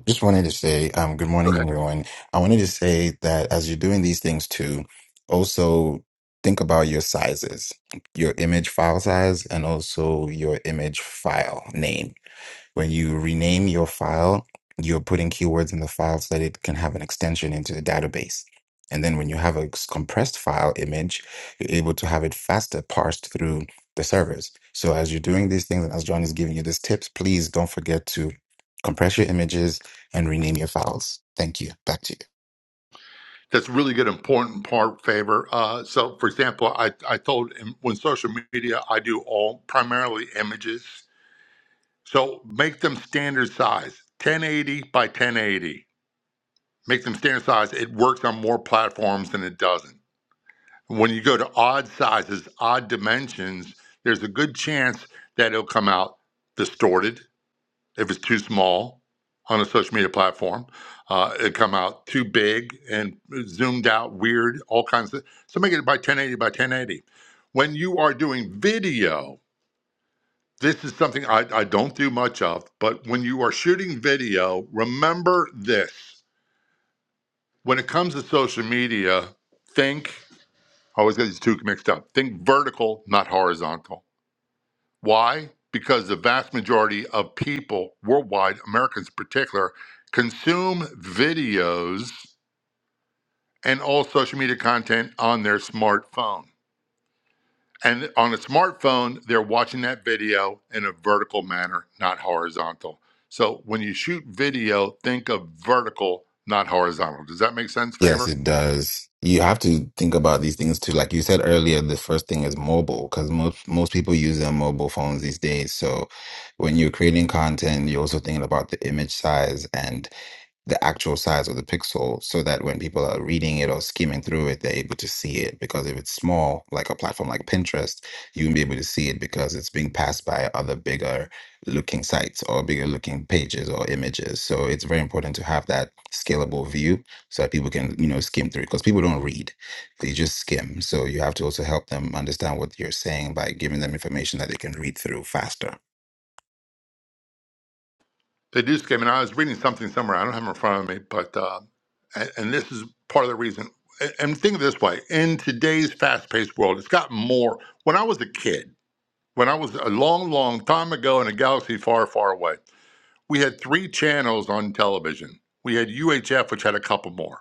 [SPEAKER 16] Just wanted to say, um, good
[SPEAKER 11] Go
[SPEAKER 16] morning,
[SPEAKER 11] ahead.
[SPEAKER 16] everyone. I wanted to say that as you're doing these things too, also think about your sizes, your image file size, and also your image file name. When you rename your file, you're putting keywords in the file so that it can have an extension into the database. And then when you have a s- compressed file image, you're able to have it faster parsed through the servers. So as you're doing these things and as John is giving you these tips, please don't forget to compress your images and rename your files. Thank you. Back to you.
[SPEAKER 11] That's a really good, important part, favor. Uh, so, for example, I, I told him when social media, I do all primarily images. So make them standard size 1080 by 1080 make them standard size. It works on more platforms than it doesn't. When you go to odd sizes, odd dimensions, there's a good chance that it'll come out distorted if it's too small on a social media platform. Uh, it come out too big and zoomed out, weird, all kinds of. So make it by 1080 by 1080. When you are doing video, this is something I, I don't do much of, but when you are shooting video, remember this When it comes to social media, think, I always get these two mixed up, think vertical, not horizontal. Why? Because the vast majority of people worldwide, Americans in particular, consume videos and all social media content on their smartphone. And on a smartphone, they're watching that video in a vertical manner, not horizontal. So when you shoot video, think of vertical, not horizontal. Does that make sense,
[SPEAKER 16] Yes,
[SPEAKER 11] Favor?
[SPEAKER 16] it does. You have to think about these things too. Like you said earlier, the first thing is mobile because most most people use their mobile phones these days. So when you're creating content, you're also thinking about the image size. and the actual size of the pixel so that when people are reading it or skimming through it, they're able to see it. Because if it's small, like a platform like Pinterest, you won't be able to see it because it's being passed by other bigger looking sites or bigger looking pages or images. So it's very important to have that scalable view so that people can, you know, skim through it because people don't read. They just skim. So you have to also help them understand what you're saying by giving them information that they can read through faster.
[SPEAKER 11] They do, Skip. And I was reading something somewhere. I don't have it in front of me, but uh, and, and this is part of the reason. And and think of it this way: in today's fast-paced world, it's gotten more. When I was a kid, when I was a long, long time ago in a galaxy far, far away, we had three channels on television. We had UHF, which had a couple more.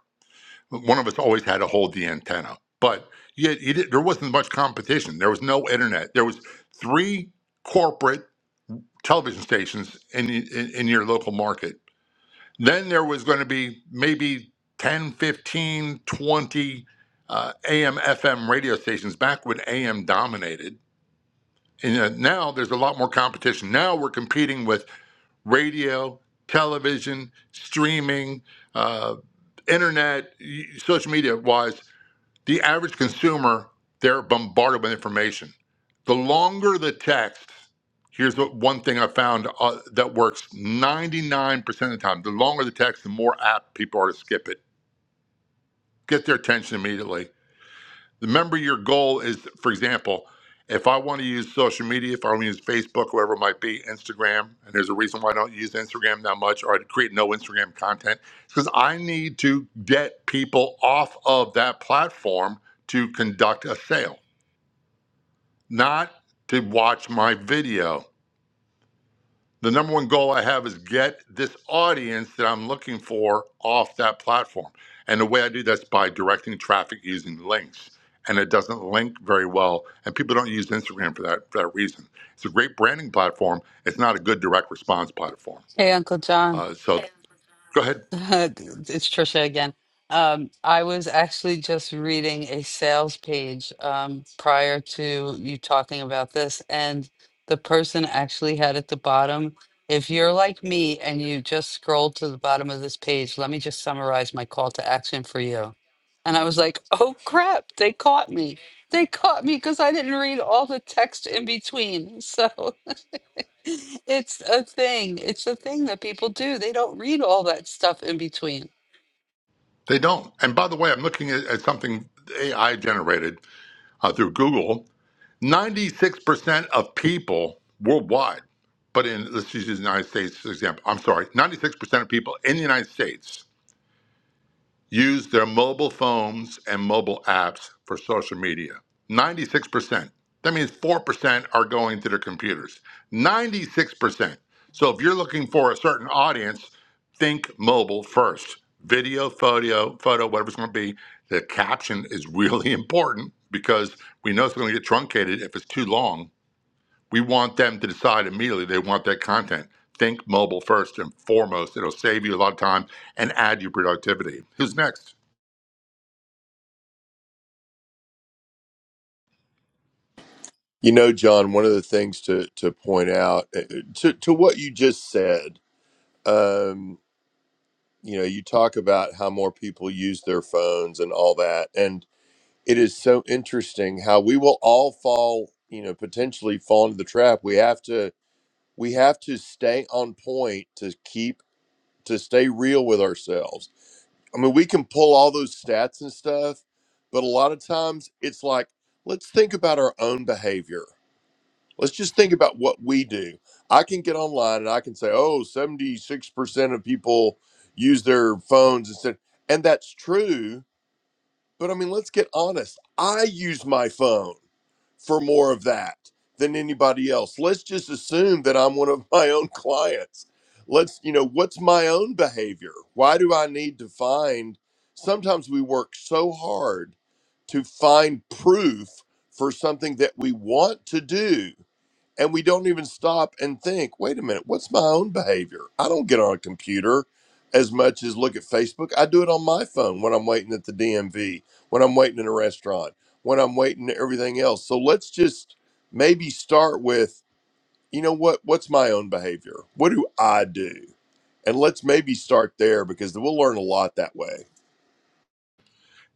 [SPEAKER 11] One of us always had to hold the antenna, but yet you did, there wasn't much competition. There was no internet. There was three corporate television stations in, in, in your local market then there was going to be maybe ten, fifteen, twenty uh, AM, FM radio stations back when AM dominated. And uh, now there's a lot more competition. Now we're competing with radio, television, streaming, uh, internet, y- social media wise. The average consumer, they're bombarded with information. The longer the text, here's what one thing I found uh, that works 99% of the time. The longer the text, the more apt people are to skip it. Get their attention immediately remember your goal is for example if i want to use social media if i want to use facebook whoever it might be instagram and there's a reason why i don't use instagram that much or i create no instagram content because i need to get people off of that platform to conduct a sale not to watch my video the number one goal I have is get this audience that I'm looking for off that platform. And the way I do that's by directing traffic using links. And it doesn't link very well. And people don't use Instagram for that for that reason. It's a great branding platform. It's not a good direct response platform.
[SPEAKER 2] Hey, Uncle John.
[SPEAKER 11] Uh, so go ahead.
[SPEAKER 2] It's Trisha again. Um, I was actually just reading a sales page um, prior to you talking about this, and the person actually had at the bottom, if you're like me and you just scroll to the bottom of this page, let me just summarize my call to action for you. And I was like, oh crap, they caught me. They caught me because I didn't read all the text in between. So it's a thing. It's a thing that people do. They don't read all that stuff in between.
[SPEAKER 11] They don't. And by the way, I'm looking at, at something AI generated uh, through Google. 96% of people worldwide, but in, let's just use the United States for example. I'm sorry, 96% of people in the United States use their mobile phones and mobile apps for social media. 96%. That means 4% are going to their computers. 96%. So if you're looking for a certain audience, think mobile first. Video, photo, photo, whatever it's going to be. The caption is really important because we know it's going to get truncated if it's too long we want them to decide immediately they want that content. Think mobile first and foremost. It'll save you a lot of time and add your productivity. Who's next?
[SPEAKER 15] You know, John, one of the things to to point out uh, to to what you just said, um, you know, you talk about how more people use their phones and all that, and it is so interesting how we will all fall you know potentially fall into the trap we have to we have to stay on point to keep to stay real with ourselves i mean we can pull all those stats and stuff but a lot of times it's like let's think about our own behavior let's just think about what we do i can get online and i can say oh 76% of people use their phones instead and that's true but I mean, let's get honest. I use my phone for more of that than anybody else. Let's just assume that I'm one of my own clients. Let's, you know, what's my own behavior? Why do I need to find? Sometimes we work so hard to find proof for something that we want to do and we don't even stop and think, wait a minute, what's my own behavior? I don't get on a computer as much as look at Facebook. I do it on my phone when I'm waiting at the DMV, when I'm waiting in a restaurant, when I'm waiting to everything else. So let's just maybe start with, you know what, what's my own behavior? What do I do? And let's maybe start there because we'll learn a lot that way.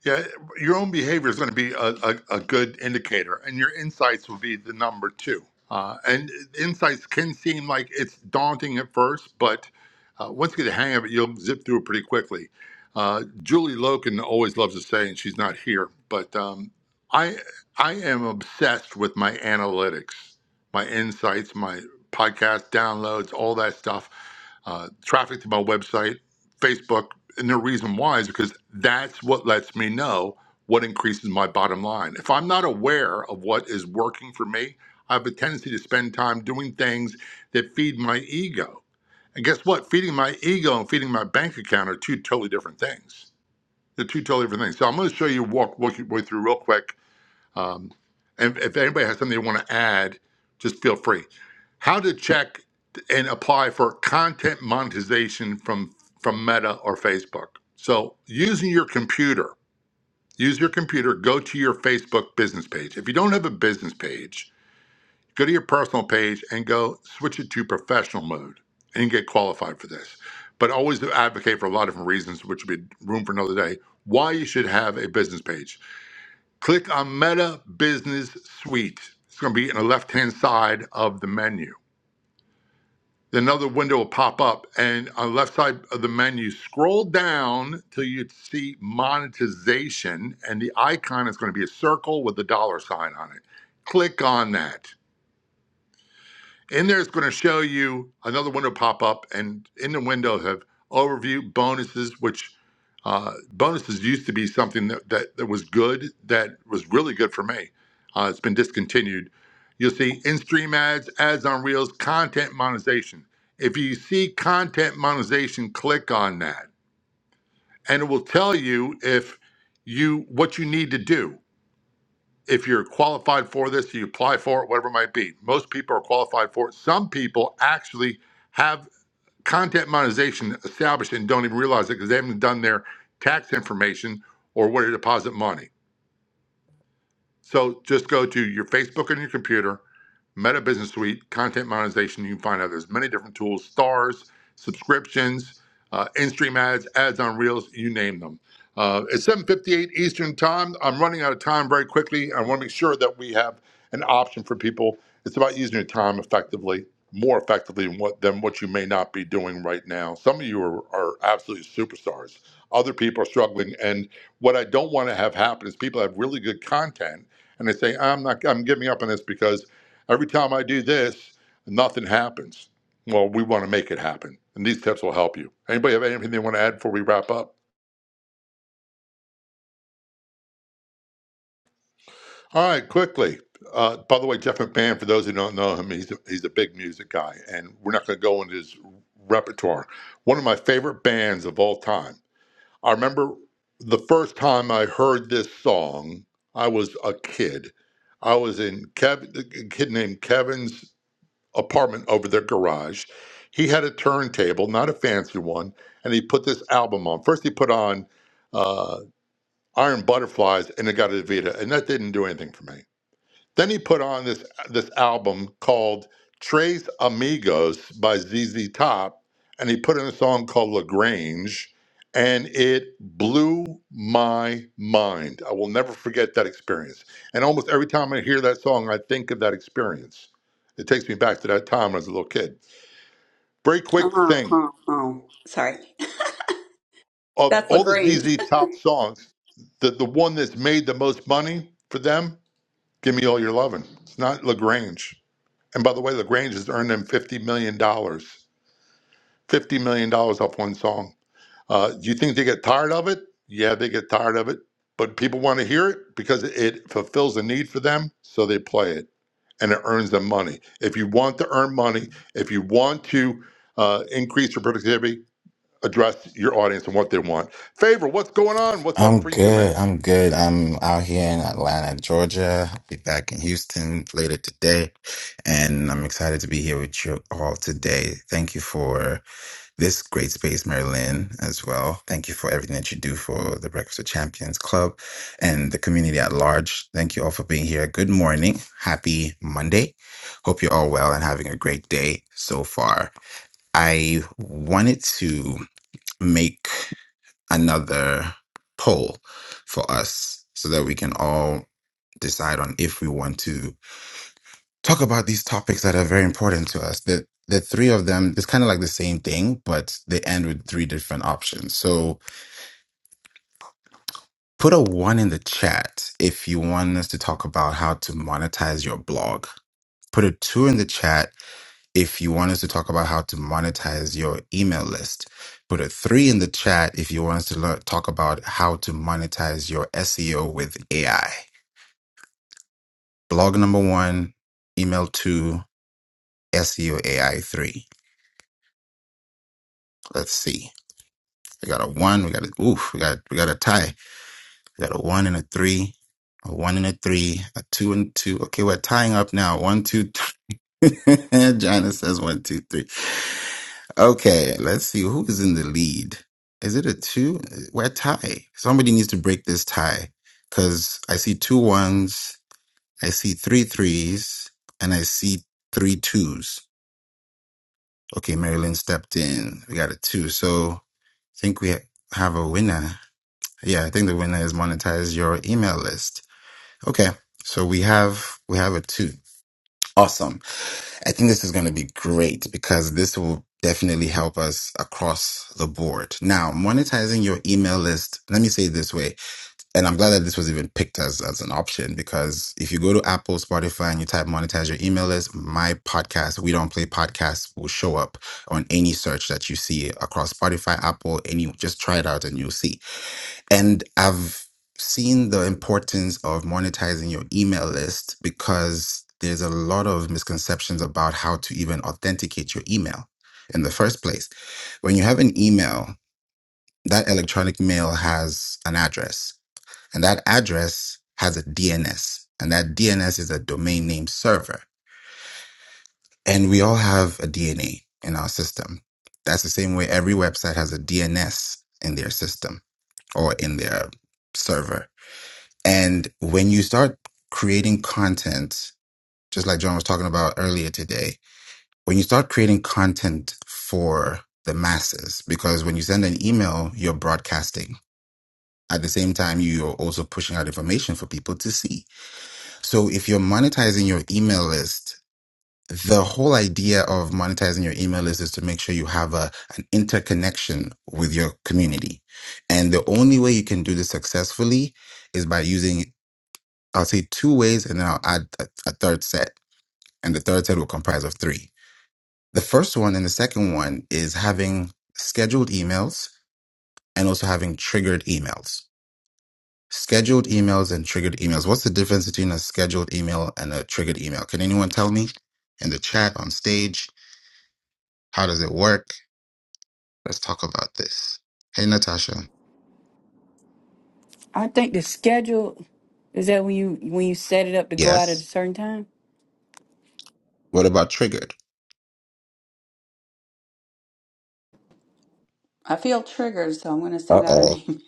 [SPEAKER 11] Yeah, your own behavior is going to be a, a, a good indicator, and your insights will be the number two. Uh, and insights can seem like it's daunting at first, but uh, once you get the hang of it, you'll zip through it pretty quickly. Uh, Julie Loken always loves to say, and she's not here, but um, I I am obsessed with my analytics, my insights, my podcast downloads, all that stuff, uh, traffic to my website, Facebook. And the reason why is because that's what lets me know what increases my bottom line. If I'm not aware of what is working for me, I have a tendency to spend time doing things that feed my ego. And guess what? Feeding my ego and feeding my bank account are two totally different things. They're two totally different things. So I'm going to show you walk walk your way through real quick um, and if anybody has something they want to add, just feel free. How to check and apply for content monetization from from Meta or Facebook. So using your computer, use your computer. Go to your Facebook business page. If you don't have a business page, go to your personal page and go switch it to professional mode, and you get qualified for this. But always advocate for a lot of different reasons, which would be room for another day. Why you should have a business page Click on Meta Business Suite. It's going to be in the left hand side of the menu. Then Another window will pop up, and on the left side of the menu, scroll down till you see monetization, and the icon is going to be a circle with a dollar sign on it. Click on that. In there, it's going to show you another window pop up, and in the window have overview bonuses, which uh, bonuses used to be something that, that, that was good, that was really good for me. Uh, it's been discontinued. You'll see in stream ads, ads on reels, content monetization. If you see content monetization, click on that, and it will tell you if you what you need to do if you're qualified for this, you apply for it, whatever it might be. Most people are qualified for it. Some people actually have content monetization established and don't even realize it because they haven't done their tax information or where to deposit money. So just go to your Facebook on your computer, Meta Business Suite, content monetization. You can find out there's many different tools, stars, subscriptions, uh, in-stream ads, ads on Reels, you name them. Uh, it's 7:58 Eastern Time. I'm running out of time very quickly. I want to make sure that we have an option for people. It's about using your time effectively, more effectively than what, than what you may not be doing right now. Some of you are, are absolutely superstars. Other people are struggling, and what I don't want to have happen is people have really good content and they say, I'm not, I'm giving up on this because every time I do this, nothing happens. Well, we want to make it happen, and these tips will help you. Anybody have anything they want to add before we wrap up? All right, quickly. Uh, by the way, Jeff McMahon, for those who don't know him, he's a, he's a big music guy, and we're not going to go into his repertoire. One of my favorite bands of all time. I remember the first time I heard this song, I was a kid. I was in Kev, a kid named Kevin's apartment over their garage. He had a turntable, not a fancy one, and he put this album on. First, he put on uh, Iron Butterflies, and it got a Vita, and that didn't do anything for me. Then he put on this this album called Tres Amigos by ZZ Top, and he put in a song called Lagrange, and it blew my mind. I will never forget that experience. And almost every time I hear that song, I think of that experience. It takes me back to that time when I was a little kid. Very quick
[SPEAKER 6] Oh,
[SPEAKER 11] thing
[SPEAKER 6] oh, oh. Sorry.
[SPEAKER 11] of
[SPEAKER 6] That's
[SPEAKER 11] all the
[SPEAKER 6] Lagrange.
[SPEAKER 11] ZZ Top songs, the the one that's made the most money for them, "Give Me All Your Lovin'." It's not Lagrange. And by the way, Lagrange has earned them fifty million dollars. Fifty million dollars off one song. Uh, do you think they get tired of it? Yeah, they get tired of it, but people want to hear it because it fulfills a need for them, so they play it, and it earns them money. If you want to earn money, if you want to uh, increase your productivity, address your audience and what they want. Favor, what's going on? What's up
[SPEAKER 16] I'm
[SPEAKER 11] for you, man?
[SPEAKER 16] good. I'm good. I'm out here in Atlanta, Georgia. I'll be back in Houston later today. And I'm excited to be here with you all today. Thank you for this great space, Marilyn, as well. Thank you for everything that you do for the Breakfast of Champions Club and the community at large. Thank you all for being here. Good morning. Happy Monday. Hope you're all well and having a great day so far. I wanted to make another poll for us so that we can all decide on if we want to talk about these topics that are very important to us. The the three of them it's kind of like the same thing, but they end with three different options. So put a one in the chat if you want us to talk about how to monetize your blog. Put a two in the chat if you want us to talk about how to monetize your email list. Put a three in the chat if you want us to learn, talk about how to monetize your SEO with AI. Blog number one, email two, SEO AI three. Let's see. We got a one. We got a oof. We got we got a tie. We got a one and a three. A one and a three. A two and two. Okay, we're tying up now. One, two, three. Jana says one, two, three. Okay, let's see who is in the lead. Is it a two? We're tie. Somebody needs to break this tie because I see two ones, I see three threes, and I see three twos. Okay, Marilyn stepped in. We got a two. So I think we have a winner. Yeah, I think the winner is monetize your email list. Okay, so we have we have a two. Awesome. I think this is going to be great because this will definitely help us across the board. Now, monetizing your email list, let me say it this way, and I'm glad that this was even picked as, as an option because if you go to Apple, Spotify, and you type monetize your email list, my podcast, We Don't Play Podcasts, will show up on any search that you see across Spotify, Apple, any, just try it out and you'll see. And I've seen the importance of monetizing your email list because there's a lot of misconceptions about how to even authenticate your email in the first place. When you have an email, that electronic mail has an address, and that address has a DNS, and that DNS is a domain name server. And we all have a DNA in our system. That's the same way every website has a DNS in their system or in their server. And when you start creating content, just like John was talking about earlier today, when you start creating content for the masses, because when you send an email, you're broadcasting. At the same time, you're also pushing out information for people to see. So if you're monetizing your email list, the whole idea of monetizing your email list is to make sure you have a, an interconnection with your community. And the only way you can do this successfully is by using I'll say two ways and then I'll add a, a third set. And the third set will comprise of three. The first one and the second one is having scheduled emails and also having triggered emails. Scheduled emails and triggered emails. What's the difference between a scheduled email and a triggered email? Can anyone tell me in the chat on stage? How does it work? Let's talk about this. Hey, Natasha. Yes. What about triggered?
[SPEAKER 6] I feel triggered, so I'm going to
[SPEAKER 16] Uh
[SPEAKER 6] send out an
[SPEAKER 16] oh.
[SPEAKER 6] email.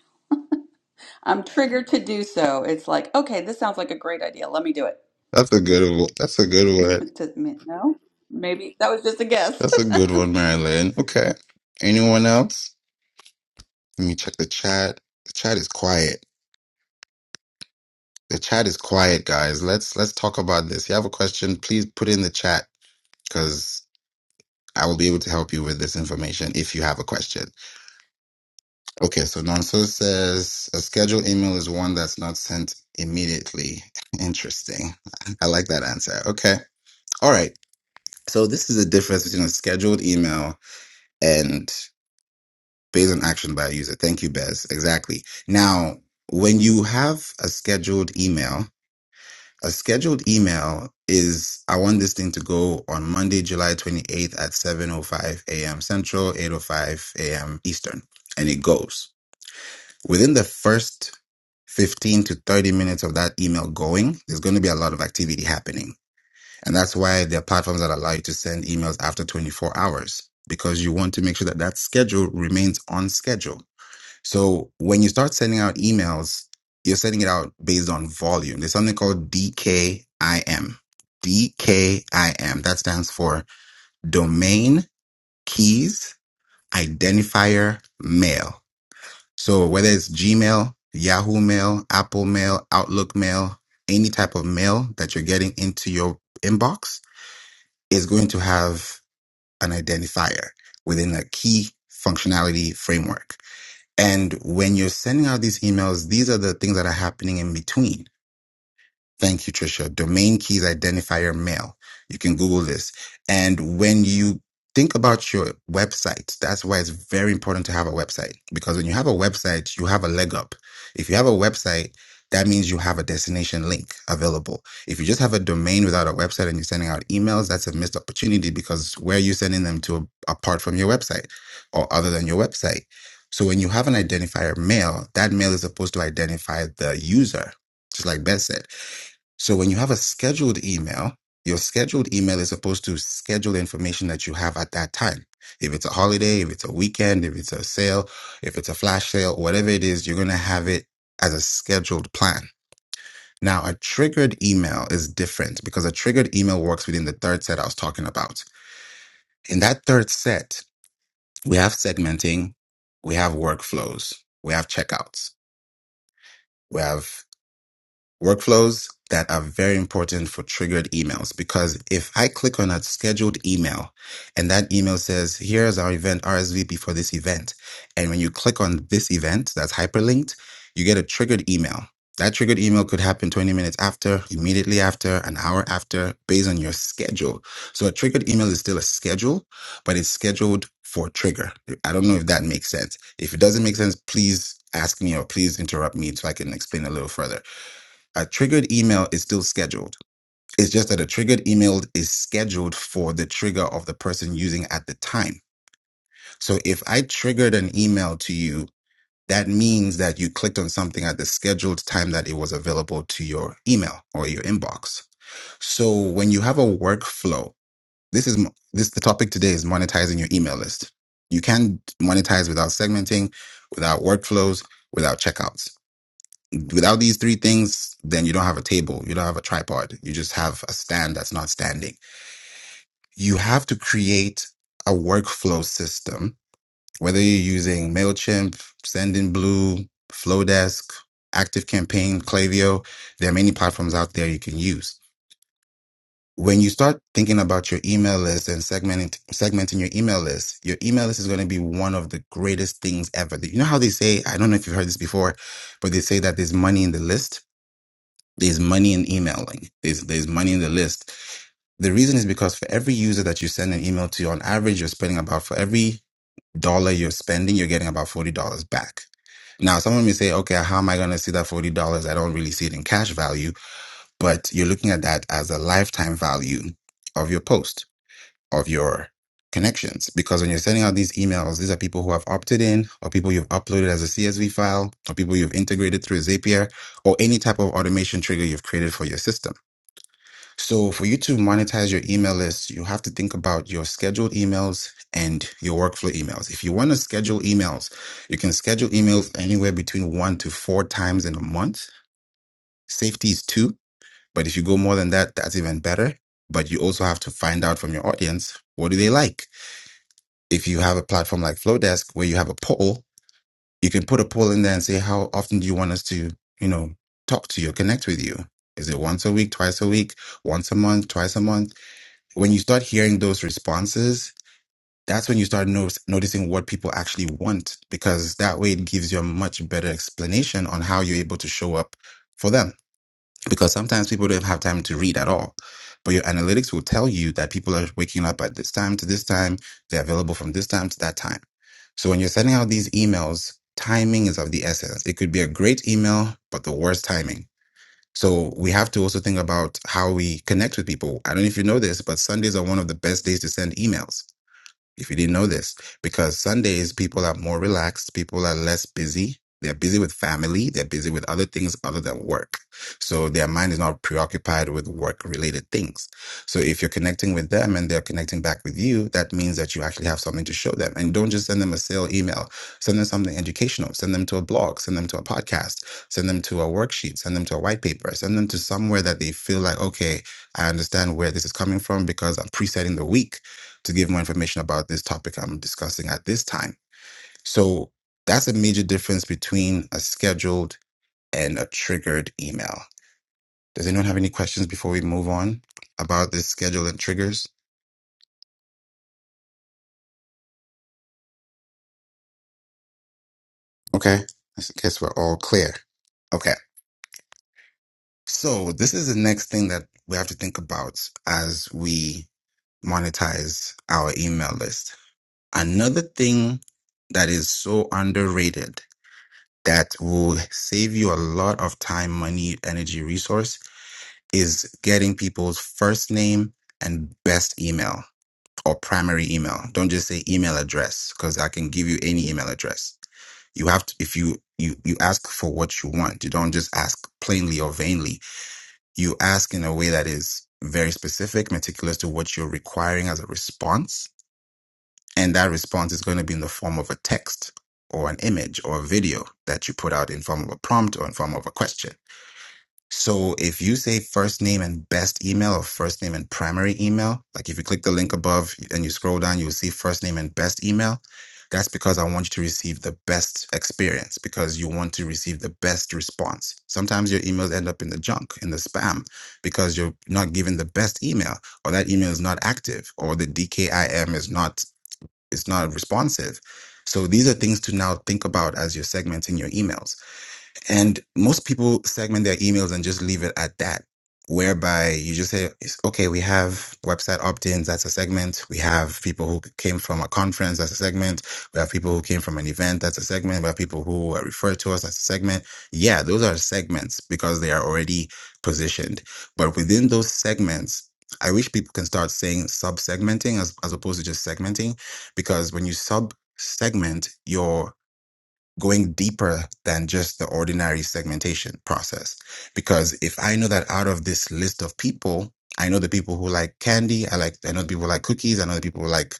[SPEAKER 6] I'm triggered to do so. It's like, okay, this sounds like a great idea. Let me do it.
[SPEAKER 16] That's a good one. That's a good one.
[SPEAKER 6] Doesn't mean- no. Maybe that was just a guess.
[SPEAKER 16] That's a good one, Marilyn. Okay. Anyone else? Let me check the chat. The chat is quiet. The chat is quiet, guys. Let's let's talk about this. If you have a question, please put it in the chat because I will be able to help you with this information if you have a question. Okay, so Nonso says a scheduled email is one that's not sent immediately. Interesting. I like that answer. Okay. All right. So this is the difference between a scheduled email and based on action by a user. Thank you, Bez. Exactly. Now, when you have a scheduled email, a scheduled email is I want this thing to go on Monday, July 28th at 7:05 a.m. Central, 8:05 a.m. Eastern, and it goes. Within the first 15 to 30 minutes of that email going, there's going to be a lot of activity happening. And that's why there are platforms that allow you to send emails after 24 hours because you want to make sure that that schedule remains on schedule. So when you start sending out emails, you're sending it out based on volume. There's something called DKIM. DKIM. That stands for domain keys identifier mail. So whether it's Gmail, Yahoo Mail, Apple Mail, Outlook Mail, any type of mail that you're getting into your inbox is going to have an identifier within a key functionality framework. And when you're sending out these emails, these are the things that are happening in between. Thank you, Trisha. Domain keys identifier mail. You can Google this. And when you think about your website, that's why it's very important to have a website because when you have a website, you have a leg up. If you have a website, that means you have a destination link available. If you just have a domain without a website and you're sending out emails, that's a missed opportunity because where are you sending them to apart from your website or other than your website? So when you have an identifier mail, that mail is supposed to identify the user, just like Beth said. So when you have a scheduled email, your scheduled email is supposed to schedule information that you have at that time. If it's a holiday, if it's a weekend, if it's a sale, if it's a flash sale, whatever it is, you're going to have it as a scheduled plan. Now, a triggered email is different because a triggered email works within the third set I was talking about. In that third set, we have segmenting, we have workflows, we have checkouts, we have workflows that are very important for triggered emails because if I click on a scheduled email and that email says, here's our event RSVP for this event. And when you click on this event that's hyperlinked, you get a triggered email. That triggered email could happen 20 minutes after, immediately after, an hour after, based on your schedule. So a triggered email is still a schedule, but it's scheduled for trigger. I don't know if that makes sense. If it doesn't make sense, please ask me or please interrupt me so I can explain a little further. A triggered email is still scheduled. It's just that a triggered email is scheduled for the trigger of the person using at the time. So if I triggered an email to you, that means that you clicked on something at the scheduled time that it was available to your email or your inbox. So when you have a workflow, this is mo- this the topic today is monetizing your email list. You can monetize without segmenting, without workflows, without checkouts. Without these three things, then you don't have a table, you don't have a tripod, you just have a stand that's not standing. You have to create a workflow system, whether you're using MailChimp, Sendinblue, Flowdesk, ActiveCampaign, Klaviyo, there are many platforms out there you can use. When you start thinking about your email list and segmenting segmenting your email list, your email list is going to be one of the greatest things ever. You know how they say, I don't know if you've heard this before, but they say that there's money in the list There's money in emailing. There's there's money in the list. The reason is because for every user that you send an email to, on average, you're spending about for every dollar you're spending, you're getting about forty dollars back. Now, someone may say, okay, how am I going to see that $40? I don't really see it in cash value, but you're looking at that as a lifetime value of your post, of your connections. Because when you're sending out these emails, these are people who have opted in, or people you've uploaded as a CSV file, or people you've integrated through Zapier, or any type of automation trigger you've created for your system. So for you to monetize your email list, you have to think about your scheduled emails and your workflow emails. If you want to schedule emails, you can schedule emails anywhere between one to four times in a month. Safety is two, but if you go more than that, that's even better. But you also have to find out from your audience, what do they like? If you have a platform like Flowdesk where you have a poll, you can put a poll in there and say, how often do you want us to, you know, talk to you, connect with you? Is it once a week, twice a week, once a month, twice a month? when you start hearing those responses, that's when you start no- noticing what people actually want, because that way it gives you a much better explanation on how you're able to show up for them. Because sometimes people don't have time to read at all, but your analytics will tell you that people are waking up at this time to this time, they're available from this time to that time. So when you're sending out these emails, timing is of the essence. It could be a great email, but the worst timing so we have to also think about how we connect with people. I don't know if you know this, but Sundays are one of the best days to send emails if you didn't know this, because Sundays people are more relaxed, people are less busy. They're busy with family, they're busy with other things other than work. So their mind is not preoccupied with work related things. So if you're connecting with them and they're connecting back with you, that means that you actually have something to show them. And don't just send them a sale email, send them something educational, send them to a blog, send them to a podcast, send them to a worksheet, send them to a white paper, send them to somewhere that they feel like, okay, I understand where this is coming from because I'm presetting the week to give more information about this topic I'm discussing at this time. So that's a major difference between a scheduled and a triggered email. Does anyone have any questions before we move on about this schedule and triggers? Okay, I guess we're all clear. Okay, so this is the next thing that we have to think about as we monetize our email list. Another thing that is so underrated that will save you a lot of time, money, energy, resource is getting people's first name and best email or primary email. Don't just say email address because I can give you any email address. You have to, if you, you, you ask for what you want. You don't just ask plainly or vainly. You ask in a way that is very specific, meticulous to what you're requiring as a response. And that response is going to be in the form of a text or an image or a video that you put out in form of a prompt or in form of a question so if you say first name and best email or first name and primary email, like if you click the link above and you scroll down, you'll see first name and best email. That's because I want you to receive the best experience because you want to receive the best response. Sometimes your emails end up in the junk, in the spam, because you're not given the best email or that email is not active or the DKIM is not, is not responsive. So these are things to now think about as you're segmenting your emails and most people segment their emails and just leave it at that, whereby you just say, it's- okay, we have website opt ins, that's a segment. We have people who came from a conference, that's a segment. We have people who came from an event, that's a segment. We have people who were referred to us, that's a segment. Yeah, those are segments because they are already positioned. But within those segments, I wish people can start saying sub segmenting as, as opposed to just segmenting, because when you sub segment, going deeper than just the ordinary segmentation process. Because if I know that out of this list of people, I know the people who like candy, I like I know the people who like cookies, I know the people who like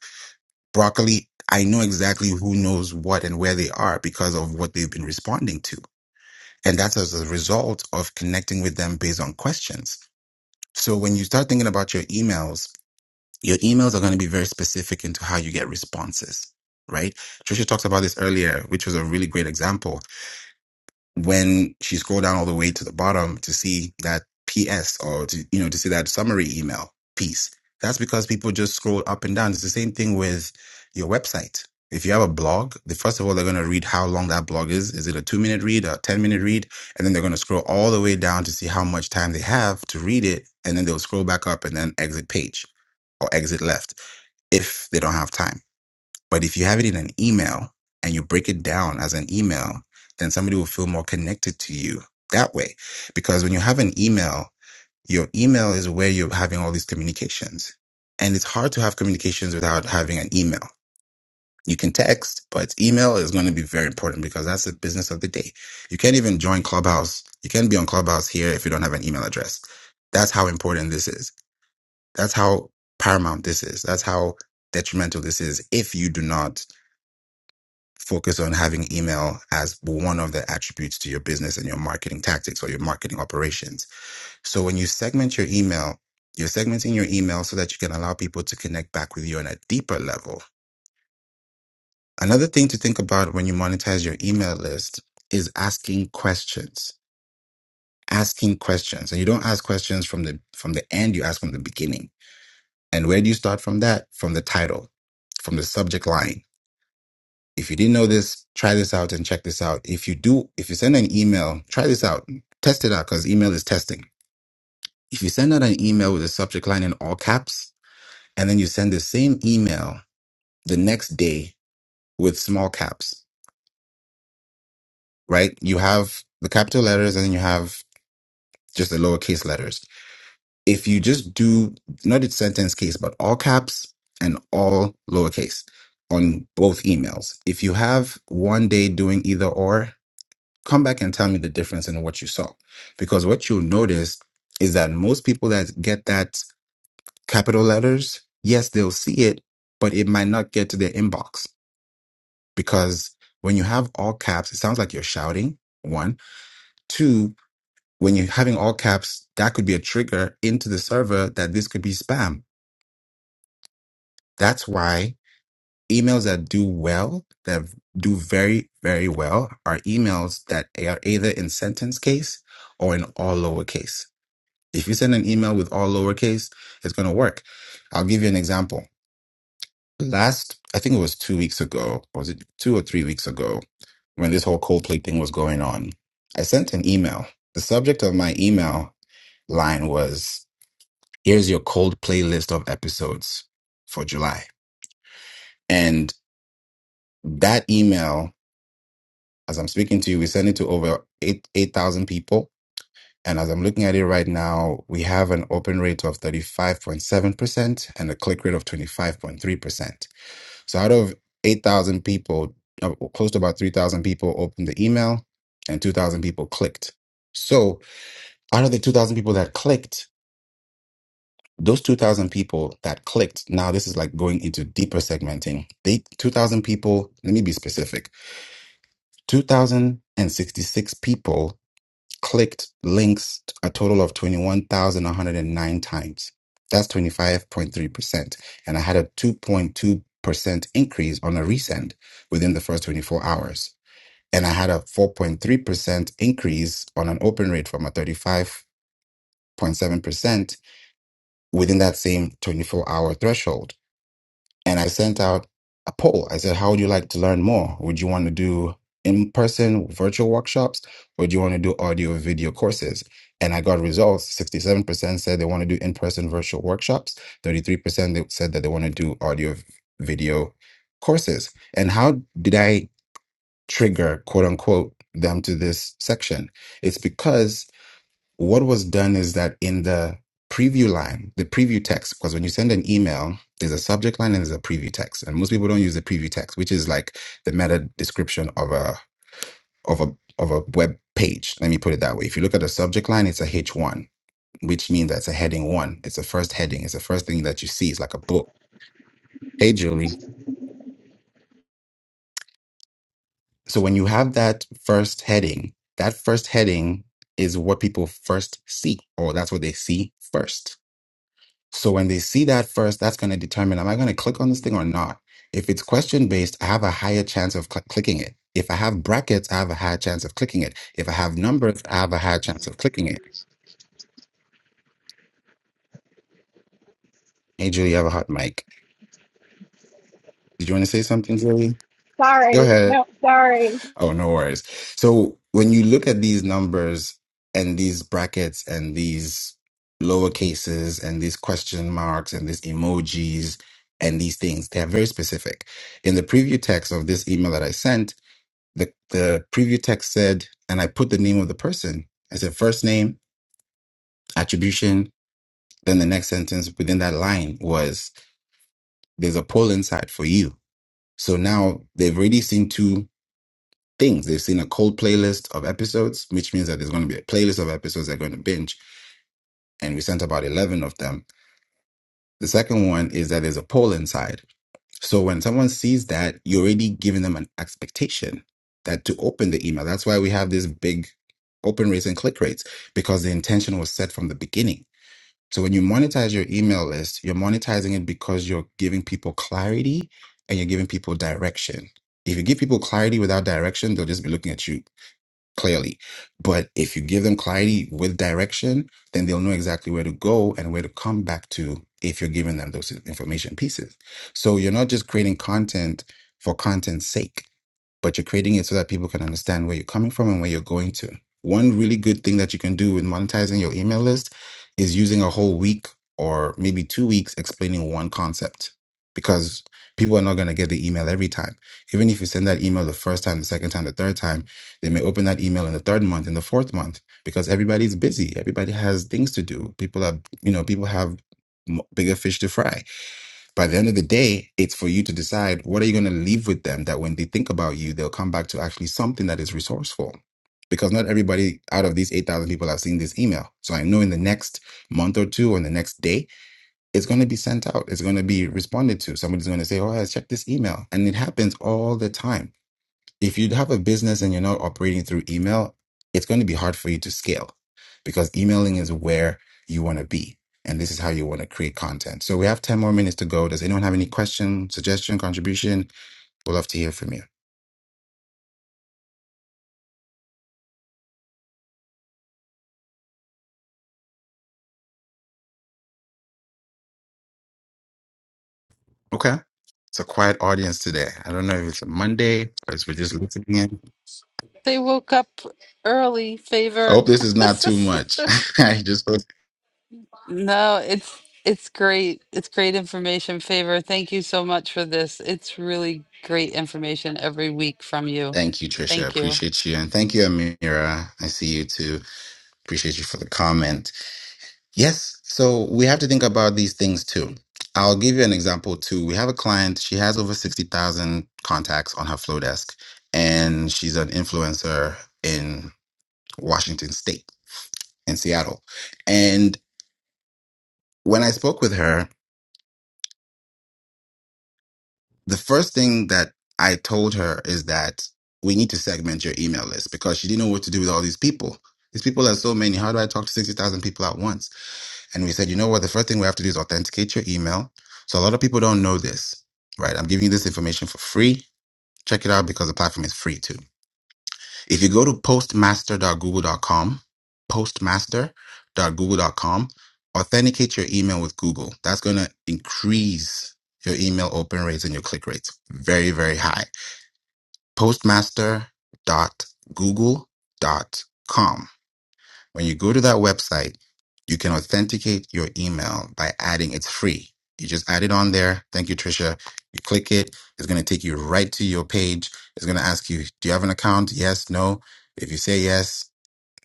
[SPEAKER 16] broccoli. I know exactly who knows what and where they are because of what they've been responding to. And that's as a result of connecting with them based on questions. So when you start thinking about your emails, your emails are going to be very specific into how you get responses, right? Trisha talked about this earlier, which was a really great example when she scrolled down all the way to the bottom to see that PS or to, you know, to see that summary email piece, that's because people just scroll up and down. It's the same thing with your website. If you have a blog, the first of all, they're going to read how long that blog is. Is it a two minute read, a 10 minute read? And then they're going to scroll all the way down to see how much time they have to read it. And then they'll scroll back up and then exit page or exit left if they don't have time. But if you have it in an email and you break it down as an email, then somebody will feel more connected to you that way. Because when you have an email, your email is where you're having all these communications. And it's hard to have communications without having an email. You can text, but email is going to be very important because that's the business of the day. You can't even join Clubhouse. You can't be on Clubhouse here if you don't have an email address. That's how important this is. That's how paramount this is. That's how detrimental this is if you do not focus on having email as one of the attributes to your business and your marketing tactics or your marketing operations. So when you segment your email, you're segmenting your email so that you can allow people to connect back with you on a deeper level. Another thing to think about when you monetize your email list is asking questions. Asking questions. And you don't ask questions from the from the end, you ask from the beginning. And where do you start from that? From the title, from the subject line If you didn't know this, try this out and check this out. If you do, if you send an email, try this out, test it out because email is testing. If you send out an email with a subject line in all caps, and then you send the same email the next day with small caps, right? You have the capital letters and then you have just the lowercase letters. If you just do not its sentence case, but all caps and all lowercase on both emails, if you have one day doing either or, come back and tell me the difference in what you saw. Because what you'll notice is that most people that get that capital letters, yes, they'll see it, but it might not get to their inbox because when you have all caps, it sounds like you're shouting. One, two, when you're having all caps, that could be a trigger into the server that this could be spam. That's why emails that do well, that do very, very well, are emails that are either in sentence case or in all lowercase If you send an email with all lowercase, it's going to work. I'll give you an example. Last, I think it was two weeks ago, or was it two or three weeks ago, when this whole Coldplay thing was going on, I sent an email. The subject of my email line was, Here's your cold playlist of episodes for July. And that email, as I'm speaking to you, we sent it to over eight 8,000 people And as I'm looking at it right now, we have an open rate of 35.7% and a click rate of 25.3%. So out of 8,000 people, uh, close to about 3,000 people opened the email and 2,000 people clicked. So out of the 2,000 people that clicked, those 2,000 people that clicked, now this is like going into deeper segmenting. They 2,000 people, let me be specific, 2,066 people clicked links a total of 21,109 times. That's 25.3%. And I had a 2.2% increase on a resend within the first 24 hours. And I had a 4.3% increase on an open rate from a 35.7% within that same 24 hour threshold and I sent out a poll. I said, How would you like to learn more? Would you want to do in person virtual workshops or do you want to do audio or video courses? And I got results 67% said they want to do in person virtual workshops, 33% they said that they want to do audio video courses. And how did I trigger, quote unquote, them to this section? It's because what was done is that in the preview line, the preview text, because when you send an email, there's a subject line and there's a preview text, and most people don't use the preview text, which is like the meta description of a of a of a web page. Let me put it that way. If you look at the subject line, it's a H one, which means that's a heading one. It's the first heading. It's the first thing that you see. It's like a book. Hey, Julie. So when you have that first heading, that first heading is what people first see, or that's what they see first So when they see that first, that's going to determine am I going to click on this thing or not? If it's question based, I have a higher chance of cl- clicking it. If I have brackets, I have a higher chance of clicking it. If I have numbers, I have a higher chance of clicking it. Hey, Julie, you have a hot mic. Did you want to say something, Julie? Go
[SPEAKER 13] sorry.
[SPEAKER 16] ahead.
[SPEAKER 13] No, sorry.
[SPEAKER 16] Oh, no worries. So when you look at these numbers and these brackets and these lower cases and these question marks and these emojis and these things, they are very specific. In the preview text of this email that I sent, the the preview text said, and I put the name of the person. I said first name, attribution. Then the next sentence within that line was, "There's a poll inside for you." So now they've already seen two things. They've seen a cold playlist of episodes, which means that there's going to be a playlist of episodes they're going to binge, and we sent about eleven of them. The second one is that there's a poll inside. So when someone sees that, you're already giving them an expectation that to open the email. That's why we have this big open rates and click rates because the intention was set from the beginning. So when you monetize your email list, you're monetizing it because you're giving people clarity and you're giving people direction. If you give people clarity without direction, they'll just be looking at you clearly. But if you give them clarity with direction, then they'll know exactly where to go and where to come back to if you're giving them those information pieces. So you're not just creating content for content's sake but you're creating it so that people can understand where you're coming from and where you're going to. One really good thing that you can do with monetizing your email list is using a whole week or maybe two weeks explaining one concept because people are not going to get the email every time. Even if you send that email the first time, the second time, the third time, they may open that email in the third month, in the fourth month, because everybody's busy. Everybody has things to do. People are, you know, people have m- bigger fish to fry. By the end of the day, it's for you to decide what are you going to leave with them that when they think about you, they'll come back to actually something that is resourceful. Because not everybody out of these 8,000 people have seen this email. So I know in the next month or two or in the next day, it's going to be sent out. It's going to be responded to. Somebody's going to say, Oh, I checked this email. And it happens all the time if you have a business and you're not operating through email, it's going to be hard for you to scale because emailing is where you want to be. And this is how you want to create content. So we have 10 more minutes to go. Does anyone have any question, suggestion, contribution? We'd love to hear from you. Okay. It's a quiet audience today. I don't know if it's a Monday or if we're just listening in.
[SPEAKER 2] They woke up early,
[SPEAKER 16] I
[SPEAKER 2] favor.
[SPEAKER 16] hope this is not too much. I just
[SPEAKER 2] No, it's it's great. It's great information, favor. Thank you so much for this. It's really great information every week from you.
[SPEAKER 16] thank you, Trisha.
[SPEAKER 2] Thank you.
[SPEAKER 16] Appreciate you. And thank you, Amira. I see you too. Appreciate you for the comment. Yes. So we have to think about these things too. I'll give you an example too. We have a client, she has over 60,000 contacts on her flow desk, and she's an influencer in Washington State, in Seattle. And when I spoke with her, the first thing that I told her is that we need to segment your email list because she didn't know what to do with all these people. These people are so many. How do I talk to 60,000 people at once? And we said, you know what? The first thing we have to do is authenticate your email. So a lot of people don't know this, right? I'm giving you this information for free. Check it out because the platform is free too. If you go to postmaster.google.com, postmaster.google.com, authenticate your email with Google. That's going to increase your email open rates and your click rates very, very high. Postmaster.google.com. When you go to that website, you can authenticate your email by adding it's free. You just add it on there. Thank you, Trisha. You click it. It's going to take you right to your page. It's going to ask you, do you have an account? Yes, no. If you say yes,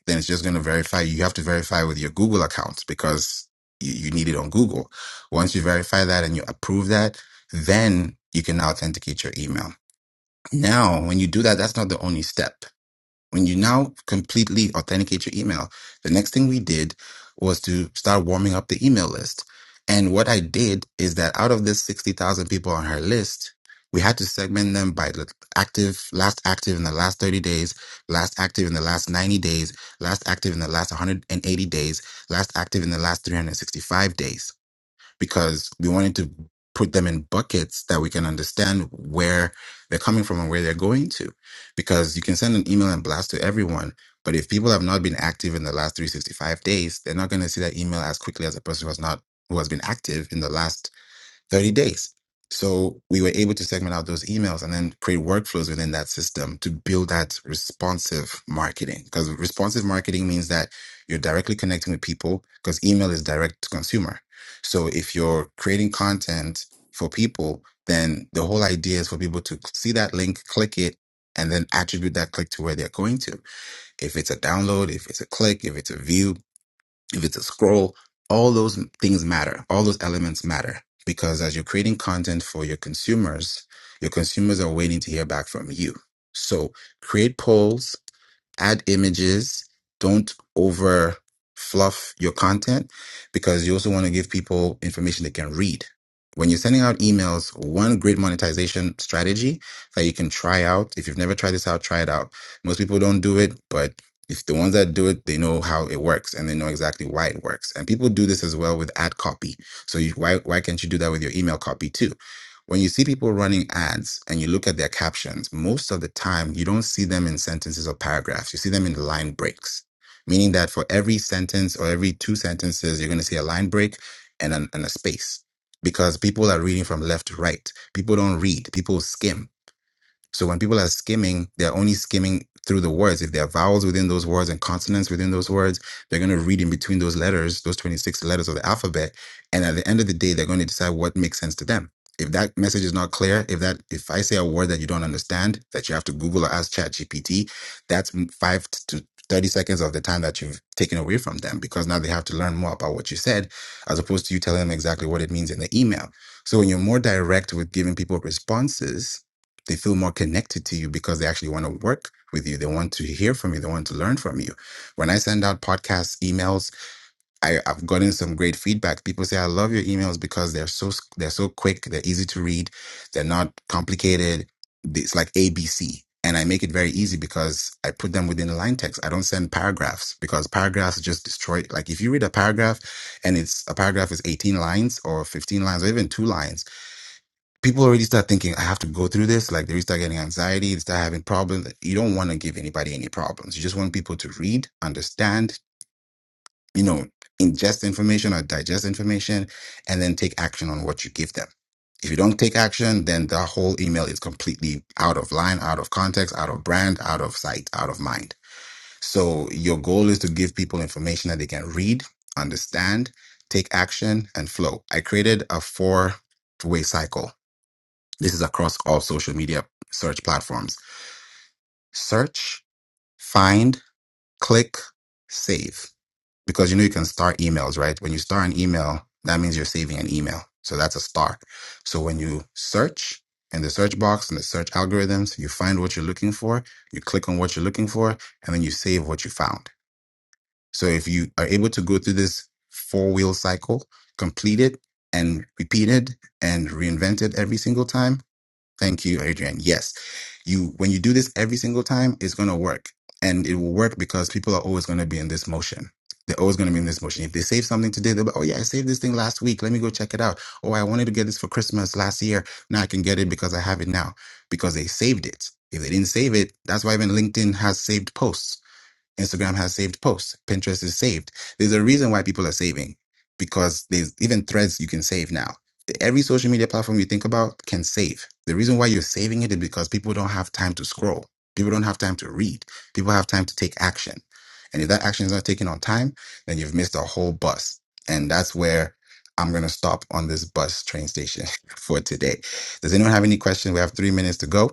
[SPEAKER 16] then it's just going to verify. You have to verify with your Google account because you, you need it on Google. Once you verify that and you approve that, then you can now authenticate your email. Now, when you do that, that's not the only step when you now completely authenticate your email, the next thing we did was to start warming up the email list. And what I did is that out of this 60,000 people on her list, we had to segment them by the active, last active in the last 30 days, last active in the last 90 days, last active in the last 180 days, last active in the last 365 days because we wanted to put them in buckets that we can understand where they're coming from and where they're going to. Because you can send an email and blast to everyone, but if people have not been active in the last 365 days, they're not going to see that email as quickly as a person who has not who has been active in the last 30 days. So we were able to segment out those emails and then create workflows within that system to build that responsive marketing. Because responsive marketing means that you're directly connecting with people because email is direct to consumer. So if you're creating content for people, then the whole idea is for people to see that link, click it, and then attribute that click to where they're going to. If it's a download, if it's a click, if it's a view, if it's a scroll, all those things matter. All those elements matter because as you're creating content for your consumers, your consumers are waiting to hear back from you. So create polls, add images. Don't over fluff your content because you also want to give people information they can read. When you're sending out emails, one great monetization strategy that you can try out. If you've never tried this out, try it out. Most people don't do it, but if the ones that do it, they know how it works and they know exactly why it works. And people do this as well with ad copy. So you, why why can't you do that with your email copy too? When you see people running ads and you look at their captions, most of the time you don't see them in sentences or paragraphs. You see them in line breaks, meaning that for every sentence or every two sentences, you're going to see a line break and, an, and a space because people are reading from left to right. People don't read, people skim so when people are skimming, they're only skimming through the words. If there are vowels within those words and consonants within those words, they're going to read in between those letters, those 26 letters of the alphabet. And at the end of the day, they're going to decide what makes sense to them. If that message is not clear, if that if I say a word that you don't understand, that you have to Google or ask ChatGPT, that's five to 30 seconds of the time that you've taken away from them because now they have to learn more about what you said as opposed to you telling them exactly what it means in the email. So when you're more direct with giving people responses, they feel more connected to you because they actually want to work with you. They want to hear from you. They want to learn from you. When I send out podcasts, emails, I, I've gotten some great feedback. People say, "I love your emails because they're so they're so quick. They're easy to read. They're not complicated. It's like ABC." And I make it very easy because I put them within line text. I don't send paragraphs because paragraphs just destroy. Like if you read a paragraph, and it's a paragraph is 18 lines or 15 lines or even two lines people already start thinking i have to go through this like they start getting anxiety they start having problems you don't want to give anybody any problems you just want people to read understand you know ingest information or digest information and then take action on what you give them if you don't take action then the whole email is completely out of line out of context out of brand out of sight out of mind so your goal is to give people information that they can read understand take action and flow i created a four way cycle this is across all social media search platforms. Search, find, click, save. Because you know you can star emails, right? When you star an email, that means you're saving an email. So that's a star. So when you search in the search box and the search algorithms, you find what you're looking for, you click on what you're looking for, and then you save what you found. So if you are able to go through this four wheel cycle, complete it and repeat it and reinvent it every single time, Thank you, Adrian. Yes. You when you do this every single time, it's gonna work. And it will work because people are always gonna be in this motion. They're always gonna be in this motion. If they save something today, they'll be, oh yeah, I saved this thing last week. Let me go check it out. Oh, I wanted to get this for Christmas last year. Now I can get it because I have it now. Because they saved it. If they didn't save it, that's why even LinkedIn has saved posts Instagram has saved posts. Pinterest is saved. There's a reason why people are saving because there's even threads you can save now. Every social media platform you think about can save. The reason why you're saving it is because people don't have time to scroll. People don't have time to read. People have time to take action. And if that action is not taken on time, then you've missed a whole bus. And that's where I'm going to stop on this bus train station for today. Does anyone have any questions? We have three minutes to go.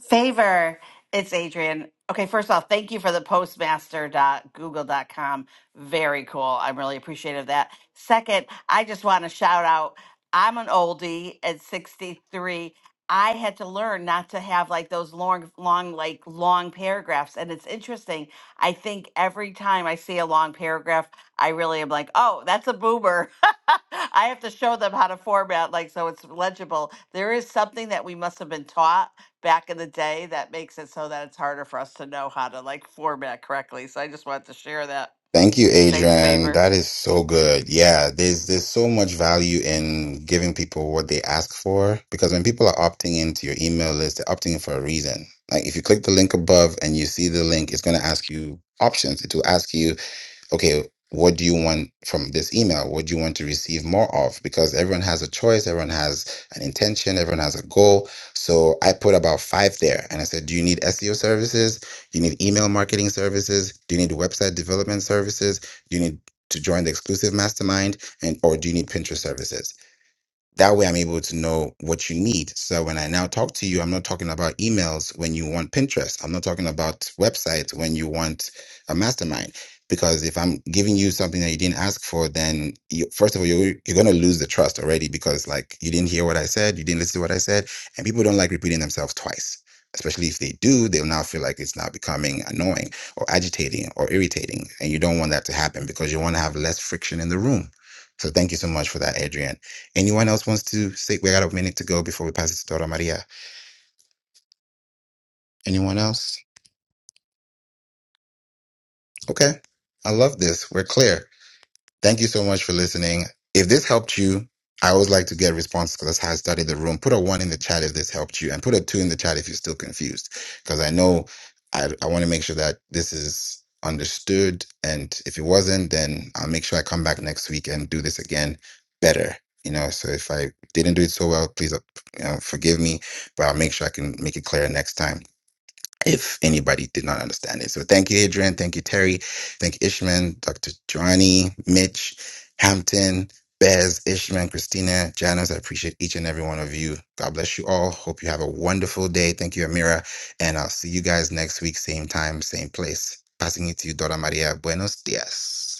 [SPEAKER 17] Favor, it's Adrian. Okay, first off, thank you for the postmaster dot dot google dot com. Very cool. I'm really appreciative of that. Second, I just want to shout out I'm an oldie at 63. I had to learn not to have like those long, long, like long paragraphs. And it's interesting. I think every time I see a long paragraph, I really am like, oh, that's a boomer. I have to show them how to format, like, so it's legible. There is something that we must have been taught back in the day that makes it so that it's harder for us to know how to like format correctly. So I just wanted to share that.
[SPEAKER 16] Thank you,
[SPEAKER 17] Thanks,
[SPEAKER 16] Adrian.
[SPEAKER 17] Favor.
[SPEAKER 16] That is so good. Yeah, there's there's so much value in giving people what they ask for because when people are opting into your email list, they're opting in for a reason. Like if you click the link above and you see the link, it's going to ask you options. It will ask you okay, what do you want from this email? What do you want to receive more of? Because everyone has a choice, everyone has an intention, everyone has a goal. So I put about five there and I said, Do you need SEO services? Do you need email marketing services? Do you need website development services? Do you need to join the exclusive mastermind? And or do you need Pinterest services? That way, I'm able to know what you need. So when I now talk to you, I'm not talking about emails when you want Pinterest. I'm not talking about websites when you want a mastermind. Because if I'm giving you something that you didn't ask for, then you, first of all, you're, you're going to lose the trust already because like you didn't hear what I said, you didn't listen to what I said, and people don't like repeating themselves twice. Especially if they do, they'll now feel like it's now becoming annoying or agitating or irritating. And you don't want that to happen because you want to have less friction in the room. So thank you so much for that, Adrian. Anyone else wants to say? We got a minute to go before we pass it to Dora Maria. Anyone else? Okay. I love this. We're clear. Thank you so much for listening. If this helped you, I always like to get responses because that's how I study the room. Put a one in the chat if this helped you, and put a two in the chat if you're still confused, because I know I, I want to make sure that this is understood. And if it wasn't, then I'll make sure I come back next week and do this again better. You know, so if I didn't do it so well, please uh, you know, forgive me, but I'll make sure I can make it clear next time if anybody did not understand it. So thank you, Adrian. Thank you, Terry. Thank you, Ishman, Dr. Johnny, Mitch, Hampton, Bez, Ishman, Christina, Janice. I appreciate each and every one of you. God bless you all. Hope you have a wonderful day. Thank you, Amira. And I'll see you guys next week, same time, same place. Passing it to you, Dora Maria. Buenos dias.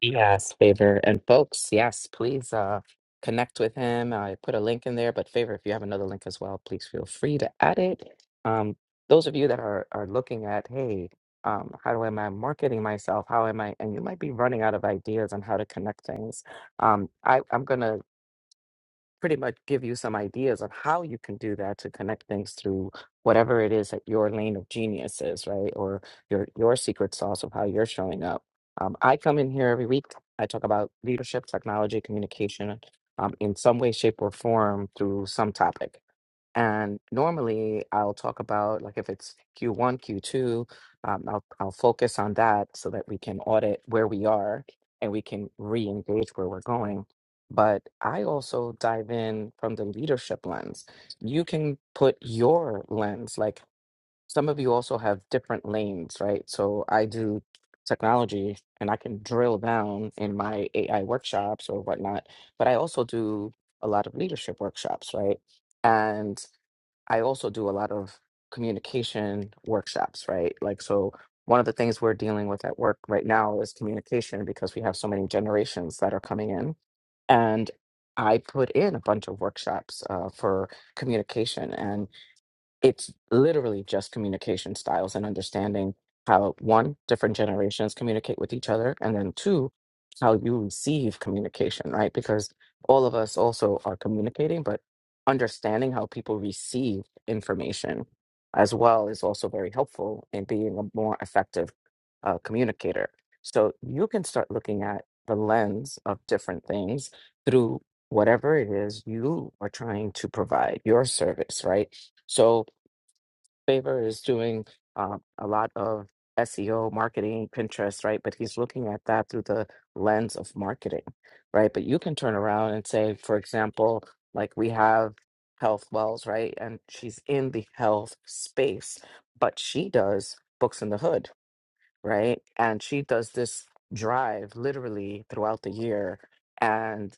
[SPEAKER 18] Yes, favor. And folks, yes, please uh connect with him. I put a link in there, but favor, if you have another link as well, please feel free to add it. Um, those of you that are are looking at, hey, um, how do am I marketing myself? How am I? And you might be running out of ideas on how to connect things. Um, I, I'm gonna pretty much give you some ideas of how you can do that to connect things through whatever it is that your lane of genius is, right? Or your your secret sauce of how you're showing up. Um, I come in here every week. I talk about leadership, technology, communication, um, in some way, shape, or form through some topic. And normally I'll talk about like if it's Q1, Q2, um, I'll I'll focus on that so that we can audit where we are and we can re-engage where we're going. But I also dive in from the leadership lens. You can put your lens, like some of you also have different lanes, right? So I do technology and I can drill down in my AI workshops or whatnot, but I also do a lot of leadership workshops, right? And I also do a lot of communication workshops, right? Like, so one of the things we're dealing with at work right now is communication because we have so many generations that are coming in. And I put in a bunch of workshops uh, for communication it's literally just communication styles and understanding how one different generations communicate with each other and then two how you receive communication right because all of us also are communicating but understanding how people receive information as well is also very helpful in being a more effective uh, communicator so you can start looking at the lens of different things through whatever it is you are trying to provide your service right so favor is doing um, a lot of SEO, marketing, Pinterest, right? But he's looking at that through the lens of marketing, right? But you can turn around and say, for example, like we have Health Wells, right? And she's in the health space, but she does books in the hood right? And she does this drive literally throughout the year. And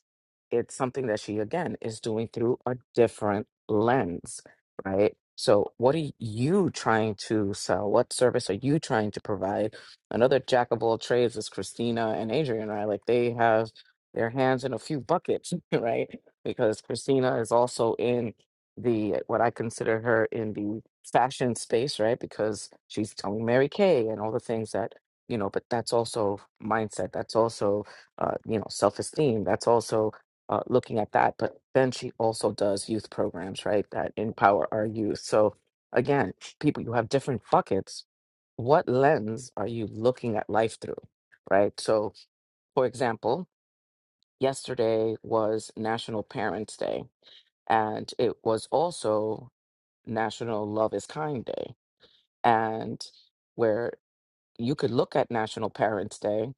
[SPEAKER 18] it's something that she, again, is doing through a different lens, right? So, what are you trying to sell? What service are you trying to provide? Another jack of all trades is Christina and Adrian, right? Like they have their hands in a few buckets, right? Because Christina is also in the what I consider her in the fashion space, right? Because she's telling Mary Kay and all the things that you know. But that's also mindset. That's also uh, you know self esteem. That's also uh, looking at that. But then she also does youth programs, right? That empower our youth. So again, people, you have different buckets. What lens are you looking at life through, right? So, for example, yesterday was National Parents Day, and it was also National Love is Kind Day and where you could look at National Parents Day.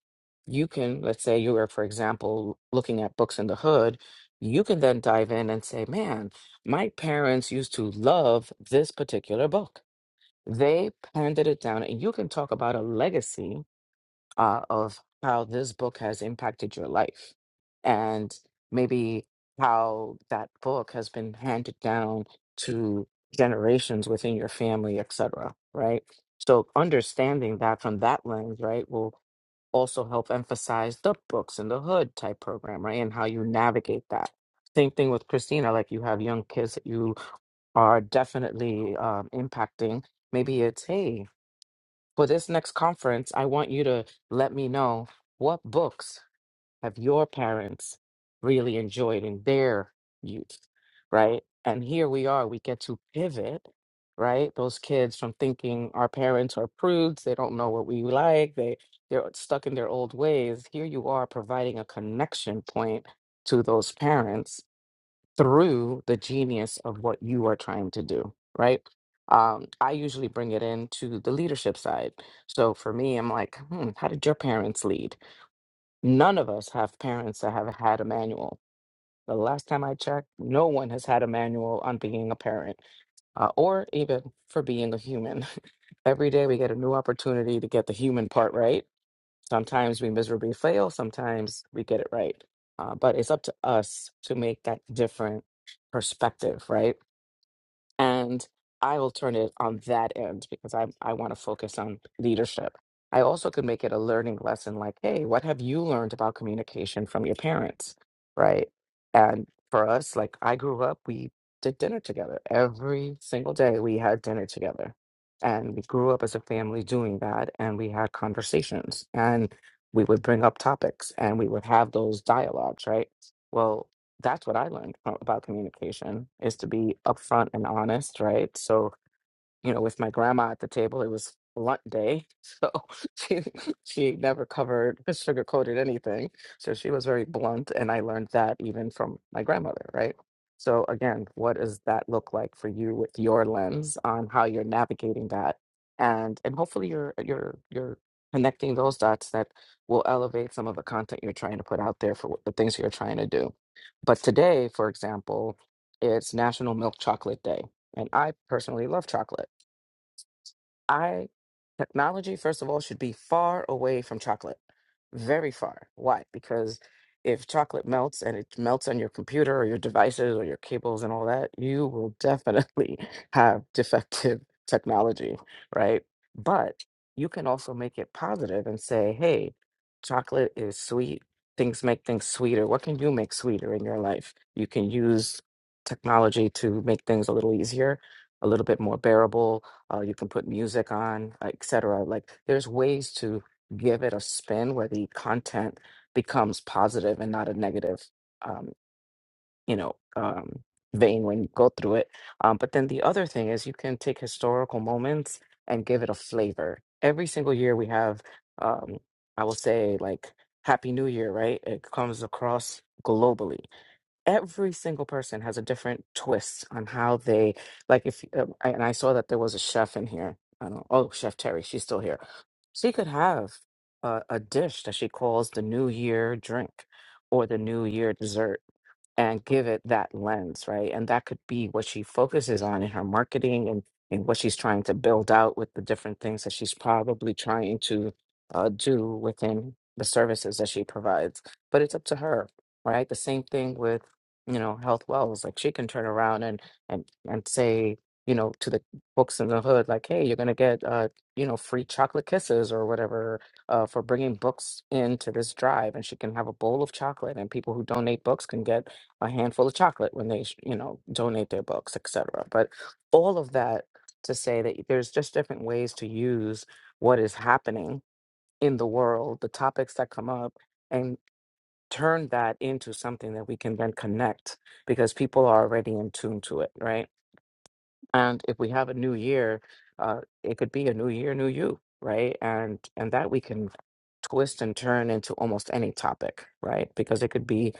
[SPEAKER 18] You can, let's say you were, for example, looking at books in the hood, you can then dive in and say, man, my parents used to love this particular book. They handed it down, and you can talk about a legacy uh, of how this book has impacted your life and maybe how that book has been handed down to generations within your family etc right so understanding that from that lens right will also help emphasize the books in the hood type program right and how you navigate that same thing with christina like you have young kids that you are definitely um, impacting maybe it's hey for this next conference, I want you to let me know what books have your parents really enjoyed in their youth, right? And here we are, we get to pivot, right? Those kids from thinking our parents are prudes, they don't know what we like, they they're stuck in their old ways. Here you are providing a connection point to those parents through the genius of what you are trying to do, right? Um, I usually bring it into the leadership side. So for me, I'm like, hmm, how did your parents lead? None of us have parents that have had a manual. The last time I checked, no one has had a manual on being a parent uh, or even for being a human. Every day we get a new opportunity to get the human part right Sometimes we miserably fail, sometimes we get it right. Uh, but it's up to us to make that different perspective, right? and I will turn it on that end because I I want to focus on leadership. I also could make it a learning lesson like, hey, what have you learned about communication from your parents? Right. And for us, like I grew up, we did dinner together every single day. We had dinner together. And we grew up as a family doing that. And we had conversations and we would bring up topics and we would have those dialogues, right? Well, that's what I learned a- about communication is to be upfront and honest, right? So you know, with my grandma at the table, it was blunt day. So she she never covered sugar coated anything. So she was very blunt and I learned that even from my grandmother, right? So again, what does that look like for you with your lens on how you're navigating that? And and hopefully you're you're you're connecting those dots that will elevate some of the content you're trying to put out there for what- the things you're trying to do. But today, for example, it's National Milk Chocolate Day. And I personally love chocolate. I technology, first of all, should be far away from chocolate. Very far. Why? Because if chocolate melts and it melts on your computer or your devices or your cables and all that, you will definitely have defective technology, right? But you can also make it positive and say, hey, chocolate is sweet. Things make things sweeter. What can you make sweeter in your life? You can use technology to make things a little easier, a little bit more bearable, uh, you can put music on, etc. Like there's ways to give it a spin where the content becomes positive and not a negative, um, you know, um, vein when you go through it. Um, but then the other thing is you can take historical moments and give it a flavor. Every single year we have, um, I will say, like Happy New Year, right? It comes across globally every single person has a different twist on how they like if um, I- and i saw that there was a chef in here i don't oh chef terry she's still here she could have a, a dish that she calls the new year drink or the new year dessert and give it that lens, right? And that could be what she focuses on in her marketing and, and what she's trying to build out with the different things that she's probably trying to uh, do within the services that she provides. But it's up to her, right? The same thing with you know health wells like she can turn around and and and say you know to the folks in the hood like hey you're gonna get uh you know free chocolate kisses or whatever uh for bringing books into this drive and she can have a bowl of chocolate and people who donate books can get a handful of chocolate when they, sh- you know, donate their books, etc. But all of that to say that there's just different ways to use what is happening in the world, the topics that come up, and turn that into something that we can then connect because people are already in tune to it, right? and if we have a new year uh, it could be a new year new you right and and that we can twist and turn into almost any topic right because it could be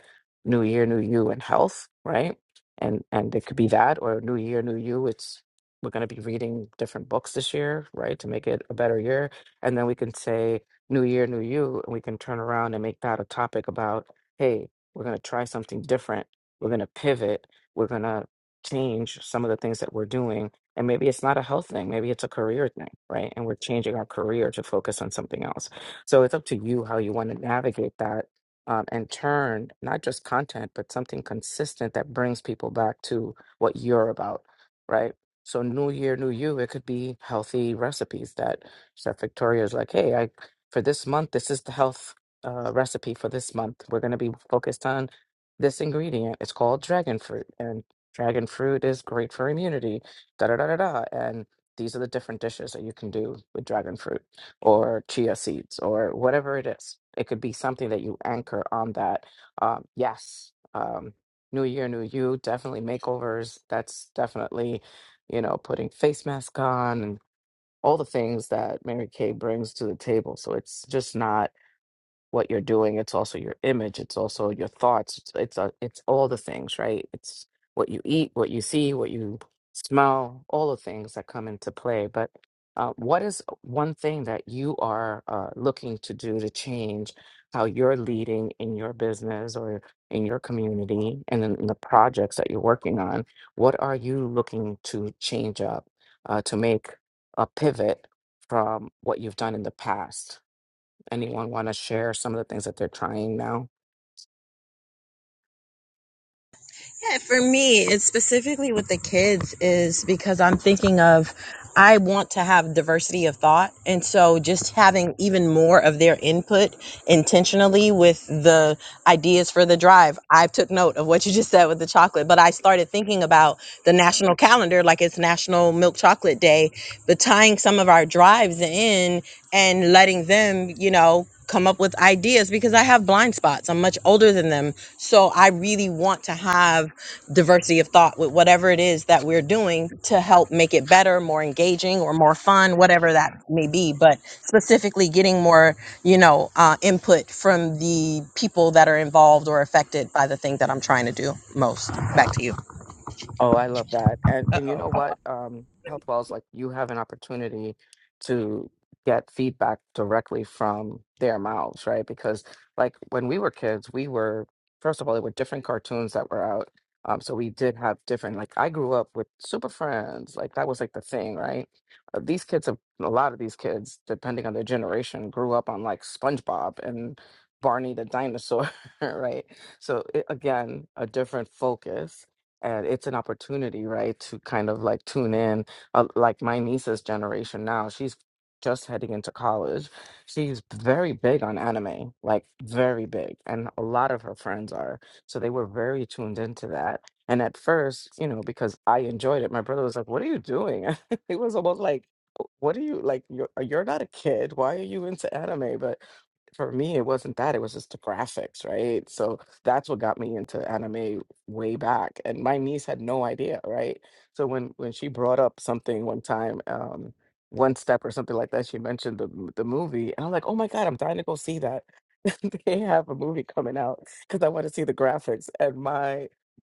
[SPEAKER 18] new year new you and health right and and it could be that or new year new you it's we're going to be reading different books this year right to make it a better year and then we can say new year new you and we can turn around and make that a topic about hey we're going to try something different we're going to pivot we're going to change some of the things that we're doing. And maybe it's not a health thing, maybe it's a career thing, right? And we're changing our career to focus on something else. So it's up to you how you want to navigate that um, and turn not just content, but something consistent that brings people back to what you're about, right? So, new year, new you, it could be healthy recipes that Chef Victoria is like, hey, I for this month, this is the health uh, recipe for this month. We're going to be focused on this ingredient. It's called dragon fruit. and Dragon fruit is great for immunity. Da da da da da. And these are the different dishes that you can do with dragon fruit or chia seeds or whatever it is. It could be something that you anchor on that. Um, yes, um, new year, new you. Definitely makeovers. That's definitely, you know, putting face mask on and all the things that Mary Kay brings to the table. So it's just not what you're doing it's also your image it's also your thoughts it's it's, a, it's all the things right it's what you eat what you see what you smell all the things that come into play but uh, what is one thing that you are uh, looking to do to change how you're leading in your business or in your community and in the projects that you're working on what are you looking to change up uh, to make a pivot from what you've done in the past anyone want to share some of the things that they're trying now?
[SPEAKER 19] Yeah, for me, it's specifically with the kids is because I'm thinking of I want to have diversity of thought. And so just having even more of their input intentionally with the ideas for the drive. I took note of what you just said with the chocolate, but I started thinking about the national calendar like it's National Milk Chocolate Day, but tying some of our drives in and letting them, you know, come up with ideas because I have blind spots. I'm much older than them. So I really want to have diversity of thought with whatever it is that we're doing to help make it better, more engaging, or more fun, whatever that may be. But specifically, getting more, you know, uh, input from the people that are involved or affected by the thing that I'm trying to do most. Back to you.
[SPEAKER 18] Oh, I love that. And and you know what? Um, Health Wells, like you have an opportunity to get feedback directly from their mouths, right? Because like when we were kids, we were first of all, there were different cartoons that were out. Um, so we did have different like I grew up with Super Friends, like that was like the thing, right? Uh, these kids have a lot of these kids, depending on their generation, grew up on like SpongeBob and Barney the dinosaur, right? So it, again, a different focus and it's an opportunity right to kind of like tune in uh, like my niece's generation now she's just heading into college she's very big on anime like very big and a lot of her friends are so they were very tuned into that and at first you know because i enjoyed it my brother was like what are you doing it was almost like "Oh, what are you like you're, you're not a kid why are you into anime but for me it wasn't that it was just the graphics right so that's what got me into anime way back and my niece had no idea right so when when she brought up something one time um one step or something like that she mentioned the m- the movie and i'm like oh my god i'm dying to go see that they have a movie coming out because i want to see the graphics and my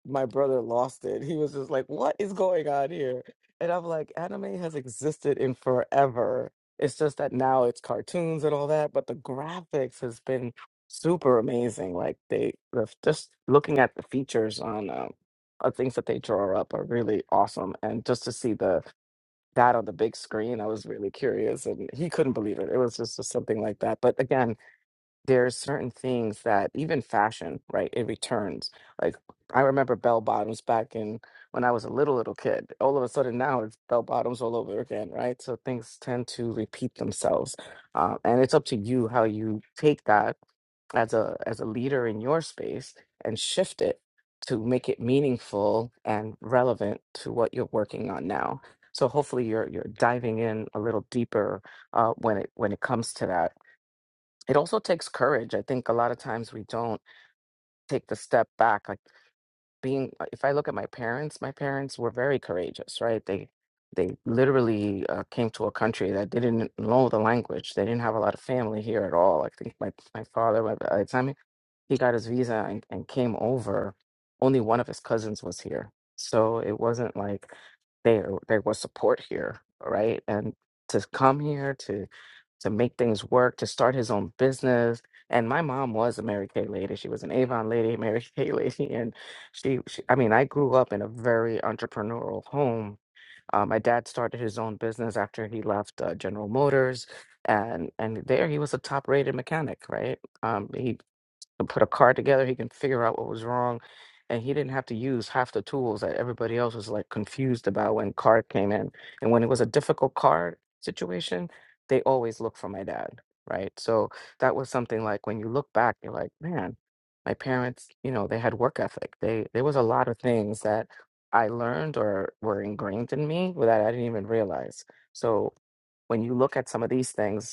[SPEAKER 18] my brother lost it he was just like what is going on here and i'm like anime has existed in forever it's just that now it's cartoons and all that but the graphics has been super amazing. Like they the just looking at the features on um, uh, things that they draw up are really awesome, and just to see the that on the big screen, I was really curious, and he couldn't believe it. It was just, just something like that. But again, there's certain things that even fashion, right? It returns. Like I remember bell bottoms back in when I was a little little kid. All of a sudden now it's bell bottoms all over again, right? So things tend to repeat themselves, uh, and it's up to you how you take that as a as a leader in your space and shift it to make it meaningful and relevant to what you're working on now. So hopefully you're you're diving in a little deeper uh, when it when it comes to that. It also takes courage. I think a lot of times we don't take the step back. Like being, uh, if I look at my parents, my parents were very courageous, right? They they literally uh, came to a country that didn't know the language. They didn't have a lot of family here at all. I think my my father, by the time he got his visa and, and came over, only one of his cousins was here. So it wasn't like there there was support here, right? And to come here to to make things work, to start his own business. And my mom was a Mary Kay lady. She was an Avon lady, Mary Kay lady, and she, she I mean, I grew up in a very entrepreneurial home. Uh, my dad started his own business after he left uh, General Motors, and and there he was a top-rated mechanic, right? Um, he and put a car together. He can figure out what was wrong. And he didn't have to use half the tools that everybody else was like confused about when car came in. And when it was a difficult car situation, they always look for my dad. Right. So that was something like when you look back, you're like, man, my parents, you know, they had work ethic. They there was a lot of things that I learned or were ingrained in me that I didn't even realize. So when you look at some of these things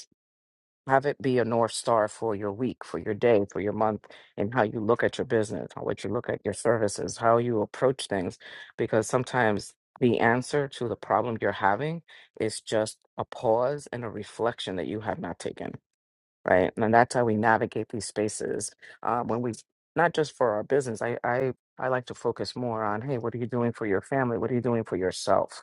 [SPEAKER 18] have it be a North Star for your week, for your day, for your month, and how you look at your business, how what you look at your services, how you approach things. Because sometimes the answer to the problem you're having is just a pause and a reflection that you have not taken right? And that's how we navigate these spaces. Uh, when we, not just for our business, I, I, I like to focus more on, hey, what are you doing for your family? What are you doing for yourself,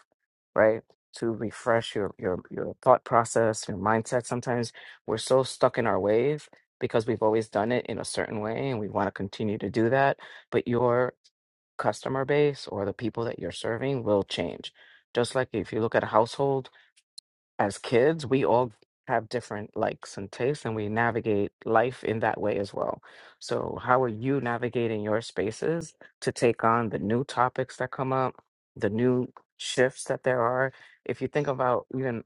[SPEAKER 18] right? To refresh your your your thought process, your mindset. Sometimes we're so stuck in our ways because we've always done it in a certain way, and we want to continue to do that. But your customer base or the people that you're serving will change. Just like if you look at a household as kids, we all have different likes and tastes, and we navigate life in that way as well. So, how are you navigating your spaces to take on the new topics that come up, the new shifts that there are? If you think about even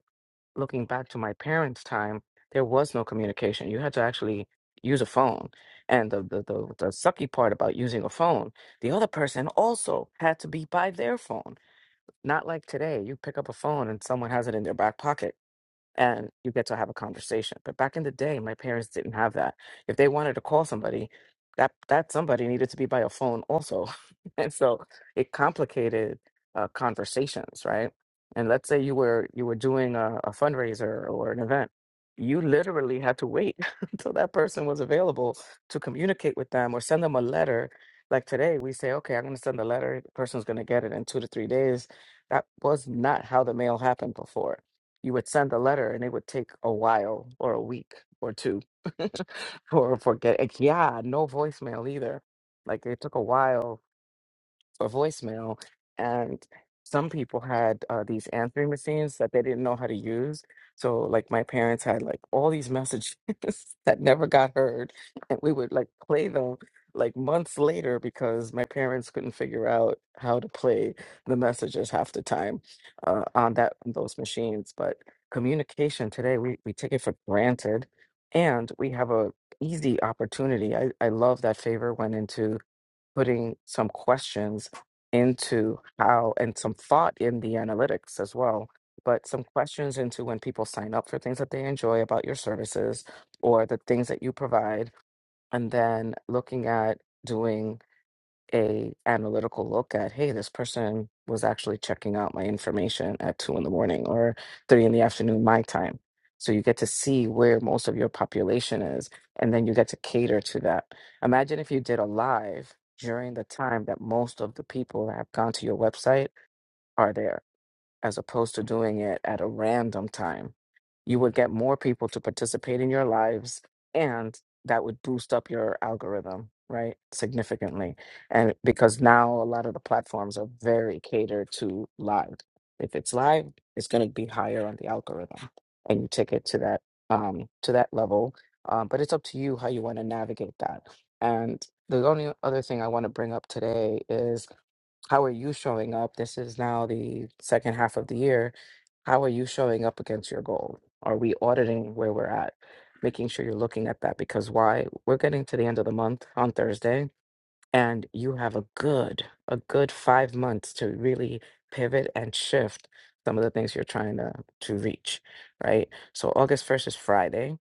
[SPEAKER 18] looking back to my parents' time, there was no communication. You had to actually use a phone. And the, the, the, the sucky part about using a phone, the other person also had to be by their phone. Not like today, you pick up a phone and someone has it in their back pocket and you get to have a conversation. But back in the day, my parents didn't have that. If they wanted to call somebody, that that somebody needed to be by a phone also. and so it complicated uh, conversations, right? And let's say you were you were doing a, a fundraiser or an event, you literally had to wait until that person was available to communicate with them or send them a letter. Like today, we say, okay, I'm going to send a letter. The person's going to get it in two to three days. That was not how the mail happened before you would send the letter and it would take a while or a week or two for for get like, yeah no voicemail either like it took a while for voicemail. And some people had uh, these answering machines that they didn't know how to use. So, like, my parents had like all these messages that never got heard. And we would like play them like months later because my parents couldn't figure out how to play the messages half the time uh, on that on those machines. But communication today, we, we take it for granted. And we have a easy opportunity. I, I love that favor went into putting some questions into how and some thought in the analytics as well but some questions into when people sign up for things that they enjoy about your services or the things that you provide and then looking at doing a analytical look at hey this person was actually checking out my information at two in the morning or three in the afternoon my time so you get to see where most of your population is and then you get to cater to that imagine if you did a live during the time that most of the people that have gone to your website are there as opposed to doing it at a random time. You would get more people to participate in your lives, and that would boost up your algorithm, right? Significantly. And because now a lot of the platforms are very catered to live. If it's live, it's going to be higher on the algorithm, and you take it to that um, to that level. Um, but it's up to you how you want to navigate that. And the only other thing I want to bring up today is how are you showing up? This is now the second half of the year. How are you showing up against your goal? Are we auditing where we're at? Making sure you're looking at that because why? We're getting to the end of the month on Thursday, and you have a good, a good five months to really pivot and shift some of the things you're trying to to reach, right? So August 1st is Friday.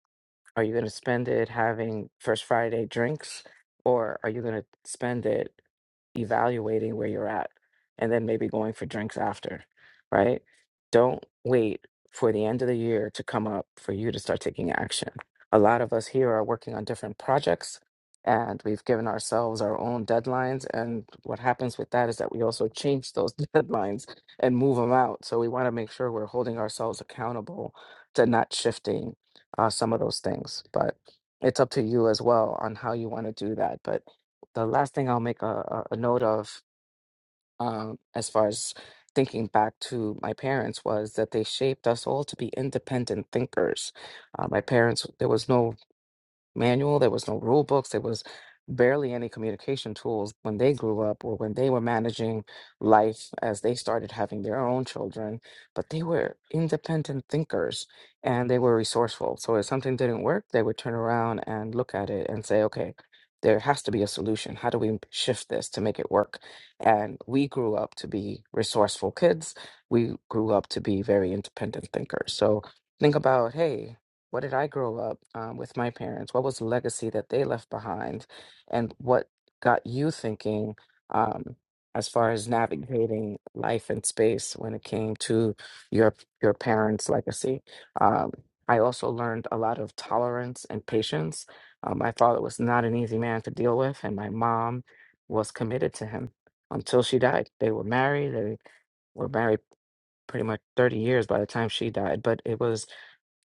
[SPEAKER 18] Are you going to spend it having first Friday drinks or are you going to spend it evaluating where you're at and then maybe going for drinks after, right? Don't wait for the end of the year to come up for you to start taking action. A lot of us here are working on different projects and we've given ourselves our own deadlines. And what happens with that is that we also change those deadlines and move them out. So we want to make sure we're holding ourselves accountable to not shifting uh, some of those things. But it's up to you as well on how you want to do that. But the last thing I'll make a, a a note of, um, as far as thinking back to my parents, was that they shaped us all to be independent thinkers. Uh, my parents, there was no manual, there was no rule books, there was barely any communication tools when they grew up or when they were managing life as they started having their own children. But they were independent thinkers and they were resourceful. So if something didn't work, they would turn around and look at it and say, okay, there has to be a solution. How do we shift this to make it work? And we grew up to be resourceful kids. We grew up to be very independent thinkers. So think about, hey, what did I grow up um, with my parents? What was the legacy that they left behind? And what got you thinking um, as far as navigating life and space when it came to your your parents' legacy? Um, I also learned a lot of tolerance and patience. Uh, my father was not an easy man to deal with, and my mom was committed to him until she died. They were married. They were married pretty much 30 years by the time she died, but it was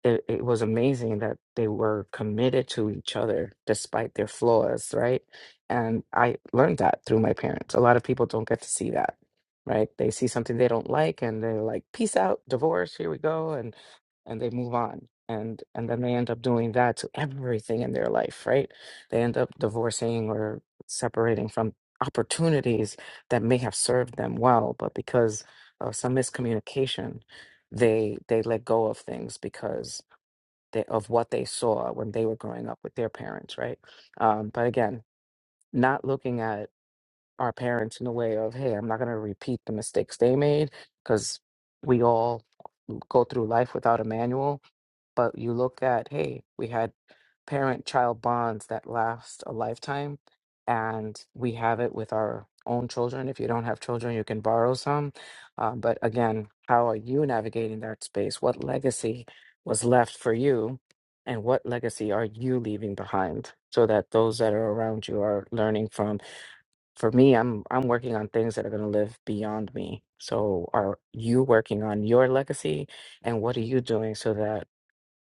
[SPEAKER 18] it, it was amazing that they were committed to each other despite their flaws, right? And I learned that through my parents. A lot of people don't get to see that, right? They see something they don't like and they're like, peace out, divorce, here we go. And and they move on and and then they end up doing that to everything in their life right they end up divorcing or separating from opportunities that may have served them well but because of some miscommunication they they let go of things because they, of what they saw when they were growing up with their parents, right? Um, but again, not looking at our parents in a way of, hey, I'm not going to repeat the mistakes they made because we all go through life without a manual. But you look at, hey, we had parent child bonds that last a lifetime. And we have it with our own children. If you don't have children, you can borrow some. Um, but again, how are you navigating that space? What legacy was left for you? And what legacy are you leaving behind so that those that are around you are learning from? For me, I'm I'm working on things that are going to live beyond me. So are you working on your legacy and what are you doing so that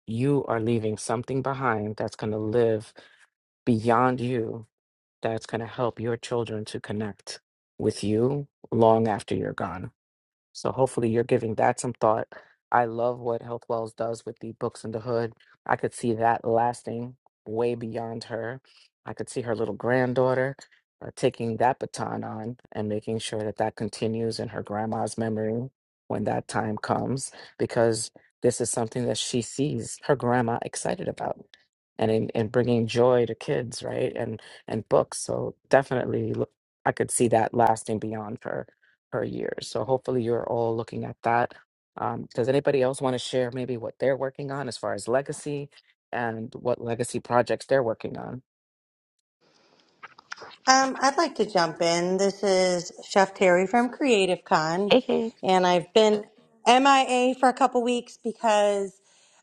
[SPEAKER 18] you are leaving something behind that's going to live beyond you that's going to help your children to connect with you long after you're gone. So hopefully you're giving that some thought. I love what Health Wells does with the books in the hood. I could see that lasting way beyond her. I could see her little granddaughter uh, taking that baton on and making sure that that continues in her grandma's memory when that time comes, because this is something that she sees her grandma excited about and in, and bringing joy to kids, right? And and books. So definitely, look, I could see that lasting beyond her per year. So hopefully you're all looking at that. Um, does anybody else want to share maybe what they're working on as far as legacy and what legacy projects they're working on?
[SPEAKER 20] Um, I'd like to jump in. This is Chef Terry from Creative Con, and I've been MIA for a couple weeks because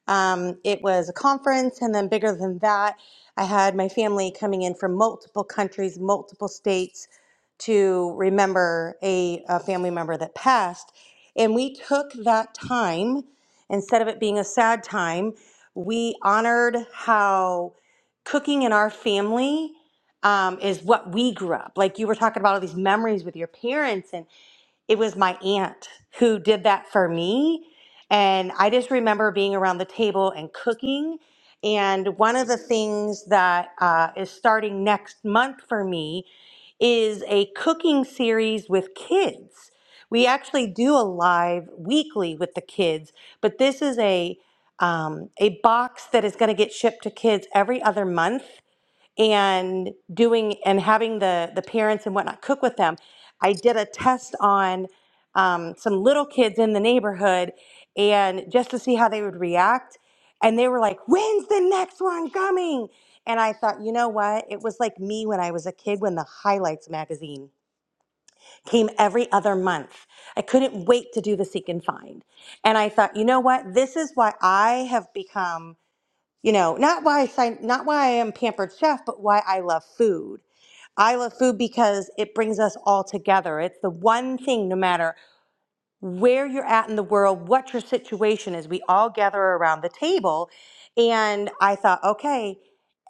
[SPEAKER 20] um, it was a conference, and then bigger than that, I had my family coming in from multiple countries, multiple states to remember a, a family member that passed. And we took that time, instead of it being a sad time, we honored how cooking in our family um, is what we grew up. Like you were talking about all these memories with your parents, and it was my aunt who did that for me. And I just remember being around the table and cooking. And one of the things that uh, is starting next month for me is a cooking series with kids. We actually do a live weekly with the kids, but this is a um, a box that is going to get shipped to kids every other month and doing and having the the parents and whatnot cook with them i did a test on um, some little kids in the neighborhood and just to see how they would react and they were like when's the next one coming and i thought you know what it was like me when i was a kid when the highlights magazine came every other month i couldn't wait to do the seek and find and i thought you know what this is why i have become you know, not why I sign, not why I am pampered chef, but why I love food. I love food because it brings us all together. It's the one thing, no matter where you're at in the world, what your situation is. We all gather around the table. And I thought, okay,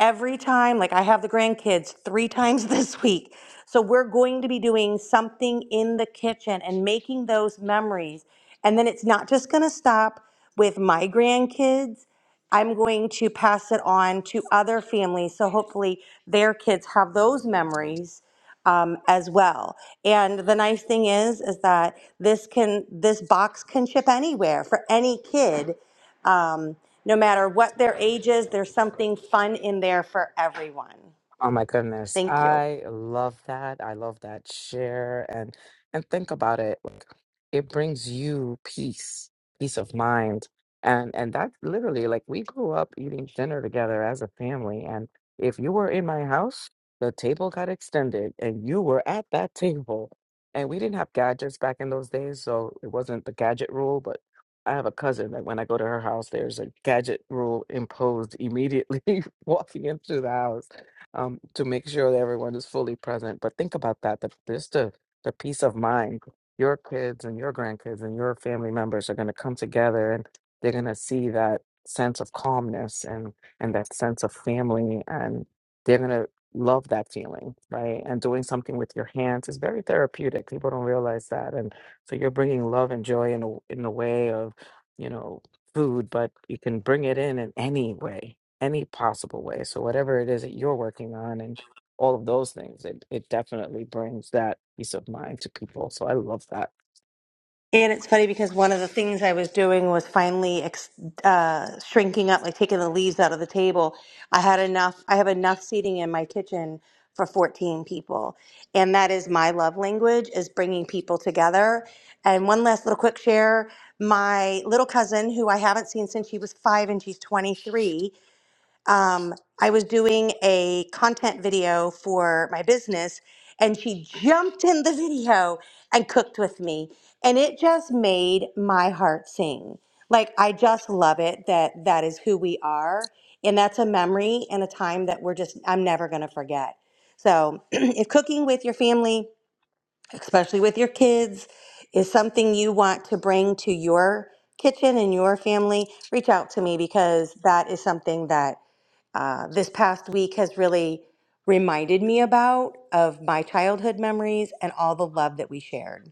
[SPEAKER 20] every time, like I have the grandkids three times this week. So we're going to be doing something in the kitchen and making those memories. And then it's not just going to stop with my grandkids. I'm going to pass it on to other families. So hopefully their kids have those memories um, as well. And the nice thing is, is that this can this box can ship anywhere for any kid, um, no matter what their age is. There's something fun in there for everyone.
[SPEAKER 18] Oh my goodness.
[SPEAKER 20] Thank you.
[SPEAKER 18] I love that. I love that share and and think about it. Like it brings you peace, peace of mind. And and that literally like we grew up eating dinner together as a family and if you were in my house, the table got extended and you were at that table. And we didn't have gadgets back in those days, so it wasn't the gadget rule, but I have a cousin that when I go to her house, there's a gadget rule imposed immediately walking into the house um, to make sure that everyone is fully present. But think about that, the, just the, the peace of mind. Your kids and your grandkids and your family members are going to come together and they're going to see that sense of calmness and, and that sense of family. And they're going to love that feeling, right? And doing something with your hands is very therapeutic. People don't realize that. And so you're bringing love and joy in, a, in the way of, you know, food, but you can bring it in in any way any possible way. So whatever it is that you're working on and all of those things, it, it definitely brings that peace of mind to people. So I love that.
[SPEAKER 20] And it's funny because one of the things I was doing was finally ex- uh, shrinking up, like taking the leaves out of the table. I had enough, I have enough seating in my kitchen for 14 people. And that is my love language is bringing people together. And one last little quick share, my little cousin who I haven't seen since she was 5 and she's 23 um, I was doing a content video for my business, and she jumped in the video and cooked with me. And it just made my heart sing. Like, I just love it that that is who we are. And that's a memory and a time that we're just, I'm never going to forget. So, if cooking with your family, especially with your kids, is something you want to bring to your kitchen and your family, reach out to me because that is something that uh, this past week has really reminded me about of my childhood memories and all the love that we shared.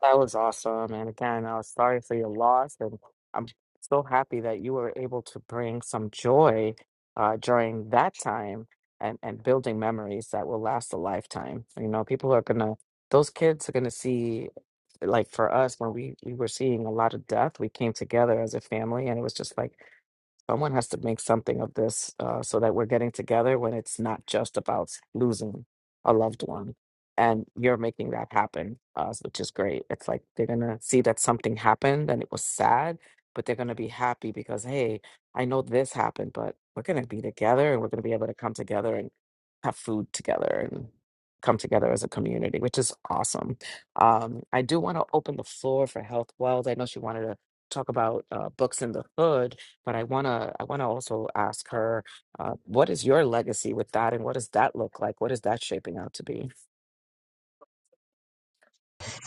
[SPEAKER 18] That was awesome. And again, I was sorry for your loss and I'm so happy that you were able to bring some joy uh, during that time and, and building memories that will last a lifetime. You know, people are gonna those kids are gonna see like for us when we we were seeing a lot of death we came together as a family and it was just like Someone has to make something of this uh, so that we're getting together when it's not just about losing a loved one. And you're making that happen, uh, which is great. It's like they're going to see that something happened and it was sad, but they're going to be happy because, hey, I know this happened, but we're going to be together and we're going to be able to come together and have food together and come together as a community, which is awesome. Um, I do want to open the floor for Health Wells. I know she wanted to talk about uh, books in the hood but I wanna I wanna also ask her, uh, what is your legacy with that, and what does that look like? What is that shaping out to be?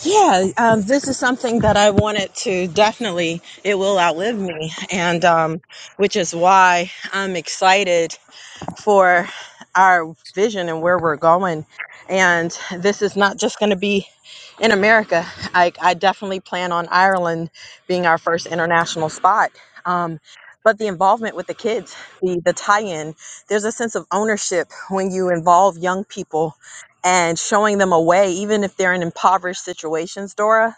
[SPEAKER 19] Yeah, um, this is something that I wanted to definitely. It will outlive me, and um, which is why I'm excited for our vision and where we're going. And this is not just going to be in America. I, I definitely plan on Ireland being our first international spot. Um, but the involvement with the kids, the, the tie in, there's a sense of ownership when you involve young people and showing them a way, even if they're in impoverished situations, Dora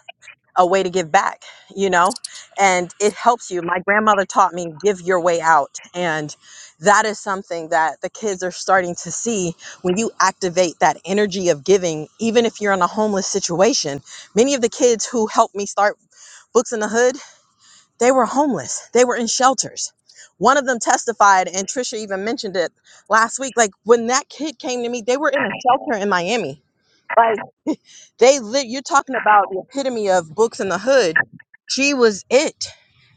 [SPEAKER 19] a way to give back, you know, and it helps you. My grandmother taught me give your way out. And that is something that the kids are starting to see when you activate that energy of giving, even if you're in a homeless situation. Many of the kids who helped me start Books in the Hood, they were homeless, they were in shelters. One of them testified, and Trisha even mentioned it last week. Like when that kid came to me, they were in a shelter in Miami Like, they live. You're talking about the epitome of books in the hood. She was it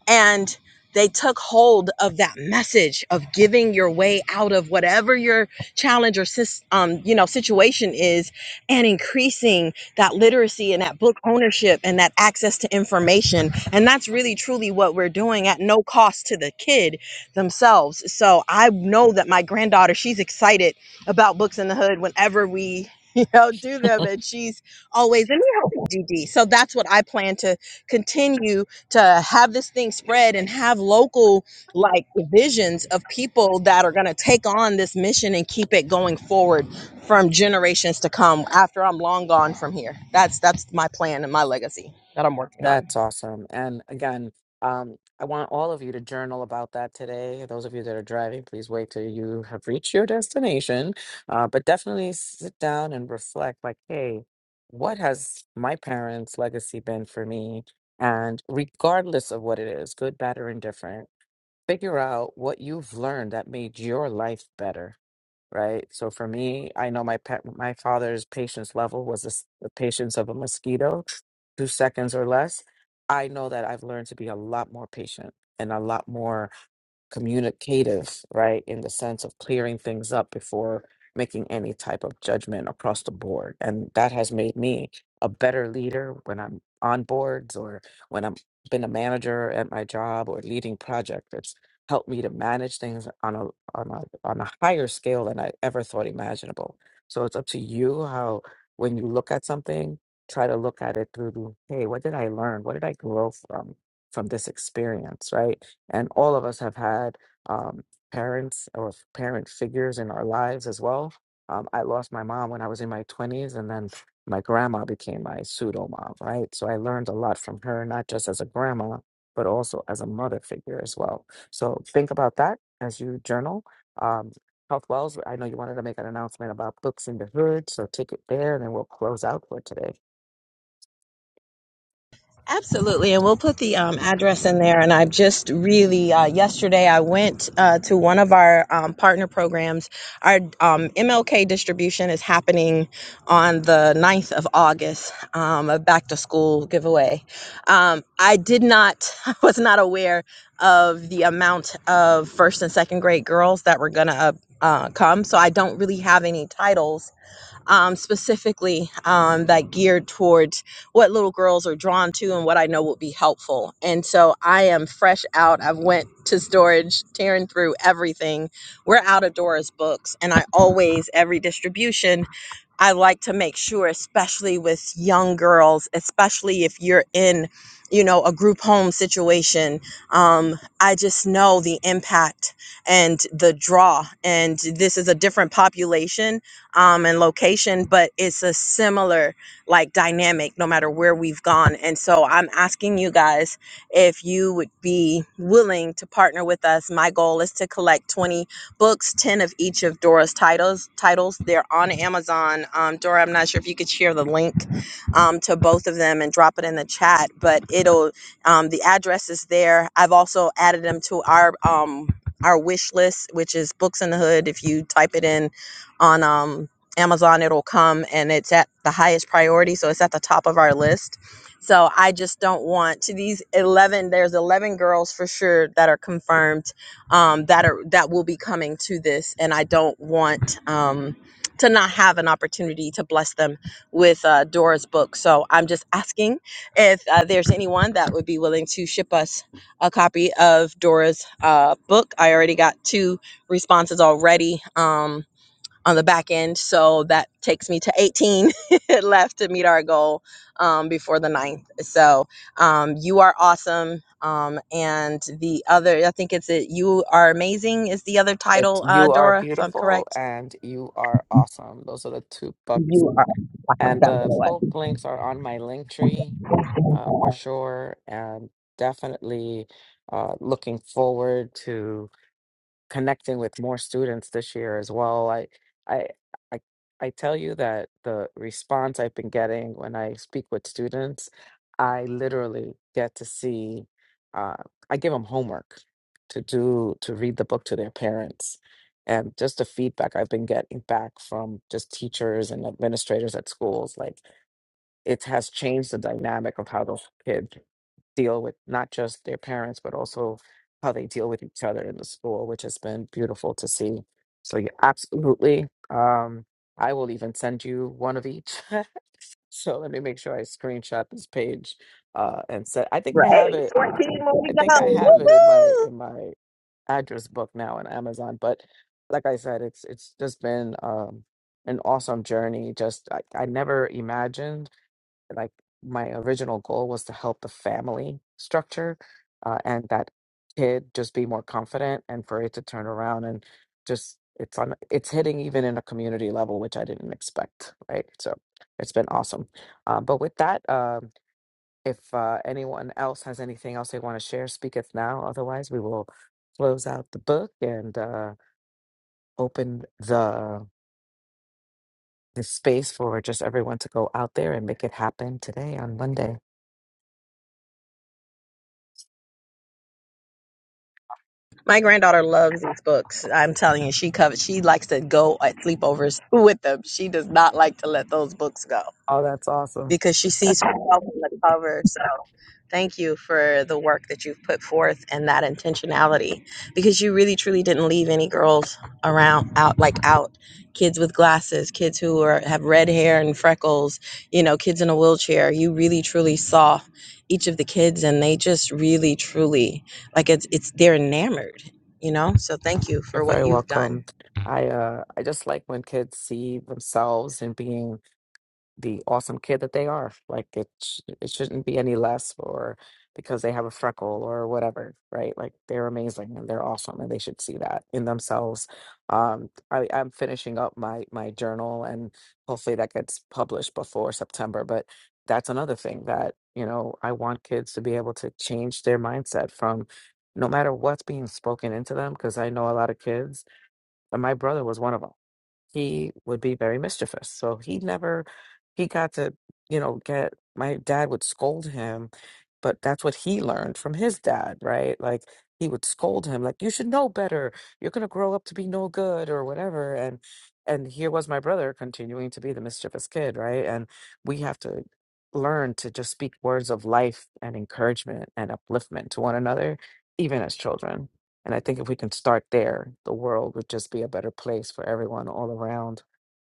[SPEAKER 19] and they took hold of that message of giving your way out of whatever your challenge or sis- um, you know situation is and increasing that literacy and that book ownership and that access to information and that's really truly what we're doing at no cost to the kid themselves so i know that my granddaughter she's excited about books in the hood whenever we you know do them and she's always in me help you, dd so that's what i plan to continue to have this thing spread and have local like divisions of people that are going to take on this mission and keep it going forward from generations to come after I'm long gone from here. That's that's my plan and my legacy that I'm working on.
[SPEAKER 18] That's awesome. And again, um, I want all of you to journal about that today. Those of you that are driving, please wait till you have reached your destination. Uh, but definitely sit down and reflect like, hey, what has my parents' legacy been for me? And regardless of what it is, good, bad, or indifferent, figure out what you've learned that made your life better, right? So for me, I know my pet, my father's patience level was the, s- the patience of a mosquito, two seconds or less. I know that I've learned to be a lot more patient and a lot more communicative, right, in the sense of clearing things up before making any type of judgment across the board. And that has made me a better leader when I'm on boards or when I'm been a manager at my job or leading project. It's helped me to manage things on a on a on a higher scale than I ever thought imaginable. So it's up to you how when you look at something, try to look at it through, hey, what did I learn? What did I grow from from this experience, right? and all of us have had um, parents or f- parent figures in our lives as well. Um, I lost my mom when I was in my 20s, and then my grandma became my pseudo mom, right? So I learned a lot from her, not just as a grandma, but also as a mother figure as well. So think about that as you journal. Um, Health Wells, I know you wanted to make an announcement about books in the hood, so take it there, and then we'll close out for today.
[SPEAKER 19] Absolutely, and we'll put the um, address in there. And I've just really uh, yesterday I went uh, to one of our um, partner programs. Our um, MLK distribution is happening on the ninth of August, um, a back to school giveaway. Um, I did not, I was not aware of the amount of first and second grade girls that were gonna uh, uh, come, so I don't really have any titles um, specifically um, that geared towards what little girls are drawn to and what I know will be helpful. And so I am fresh out. I've went to storage, tearing through everything. We're out of Dora's books, and I always every distribution I like to make sure, especially with young girls, especially if you're in, you know, a group home situation, um, I just know the impact and the draw. And this is a different population um, and location, but it's a similar like dynamic no matter where we've gone. And so I'm asking you guys if you would be willing to partner with us. My goal is to collect 20 books, 10 of each of Dora's titles. Titles They're on Amazon. Um, Dora, I'm not sure if you could share the link um, to both of them and drop it in the chat, but it'll um, the address is there. I've also added them to our um, our wish list, which is Books in the Hood. If you type it in on um, Amazon, it'll come, and it's at the highest priority, so it's at the top of our list. So I just don't want to these 11 there's 11 girls for sure that are confirmed um, that are that will be coming to this, and I don't want um, to not have an opportunity to bless them with uh, Dora's book. So I'm just asking if uh, there's anyone that would be willing to ship us a copy of Dora's uh, book. I already got two responses already. Um, on the back end. So that takes me to 18 left to meet our goal um, before the ninth. So um, you are awesome. Um, and the other, I think it's it, You Are Amazing is the other
[SPEAKER 18] It,
[SPEAKER 19] title, uh,
[SPEAKER 18] you are
[SPEAKER 19] Dora, if I'm
[SPEAKER 18] beautiful
[SPEAKER 19] correct.
[SPEAKER 18] and you are awesome. Those are the two books And the
[SPEAKER 19] What?
[SPEAKER 18] both links are on my link tree uh, for sure. And definitely uh, looking forward to connecting with more students this year as well. I, I, I, I tell you that the response I've been getting when I speak with students, I literally get to see, uh, I give them homework to do, to read the book to their parents. And just the feedback I've been getting back from just teachers and administrators at schools, like, it has changed the dynamic of how those kids deal with not just their parents, but also how they deal with each other in the school, which has been beautiful to see. So, yeah, absolutely. Um, I will even send you one of each. so let me make sure I screenshot this page uh, and set. I think I have
[SPEAKER 19] Right.
[SPEAKER 18] it.
[SPEAKER 19] 14 more to
[SPEAKER 18] I
[SPEAKER 19] go.
[SPEAKER 18] think I have it in my in my address book now in Amazon. But like I said, it's it's just been um, an awesome journey. Just I, I never imagined like my original goal was to help the family structure uh, and that kid just be more confident and for it to turn around and just it's on it's hitting even in a community level which i didn't expect right so it's been awesome uh, but with that um, if uh, anyone else has anything else they want to share speaketh now otherwise we will close out the book and uh, open the the space for just everyone to go out there and make it happen today on monday
[SPEAKER 19] My granddaughter loves these books. I'm telling you, she covers, she likes to go at sleepovers with them. She does not like to let those books go.
[SPEAKER 18] Oh, that's awesome.
[SPEAKER 19] because she sees herself on the cover. So thank you for the work that you've put forth and that intentionality because you really truly didn't leave any girls around out like out kids with glasses kids who are have red hair and freckles you know kids in a wheelchair you really truly saw each of the kids and they just really truly like it's it's they're enamored you know so thank you for
[SPEAKER 18] You're
[SPEAKER 19] what
[SPEAKER 18] very
[SPEAKER 19] you've done
[SPEAKER 18] welcome. I uh I just like when kids see themselves and being the awesome kid that they are. Like it, sh- it shouldn't be any less or because they have a freckle or whatever, right? Like they're amazing and they're awesome and they should see that in themselves. Um, I, I'm finishing up my my journal and hopefully that gets published before September. But that's another thing that you know I want kids to be able to change their mindset from no matter what's being spoken into them because I know a lot of kids and my brother was one of them he would be very mischievous. So he never, he got to, you know, get, my dad would scold him, but that's what he learned from his dad, right? Like he would scold him, like, you should know better. You're going to grow up to be no good or whatever. And, and here was my brother continuing to be the mischievous kid, right? And we have to learn to just speak words of life and encouragement and upliftment to one another, even as children. And I think if we can start there, the world would just be a better place for everyone all around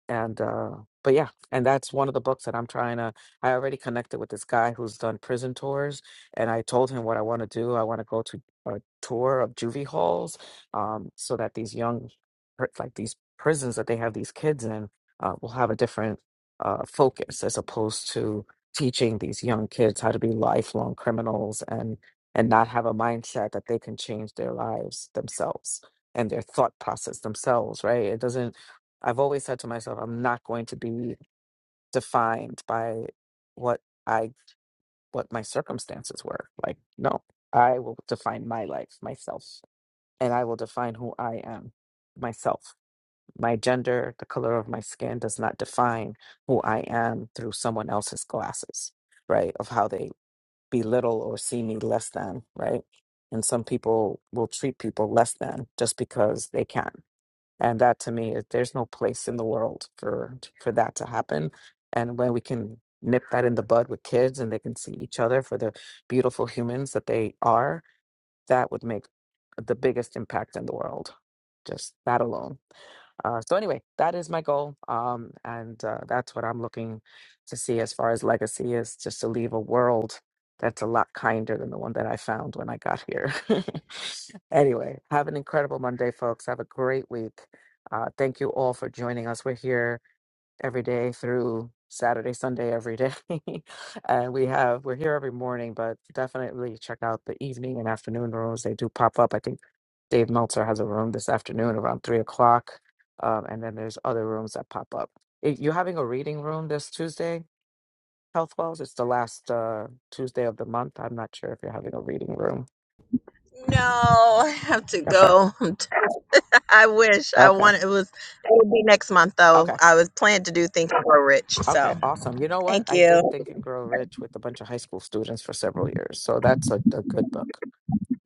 [SPEAKER 18] and uh but yeah and that's one of the books that i'm trying to i already connected with this guy who's done prison tours and i told him what i want to do i want to go to a tour of juvie halls um so that these young pri- like these prisons that they have these kids in uh, will have a different uh focus as opposed to teaching these young kids how to be lifelong criminals and and not have a mindset that they can change their lives themselves and their thought process themselves right it doesn't I've always said to myself, I'm not going to be defined by what I what my circumstances were. Like, no, I will define my life, myself, and I will define who I am, myself. My gender, the color of my skin does not define who I am through someone else's glasses, right? Of how they belittle or see me less than, right? And some people will treat people less than just because they can and that to me is there's no place in the world for for that to happen and when we can nip that in the bud with kids and they can see each other for the beautiful humans that they are that would make the biggest impact in the world just that alone uh, so anyway, that is my goal, um, and uh, that's what I'm looking to see as far as legacy is, just to leave a world that's a lot kinder than the one that I found when I got here. anyway, have an incredible Monday, folks. Have a great week. Uh, thank you all for joining us. We're here every day through Saturday, Sunday, every day. and we have we're here every morning, but definitely check out the evening and afternoon rooms. They do pop up. I think Dave Meltzer has a room this afternoon around three o'clock, um, and then there's other rooms that pop up. Eh, you having a reading room this Tuesday, Health Wells. It's the last uh, Tuesday of the month. I'm not sure if you're having a reading room.
[SPEAKER 19] no i have to
[SPEAKER 18] Okay.
[SPEAKER 19] go I wish I
[SPEAKER 18] Okay.
[SPEAKER 19] want it was it would be next month though.
[SPEAKER 18] Okay.
[SPEAKER 19] I was planning to do things for Rich.
[SPEAKER 18] Okay,
[SPEAKER 19] So
[SPEAKER 18] awesome. You know what?
[SPEAKER 19] thank
[SPEAKER 18] I did
[SPEAKER 19] you.
[SPEAKER 18] Think and Grow Rich with a bunch of high school students for several years. So that's a, a good book.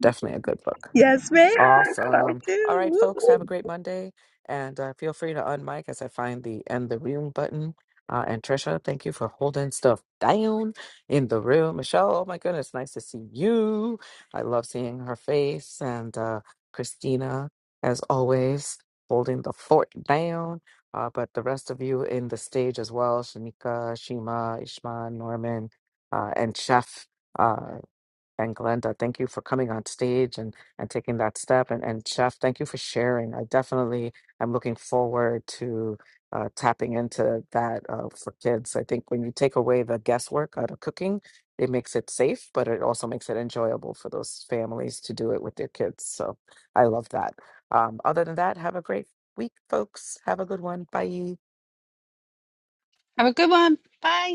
[SPEAKER 18] Definitely a good book.
[SPEAKER 19] Yes, ma'am.
[SPEAKER 18] Awesome. All right, folks, have a great Monday. And uh, feel free to unmic as I find the end the room button. Uh, and Trisha, thank you for holding stuff down in the room. Michelle, oh my goodness, nice to see you. I love seeing her face. And uh, Christina, as always, holding the fort down. Uh, but the rest of you in the stage as well Shanika, Shima, Ishma, Norman, uh, and Chef. uh, and Glenda, thank you for coming on stage and, and taking that step. And, and Chef, thank you for sharing. I definitely am looking forward to uh, tapping into that uh, for kids. I think when you take away the guesswork out of cooking, it makes it safe, but it also makes it enjoyable for those families to do it with their kids. So I love that. Um, other than that, have a great week, folks. Have a good one. Bye.
[SPEAKER 2] Have a good one. Bye.